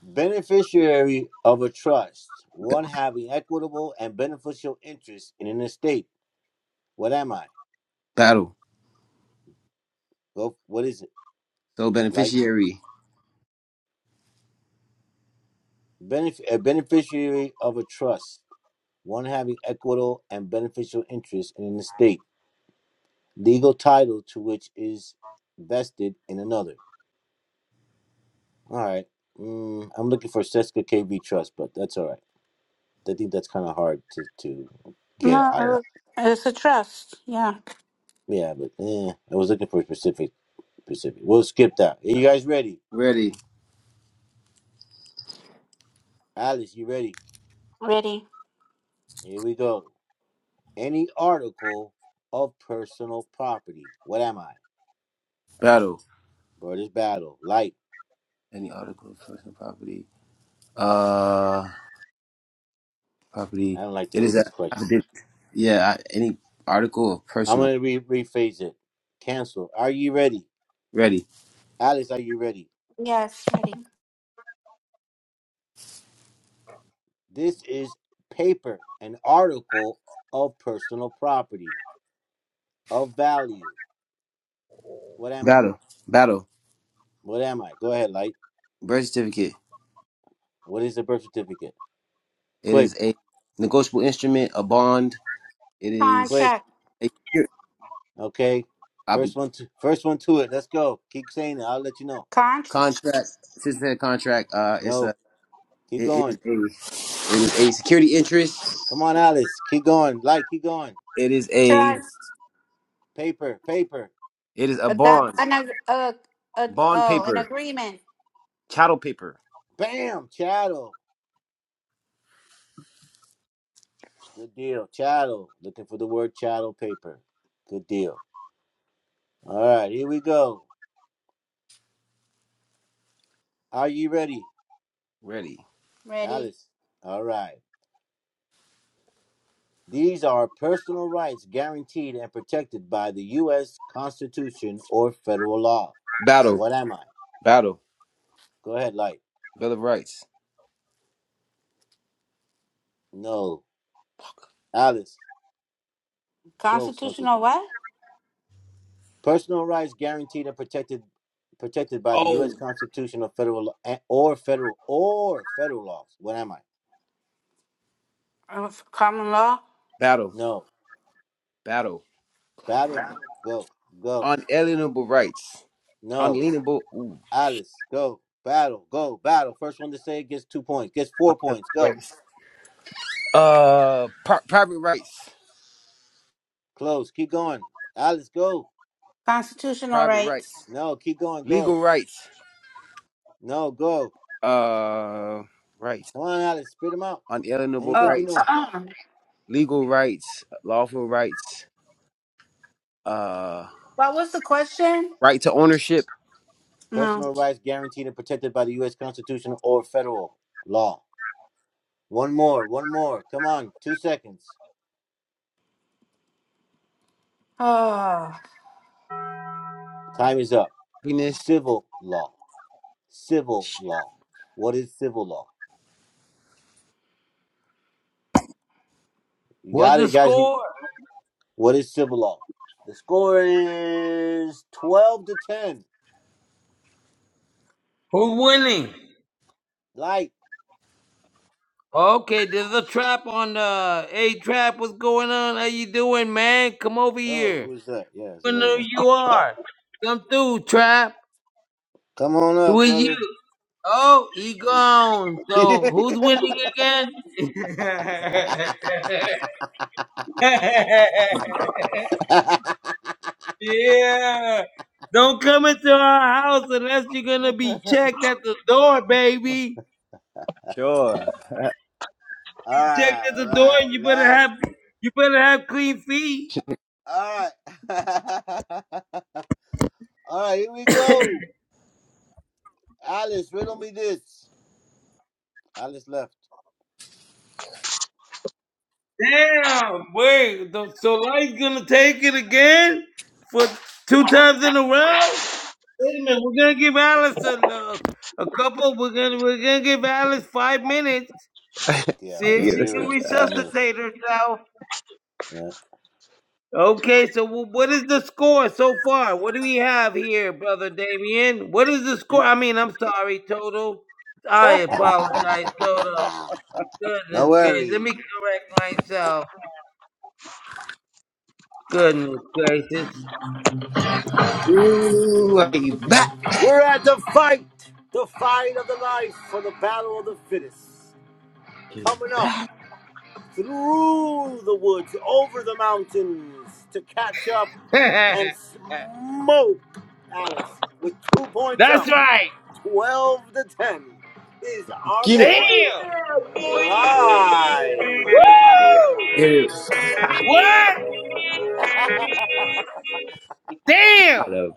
Speaker 2: Beneficiary of a trust, one having equitable and beneficial interest in an estate. What am I?
Speaker 1: Battle.
Speaker 2: Go. What is it?
Speaker 1: So
Speaker 2: Like
Speaker 1: beneficiary.
Speaker 2: benef- a beneficiary of a trust, one having equitable and beneficial interest in an estate. legal title to which is vested in another. All right. Mm, I'm looking for Seska KV Trust, but that's all right. I think that's kind of hard to, to get
Speaker 5: No,
Speaker 2: out of that.
Speaker 5: uh, it's a trust. Yeah.
Speaker 2: Yeah, but eh, I was looking for specific specific. We'll skip that. Are you guys ready?
Speaker 1: Ready.
Speaker 2: Alice, you ready?
Speaker 5: Ready.
Speaker 2: Here we go. Any article of personal property. What am I?
Speaker 1: Battle.
Speaker 2: Brother's battle. Light.
Speaker 1: Any article of personal property. Uh. property.
Speaker 2: I don't like the
Speaker 1: It
Speaker 2: way
Speaker 1: is
Speaker 2: this
Speaker 1: a
Speaker 2: question.
Speaker 1: affidavit. Yeah, I- any article or
Speaker 2: I'm
Speaker 1: personal.
Speaker 2: gonna re- rephrase it. Cancel. Are you ready?
Speaker 1: Ready.
Speaker 2: Alice, are you ready?
Speaker 5: Yes. Ready.
Speaker 2: This is paper, an article of personal property, of value. What am I?
Speaker 1: Battle. Battle.
Speaker 2: What am I? Go ahead, Light.
Speaker 1: Birth certificate.
Speaker 2: What is a birth certificate?
Speaker 1: It
Speaker 2: Quick,
Speaker 1: is a negotiable instrument, a bond. It is
Speaker 2: quick.
Speaker 5: Contract,
Speaker 1: a secure-
Speaker 2: Okay. First
Speaker 1: ob-
Speaker 2: one to first one to it. Let's go. Keep saying it. I'll let you know.
Speaker 5: contracts,
Speaker 1: contract. Since that contract, uh, it's a.
Speaker 2: No, keep
Speaker 1: It is
Speaker 2: going.
Speaker 1: a. It is a security interest.
Speaker 2: Come on, Alice. Keep going. Light, keep going.
Speaker 1: It is a.
Speaker 2: Paper, paper.
Speaker 1: It is a
Speaker 5: adopt,
Speaker 1: bond.
Speaker 5: an, ag- uh, uh,
Speaker 1: Bond
Speaker 5: oh, an
Speaker 1: paper.
Speaker 5: agreement.
Speaker 1: Chattel paper.
Speaker 2: Bam! Chattel. Good deal. Chattel. Looking for the word chattel paper. Good deal. All right, here we go. Are you ready?
Speaker 1: Ready.
Speaker 5: Ready?
Speaker 2: Alice. All right. These are personal rights guaranteed and protected by the U.S. Constitution or federal law.
Speaker 1: Battle.
Speaker 2: What am I?
Speaker 1: Battle.
Speaker 2: Go ahead, Light.
Speaker 1: Bill of Rights.
Speaker 2: No. Alice, close. No.
Speaker 5: Constitutional what?
Speaker 2: Personal rights guaranteed and protected protected by the U.S.
Speaker 1: Oh.
Speaker 2: Constitution or federal lo- eh, or federal or federal laws. What am I?
Speaker 5: Uh, Common law?
Speaker 1: Battle.
Speaker 2: No.
Speaker 1: Battle.
Speaker 2: Battle. Go. Go.
Speaker 1: Unalienable rights.
Speaker 2: No.
Speaker 1: unalienable ooh,
Speaker 2: Alice. Go. Battle. Go. Battle. First one to say it gets two points. Gets four
Speaker 1: that's
Speaker 2: points. Go.
Speaker 1: rights. Uh, pri- private rights,
Speaker 2: Close. Keep going. Alice. Go.
Speaker 5: Constitutional
Speaker 1: private
Speaker 5: rights.
Speaker 1: rights,
Speaker 2: No, keep going. Go.
Speaker 1: legal rights,
Speaker 2: No, go.
Speaker 1: uh, rights,
Speaker 2: Come on, Alex. Spit them out.
Speaker 1: unalienable
Speaker 2: Anything
Speaker 5: Oh,
Speaker 2: you
Speaker 1: rights,
Speaker 2: know.
Speaker 1: legal rights, lawful rights, uh,
Speaker 5: what was the question?
Speaker 1: right to ownership,
Speaker 5: No.
Speaker 2: Personal rights guaranteed and protected by the U.S. Constitution or federal law. One more. One more. Come on. Two seconds.
Speaker 5: Oh,
Speaker 2: Time is up.
Speaker 1: happiness.
Speaker 2: Civil law. Civil law. What is civil law? You
Speaker 7: What's
Speaker 2: got
Speaker 7: the
Speaker 2: it, guys. You-
Speaker 7: score?
Speaker 2: What is civil law? The score is 12 to 10.
Speaker 7: Who's winning?
Speaker 2: Light.
Speaker 7: Okay, there's a trap on the A trap. What's going on? How you doing, man? Come over
Speaker 2: Oh,
Speaker 7: here.
Speaker 2: who is that? Yeah, it's
Speaker 7: I
Speaker 2: another
Speaker 7: know who
Speaker 2: one.
Speaker 7: you are? Come through, trap.
Speaker 2: Come on
Speaker 7: Who
Speaker 2: up,
Speaker 7: are you?
Speaker 2: brother.
Speaker 7: Oh, he gone. So who's winning again?
Speaker 2: all
Speaker 7: Yeah. Don't come into our house unless you're gonna be checked at the door, baby.
Speaker 1: Sure.
Speaker 2: right,
Speaker 7: Checked at
Speaker 2: all
Speaker 7: the door,
Speaker 2: right.
Speaker 7: and you better
Speaker 2: Last,
Speaker 7: have you better have clean feet.
Speaker 2: all right. all right, here we go. Alice, riddle me this. Alice left.
Speaker 7: Damn, wait. th- So life's gonna take it again for two times in a row. Wait a minute, we're gonna give Alice a, look. a couple. We're gonna we're gonna give Alice five minutes.
Speaker 2: Yeah, we're
Speaker 7: See
Speaker 2: going
Speaker 7: if
Speaker 2: to
Speaker 7: she
Speaker 2: give
Speaker 1: yes,
Speaker 2: her
Speaker 7: can
Speaker 2: a
Speaker 1: it's
Speaker 2: couple minutes.
Speaker 7: resuscitate herself.
Speaker 2: Yeah.
Speaker 7: Okay, so wh- what is the score so far? What do we have here, brother Damien? What is the score? I mean, I'm sorry, Toto. I
Speaker 4: The
Speaker 7: apologize, Toto.
Speaker 2: No
Speaker 7: Goodness gracious. Let
Speaker 2: worries.
Speaker 7: me correct myself. Goodness gracious.
Speaker 1: ooh, I get back,
Speaker 2: Fight the fight of the life for the battle of the fittest.
Speaker 1: get
Speaker 2: Coming up.
Speaker 1: back,
Speaker 2: through the woods, over the mountains to catch up
Speaker 7: That's
Speaker 2: and smoke Alice with two points up,
Speaker 7: right.
Speaker 2: 12 to 10, is our
Speaker 1: get it,
Speaker 2: boy
Speaker 7: Damn.
Speaker 2: Light.
Speaker 7: Woo!
Speaker 1: get it.
Speaker 7: What? Damn.
Speaker 1: Gotta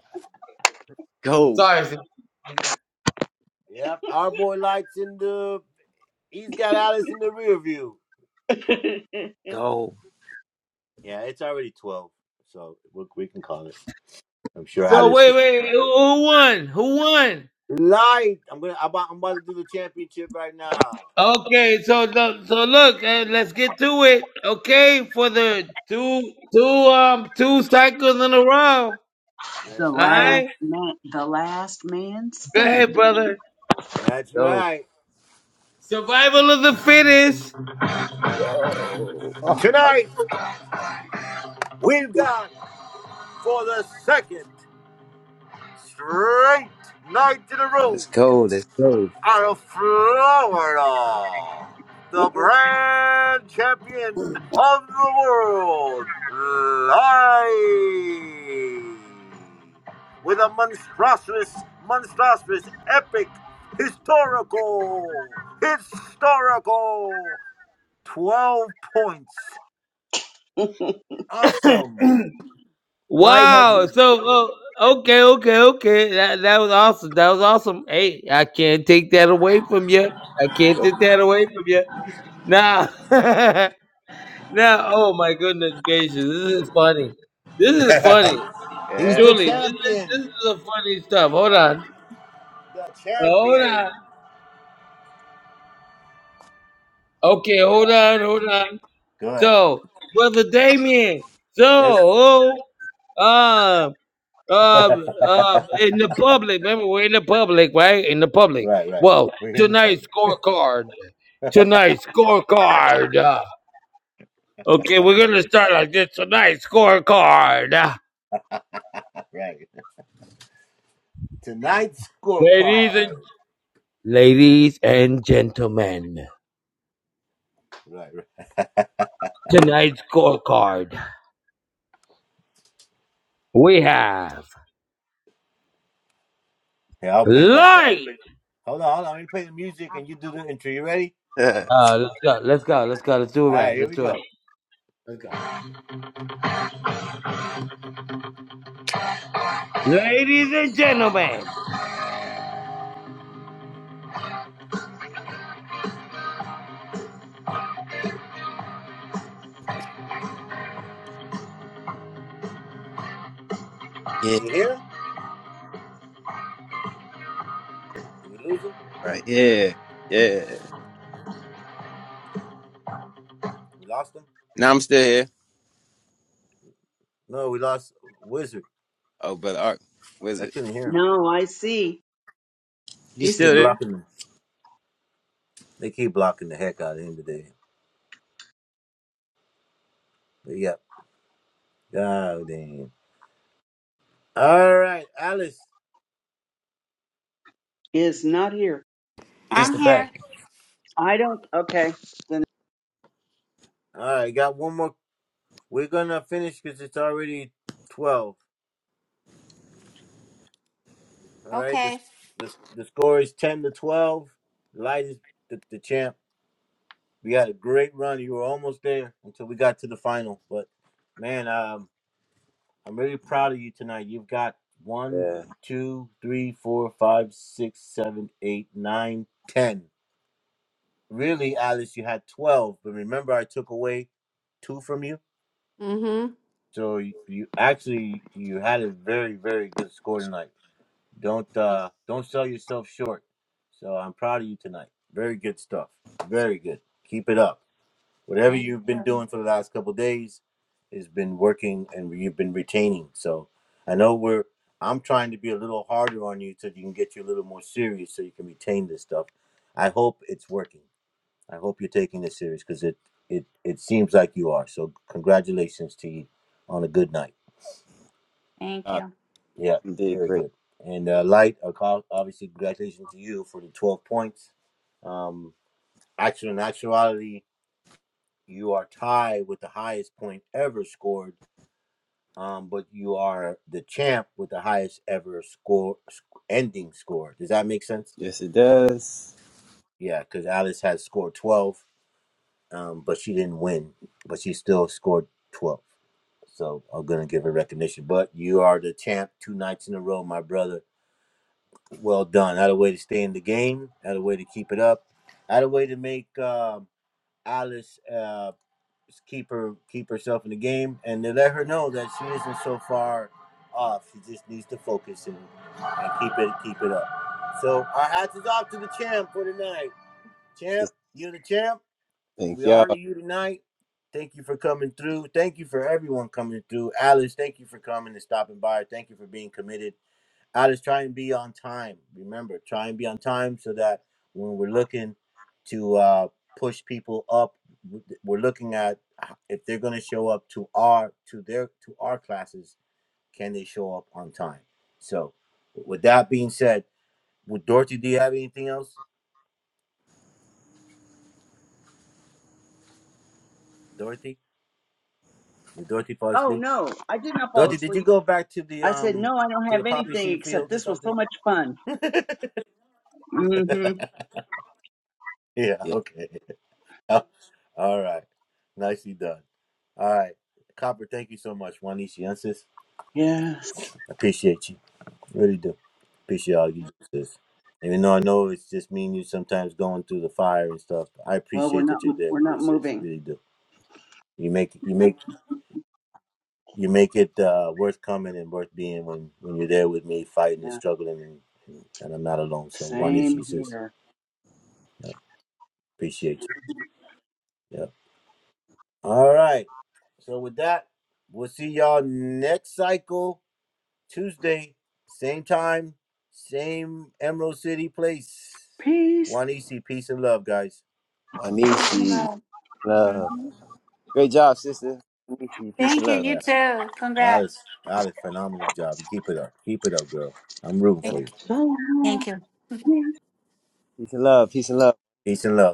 Speaker 1: go,
Speaker 7: Sorry. sir.
Speaker 2: yep, our boy Light's in the, he's got Alice in the rear view.
Speaker 1: go,
Speaker 2: Yeah, it's already 12, so we, we can call it. I'm sure
Speaker 7: So
Speaker 2: Alice
Speaker 7: wait,
Speaker 2: is.
Speaker 7: wait. Who who won? Who won?
Speaker 2: Light! I'm gonna. I'm about, I'm about to do the championship right now.
Speaker 7: Okay, so the, so look, uh, let's get to it. Okay, for the two two um two cycles in a row. All
Speaker 2: That's right.
Speaker 4: last
Speaker 7: right,
Speaker 4: man, the last man
Speaker 7: go ahead,
Speaker 4: standing.
Speaker 7: brother.
Speaker 2: That's
Speaker 1: go,
Speaker 2: right.
Speaker 7: Survival of the fittest.
Speaker 1: go. Oh,
Speaker 2: Tonight, we've got for the second straight night in a row
Speaker 1: let's go, let's go.
Speaker 2: out of Florida, the brand champion of the world, live with a monstrous, monstrous, epic, historical, historical 12 points. Awesome. Light has
Speaker 7: Wow. So uh, okay, okay, okay. That that was awesome. That was awesome. Hey, I can't take that away from you. I can't
Speaker 1: Go.
Speaker 7: take that away from you. Now, now. Oh my goodness gracious, this is funny. This is funny.
Speaker 2: He's the
Speaker 1: Yeah.
Speaker 7: Julie, this is, this
Speaker 2: champion.
Speaker 7: is a funny stuff. Hold on.
Speaker 2: The
Speaker 7: Hold
Speaker 2: champion.
Speaker 7: on. Okay,
Speaker 2: All
Speaker 7: hold
Speaker 2: right.
Speaker 7: on, hold on.
Speaker 2: Good.
Speaker 7: So, brother Damien,
Speaker 2: Yes.
Speaker 7: so um
Speaker 2: right,
Speaker 7: um um in the public, remember we're in the public, right? In the public.
Speaker 2: right.
Speaker 7: Well,
Speaker 2: We're in the
Speaker 7: tonight's
Speaker 2: public.
Speaker 7: scorecard. Tonight's scorecard. uh, Okay, we're gonna start like this tonight's scorecard. uh,
Speaker 2: Right. Tonight's
Speaker 7: Ladies and
Speaker 2: scorecard.
Speaker 7: ladies and gentlemen,
Speaker 2: Right, right.
Speaker 7: tonight's scorecard. We have
Speaker 2: Here, I'll play the.
Speaker 7: light.
Speaker 2: Hold on, hold on. Let me play the music and you do the intro. You ready?
Speaker 7: Uh, let's go. Let's go. Let's go. Let's do it
Speaker 2: All right,
Speaker 7: right.
Speaker 2: here
Speaker 7: Let's
Speaker 2: we
Speaker 7: do it.
Speaker 2: go.
Speaker 7: Let's go. Ladies and gentlemen,
Speaker 1: Yeah.
Speaker 2: Can you hear him? Did we lose him?
Speaker 1: Right. Yeah. Yeah.
Speaker 2: We lost him?
Speaker 1: Now I'm still here.
Speaker 2: No, we lost Wizard.
Speaker 1: Oh, brother Art, where's
Speaker 2: I
Speaker 1: it?
Speaker 2: couldn't hear him.
Speaker 4: No, I see.
Speaker 1: You
Speaker 2: They
Speaker 4: He's
Speaker 1: still
Speaker 2: keep
Speaker 4: still
Speaker 1: there?
Speaker 4: here.
Speaker 2: blocking him. They keep blocking the heck out of him today. But yeah. God damn. All right, Alice.
Speaker 4: He is not here.
Speaker 2: Yeah,
Speaker 1: Just
Speaker 5: I'm
Speaker 1: the
Speaker 2: she's there.
Speaker 5: here.
Speaker 1: back.
Speaker 4: I don't. Okay. Then.
Speaker 2: All right, got one more We're gonna finish because it's already twelve. All right, the,
Speaker 5: Okay.
Speaker 2: the the score is ten to twelve. Light is the, the champ. We had a great run. You were almost there until we got to the final. But man, um, I'm really proud of you tonight. You've got one,
Speaker 1: Yeah.
Speaker 2: two, three, four, five, six, seven, eight, nine, ten. Really, Alice, you had twelve. But remember, I took away two from you.
Speaker 5: Mm-hmm.
Speaker 2: So you you actually you had a very very good score tonight. Don't uh, don't sell yourself short. So I'm proud of you tonight. Very good stuff. Very good. Keep it up. Whatever
Speaker 5: Thank,
Speaker 2: you've been doing for the last couple days has been working, and you've been retaining. So I know we're. I'm trying to be a little harder on you so you can get you a little more serious, so you can retain this stuff. I hope it's working. I hope you're taking this serious because it it it seems like you are. So congratulations to you on a good night.
Speaker 5: thank
Speaker 1: Uh,
Speaker 5: you.
Speaker 2: Yeah,
Speaker 1: you did
Speaker 2: very
Speaker 1: great.
Speaker 2: good. And uh, Light, uh, co- obviously, congratulations to you for the 12 points. Um, actually, in actuality, you are tied with the highest point ever scored, um, but you are the champ with the highest ever score sc- ending score. Does that make sense?
Speaker 1: Yes, it does.
Speaker 2: Yeah, because Alice has scored 12, um, but she didn't win, but she still scored 12. So I'm going to give her recognition. But you are the champ two nights in a row, my brother Well done. Had a way to stay in the game. Had a way to keep it up. Had a way to make um, Alice uh, keep her keep herself in the game, and to let her know that she isn't so far off. She just needs to focus and, and keep it keep it up. So our hats is off to the champ for tonight. Champ,
Speaker 1: Just
Speaker 2: you're the champ.
Speaker 1: thank
Speaker 2: We honor
Speaker 1: y'all.
Speaker 2: you tonight. Thank you for coming through. Thank you for everyone coming through. Alice, thank you for coming and stopping by. Thank you for being committed I just try and be on time. Remember, try and be on time so that when we're looking to uh, push people up, we're looking at if they're going to show up to our to their to our classes. Can they show up on time? So, with that being said, with Dorothy, do you have anything else? Dorothy, did Dorothy fall
Speaker 4: Oh
Speaker 2: asleep?
Speaker 4: no, I did not fall
Speaker 2: Dorothy, did you
Speaker 4: asleep.
Speaker 2: go back to the
Speaker 4: I said
Speaker 2: um
Speaker 4: no. I don't
Speaker 2: to the
Speaker 4: have
Speaker 2: poppy
Speaker 4: anything
Speaker 2: seed
Speaker 4: except
Speaker 2: fields or
Speaker 4: this was
Speaker 2: something?
Speaker 4: so much fun. hmm
Speaker 2: yeah.
Speaker 1: Yeah.
Speaker 2: Okay. All right. Nicely done. All right. Copper, thank you so much. Juaniciensis.
Speaker 4: Yes.
Speaker 2: Appreciate you. Really do. Appreciate all you do, sis. Even though I know it's just me and you sometimes going through the fire and stuff, I
Speaker 4: Well, we're
Speaker 2: appreciate
Speaker 4: not.
Speaker 2: that you're there
Speaker 4: We're
Speaker 2: with me,
Speaker 4: not
Speaker 2: sis.
Speaker 4: moving.
Speaker 2: Really do. You make you make you make it uh, worth coming and worth being when when you're there with me, fighting and
Speaker 4: Yeah.
Speaker 2: struggling, and, and, I'm not alone. So one
Speaker 4: Same
Speaker 2: issue, sis.
Speaker 4: here.
Speaker 2: Yeah, appreciate you. Yeah. All right. So with that, we'll see y'all next cycle. Tuesday, same time, same Emerald City place.
Speaker 4: Peace.
Speaker 2: One EC, peace and love, guys.
Speaker 1: Wanishi. Love.
Speaker 5: Mhm.
Speaker 1: Great job, sister. Wanishi. Peace
Speaker 5: Thank
Speaker 1: and
Speaker 5: you.
Speaker 1: love.
Speaker 5: You
Speaker 2: Yeah,
Speaker 5: too. Congrats.
Speaker 2: Alice, Alice, phenomenal job. You keep it up. Keep it up, girl. I'm rooting
Speaker 1: Yeah.
Speaker 2: for
Speaker 5: Thank
Speaker 2: you.
Speaker 5: you.
Speaker 4: Shalom.
Speaker 5: Thank you.
Speaker 1: Peace and love. Peace and love.
Speaker 2: Peace and love.